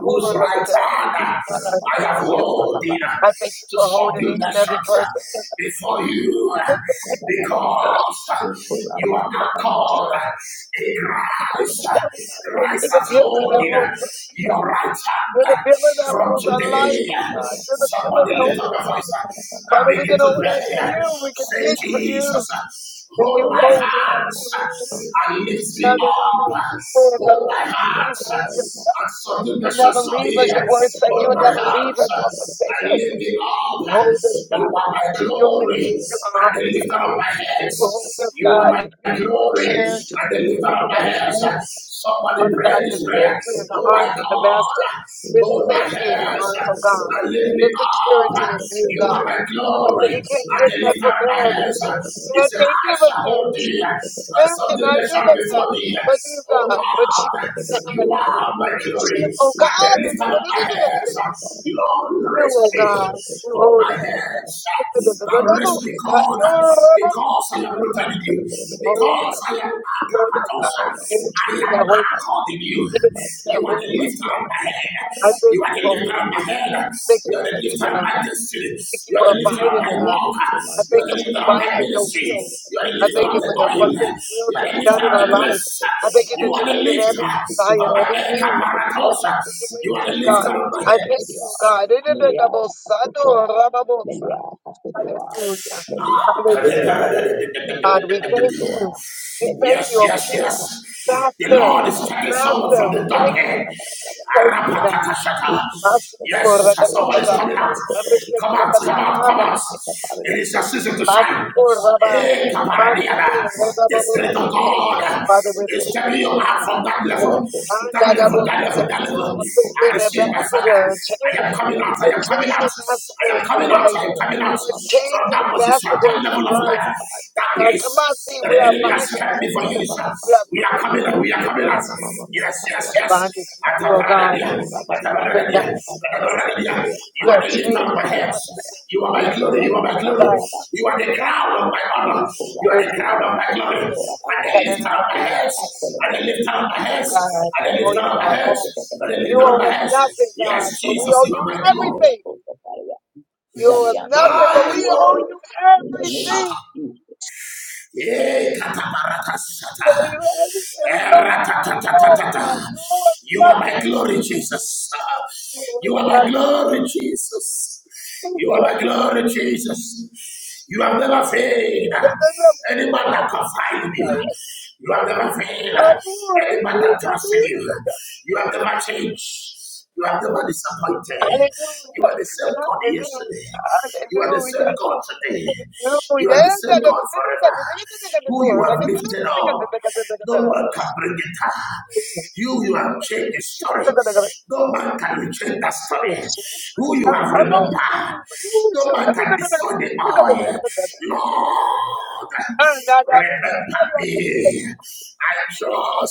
[SPEAKER 3] whose right hand
[SPEAKER 1] Father, I
[SPEAKER 3] I
[SPEAKER 1] thank
[SPEAKER 3] have
[SPEAKER 1] you.
[SPEAKER 3] holding
[SPEAKER 1] I thank you
[SPEAKER 3] to
[SPEAKER 1] for holding
[SPEAKER 3] subdue
[SPEAKER 1] each and every
[SPEAKER 3] nations
[SPEAKER 1] person.
[SPEAKER 3] before you, because you are called in Christ.
[SPEAKER 1] Father God, this
[SPEAKER 3] Christ
[SPEAKER 1] is the
[SPEAKER 3] has
[SPEAKER 1] pillar that
[SPEAKER 3] holding
[SPEAKER 1] holds us
[SPEAKER 3] your
[SPEAKER 1] together.
[SPEAKER 3] right
[SPEAKER 1] You're
[SPEAKER 3] hand
[SPEAKER 1] the pillar that
[SPEAKER 3] from
[SPEAKER 1] holds our life, oh
[SPEAKER 3] today
[SPEAKER 1] God. You're the pillar
[SPEAKER 3] Somebody
[SPEAKER 1] that
[SPEAKER 3] lift
[SPEAKER 1] holds
[SPEAKER 3] up your
[SPEAKER 1] our
[SPEAKER 3] voice
[SPEAKER 1] life.
[SPEAKER 3] uh, and
[SPEAKER 1] Father, we
[SPEAKER 3] begin
[SPEAKER 1] can
[SPEAKER 3] to
[SPEAKER 1] hold
[SPEAKER 3] pray.
[SPEAKER 1] on to you. We can
[SPEAKER 3] Say,
[SPEAKER 1] reach for you.
[SPEAKER 3] Jesus, uh,
[SPEAKER 1] And
[SPEAKER 3] hold
[SPEAKER 1] you
[SPEAKER 3] my
[SPEAKER 1] hold us.
[SPEAKER 3] hands
[SPEAKER 1] You hold us.
[SPEAKER 3] uh, and lift me up.
[SPEAKER 1] You hold
[SPEAKER 3] Hold my
[SPEAKER 1] us. You
[SPEAKER 3] hands uh,
[SPEAKER 1] hold us.
[SPEAKER 3] and subdue the
[SPEAKER 1] You never
[SPEAKER 3] nations of
[SPEAKER 1] leave
[SPEAKER 3] the
[SPEAKER 1] us. Your word said
[SPEAKER 3] Hold
[SPEAKER 1] you'll
[SPEAKER 3] my
[SPEAKER 1] never leave
[SPEAKER 3] hands
[SPEAKER 1] us
[SPEAKER 3] uh,
[SPEAKER 1] nor forsake
[SPEAKER 3] and
[SPEAKER 1] us.
[SPEAKER 3] lift me
[SPEAKER 1] You
[SPEAKER 3] up.
[SPEAKER 1] hold us,
[SPEAKER 3] You
[SPEAKER 1] God.
[SPEAKER 3] are my
[SPEAKER 1] You are the
[SPEAKER 3] glory
[SPEAKER 1] key to our
[SPEAKER 3] and the
[SPEAKER 1] hearts, God.
[SPEAKER 3] lifter of my
[SPEAKER 1] You hold
[SPEAKER 3] heads.
[SPEAKER 1] us,
[SPEAKER 3] You are
[SPEAKER 1] God.
[SPEAKER 3] my
[SPEAKER 1] You keep us
[SPEAKER 3] glory
[SPEAKER 1] secured.
[SPEAKER 3] and the lifter
[SPEAKER 1] You
[SPEAKER 3] of my
[SPEAKER 1] are
[SPEAKER 3] heads.
[SPEAKER 1] smooth.
[SPEAKER 3] Somebody
[SPEAKER 1] Father
[SPEAKER 3] pray
[SPEAKER 1] God,
[SPEAKER 3] this
[SPEAKER 1] there's
[SPEAKER 3] prayer.
[SPEAKER 1] safety in the
[SPEAKER 3] Oh my
[SPEAKER 1] arms of the
[SPEAKER 3] God.
[SPEAKER 1] Master. There's
[SPEAKER 3] Hold my
[SPEAKER 1] safety in your
[SPEAKER 3] hands
[SPEAKER 1] arms, oh God.
[SPEAKER 3] and lift me
[SPEAKER 1] There's
[SPEAKER 3] up.
[SPEAKER 1] security in you,
[SPEAKER 3] You are
[SPEAKER 1] God.
[SPEAKER 3] my
[SPEAKER 1] Father,
[SPEAKER 3] glory.
[SPEAKER 1] we
[SPEAKER 3] And
[SPEAKER 1] can't get
[SPEAKER 3] they
[SPEAKER 1] that
[SPEAKER 3] lift up
[SPEAKER 1] from
[SPEAKER 3] my
[SPEAKER 1] man.
[SPEAKER 3] hands.
[SPEAKER 1] Man
[SPEAKER 3] It's an
[SPEAKER 1] can't
[SPEAKER 3] I
[SPEAKER 1] give us
[SPEAKER 3] shall hold
[SPEAKER 1] that.
[SPEAKER 3] thee. And
[SPEAKER 1] Man
[SPEAKER 3] something
[SPEAKER 1] cannot
[SPEAKER 3] that
[SPEAKER 1] give
[SPEAKER 3] shall
[SPEAKER 1] us that.
[SPEAKER 3] before thee.
[SPEAKER 1] But you,
[SPEAKER 3] Oh
[SPEAKER 1] God. But you,
[SPEAKER 3] God,
[SPEAKER 1] God.
[SPEAKER 3] you are my
[SPEAKER 1] But
[SPEAKER 3] glory.
[SPEAKER 1] you,
[SPEAKER 3] And
[SPEAKER 1] oh
[SPEAKER 3] they lift up my
[SPEAKER 1] God.
[SPEAKER 3] hands. Lord,
[SPEAKER 1] You,
[SPEAKER 3] rest
[SPEAKER 1] O
[SPEAKER 3] me.
[SPEAKER 1] God, who
[SPEAKER 3] Hold
[SPEAKER 1] hold
[SPEAKER 3] my
[SPEAKER 1] us.
[SPEAKER 3] hands. And rest me, God. Because I am rooted in you you
[SPEAKER 1] Hold
[SPEAKER 3] because
[SPEAKER 1] us,
[SPEAKER 3] I am
[SPEAKER 1] hold us, God.
[SPEAKER 3] Akapatosa.
[SPEAKER 1] You're the
[SPEAKER 3] I
[SPEAKER 1] tree
[SPEAKER 3] am
[SPEAKER 1] that holds us.
[SPEAKER 3] anchored in you.
[SPEAKER 1] You're the tree that
[SPEAKER 3] You are the
[SPEAKER 1] holds us,
[SPEAKER 3] lifter of
[SPEAKER 1] God.
[SPEAKER 3] my head.
[SPEAKER 1] I thank
[SPEAKER 3] You are
[SPEAKER 1] you
[SPEAKER 3] the
[SPEAKER 1] for
[SPEAKER 3] lifter
[SPEAKER 1] holding
[SPEAKER 3] of my
[SPEAKER 1] us.
[SPEAKER 3] head.
[SPEAKER 1] Thank
[SPEAKER 3] You
[SPEAKER 1] you
[SPEAKER 3] are
[SPEAKER 1] for
[SPEAKER 3] the lifter
[SPEAKER 1] keeping
[SPEAKER 3] of
[SPEAKER 1] us.
[SPEAKER 3] my destiny.
[SPEAKER 1] Thank you
[SPEAKER 3] You are
[SPEAKER 1] for
[SPEAKER 3] the lifter of
[SPEAKER 1] abiding
[SPEAKER 3] my
[SPEAKER 1] in us.
[SPEAKER 3] walk.
[SPEAKER 1] I
[SPEAKER 3] You
[SPEAKER 1] thank
[SPEAKER 3] are the
[SPEAKER 1] you for
[SPEAKER 3] lifter of my
[SPEAKER 1] abiding in your
[SPEAKER 3] ministry.
[SPEAKER 1] will.
[SPEAKER 3] You are the
[SPEAKER 1] I
[SPEAKER 3] lifter
[SPEAKER 1] thank
[SPEAKER 3] of
[SPEAKER 1] you
[SPEAKER 3] the
[SPEAKER 1] for your
[SPEAKER 3] oil.
[SPEAKER 1] purpose, will
[SPEAKER 3] You are
[SPEAKER 1] to
[SPEAKER 3] the
[SPEAKER 1] be done
[SPEAKER 3] lifter
[SPEAKER 1] in
[SPEAKER 3] of the
[SPEAKER 1] our lives.
[SPEAKER 3] grace.
[SPEAKER 1] I thank you that
[SPEAKER 3] You are
[SPEAKER 1] you're
[SPEAKER 3] the
[SPEAKER 1] meeting
[SPEAKER 3] lifter
[SPEAKER 1] every
[SPEAKER 3] of
[SPEAKER 1] desire,
[SPEAKER 3] my
[SPEAKER 1] every
[SPEAKER 3] head.
[SPEAKER 1] need, every
[SPEAKER 3] Akapatosa. You are
[SPEAKER 1] situation,
[SPEAKER 3] the
[SPEAKER 1] God.
[SPEAKER 3] lifter of my
[SPEAKER 1] I thank you, oh
[SPEAKER 3] head.
[SPEAKER 1] God. In the name of Sando Rababosa. Hallelujah. Hallelujah. God, we thank you. We thank
[SPEAKER 3] Yes,
[SPEAKER 1] you, O
[SPEAKER 3] yes,
[SPEAKER 1] King,
[SPEAKER 3] yes. The
[SPEAKER 1] Master,
[SPEAKER 3] Lord is turning someone
[SPEAKER 1] Master,
[SPEAKER 3] from the
[SPEAKER 1] we
[SPEAKER 3] dark
[SPEAKER 1] thank
[SPEAKER 3] end.
[SPEAKER 1] you. We thank you, Master.
[SPEAKER 3] Arapatakashaka.
[SPEAKER 1] Master, Lord,
[SPEAKER 3] Yes,
[SPEAKER 1] da, da, da,
[SPEAKER 3] someone
[SPEAKER 1] da,
[SPEAKER 3] is
[SPEAKER 1] da.
[SPEAKER 3] coming out.
[SPEAKER 1] Master, da,
[SPEAKER 3] Come
[SPEAKER 1] da,
[SPEAKER 3] out,
[SPEAKER 1] da, da,
[SPEAKER 3] come out, come out.
[SPEAKER 1] Abba.
[SPEAKER 3] It is your season to
[SPEAKER 1] Master,
[SPEAKER 3] shine.
[SPEAKER 1] Lord, Rabba.
[SPEAKER 3] Eh,
[SPEAKER 1] Master,
[SPEAKER 3] kaparadiana.
[SPEAKER 1] Lord, Rabba,
[SPEAKER 3] The
[SPEAKER 1] Babo,
[SPEAKER 3] Spirit of
[SPEAKER 1] Sita.
[SPEAKER 3] God.
[SPEAKER 1] Father, we
[SPEAKER 3] It's stepping
[SPEAKER 1] secure
[SPEAKER 3] you
[SPEAKER 1] you
[SPEAKER 3] out
[SPEAKER 1] now.
[SPEAKER 3] from that
[SPEAKER 1] Yes,
[SPEAKER 3] level,
[SPEAKER 1] and da,
[SPEAKER 3] that
[SPEAKER 1] da,
[SPEAKER 3] level,
[SPEAKER 1] Babo,
[SPEAKER 3] that level,
[SPEAKER 1] Sita.
[SPEAKER 3] that level.
[SPEAKER 1] Master,
[SPEAKER 3] I
[SPEAKER 1] We're the
[SPEAKER 3] receive my Father.
[SPEAKER 1] ambassador, a chain.
[SPEAKER 3] I am coming out. I
[SPEAKER 1] We're
[SPEAKER 3] am coming
[SPEAKER 1] chained
[SPEAKER 3] out. I am
[SPEAKER 1] ambassadors for
[SPEAKER 3] coming out. I
[SPEAKER 1] Christ.
[SPEAKER 3] am coming out
[SPEAKER 1] We're chained
[SPEAKER 3] from that position, that
[SPEAKER 1] ambassadors for
[SPEAKER 3] level of life,
[SPEAKER 1] Christ.
[SPEAKER 3] that
[SPEAKER 1] God, come on,
[SPEAKER 3] place
[SPEAKER 1] see,
[SPEAKER 3] that
[SPEAKER 1] we
[SPEAKER 3] the
[SPEAKER 1] are
[SPEAKER 3] enemy has
[SPEAKER 1] binded
[SPEAKER 3] kept
[SPEAKER 1] to
[SPEAKER 3] me for
[SPEAKER 1] you.
[SPEAKER 3] years.
[SPEAKER 1] We are
[SPEAKER 3] We are
[SPEAKER 1] binded
[SPEAKER 3] coming out. We
[SPEAKER 1] to
[SPEAKER 3] are coming out.
[SPEAKER 1] you.
[SPEAKER 3] Yes, yes,
[SPEAKER 1] We are
[SPEAKER 3] yes.
[SPEAKER 1] binded to you, oh God.
[SPEAKER 3] Atabaradadia,
[SPEAKER 1] Chained
[SPEAKER 3] atabaradadia,
[SPEAKER 1] ambassadors.
[SPEAKER 3] atabaradadia.
[SPEAKER 1] We
[SPEAKER 3] You are
[SPEAKER 1] are
[SPEAKER 3] the lift
[SPEAKER 1] chained
[SPEAKER 3] of my head.
[SPEAKER 1] ambassadors
[SPEAKER 3] You
[SPEAKER 1] for
[SPEAKER 3] are
[SPEAKER 1] you,
[SPEAKER 3] my glory. You are my
[SPEAKER 1] oh
[SPEAKER 3] glory.
[SPEAKER 1] Christ.
[SPEAKER 3] You are the crown of my honor. You
[SPEAKER 1] Dear
[SPEAKER 3] are the
[SPEAKER 1] thee,
[SPEAKER 3] crown of my glory.
[SPEAKER 1] the Lord
[SPEAKER 3] And the
[SPEAKER 1] that
[SPEAKER 3] lifter
[SPEAKER 1] is
[SPEAKER 3] of
[SPEAKER 1] the
[SPEAKER 3] my
[SPEAKER 1] most
[SPEAKER 3] head.
[SPEAKER 1] important.
[SPEAKER 3] And the lifter of my head.
[SPEAKER 1] God,
[SPEAKER 3] And
[SPEAKER 1] we
[SPEAKER 3] the
[SPEAKER 1] owe
[SPEAKER 3] lifter
[SPEAKER 1] you
[SPEAKER 3] of my
[SPEAKER 1] our
[SPEAKER 3] head.
[SPEAKER 1] all.
[SPEAKER 3] And the
[SPEAKER 1] You
[SPEAKER 3] lifter of my
[SPEAKER 1] owe us
[SPEAKER 3] head.
[SPEAKER 1] nothing, God,
[SPEAKER 3] Yes,
[SPEAKER 1] but we
[SPEAKER 3] Jesus,
[SPEAKER 1] owe
[SPEAKER 3] you are
[SPEAKER 1] you
[SPEAKER 3] my glory.
[SPEAKER 1] everything. You owe us nothing, but
[SPEAKER 3] My
[SPEAKER 1] we owe
[SPEAKER 3] glory.
[SPEAKER 1] you everything.
[SPEAKER 3] Eh,
[SPEAKER 1] We
[SPEAKER 3] katabarakasata.
[SPEAKER 1] owe you everything. We
[SPEAKER 3] Eh,
[SPEAKER 1] owe our all,
[SPEAKER 3] ratatatatata.
[SPEAKER 1] God. You owe us
[SPEAKER 3] You are my
[SPEAKER 1] nothing.
[SPEAKER 3] glory, Jesus.
[SPEAKER 1] You owe
[SPEAKER 3] You are
[SPEAKER 1] us
[SPEAKER 3] my glory, Jesus. You are
[SPEAKER 1] nothing.
[SPEAKER 3] my glory, Jesus. You have never failed.
[SPEAKER 1] Hallelujah. Hallelujah.
[SPEAKER 3] Any man that
[SPEAKER 1] Hallelujah.
[SPEAKER 3] confide in you, you have never failed. Any man that trusts in you, you have never changed. You are never disappointed. You are the same God yesterday. You are the same God today. You are the same God forever. Who you have lifted up, no man can bring it down. You, you have changed the story. No man can change that
[SPEAKER 1] Oh,
[SPEAKER 3] story.
[SPEAKER 1] Jesus.
[SPEAKER 3] Who
[SPEAKER 1] I,
[SPEAKER 3] you have
[SPEAKER 1] I know. Oh,
[SPEAKER 3] remembered,
[SPEAKER 1] I'm not. I'm
[SPEAKER 3] no
[SPEAKER 1] sorry.
[SPEAKER 3] man can destroy the oil. Lord, remember me. I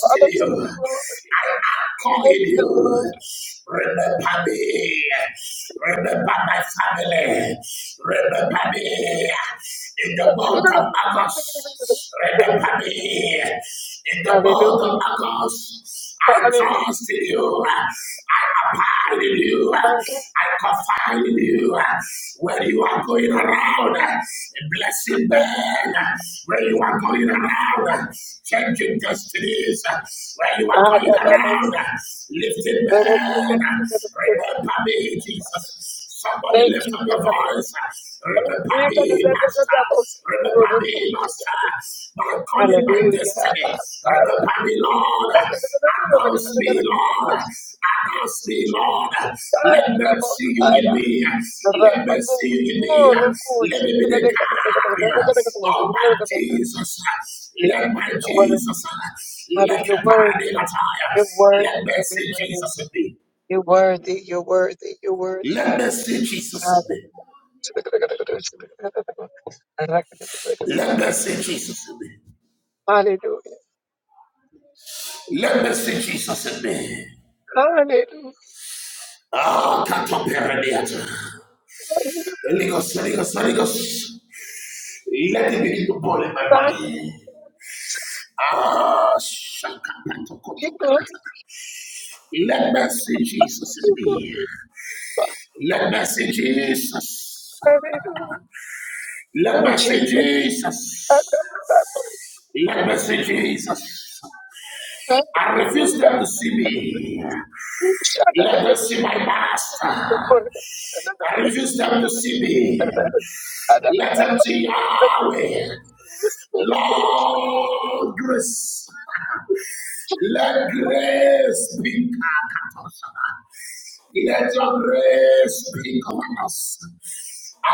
[SPEAKER 1] I
[SPEAKER 3] in
[SPEAKER 1] don't take
[SPEAKER 3] you.
[SPEAKER 1] the glory.
[SPEAKER 3] I call
[SPEAKER 1] I Take
[SPEAKER 3] in
[SPEAKER 1] the
[SPEAKER 3] you.
[SPEAKER 1] glory.
[SPEAKER 3] Remember me. Remember my family. Remember me in the month of
[SPEAKER 1] Hallelujah.
[SPEAKER 3] August. Remember me in the month of August. I
[SPEAKER 1] Hallelujah.
[SPEAKER 3] trust in you. I confide in you. I confide in you. When you are going around, blessing man. When you are going around, changing destinies. When you are
[SPEAKER 1] Ah,
[SPEAKER 3] going
[SPEAKER 1] that- that
[SPEAKER 3] around,
[SPEAKER 1] was-
[SPEAKER 3] lifting
[SPEAKER 1] that was-
[SPEAKER 3] man. Remember me, Jesus. Somebody lift
[SPEAKER 1] Thank you,
[SPEAKER 3] up your
[SPEAKER 1] Father.
[SPEAKER 3] voice. Remember me, Master. Remember me, Master. My calling, my
[SPEAKER 1] Hallelujah.
[SPEAKER 3] destiny.
[SPEAKER 1] Ah, ah, yeah.
[SPEAKER 3] Remember me, Lord. Announce me, Lord. Announce me, Lord.
[SPEAKER 1] Jesus. Ah,
[SPEAKER 3] Let
[SPEAKER 1] that
[SPEAKER 3] them
[SPEAKER 1] was-
[SPEAKER 3] see you
[SPEAKER 1] ah,
[SPEAKER 3] in
[SPEAKER 1] yeah.
[SPEAKER 3] me. Let them see you in me. Let me be the carrier of my Jesus.
[SPEAKER 1] Jesus,
[SPEAKER 3] Let my
[SPEAKER 1] you're worthy.
[SPEAKER 3] Jesus.
[SPEAKER 1] Father,
[SPEAKER 3] Let
[SPEAKER 1] you're
[SPEAKER 3] a party
[SPEAKER 1] worthy.
[SPEAKER 3] attire.
[SPEAKER 1] You're
[SPEAKER 3] Let
[SPEAKER 1] worthy
[SPEAKER 3] me
[SPEAKER 1] to be
[SPEAKER 3] see
[SPEAKER 1] praised.
[SPEAKER 3] Jesus in me.
[SPEAKER 1] You're worthy, you're worthy, you're worthy.
[SPEAKER 3] Let me see Jesus in me. Let me see Jesus in me.
[SPEAKER 1] Hallelujah. Hallelujah.
[SPEAKER 3] Let me see Jesus in me.
[SPEAKER 1] Hallelujah.
[SPEAKER 3] Ah, Catoperaneata. Ligos, Ligos, Ligos. Let it begin to boil in my
[SPEAKER 1] Find us.
[SPEAKER 3] body. Ah,
[SPEAKER 1] Be glorified,
[SPEAKER 3] Shakapatokotopanata. Let me see Jesus
[SPEAKER 1] be
[SPEAKER 3] in me.
[SPEAKER 1] glorified.
[SPEAKER 3] Let me see Jesus.
[SPEAKER 1] Hallelujah.
[SPEAKER 3] Let
[SPEAKER 1] Oh,
[SPEAKER 3] me see
[SPEAKER 1] Jesus.
[SPEAKER 3] Jesus. Let me see Jesus. I refuse them to see me. Let them see my past. I refuse them to see me. Let them see Yahweh. Lord, grace. Let grace be. Let your grace be upon us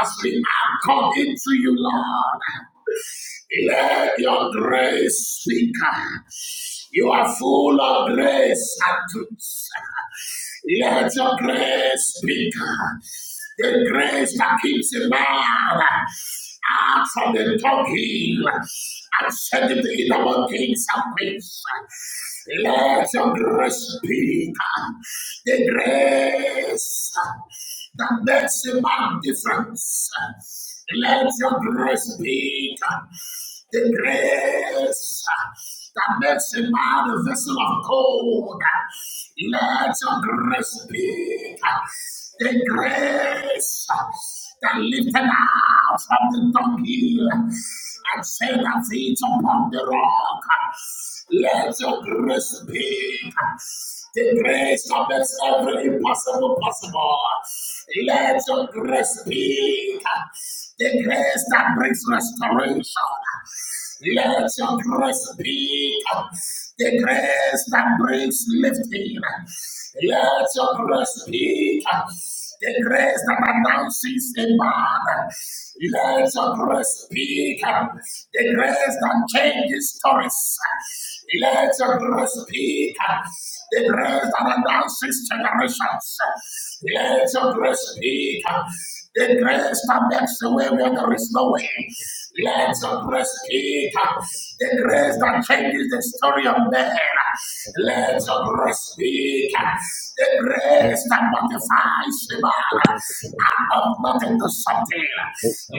[SPEAKER 3] as we are coming to you, Lord. Let your grace speak. You are full of grace and truth. Let your grace speak the grace that keeps a man out from the talking and send him to eat among and queens. Let your grace be the grace that makes a man difference. Let your grace be the grace that makes a man a vessel of gold. Let your grace be the grace that lifted out from the dunghill and set our feet upon the rock. Let your grace be the grace that makes every impossible possible. Let your grace be the grace that brings restoration. Let your grace be the grace that brings lifting. Let your grace be the grace that announces a man. Let your grace be the grace that changes stories. Let your grace speak. The grace that announces generations. Let your grace speak. The grace that makes the way where there is no way. Let your grace speak. The grace that changes the story of man. Let your grace speak. The grace that modifies the man and nothing to sustain.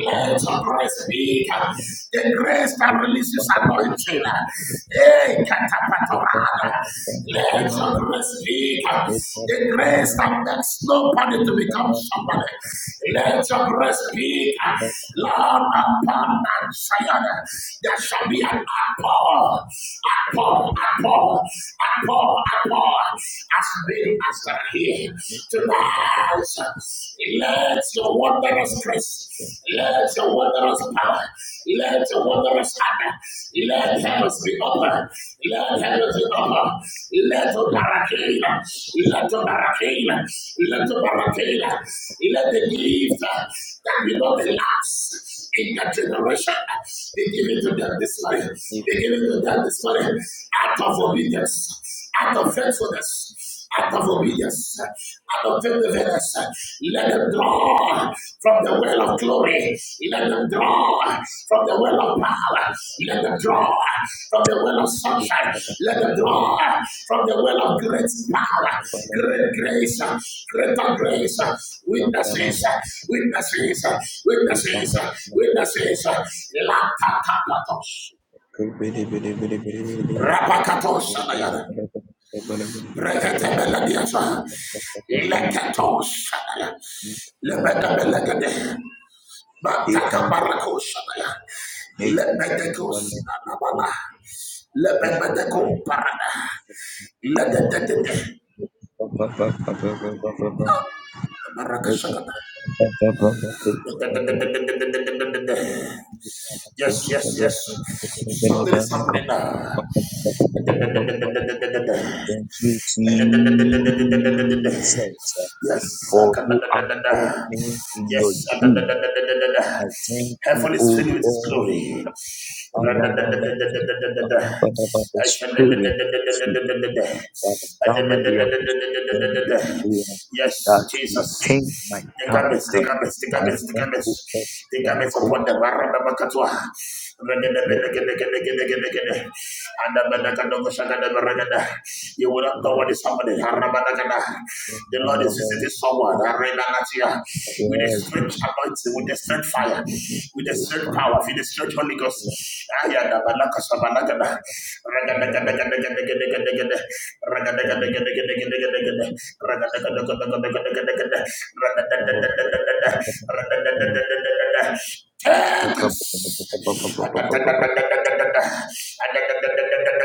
[SPEAKER 3] Let your grace be the grace that releases anointing. Eh, katapatorada. Let your grace be the grace that makes nobody to become somebody. Let your breast speak, Lord, upon Zion. There shall be an apple, apple, apple, apple, apple, as many as are here. Tonight, let your wondrous grace. Let your wondrous power, let your wondrous hand, let heavens be open, let heavens be open, let the barricade, let the barricade, let the barricade, let the gift that will not be last in that generation. They give it to them this morning, they give it to them this morning, out of obedience, out of faithfulness out of obedience, out of perseverance. Let them draw from the well of glory. Let them draw from the well of power. Let them draw from the well of sunshine. Let them draw from the well of great power, great grace, greater grace. Witnesses, witnesses, witnesses, witnesses. Lapakapatos.
[SPEAKER 2] you. Thank
[SPEAKER 3] Rapakatos. Rekatebeladiasa. Lekatos. Lebedebelagade. Batakabarakos. Lebedekos. Nabala. Lebedeko parada. Ledededede. Barakashagada. Yes, yes, yes. Something is happening now.
[SPEAKER 2] you, Jesus,
[SPEAKER 3] Yes.
[SPEAKER 2] for you have brought
[SPEAKER 3] Sakadadadadada.
[SPEAKER 2] me in
[SPEAKER 3] Yes.
[SPEAKER 2] your truth.
[SPEAKER 3] Adadadadadadada.
[SPEAKER 2] I thank you,
[SPEAKER 3] Heaven is filled with His
[SPEAKER 2] O
[SPEAKER 3] glory.
[SPEAKER 2] God. But
[SPEAKER 3] Radadadadadadadadada.
[SPEAKER 2] the spirit of truth,
[SPEAKER 3] Ashadadadadadadadadada.
[SPEAKER 2] that endowment we have received
[SPEAKER 3] Adadadadadadadadada.
[SPEAKER 2] from
[SPEAKER 3] Yes,
[SPEAKER 2] that you
[SPEAKER 3] Jesus.
[SPEAKER 2] change my
[SPEAKER 3] The
[SPEAKER 2] tongue,
[SPEAKER 3] garments, the garments, the
[SPEAKER 2] and
[SPEAKER 3] garments, the
[SPEAKER 2] then
[SPEAKER 3] garments,
[SPEAKER 2] open
[SPEAKER 3] the
[SPEAKER 2] then
[SPEAKER 3] garments upon
[SPEAKER 2] course.
[SPEAKER 3] them. Aradabakatua. Regedegedegedegedegedegede. Adabadakadogoshakadabaragada. You will not know what is happening. Arabadagada. The Lord is visiting someone. Arrenanatia. With a
[SPEAKER 2] Yes.
[SPEAKER 3] strange anointing, with
[SPEAKER 2] thank
[SPEAKER 3] a
[SPEAKER 2] you,
[SPEAKER 3] strange
[SPEAKER 2] Jesus.
[SPEAKER 3] fire,
[SPEAKER 2] Thank
[SPEAKER 3] with a
[SPEAKER 2] you,
[SPEAKER 3] strange
[SPEAKER 2] Father.
[SPEAKER 3] power, with a strange Holy Ghost. Ayadabalakasabalagada.
[SPEAKER 2] Thank
[SPEAKER 3] Ragadagadagadagadagadagada.
[SPEAKER 2] you,
[SPEAKER 3] Ragadagadagadagadagadagada.
[SPEAKER 2] Son. Thank
[SPEAKER 3] Ragadagadagadagadagadagada.
[SPEAKER 2] you, Holy Spirit.
[SPEAKER 3] Ragadadadadadadada.
[SPEAKER 2] Thank you, Father. Thank
[SPEAKER 3] Ragadadadadadadada.
[SPEAKER 2] you,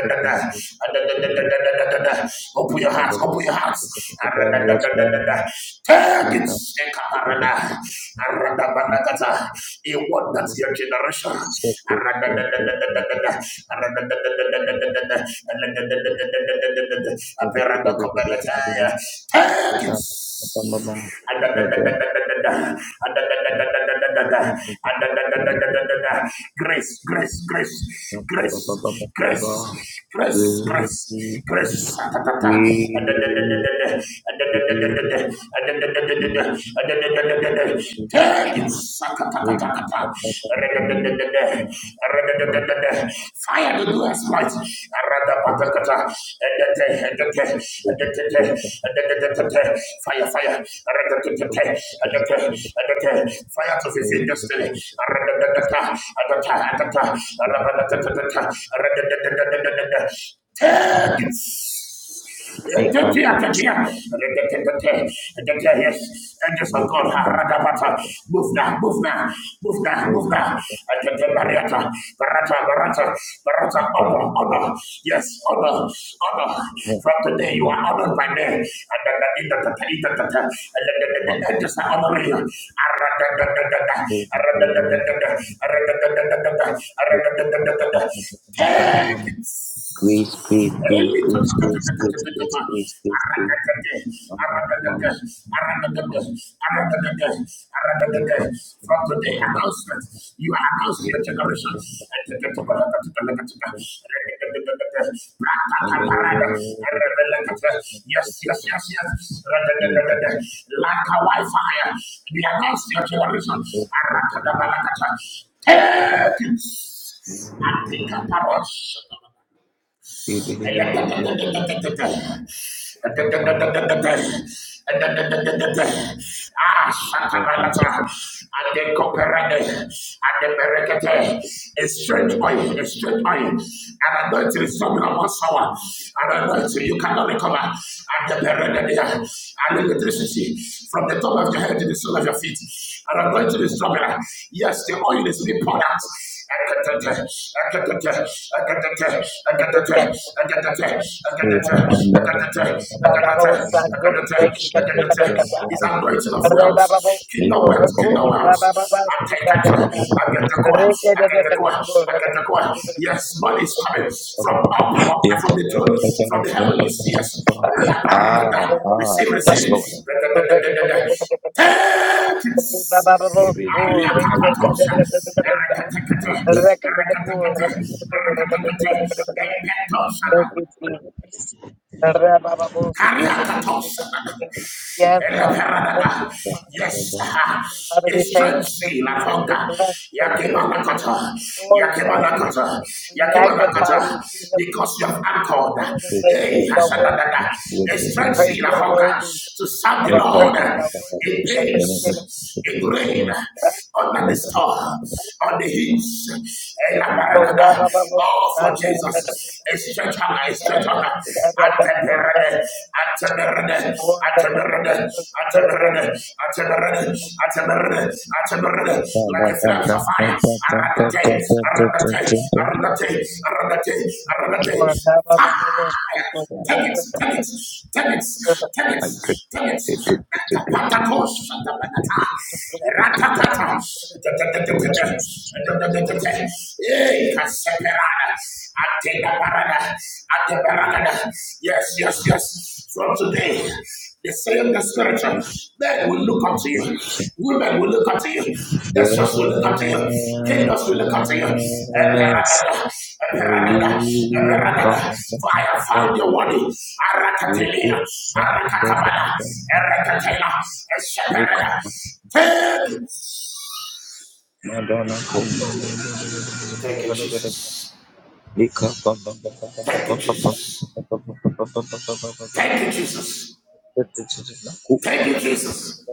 [SPEAKER 2] Son. Thank you, Holy Spirit.
[SPEAKER 3] Open your hearts, open your hearts.
[SPEAKER 2] Yes, ma'am.
[SPEAKER 3] Take it, a Aradabalagata. It was not your generation. Take it, Grace, grace, grace, grace, grace, grace, grace, grace. Take it. Fire to do exploits. Fire, fire. Fire to fulfill destiny. Yes,
[SPEAKER 2] Grace, grace, grace, grace, grace, grace,
[SPEAKER 3] angels of God, Haradabata, move now, move now, move now, move now. Mariata, Barata, Barata, Barata, honor, honor, yes, honor, honor. From today, you are honored by me. And the angels are honoring you. Aradadadadada, aradadadadada, aradadadadada, aradadadadada. Take it. From today,
[SPEAKER 2] grace, grace, grace, grace. Mama, mama, mama. Make up, mama,
[SPEAKER 3] announcement, you announce
[SPEAKER 2] make
[SPEAKER 3] your
[SPEAKER 2] up,
[SPEAKER 3] generation.
[SPEAKER 2] mama.
[SPEAKER 3] Yes, yes, yes, yes. Like a Wi-Fi, we announce your generation. Take it. I think a parachute.
[SPEAKER 2] Make up,
[SPEAKER 3] Ah, Shatabalata, and the
[SPEAKER 2] mama.
[SPEAKER 3] Coperade, and the
[SPEAKER 2] Yes, Lord, I give it. If I think I think I want to think of me,
[SPEAKER 3] Berekete, a strange oil, a strange oil, and I'm anointing is coming upon someone, and I'm anointing you cannot recover, and the Berekete, and the electricity from the top of your head to the sole of your feet, and I'm anointing is coming. Yes, the oil is being poured out. It's anointing of wealth, kingdom wealth, kingdom wealth. I take that to him. I get the coin. I get the coin. I get the coin. Yes, money is coming from
[SPEAKER 2] what
[SPEAKER 3] up, up from the throne,
[SPEAKER 2] I
[SPEAKER 1] Rekete
[SPEAKER 3] from the heavens. Yes. La parada. Receive, receive. it. Take it. Ariakapatos, Rekatekate, Rekatekate, Rekatekate,
[SPEAKER 1] Thank
[SPEAKER 3] Epetosada,
[SPEAKER 1] you, Jesus. Rabababosu, thank
[SPEAKER 3] Kariakatos.
[SPEAKER 1] you, thank you, thank you. Yes, God. Thank
[SPEAKER 3] Eleperadada.
[SPEAKER 1] you, Father.
[SPEAKER 3] Yes,
[SPEAKER 1] Father, we
[SPEAKER 3] it's
[SPEAKER 1] thank you.
[SPEAKER 3] frenzy, la
[SPEAKER 1] We
[SPEAKER 3] conga.
[SPEAKER 1] bless your holy name. We
[SPEAKER 3] Yakimanakata,
[SPEAKER 1] glorify you.
[SPEAKER 3] Yakimanakata,
[SPEAKER 1] We magnify you,
[SPEAKER 3] Yakimanakata,
[SPEAKER 1] King of
[SPEAKER 3] because
[SPEAKER 1] Kings
[SPEAKER 3] you have
[SPEAKER 1] and
[SPEAKER 3] anchored.
[SPEAKER 1] Lord of
[SPEAKER 2] think I
[SPEAKER 1] Lords.
[SPEAKER 3] Hey,
[SPEAKER 2] heard
[SPEAKER 1] You
[SPEAKER 2] of
[SPEAKER 1] are
[SPEAKER 2] them,
[SPEAKER 1] worthy
[SPEAKER 3] Hasadadada.
[SPEAKER 2] which would be
[SPEAKER 1] to
[SPEAKER 3] It's
[SPEAKER 1] be
[SPEAKER 2] me.
[SPEAKER 3] frenzy,
[SPEAKER 1] praised.
[SPEAKER 3] la
[SPEAKER 1] You are
[SPEAKER 3] conga,
[SPEAKER 1] worthy
[SPEAKER 3] to serve the
[SPEAKER 1] of
[SPEAKER 2] Make
[SPEAKER 1] our
[SPEAKER 2] up
[SPEAKER 3] Lord
[SPEAKER 1] praise, our
[SPEAKER 2] another
[SPEAKER 3] in
[SPEAKER 1] worship, our
[SPEAKER 2] dimension,
[SPEAKER 1] thanksgiving.
[SPEAKER 3] peace, in rain,
[SPEAKER 2] another
[SPEAKER 3] under the storm, on the hills. Hey, la
[SPEAKER 2] dimension.
[SPEAKER 1] Oh,
[SPEAKER 3] paragada.
[SPEAKER 1] Rabababosu,
[SPEAKER 3] Oh, for Jesus. Stretch out, I stretch out.
[SPEAKER 1] Yes,
[SPEAKER 3] Ataberede,
[SPEAKER 1] God.
[SPEAKER 3] ataberede,
[SPEAKER 1] Hallelujah.
[SPEAKER 3] ataberede, ataberede, ataberede, ataberede, ataberede.
[SPEAKER 2] I drink
[SPEAKER 3] Like a flames of fire. Aradate, aradate, aradate, aradate, aradate. Tendency, tendency, tendency, tendency, tendency.
[SPEAKER 2] those
[SPEAKER 3] Ratapatakos, Santabanata. Ratatata. Hey, Caseperada. Atenabarada. Atenabarada. Yes, yes, yes. From today, the same the Spirit. Men will look up to you. Women will look up to you. Nations will look up to you. Kingdoms will look up to you. For I have found your worthy. Arakatelia, arakatabana, erekatela,
[SPEAKER 2] Yes.
[SPEAKER 3] esheperada. Take it.
[SPEAKER 2] Hallelujah. Madonna.
[SPEAKER 3] Thank you, Jesus. Thank you, Jesus.
[SPEAKER 2] Madonna.
[SPEAKER 3] Thank you, Jesus.
[SPEAKER 2] Eka
[SPEAKER 3] Thank you, Jesus.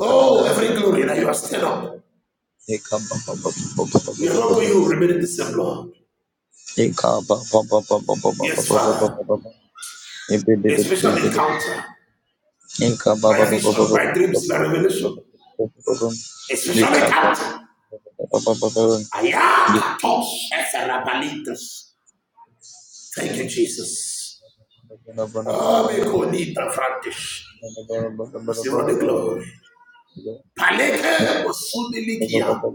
[SPEAKER 3] Oh, every glory that you are still up. We are not going to remain in the same, Lord. Yes, Father. A special encounter by vision, by dreams, by revelation. A special encounter. Ayakatos eferabalitos. Thank you, Jesus. Amekonita frantish. Receive all the glory. Paleke osudilikia.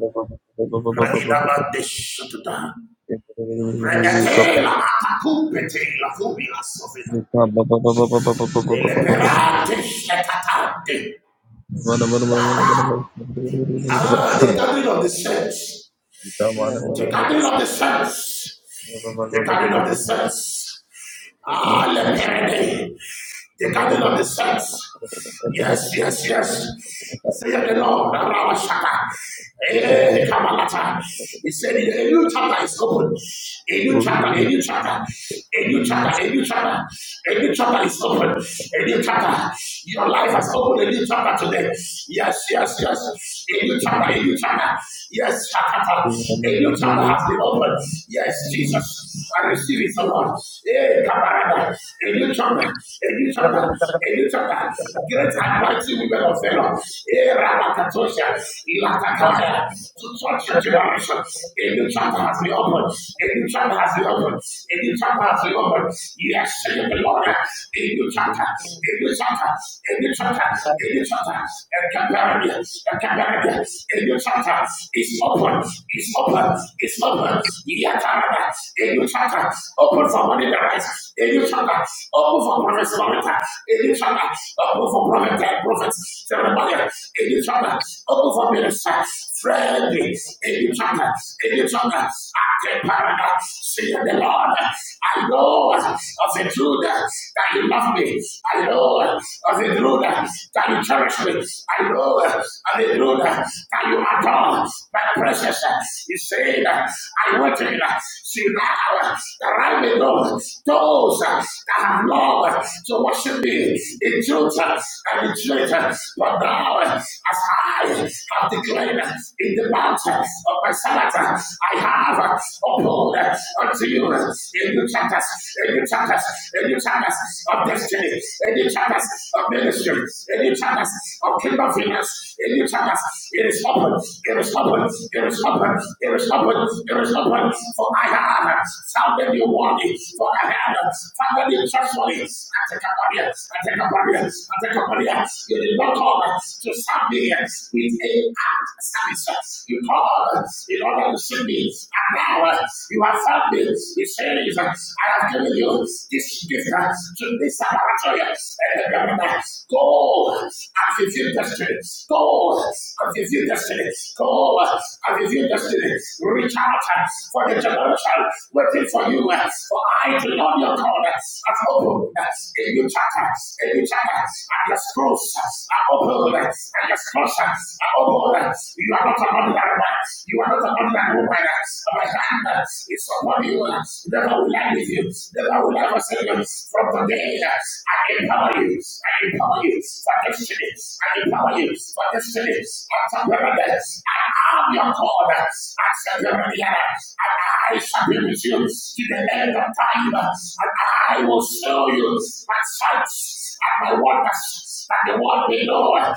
[SPEAKER 3] Raidabadeshatuta. Predate la atacupete la cubila sovina.
[SPEAKER 2] Thank
[SPEAKER 3] The Eleperate shetata. Ah, the gathering of the saints. The garden of the saints. The garden of the saints. Ah, let me The garden of the saints. Yes, yes, yes. Say the Lord, Rawa Shaka. Eh, Kamalata. He said, a new chapter is open. A new chapter, a new chapter. A new chapter, a new chapter, a new chapter is open. A new chapter. Your life has opened a new chapter today. Yes, yes, yes. A new chapter, a new chapter. Yes, chapter. A new chapter has been opened. Yes, Jesus. I receive it, oh Lord. Hey, Kabarada, a new chapter, a new chapter, a new chapter. Great and mighty women of valor. Hey, Rabakatosha, Ilatakaya, to touch your generation. A new chapter has been opened. A new chapter chapter has been A new chapter has been opened. Yes, said the Lord. A new chapter. A new chapter. A new chapter. A new chapter. A comparable. A comparable. A new chapter. is open. It's open. It's open. Yet another. A new chapter. Open for money the rise. A new chapter. Open for prophets. A new chapter. Open for prophets. Prophets. Jeremiah. A new chapter. Open for ministers. Friendly, in each other, in each other, active paradise, see the Lord. I know of the truth that you love me. I know of the truth that you cherish me. I know of the truth that you adore my precious. He said, I waited. See now that I may know those that have love to worship me in truth and in truth. But now, as I voice of the claim in the mountains of my servant. I have uphold unto you in the chapters, in the chapters, in the chapters of destiny, in the chapters of ministry, in the chapters of kingdom finance, in the chapters. It is open, it is open, it is open, it is open, it is open. For I have founded you worthy, for I have founded you trustworthy. I take up on you, I take up on you, I take up on you. You did not come us to submit with a act services in order, in order to submit. And now uh, you have submit. He says, I have given you this gift uh, to this laboratory. And the government, go and fulfill destiny. Go and fulfill destiny. Go and fulfill destiny. Reach out uh, for the generation waiting for you. uh, For I do not your call. I've opened a new chapter, a new chapter, and the scrolls doors are open and your closets are open. You are not an ordinary man. You are not an ordinary woman. My hand is upon you. Never will I leave you. Never will I forsake you. From today, yes, I empower you. I empower you for destiny. I empower you for destiny. After paradise, I am your God. I shall be with you. I shall be with you to the end of time. And I I will show you my signs and my wonders and the world will know that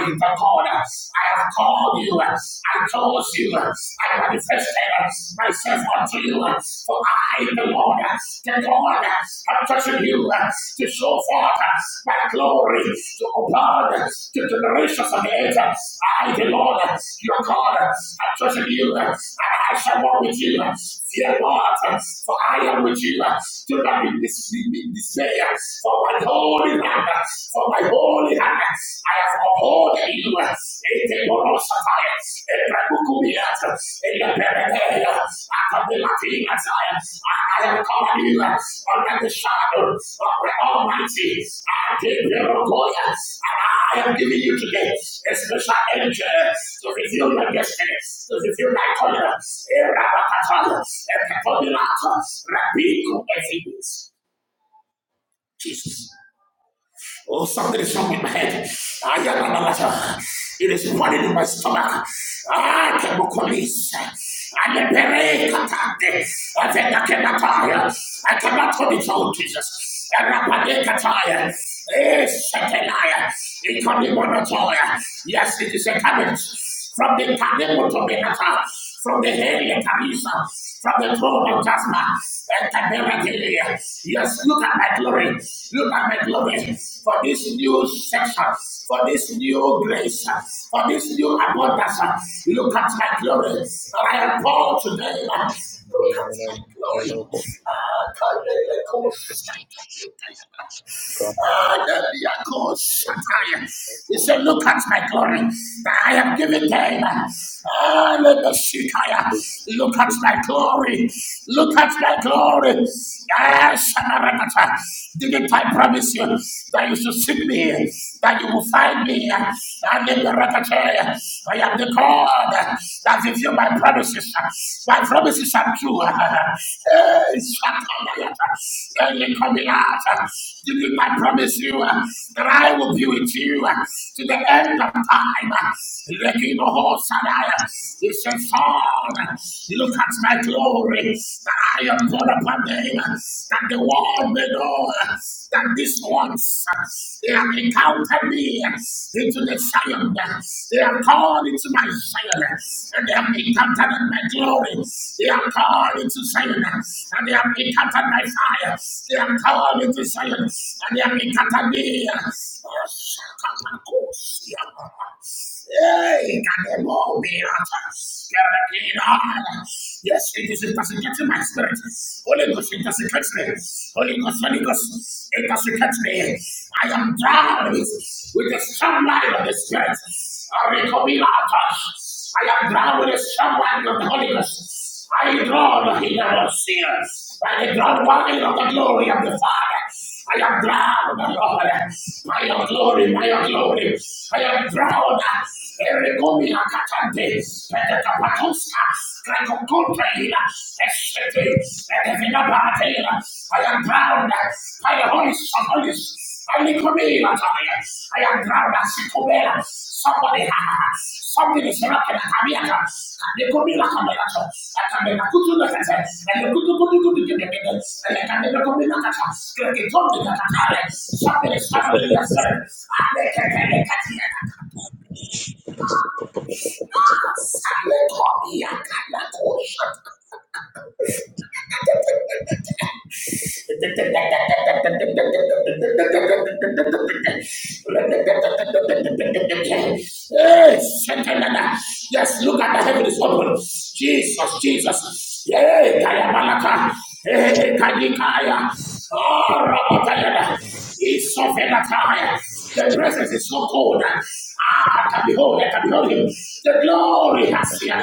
[SPEAKER 3] I, the God, I have called you, I chose you, I manifested myself unto you, for I, the Lord, the God, have chosen you to show forth my glory to upon the generations of the earth. I, the Lord, your God, have chosen you, and I shall walk with you. Fear not, yes, for I am with you. Do not be dismayed, for my holy hand, yes, for my holy hand, yes, I have upholding you. In the Boros of Ions, in the Bukumiat, in the Perenea, at the Latin I I have covered you under the shadow of the Almighty. I give the a and I I am giving you today a special energy to reveal your destiny, to reveal my tolerance. Erabakatana, Ekatomilata, Rabiku, Ephibus. Jesus. Oh, something is wrong with my head. Ayanabalata. It is running in my stomach. Ah, Kemokolis. And the Berekatande. Avenakenataya. I think I cannot tire. I cannot hold it out, Jesus. Arapadekataya. Eh, Shetelaya. Ikonimonotoya. Yes, it is a cabbage from the Kanemo to Benata from the head of Tamisa, from the throne of Jasper, and Tabernacle. Yes, look at my glory. Look at my glory for this new section, for this new grace, for this new abundance. Look at my glory. I am born today. Look at my glory. Ah, Tabernacle. Ah, the miracle, He said, Look at my glory. that I have given them. Ah, let the Shekinah. Look at my glory. Look at my glory. Yes, Shamarakata. didn't I promise you that you should seek me, that you will find me? I'm the Rakata. I am the God that fulfill my promises. Why my promises are true. Eh, Shakabayata. Eh, Lekomiata. Didn't I promise you uh, that I will be with you uh, to the end of time? Lekinoho Sadaya. He said, Son, look at my glory that I am born upon them, uh, that the world may know uh, that this once uh, they have encountered me uh, into the Zion bound. They are called into my Zion, and they have been captured in my glory. They are called into Zion, and they have been captured by fire. They are called into Zion, and they have been captured near. Hey, can the Lord be at us? Yes, it is intoxicating my spirit. Holy Ghost intoxicates me. Holy Ghost, Holy Ghost intoxicates me. I am drowned with, with the strong light of the Spirit. I am drowned with the strong light of the Holy Ghost. I draw the healer of sinners by the ground wine of the glory of the Father. I am proud, Lord. By your glory, by your glory. I am proud. Eregomi akatante. Petekapakuska. Krakokotrehila. Estete. Ekevinapatela. I am proud. By the Holy Spirit. Holy Spirit. I am proud as a Kubera. Somebody, has. something is rocking at Amiaka. They could be like a miracle. I can never put you like a test. And the good good good good good good. And I can never come in like a test. Like a top i the Katara. Something is happening in your spirit. And they can tell you that here. Yes, I let go of me. I can't let go. Yes, Santanana. Yes, look at the heaven is open. Jesus, Jesus. Hey, Kayamanaka. Hey, Kadikaya. It's so volatile. The presence is so cold. Ah, I can behold, I can behold him. The glory has here.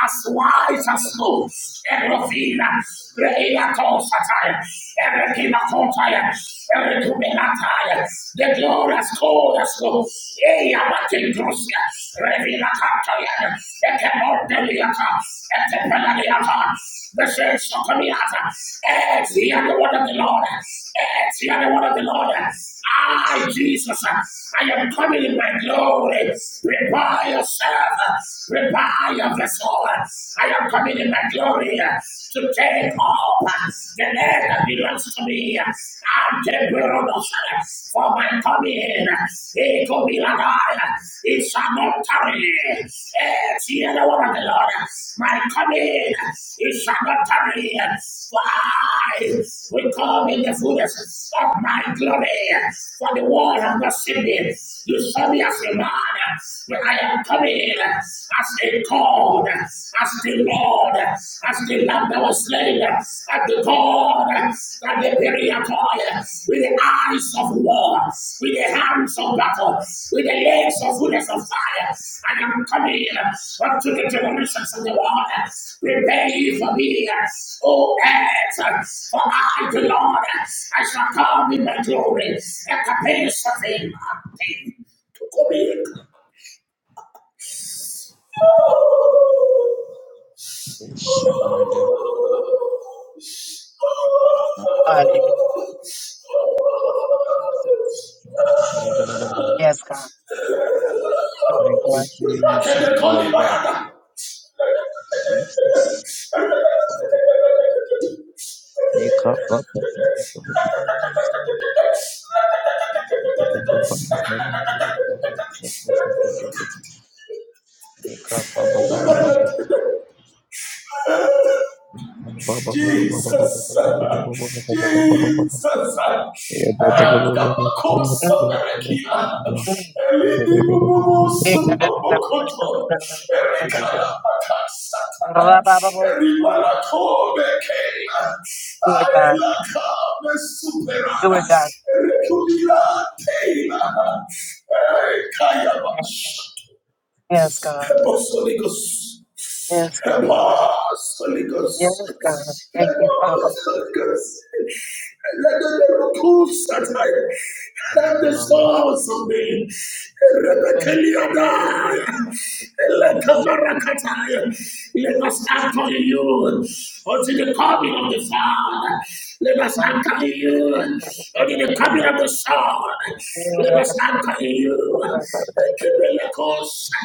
[SPEAKER 3] As white as snow, Erofina, Reina Tosatire, Erekina Contire, Erekumenatire, the glory. Horas, horas, horas. King, abatendrusia. Revila cantoria. Ete mordeliata. Ete the This is Sokamiata. Et the other word of the Lord. Et the other word of the Lord. I, Jesus, I am coming in my glory. Prepare yourself. Repair of the vessel. I am coming in my glory to take up the land that belongs to me. I am the us for my coming. It will be like I. It shall not tarry. Eh, See the other one of the Lord. My coming. It shall not tarry. Why? We come in the fullness of my glory. For the world has not seen me. You saw me as a man. When I and prayed as they called, as they Lord, as the lamb that was slain, as the God, as the Periatoi, with the eyes of war, with the hands of battle, with the legs of fullness of fire. I am coming unto the generations of the world. Prepare ye for me, O earth, for I, the Lord, I shall come in my glory, and the pace of him. To come in.
[SPEAKER 1] Yes, God.
[SPEAKER 2] you, Jesus, for your word. Make up. up, up, up, up, up, In the
[SPEAKER 3] Jesus, Jesus,
[SPEAKER 1] Yes, God.
[SPEAKER 3] Akabako
[SPEAKER 1] Mm,
[SPEAKER 3] Saberekia,
[SPEAKER 1] mm.
[SPEAKER 3] Elidi Bubu
[SPEAKER 1] Do it,
[SPEAKER 3] Subabokoto, Erikaya Makasataya, Eribalako Bekea,
[SPEAKER 1] God.
[SPEAKER 3] Ailaka
[SPEAKER 1] Do
[SPEAKER 3] Mesuperana,
[SPEAKER 1] it, God.
[SPEAKER 3] Erikubila Teila, Ekaya Bash.
[SPEAKER 1] Yes, God.
[SPEAKER 3] Help us, Holy Ghost.
[SPEAKER 1] Yes,
[SPEAKER 3] Help
[SPEAKER 1] God.
[SPEAKER 3] us, Holy Ghost.
[SPEAKER 1] Yes,
[SPEAKER 3] Help
[SPEAKER 1] God. Thank you,
[SPEAKER 3] us,
[SPEAKER 1] Father.
[SPEAKER 3] Holy Ghost. Let the miracles that I have the souls of me. Rebekeliada. Let the barakataya. Let us anchor in you until the coming of the Father. Let us anchor in you until the coming of the Son. Let us anchor in you. I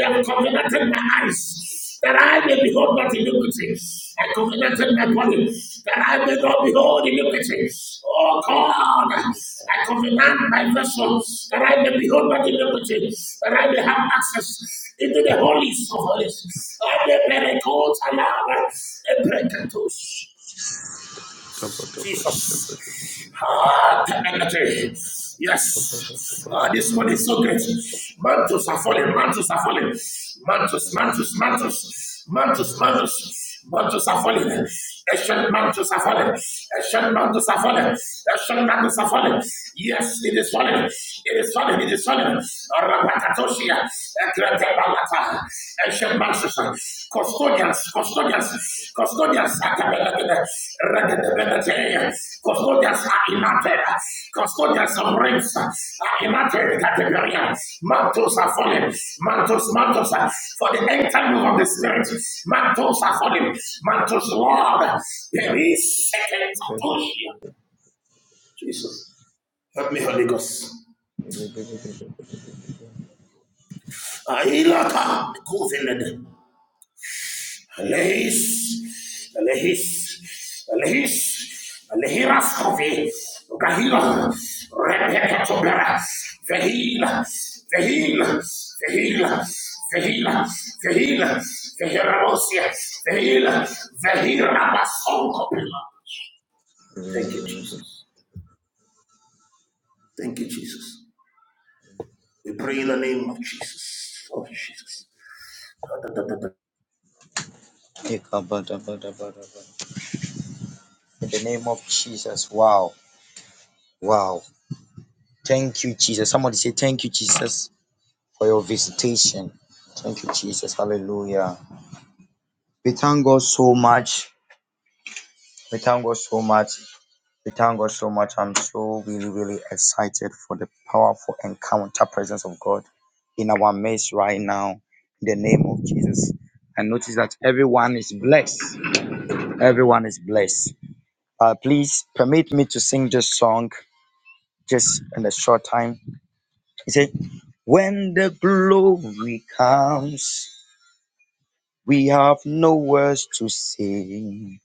[SPEAKER 3] have covenanted my eyes that I may behold not iniquity. I covenanted my body that I may not behold iniquity. Oh God, I covenant my vessel that I may behold not iniquity, that I may have access into the holies of holies. I may be a coat and a breakatus. Jesus. Ah, temenete. Yes. Ah, this one is so great. Mantles are falling. Mantles are falling. Mantles, mantles, mantles. Mantles, mantles. Mantles are falling. Ancient mantles are falling. Ancient mantles are falling. Ancient mantles are falling. Yes, it is falling. It is falling. It is falling. Rabakatoshia. Ekrete Balata, Ancient Masters, Custodians, Custodians, Custodians, at the Regatability, Custodians are inactive, Custodians of rings are inactive category, Mantles are falling, Mantles, Mantles, uh, for the end time of the Spirit, Mantles are falling, Mantles, Lord, there is second push. Jesus, help me, Holy Ghost. Ahilaka, Kuvinede. Alehis, Alehis, Alehis, Alehiras Kovi, Gahila, Rebekatobera, Vehila, Vehila, Vehila, Vehila, Vehila, Vehiramosia, Vehila, Vehirabasokopila. Thank you, Jesus. Thank you, Jesus. We pray in the name of Jesus. Of Jesus. Da, da, da, da, da.
[SPEAKER 2] name of Jesus. Wow. Wow. Thank you, Jesus. Somebody say, Thank you, Jesus. for your visitation. Thank you, Jesus. Hallelujah. We thank God so much. We thank God so much. We thank God so much. I'm so really, really excited for the powerful encounter presence of God in our midst right now. In the name of Jesus. And notice that everyone is blessed. Everyone is blessed. Uh, please permit me to sing this song just in a short time. It said, When the glory comes. We have no words to say.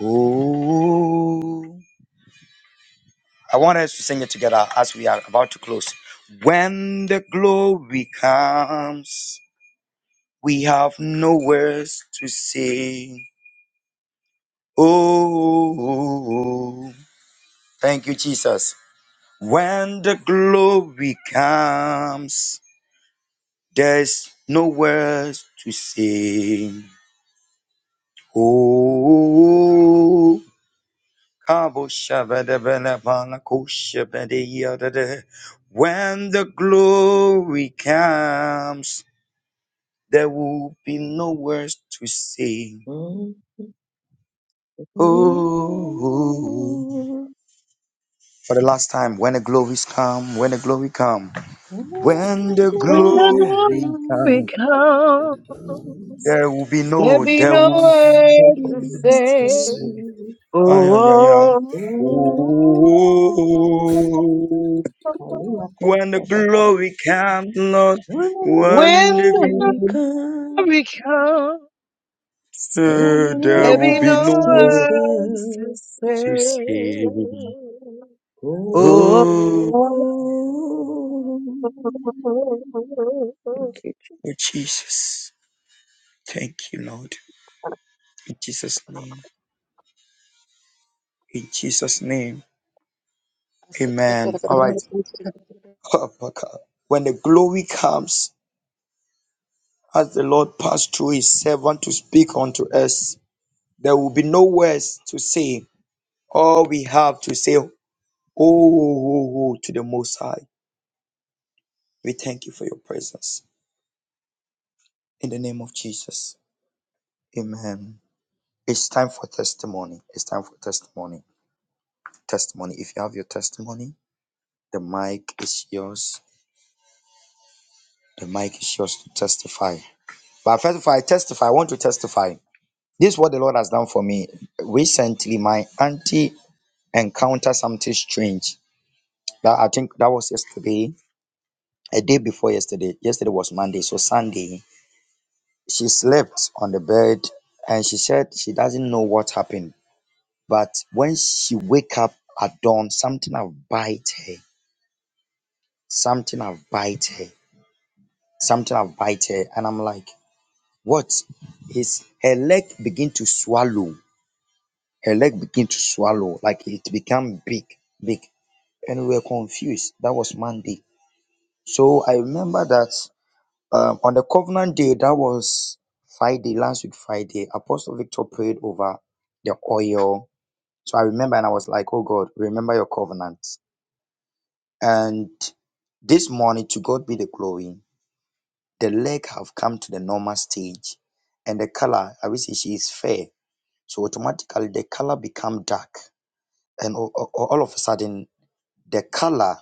[SPEAKER 2] Oh, I want us to sing it together as we are about to close. When the glory comes, we have no words to say. Oh, thank you, Jesus. When the glory comes, there's no words to say. Oh, Kabushabadabalabalakoshabadiyadada. When the glory comes, there will be no words to say. Oh, for the last time, when the glories come, when the glory come, when the
[SPEAKER 1] When the
[SPEAKER 2] glory
[SPEAKER 1] glory
[SPEAKER 2] comes,
[SPEAKER 1] comes,
[SPEAKER 2] there will be
[SPEAKER 1] there
[SPEAKER 2] no,
[SPEAKER 1] be
[SPEAKER 2] there
[SPEAKER 1] no
[SPEAKER 2] will be no
[SPEAKER 1] words to
[SPEAKER 2] words to
[SPEAKER 1] say.
[SPEAKER 2] say. Ay, ay, ay, ay.
[SPEAKER 1] Oh,
[SPEAKER 2] Oh,
[SPEAKER 1] oh, oh.
[SPEAKER 2] When the glory comes, Lord, when
[SPEAKER 1] When the
[SPEAKER 2] the
[SPEAKER 1] glory comes,
[SPEAKER 2] glory, there
[SPEAKER 1] there
[SPEAKER 2] will
[SPEAKER 1] be
[SPEAKER 2] be
[SPEAKER 1] no
[SPEAKER 2] no nowhere
[SPEAKER 1] words to
[SPEAKER 2] to
[SPEAKER 1] say.
[SPEAKER 2] say. Oh,
[SPEAKER 1] Oh.
[SPEAKER 2] Jesus. Thank you, Lord. In Jesus' name. In Jesus' name.
[SPEAKER 1] Something
[SPEAKER 2] Amen. All right.
[SPEAKER 1] happened,
[SPEAKER 2] When the glory comes, as the Lord passed through his servant to speak unto us, there will be no words to say. All we have to say, oh, oh, oh, to the Most High. We thank you for your presence. In the name of Jesus. Amen. It's time for testimony. It's time for testimony. Testimony. If you have your testimony, the mic is yours. The mic is yours to testify. But first of all, I testify. I want to testify. This is what the Lord has done for me. Recently, my auntie encountered something strange. That I think that was yesterday, a day before yesterday. Yesterday was Monday. So Sunday, she slept on the bed and she said she doesn't know what happened But when she wake up at dawn, something have bite her. Something have bite her. Something have bite her. And I'm like, what? His her leg begin to swallow. Her leg begin to swallow. Like it become big, big. And we were confused. That was Monday. So I remember that um, on the covenant day, that was Friday, last week Friday, Apostle Victor prayed over the oil. So I remember and I was like, oh God, remember your covenant. And this morning, to God be the glory, the leg have come to the normal stage, and the color, I will say she is fair. So automatically the color become dark, and o- o- all of a sudden the color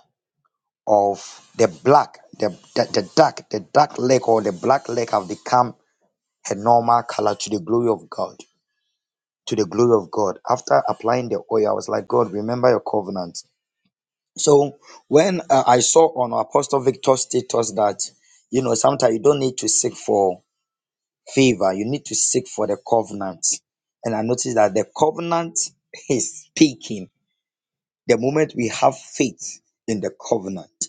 [SPEAKER 2] of the black, the, the the dark, the dark leg or the black leg have become a normal color to the glory of God. To the glory of God. After applying the oil, I was like, God, remember your covenant So when uh, I saw on Apostle Victor's status that you know sometimes you don't need to seek for favor, you need to seek for the covenant. And I noticed that the covenant is speaking. The moment we have faith in the covenant,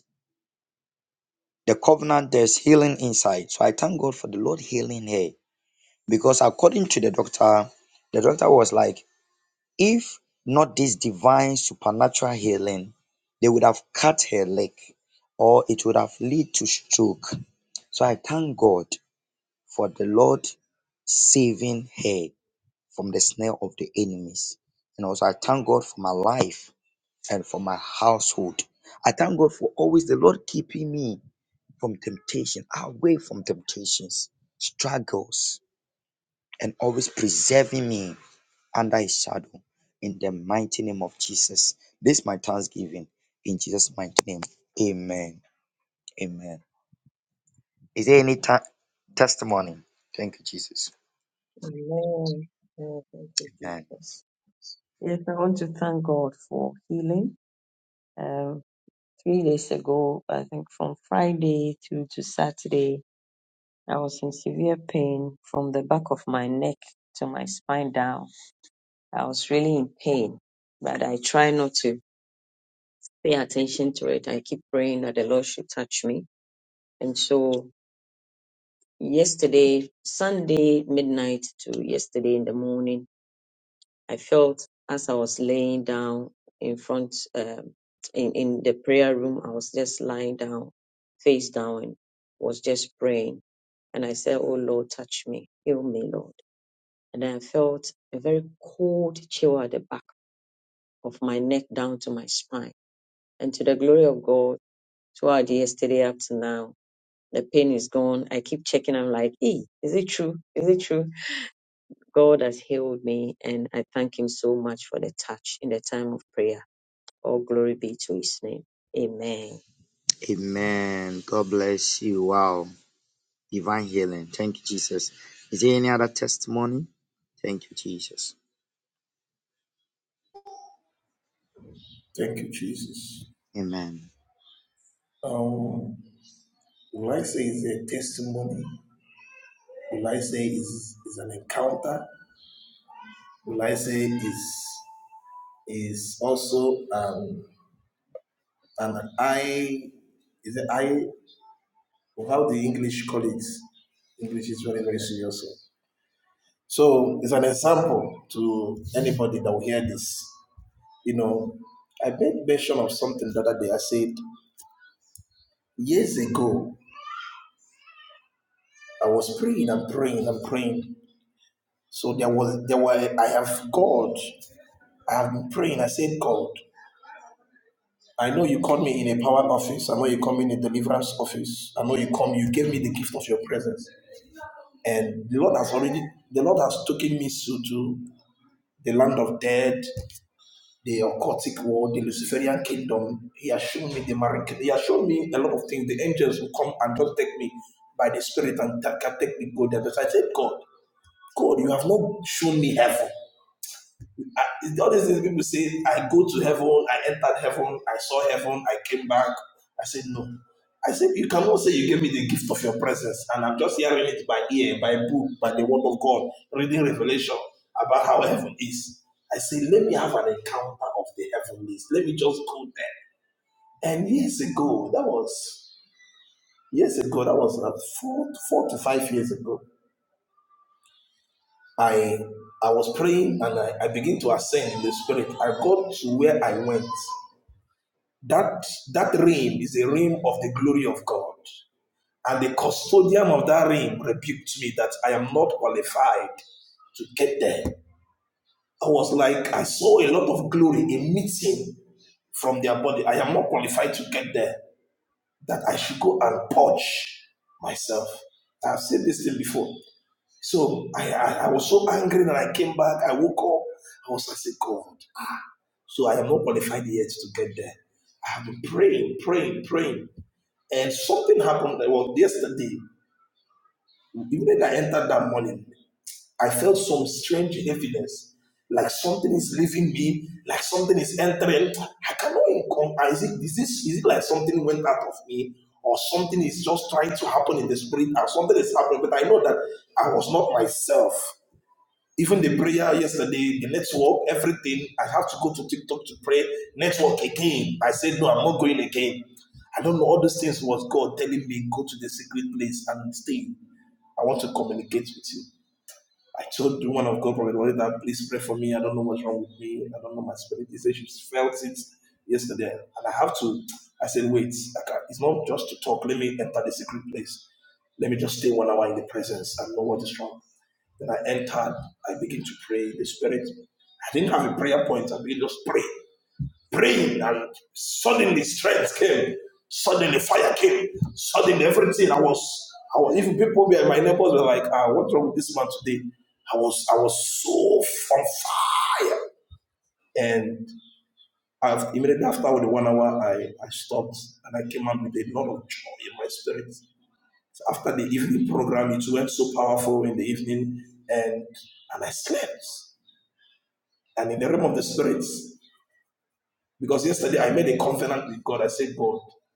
[SPEAKER 2] the covenant there's healing inside. So I thank God for the Lord healing here because according to the doctor, the doctor was like. If not this divine supernatural healing, they would have cut her leg or it would have led to stroke. So I thank God for the Lord saving her from the snare of the enemies. And also I thank God for my life and for my household. I thank God for always the Lord keeping me from temptation, away from temptations, struggles, and always preserving me under his shadow in the mighty name of Jesus. This is my thanksgiving in Jesus' mighty name. Amen. Amen. Is there any ta- testimony? Thank you, Jesus. Amen.
[SPEAKER 6] I think from Friday to, to Saturday, I was in severe pain from the back of my neck to my spine down. I was really in pain, but I try not to pay attention to it. I keep praying that the Lord should touch me. And so yesterday, Sunday midnight to yesterday in the morning, I felt as I was laying down in front um, in in the prayer room, I was just lying down, face down, and was just praying. And I said, "Oh Lord, touch me, heal me, Lord." And I felt a very cold chill at the back of my neck down to my spine. And to the glory of God, throughout yesterday up to now, the pain is gone. I keep checking. I'm like, "Hey, is it true? Is it true?" God has healed me, and I thank Him so much for the touch in the time of prayer. All glory be to his name. Amen.
[SPEAKER 2] Amen. God bless you. Wow. Divine healing. Thank you, Jesus. Is there any other testimony? Thank you, Jesus.
[SPEAKER 3] Thank you, Jesus.
[SPEAKER 2] Amen.
[SPEAKER 3] Um, the testimony, will I say, is, is an encounter. I how the English call it. English is very, very serious. So it's an example to anybody that will hear this. You know, I made mention of something the other day. I said years ago, I was praying and praying and praying. So there was there were I have God. I've been praying. I said, God, I know you called me in a power office. I know you called me in a deliverance office. I know you come. You gave me the gift of your presence, and the Lord has already. The Lord has taken me to, to the land of dead, the occultic world, the Luciferian kingdom. He has shown me the marine kingdom. He has shown me a lot of things. The angels will come and just take me by the spirit and ta- can take me go there. But I said, God, God, you have not shown me heaven. I- all these things people say, I go to heaven, I entered heaven, I saw heaven, I came back. I said, no. I said, you cannot say you gave me the gift of your presence. And I'm just hearing it by ear, by book, by the word of God, reading revelation about how heaven is. I say, let me have an encounter of the heavenlies. Let me just go there. And years ago, that was years ago, that was uh, four, four to five years ago. I I was praying and I, I began to ascend in the spirit. I got to where I went. That, that rim is a rim of the glory of God. And the custodian of that rim rebuked me that I am not qualified to get there. I was like, I saw a lot of glory from their body. I am not qualified to get there. That I should go and purge myself. I've said this thing before. So I, I, I was so angry that I came back. I woke up. I was like, God. So I am not qualified yet to get there. I have been praying, praying, praying. And something happened Well, yesterday. Even when I entered that morning, I felt some strange heaviness. Like something is leaving me, like something is entering. I cannot income. Is it, is, this, is it like something went out of me, or something is just trying to happen in the spirit, or something is happening? But I know that I was not myself. Even the prayer yesterday, the network, everything, I have to go to TikTok to pray, network again. I said, No, I'm not going again. I don't know. All those things was God telling me, go to the secret place and stay. I want to communicate with you. I told the one of God, Prophet Wale, that please pray for me. I don't know what's wrong with me. I don't know my spirit. He said she felt it yesterday. And I have to, I said, wait, I can't, it's not just to talk. Let me enter the secret place. Let me just stay one hour in the presence and know what is wrong. Then I entered. I begin to pray. The spirit, I didn't have a prayer point. I began to just pray, praying. And suddenly strength came. Suddenly fire came. Suddenly everything I was.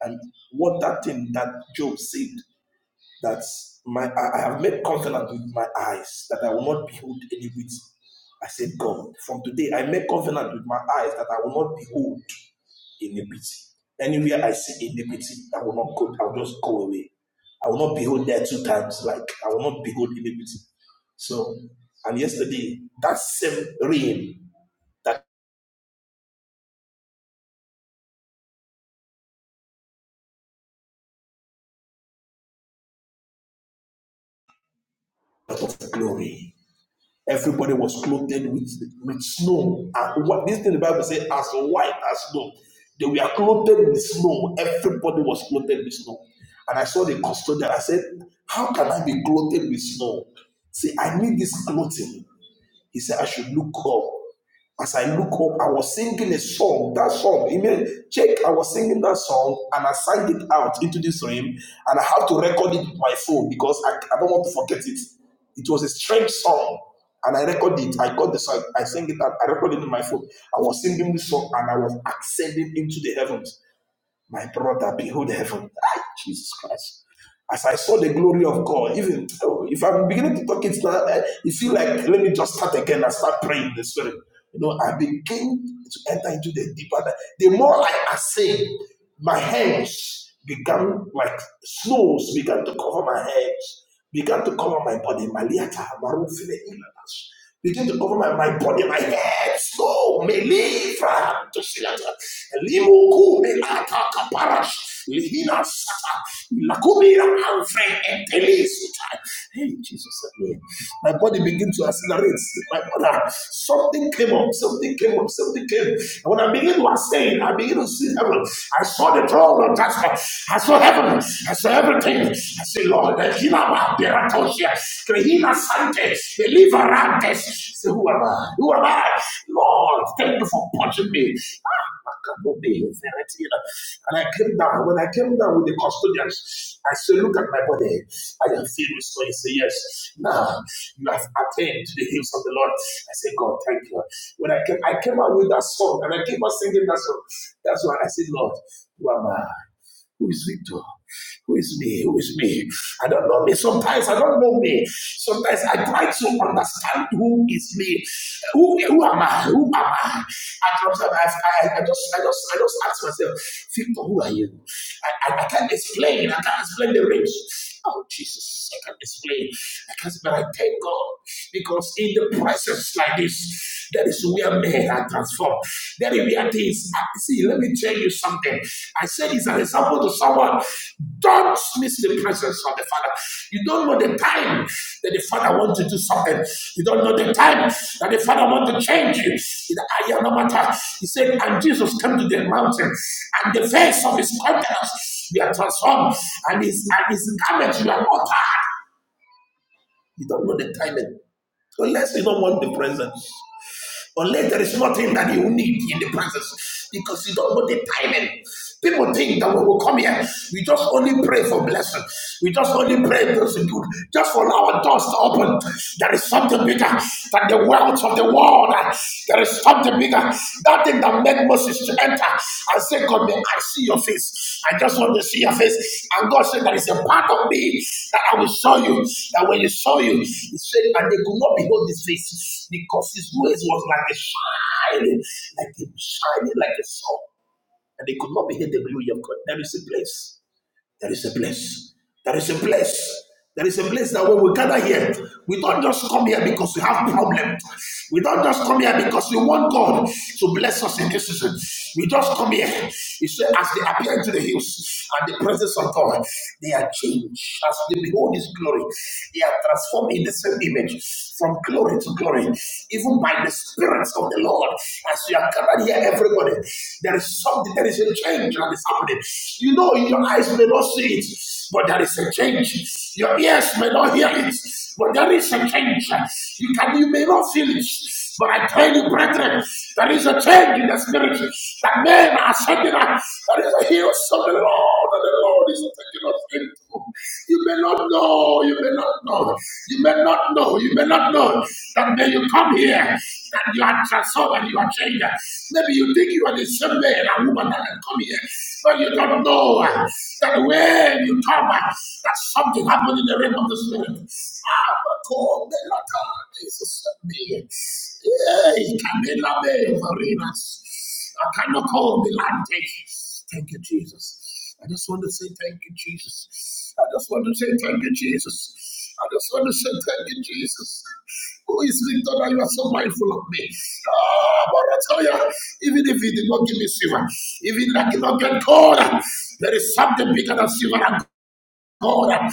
[SPEAKER 3] And what that thing that Job said that my I've made plans with my eyes that I will not behold iniquity. I said, God, from today, God behold iniquity. And it's away. There are two times like iniquity. So eh, that's a lot of glory. Everybody was clothed with, with snow. And what this thing the Bible says, as white as snow. They were clothed with snow. Everybody was clothed with snow. And I saw the custodian. I said, How can I be clothed with snow? See, I need this clothing. He said, I should look up was a strange song from heading into the heavens. My brother, before ah, Jesus Christ, the glory of God. Even oh, if I'm beginning to talk, it's not. I- You feel like let me just start again and start praying the spirit. You know, I begin to enter into the deeper. The more I ascend, my hands began like snows began to cover my hands, began to cover my body. Maliata, Marufile, Ilanas. Begin to cover my, my body, my head, soul, melifra, to silata, limoku, melata, kaparash, lihina, sata, lakumira, anfre, entele, suta. Hey, Jesus, my body begin to accelerate. My brother, something came up, something came up, something came. And when I begin to ascend, I begin to see heaven. I saw the throne of Jasper. I saw heaven. I saw everything. I said, Lord, the healer, Raba, Beratosia, Krehina Sante, Deliverantes. So who am I? Who am I? Lord, thank you for punching me. Ah, And I came down. When I came down with the custodians, I said, Look at my body. I am filled with snow. He said, Yes. Now you have attained to the hills of the Lord. I said, God, thank you. When I came, I came out with that song and I came out singing that song. That's why I said, Lord, who am I? Who is Victor? Who is me? Who is me? I don't know me. Sometimes I don't know me. Sometimes I try to understand who is me. Who, who am I? Who am I? And sometimes I, I, I just I just I just ask myself, Victor, who are you? I, I, I can't explain. I can't explain the rich. Oh, Jesus, I can't explain. I can't, but I thank God because in the presence like this, that is where men are transformed. That is where things. See, let me tell you something. I said it's an example to someone. Don't miss the presence of the Father. You don't know the time that the Father wants to do something. You don't know the time that the Father wants to change you. In the eye no matter. He said, and Jesus came to the mountain, and the face of his countenance you are transformed. And his, and his garment, you are altered. You don't know the timing. Unless you don't want the presence. Unless there is nothing that you need in the presence. Because you don't know the timing. People think that when we come here, we just only pray for blessing. We just only pray for good. Just for our doors to open. There is something bigger than the wealth of the world. There is something bigger. That thing that made Moses to enter and say, God, may I see your face. I just want to see your face. And God said, There is a part of me that I will show you. That when you saw you, He said, And they could not behold His face because His grace was like a shining, like a shining, like a sun. And they could not behold the glory of God. There is a place. There is a place. There is a place. There is a place that when we gather here, we don't just come here because we have problems. We don't just come here because we want God to bless us in this season. We just come here. He said, as they appear into the hills and the presence of God, they are changed. As they behold His glory, they are transformed in the same image from glory to glory, even by the the spirits of the Lord. As you are gathered here, everybody, there is something, there is a change that is happening. You know, your eyes may not see it, but there is a change. Your ears may not hear it, but there is a change. You can, you may not feel it, but I tell you, brethren, there is a change in the spirit that men are sending us. There is a healing of the Lord the Lord is taking us into. You may not know, you may not know, you may not know, you may not know that when you come here, that you are transformed and you are changed. Maybe you think you are the same man and woman that had come here, but you don't know that when you come, that something happened in the realm of the spirit. Ah, but God, the Lord, Jesus, me. Yeah, he can be loved for us. I cannot hold the land. Thank you. Thank you, Jesus. I just want to say thank you, Jesus. I just want to say thank you, Jesus. I just want to say thank you, Jesus. Who is Victor that you are so mindful of me? Ah, but I tell you, even if he did not give me silver, even if I did not get gold, there is something bigger than silver. and God, that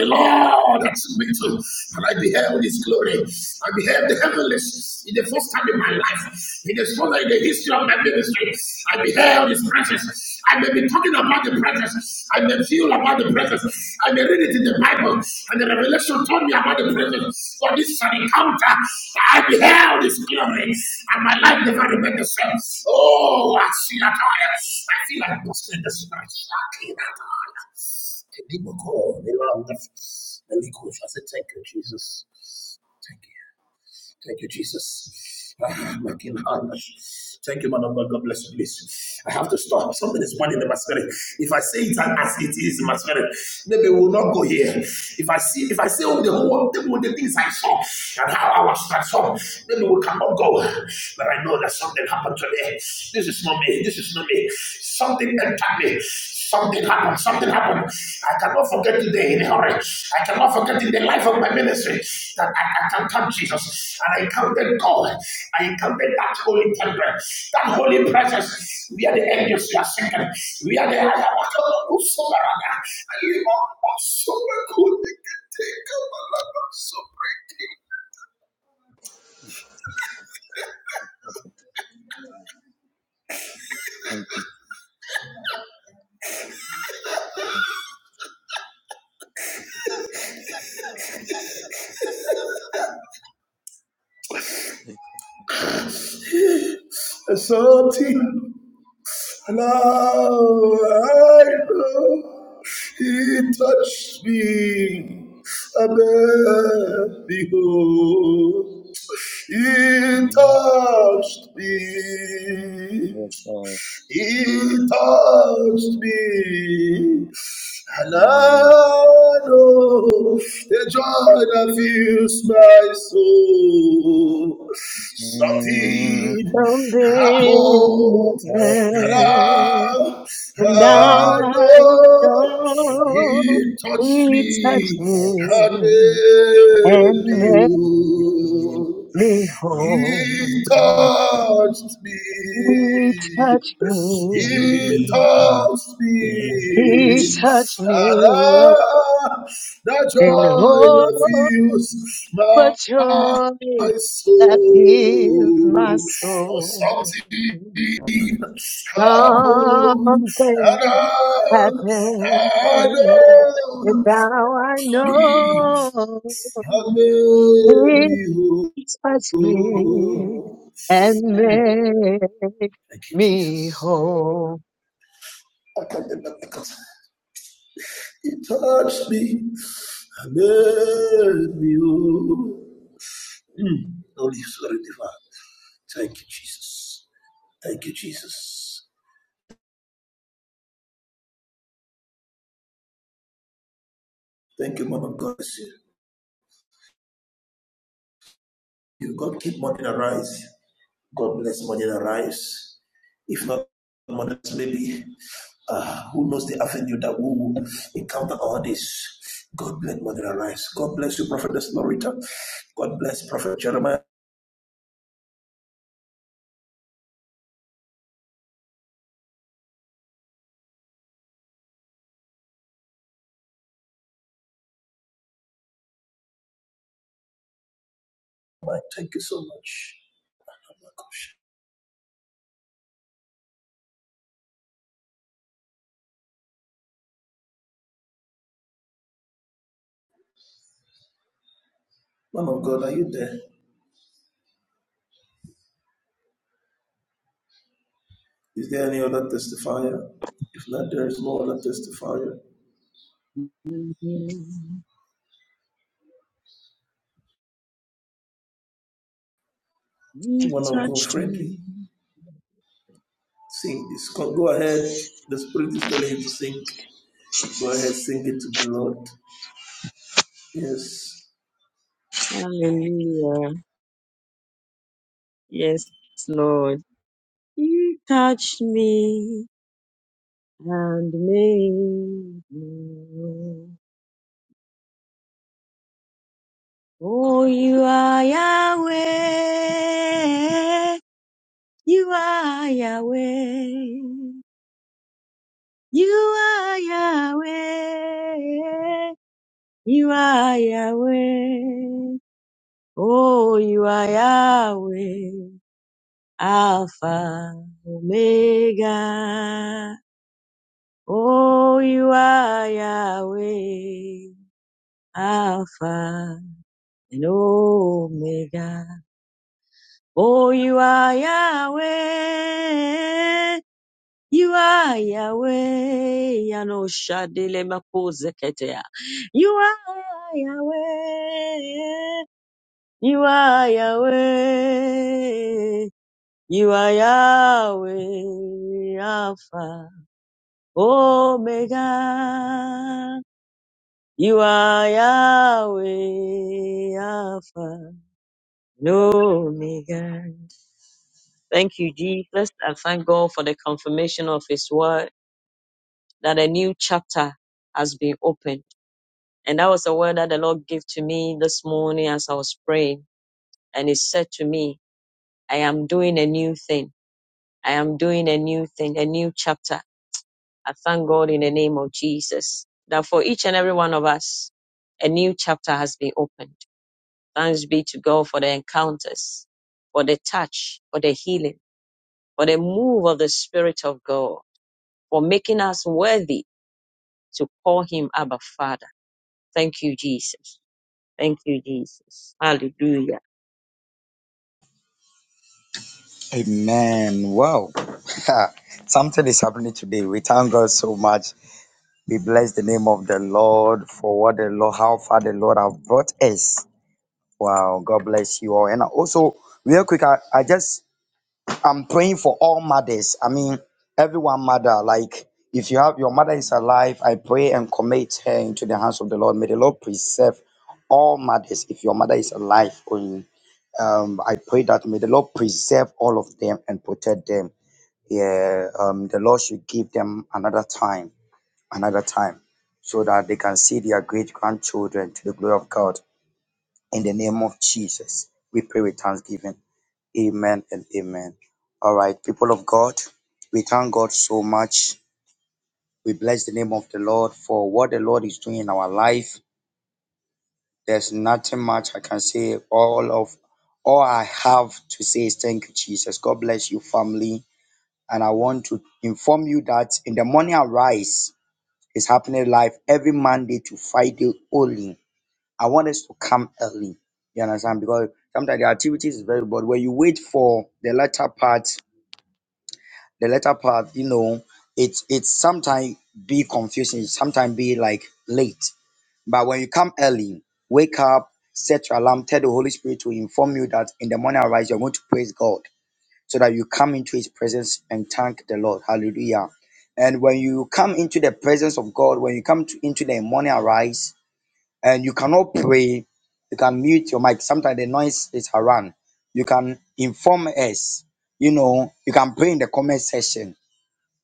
[SPEAKER 3] the Lord has me to, and I beheld His glory. I beheld the heavenlies in the first time in my life, in the first in the history of my ministry. I beheld His presence. I may be talking about the presence. I may feel about the presence. I may read it in the Bible, and the revelation told me about the presence. For this is an encounter. I beheld His glory, and my life never remained the same. Oh, I see that I I feel like busting in the spirit. Can people call? They love the Holy Ghost. I said, thank you, Jesus. Thank you. Thank you, Jesus. Ah, my King Thank you, man of God. God bless you, please. I have to stop. Something is burning in my spirit. If I say it as it is in my spirit, maybe we'll not go here. If I see, if I say all the whole all the things I saw and how I was transformed, maybe we cannot go. But I know that something happened to me. This is not me. This is not me. Something entered me. Something happened. Something happened. I cannot forget today in a hurry. I cannot forget in the life of my ministry that I, I can count Jesus and I counted God. I encountered that holy temple, that holy presence. We are the angels you are singing. We are the I am a God who sovereign. I live on my sovereign good. Take up my
[SPEAKER 2] Thank you.
[SPEAKER 3] life, I'm so breaking. Something now I know. He touched me. Above, behold, he
[SPEAKER 2] Mm,
[SPEAKER 3] touched me.
[SPEAKER 2] Yes, Lord.
[SPEAKER 3] He touched me. And
[SPEAKER 2] Mm,
[SPEAKER 3] I know the joy that fills my soul.
[SPEAKER 2] mm,
[SPEAKER 3] Something happened, and
[SPEAKER 2] something
[SPEAKER 3] I,
[SPEAKER 1] and
[SPEAKER 3] I
[SPEAKER 1] now
[SPEAKER 2] phenomenal.
[SPEAKER 1] I
[SPEAKER 3] know
[SPEAKER 1] know
[SPEAKER 3] He touched
[SPEAKER 1] he touched
[SPEAKER 3] me and
[SPEAKER 1] me and
[SPEAKER 3] made
[SPEAKER 2] And
[SPEAKER 1] made
[SPEAKER 3] me
[SPEAKER 2] maybe
[SPEAKER 3] whole.
[SPEAKER 1] me
[SPEAKER 3] He
[SPEAKER 1] whole.
[SPEAKER 3] touched me.
[SPEAKER 1] He touched me.
[SPEAKER 3] He
[SPEAKER 2] you-
[SPEAKER 3] touched
[SPEAKER 1] He
[SPEAKER 3] me.
[SPEAKER 1] touched
[SPEAKER 3] And
[SPEAKER 1] me.
[SPEAKER 3] ah, the
[SPEAKER 1] And
[SPEAKER 3] joy
[SPEAKER 1] oh,
[SPEAKER 3] that fills
[SPEAKER 1] what
[SPEAKER 3] my My
[SPEAKER 1] joy that fills my
[SPEAKER 3] soul. Or
[SPEAKER 1] soul.
[SPEAKER 3] something happened.
[SPEAKER 1] Something
[SPEAKER 3] And ah,
[SPEAKER 1] happened.
[SPEAKER 3] I
[SPEAKER 1] And
[SPEAKER 3] know
[SPEAKER 1] now I know
[SPEAKER 3] I made
[SPEAKER 1] he
[SPEAKER 3] me
[SPEAKER 1] touched me
[SPEAKER 3] whole.
[SPEAKER 1] and made
[SPEAKER 3] Thank you,
[SPEAKER 1] me
[SPEAKER 3] Jesus.
[SPEAKER 1] whole.
[SPEAKER 3] He touched me, and made me whole. Holy Spirit divine. Thank you, Jesus. Thank you, Jesus. Thank you, Mother God. You God keep money arise. God bless money arise. If not, mothers, maybe uh, who knows the avenue that we will encounter all this. God bless Mother Arise. God bless you, Prophetess Lorita. God bless Prophet Jeremiah. Thank you so much. Man of God, are you there? Is there any other testifier? If not, there is no other testifier.
[SPEAKER 6] You
[SPEAKER 3] You want to go
[SPEAKER 6] touched me.
[SPEAKER 3] friendly? Sing this. Go ahead. The Spirit is telling you to sing. Go ahead, sing it to the Lord. Yes.
[SPEAKER 6] Hallelujah. Yes, Lord. You touched me and made me. whole. Oh, you are Yahweh. You are Yahweh. You are Yahweh. You are Yahweh. Oh, you are Yahweh, Alpha, Omega. Oh, you are Yahweh, Alpha and Omega. Oh, you are Yahweh. You are Yahweh. Yano shadile makuzeketea. You are Yahweh. You are Yahweh. You are Yahweh Alpha Omega. You are Yahweh Alpha Omega. Thank you, Jesus. I thank God for the confirmation of His word that a new chapter has been opened. And that was a word that the Lord gave to me this morning as I was praying. And He said to me, I am doing a new thing. I am doing a new thing, a new chapter. I thank God in the name of Jesus that for each and every one of us, a new chapter has been opened. Thanks be to God for the encounters, for the touch, for the healing, for the move of the Spirit of God, for making us worthy to call Him Abba Father. Thank you, Jesus. Thank you, Jesus. Hallelujah.
[SPEAKER 2] Amen. Wow. Something is happening today. We thank God so much. We bless the name of the Lord for what the Lord, how far the Lord have brought us. Wow. God bless you all. And also, real quick, I, I just I'm praying for all mothers. I mean, everyone mother. Like, if you have your mother is alive, I pray and commit her into the hands of the Lord. May the Lord preserve all mothers. If your mother is alive, only, um, I pray that may the Lord preserve all of them and protect them. Yeah, um, the Lord should give them another time, another time, so that they can see their great grandchildren to the glory of God. In the name of Jesus, we pray with thanksgiving. Amen and amen. All right, people of God, we thank God so much. We bless the name of the Lord for what the Lord is doing in our life. There's nothing much I can say. All of all I have to say is thank you, Jesus. God bless you, family. And I want to inform you that in the morning I rise is happening live every Monday to Friday only. I want us to come early. You understand? Because sometimes the activities is very bored. When you wait for the latter part, the latter part, you know, it's it's sometimes be confusing, sometimes be like late. But when you come early, wake up, set your alarm, tell the Holy Spirit to inform you that in the morning arise, you're going to praise God so that you come into his presence and thank the Lord. Hallelujah. And when you come into the presence of God, when you come to, into the morning arise, and you cannot pray, you can mute your mic. Sometimes the noise is around. You can inform us, you know, you can pray in the comment section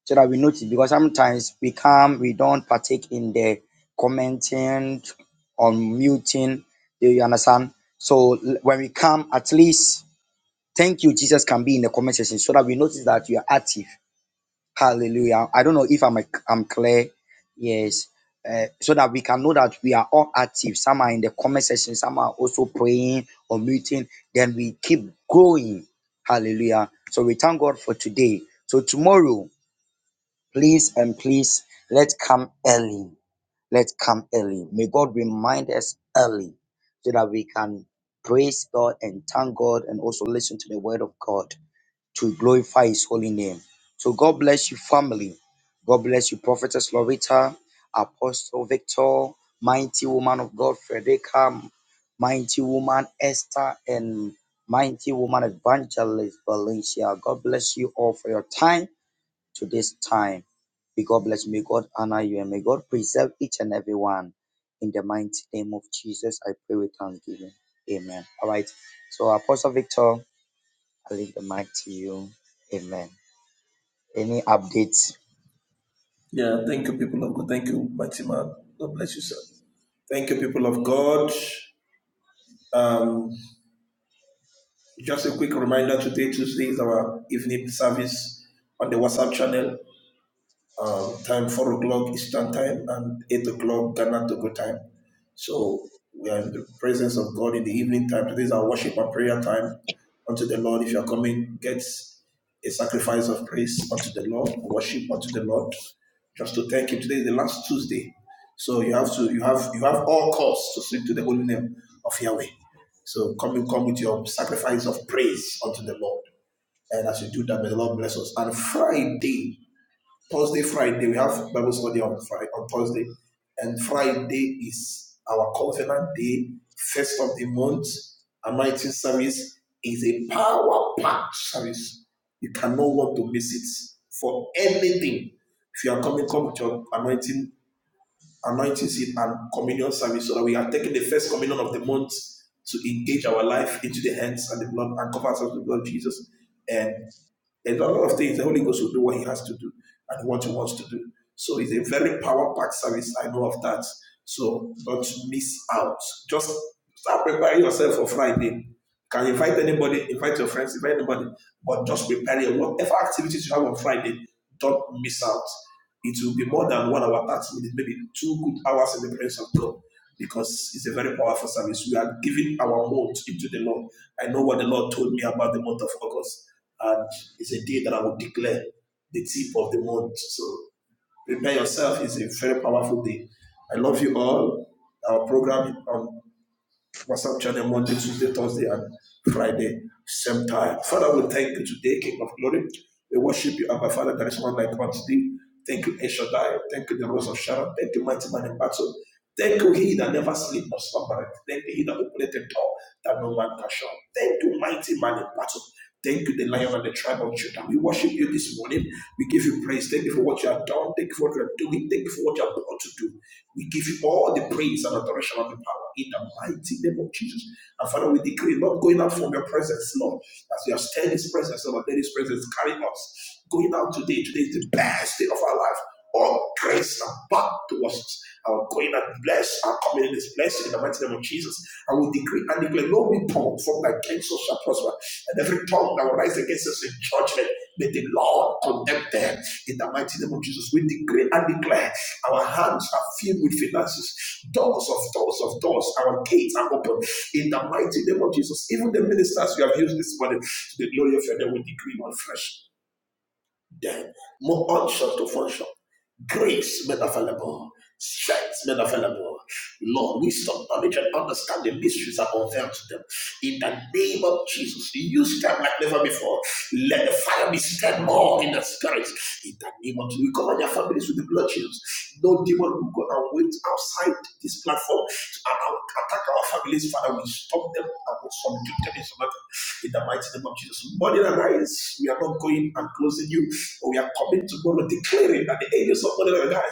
[SPEAKER 2] so that we notice because sometimes we come, we don't partake in the commenting or muting. Do you understand? So l- when we come, at least thank you, Jesus can be in the comment section so that we notice that you are active. Hallelujah. I don't know if I'm I'm clear. Yes. Uh, so that we can know that we are all active. Some are in the comment section, some are also praying or meeting. Then we keep growing. Hallelujah. So we thank God for today. So tomorrow, please and please let's come early. Let's come early. May God remind us early so that we can praise God and thank God and also listen to the word of God to glorify his holy name. So God bless you, family. God bless you, Prophetess Loretta, Apostle Victor, mighty woman of God, Frederica, mighty woman Esther, and mighty woman Evangelist Valencia. God bless you all for your time to this time. May God bless you. May God honor you and may God preserve each and every one. In the mighty name of Jesus, I pray with thanksgiving. Amen. All right. So, Apostle Victor. I leave the mic to you. Amen. Any updates?
[SPEAKER 3] Yeah, thank you, people of God. Thank you, mighty man. God bless you, sir. Thank you, people of God. Um, just a quick reminder today, Tuesday is our evening service on the WhatsApp channel. um, time four o'clock Eastern time and eight o'clock Ghana Togo time. So we are in the presence of God in the evening time. Today is our worship and prayer time unto the Lord. If you are coming, get a sacrifice of praise unto the Lord, worship unto the Lord, just to thank Him. Today is the last Tuesday, so you have to you have you have all cause to sing to the holy name of Yahweh. So come and come with your sacrifice of praise unto the Lord, and as you do that, to us. and Friday Friday, we have Bible study on Friday, on Thursday, and Friday is our tenant day. of the month to engage our life into the hands and the blood and cover ourselves with the blood of Jesus. And and a lot of things the Holy Ghost will do what He has to do and what He wants to do. So it's a very power packed service. I know of that. So don't miss out. Just start preparing yourself for Friday. Can invite anybody, invite your friends, invite anybody, but just prepare your whatever activities you have on Friday. Don't miss out. It will be more than one hour, 30 minutes, maybe two good hours in the presence of God because it's a very powerful service. We are giving our month into the Lord. I know what the Lord told me about the month of August, and it's a day that I will declare the tip of the month. So prepare yourself. It's a very powerful day. I love you all. Our program on WhatsApp channel Monday, Thursday, and Friday. Father, we thank Shaddai. Thank you, the rose of Sharon. Thank you, mighty man in battle. Thank you, he that never sleep nor slumbereth. Thank you, he that opened the door that no man can shut. Thank you, mighty man in battle. Thank you, the lion and the tribe of Judah. We worship you this morning. We give you praise. Thank you for what you have done. Thank you for what you are doing. Thank you for what you are about to do. We give you all the praise and adoration of the power in the mighty name of Jesus. And Father, we decree not going out from your presence, Lord. As you have stirred this presence, Lord, let this presence carry us. connected in the mighty name of Jesus. We decree and declare our are filled with finances, doors, doors in the, glory of your name. We decree on fresh Them more unction to function. Grace made available. Strength made available. Lord, wisdom, knowledge, and understanding mysteries are unveiled to them. In the name of Jesus, use them like never before. Let the fire be stirred more in the spirit. In the name of Jesus, we cover their families with the blood of Jesus. No demon will go and wait outside this platform to attack our families. Father, we stop them and we subdue them in some matter in the mighty name of Jesus. Morning and rise, we are not going and closing you. But We are coming tomorrow declaring that the angels of God and God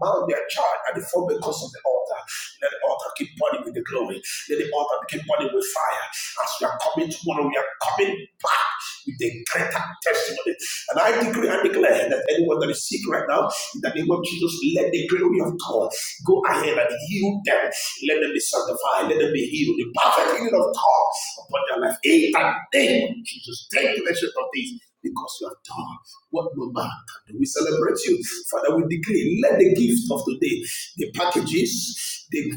[SPEAKER 3] mount their charge at the four because of the altar. Let the altar keep burning with the glory. Let the altar keep burning with fire. As we are coming tomorrow, we are coming back with a greater testimony. And I decree and declare that anyone that is sick right now, in the name of Jesus, let the glory of God go ahead and heal them. Let them be sanctified. Let them be healed. The perfect healing of God upon their life. In the name of Jesus, take the leadership of this because you have done. What number? We celebrate you. Father, we decree the, the packages. The,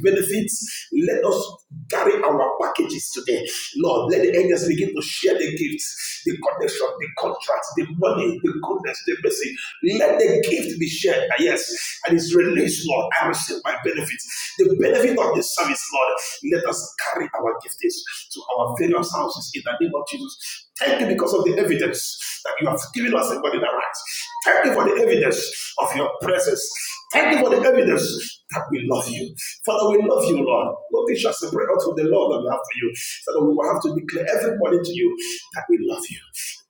[SPEAKER 3] let us carry our packages today. Lord, let's begin to share the gifts, the connection, the contracts, the money, the goodness, the mercy. gift to be shared. Ah, Yes, and it's released, Lord. I receive my benefit. The benefit of the service, Lord. Let us carry our giftings to our various houses in the name of Jesus. Thank you because of the evidence that you have given us in body that rights. Thank you for the evidence of your presence. Thank you for the evidence that we love you. Father, we love you, Lord. Nothing shall separate us from the love that we have for you. So that we will have to declare every morning to you that we love you.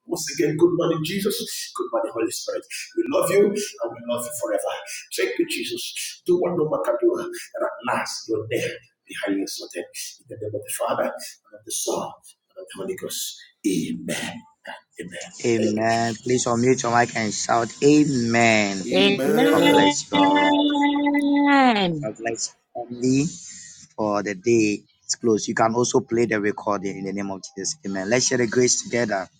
[SPEAKER 3] Once again, good morning, Jesus. Good morning, Holy Spirit. We love you and we love you forever. Thank you, Jesus. Do what no man can do. And at last, you're there, behind exalted. In the name of the Father, and of the Son, and of the Holy Ghost. Amen. and Amen. Thank you,
[SPEAKER 2] Amen. Please unmute your mic and shout Amen.
[SPEAKER 3] Jesus.
[SPEAKER 2] God
[SPEAKER 3] Amen.
[SPEAKER 2] bless you. All right.
[SPEAKER 6] Amen.
[SPEAKER 2] God bless you family for the day. It's closed. You can also play the recording in the name of Jesus. Amen. Let's share the grace together.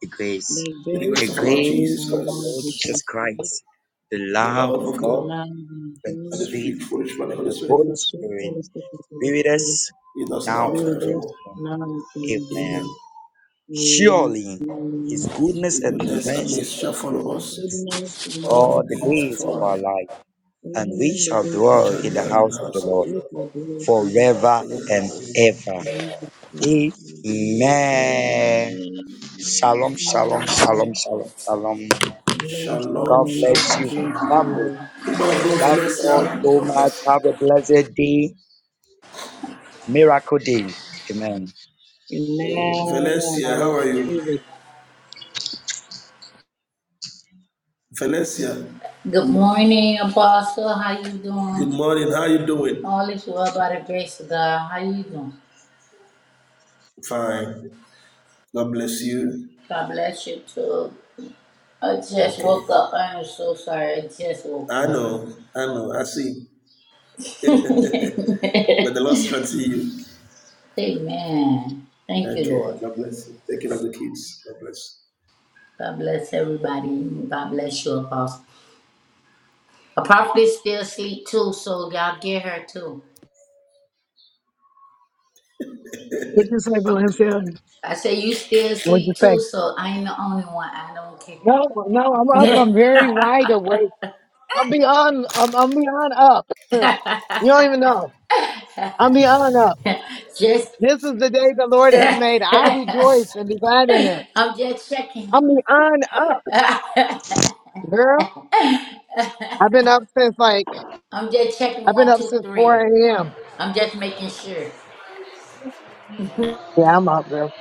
[SPEAKER 2] The grace.
[SPEAKER 6] The
[SPEAKER 2] The
[SPEAKER 6] grace of
[SPEAKER 2] grace
[SPEAKER 6] our
[SPEAKER 2] of the
[SPEAKER 6] Lord
[SPEAKER 2] Lord
[SPEAKER 6] Jesus
[SPEAKER 2] Jesus
[SPEAKER 6] Christ,
[SPEAKER 2] Christ, the love of
[SPEAKER 6] the
[SPEAKER 2] God,
[SPEAKER 6] love of
[SPEAKER 2] and the
[SPEAKER 6] God,
[SPEAKER 2] sweet fellowship of the
[SPEAKER 6] I'm I'm I'm
[SPEAKER 2] Holy
[SPEAKER 6] Nessuno
[SPEAKER 2] Spirit
[SPEAKER 6] delle statistiche
[SPEAKER 2] be with us now and
[SPEAKER 6] vede
[SPEAKER 2] forever. Amen. Surely his goodness
[SPEAKER 3] Goodness
[SPEAKER 2] and mercy
[SPEAKER 3] shall
[SPEAKER 2] shall follow
[SPEAKER 3] us all
[SPEAKER 2] all
[SPEAKER 3] the
[SPEAKER 2] the
[SPEAKER 3] things of
[SPEAKER 2] days of
[SPEAKER 3] our
[SPEAKER 2] our life, and we shall dwell
[SPEAKER 3] which are
[SPEAKER 2] in the
[SPEAKER 3] done in the
[SPEAKER 2] house of the
[SPEAKER 3] house of
[SPEAKER 2] Lord
[SPEAKER 3] the Lord.
[SPEAKER 2] forever and
[SPEAKER 3] Forever and ever.
[SPEAKER 2] ever.
[SPEAKER 3] Amen.
[SPEAKER 2] Amen. Shalom, shalom, shalom, shalom, shalom. God
[SPEAKER 3] Shalom,
[SPEAKER 2] bless
[SPEAKER 3] shalom,
[SPEAKER 2] you,
[SPEAKER 3] shalom.
[SPEAKER 2] family.
[SPEAKER 3] Woman of God,
[SPEAKER 2] Love you all
[SPEAKER 3] Valencia.
[SPEAKER 2] so much. Have a blessed day, miracle day. Amen.
[SPEAKER 3] Valencia, how are you?
[SPEAKER 6] analisi
[SPEAKER 3] Valencia,
[SPEAKER 7] Good morning, Apostle. How you doing?
[SPEAKER 3] good morning. How you doing?
[SPEAKER 7] All is well by the grace of God. How you doing?
[SPEAKER 3] Fine. God bless you.
[SPEAKER 7] God bless you too. I just
[SPEAKER 3] Okay.
[SPEAKER 7] woke up. I'm so sorry. I just woke
[SPEAKER 3] I
[SPEAKER 7] up.
[SPEAKER 3] know. I know. I see. Where the Lord strengthens you.
[SPEAKER 7] Amen. Thank you,
[SPEAKER 3] Okay.
[SPEAKER 7] Lord.
[SPEAKER 3] God bless you. Take care of the kids. God bless. you.
[SPEAKER 7] God bless everybody. God bless you, Apostle. A prophet is still asleep too, so y'all get her too.
[SPEAKER 1] Would you say, Valencia?
[SPEAKER 7] I say you still
[SPEAKER 1] What you
[SPEAKER 7] asleep
[SPEAKER 1] say?
[SPEAKER 7] too, so I ain't the only one. I don't care.
[SPEAKER 1] No, no, I'm up. I'm very wide awake. I'm beyond. I'm, I'm beyond up. you don't even know. I'm beyond up.
[SPEAKER 7] just
[SPEAKER 1] This is the day the Lord has made. I rejoice and be glad in it.
[SPEAKER 7] I'm just checking.
[SPEAKER 1] I'm beyond up, girl. I've been up since like
[SPEAKER 7] I'm just checking
[SPEAKER 1] I've been
[SPEAKER 7] one,
[SPEAKER 1] up
[SPEAKER 7] two,
[SPEAKER 1] since 4
[SPEAKER 7] three.
[SPEAKER 1] a.m.
[SPEAKER 7] I'm just making sure.
[SPEAKER 1] Yeah, I'm up, girl.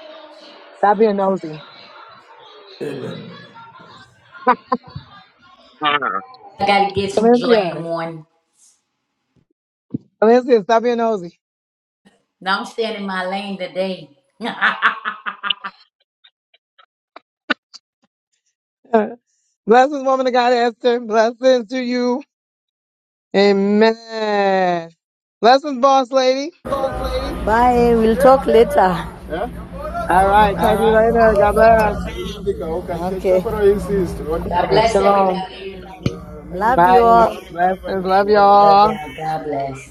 [SPEAKER 1] Stop being nosy,
[SPEAKER 7] I gotta get some joy in the
[SPEAKER 1] Olympia.
[SPEAKER 7] morning.
[SPEAKER 1] Olympia, stop being nosy.
[SPEAKER 7] Now I'm staying in my lane today. God
[SPEAKER 1] Blessings, woman of God, Esther. Blessings to you. Amen. Blessings, boss lady.
[SPEAKER 8] Bye. We'll talk later. Yeah?
[SPEAKER 1] All right. Talk to you later. God bless.
[SPEAKER 8] Okay.
[SPEAKER 1] Okay.
[SPEAKER 7] bless
[SPEAKER 1] Shalom.
[SPEAKER 7] everybody.
[SPEAKER 8] Love you
[SPEAKER 1] Bye.
[SPEAKER 8] all.
[SPEAKER 1] Blessings. Love
[SPEAKER 7] Let- Love
[SPEAKER 1] y'all.
[SPEAKER 7] y'all. God bless.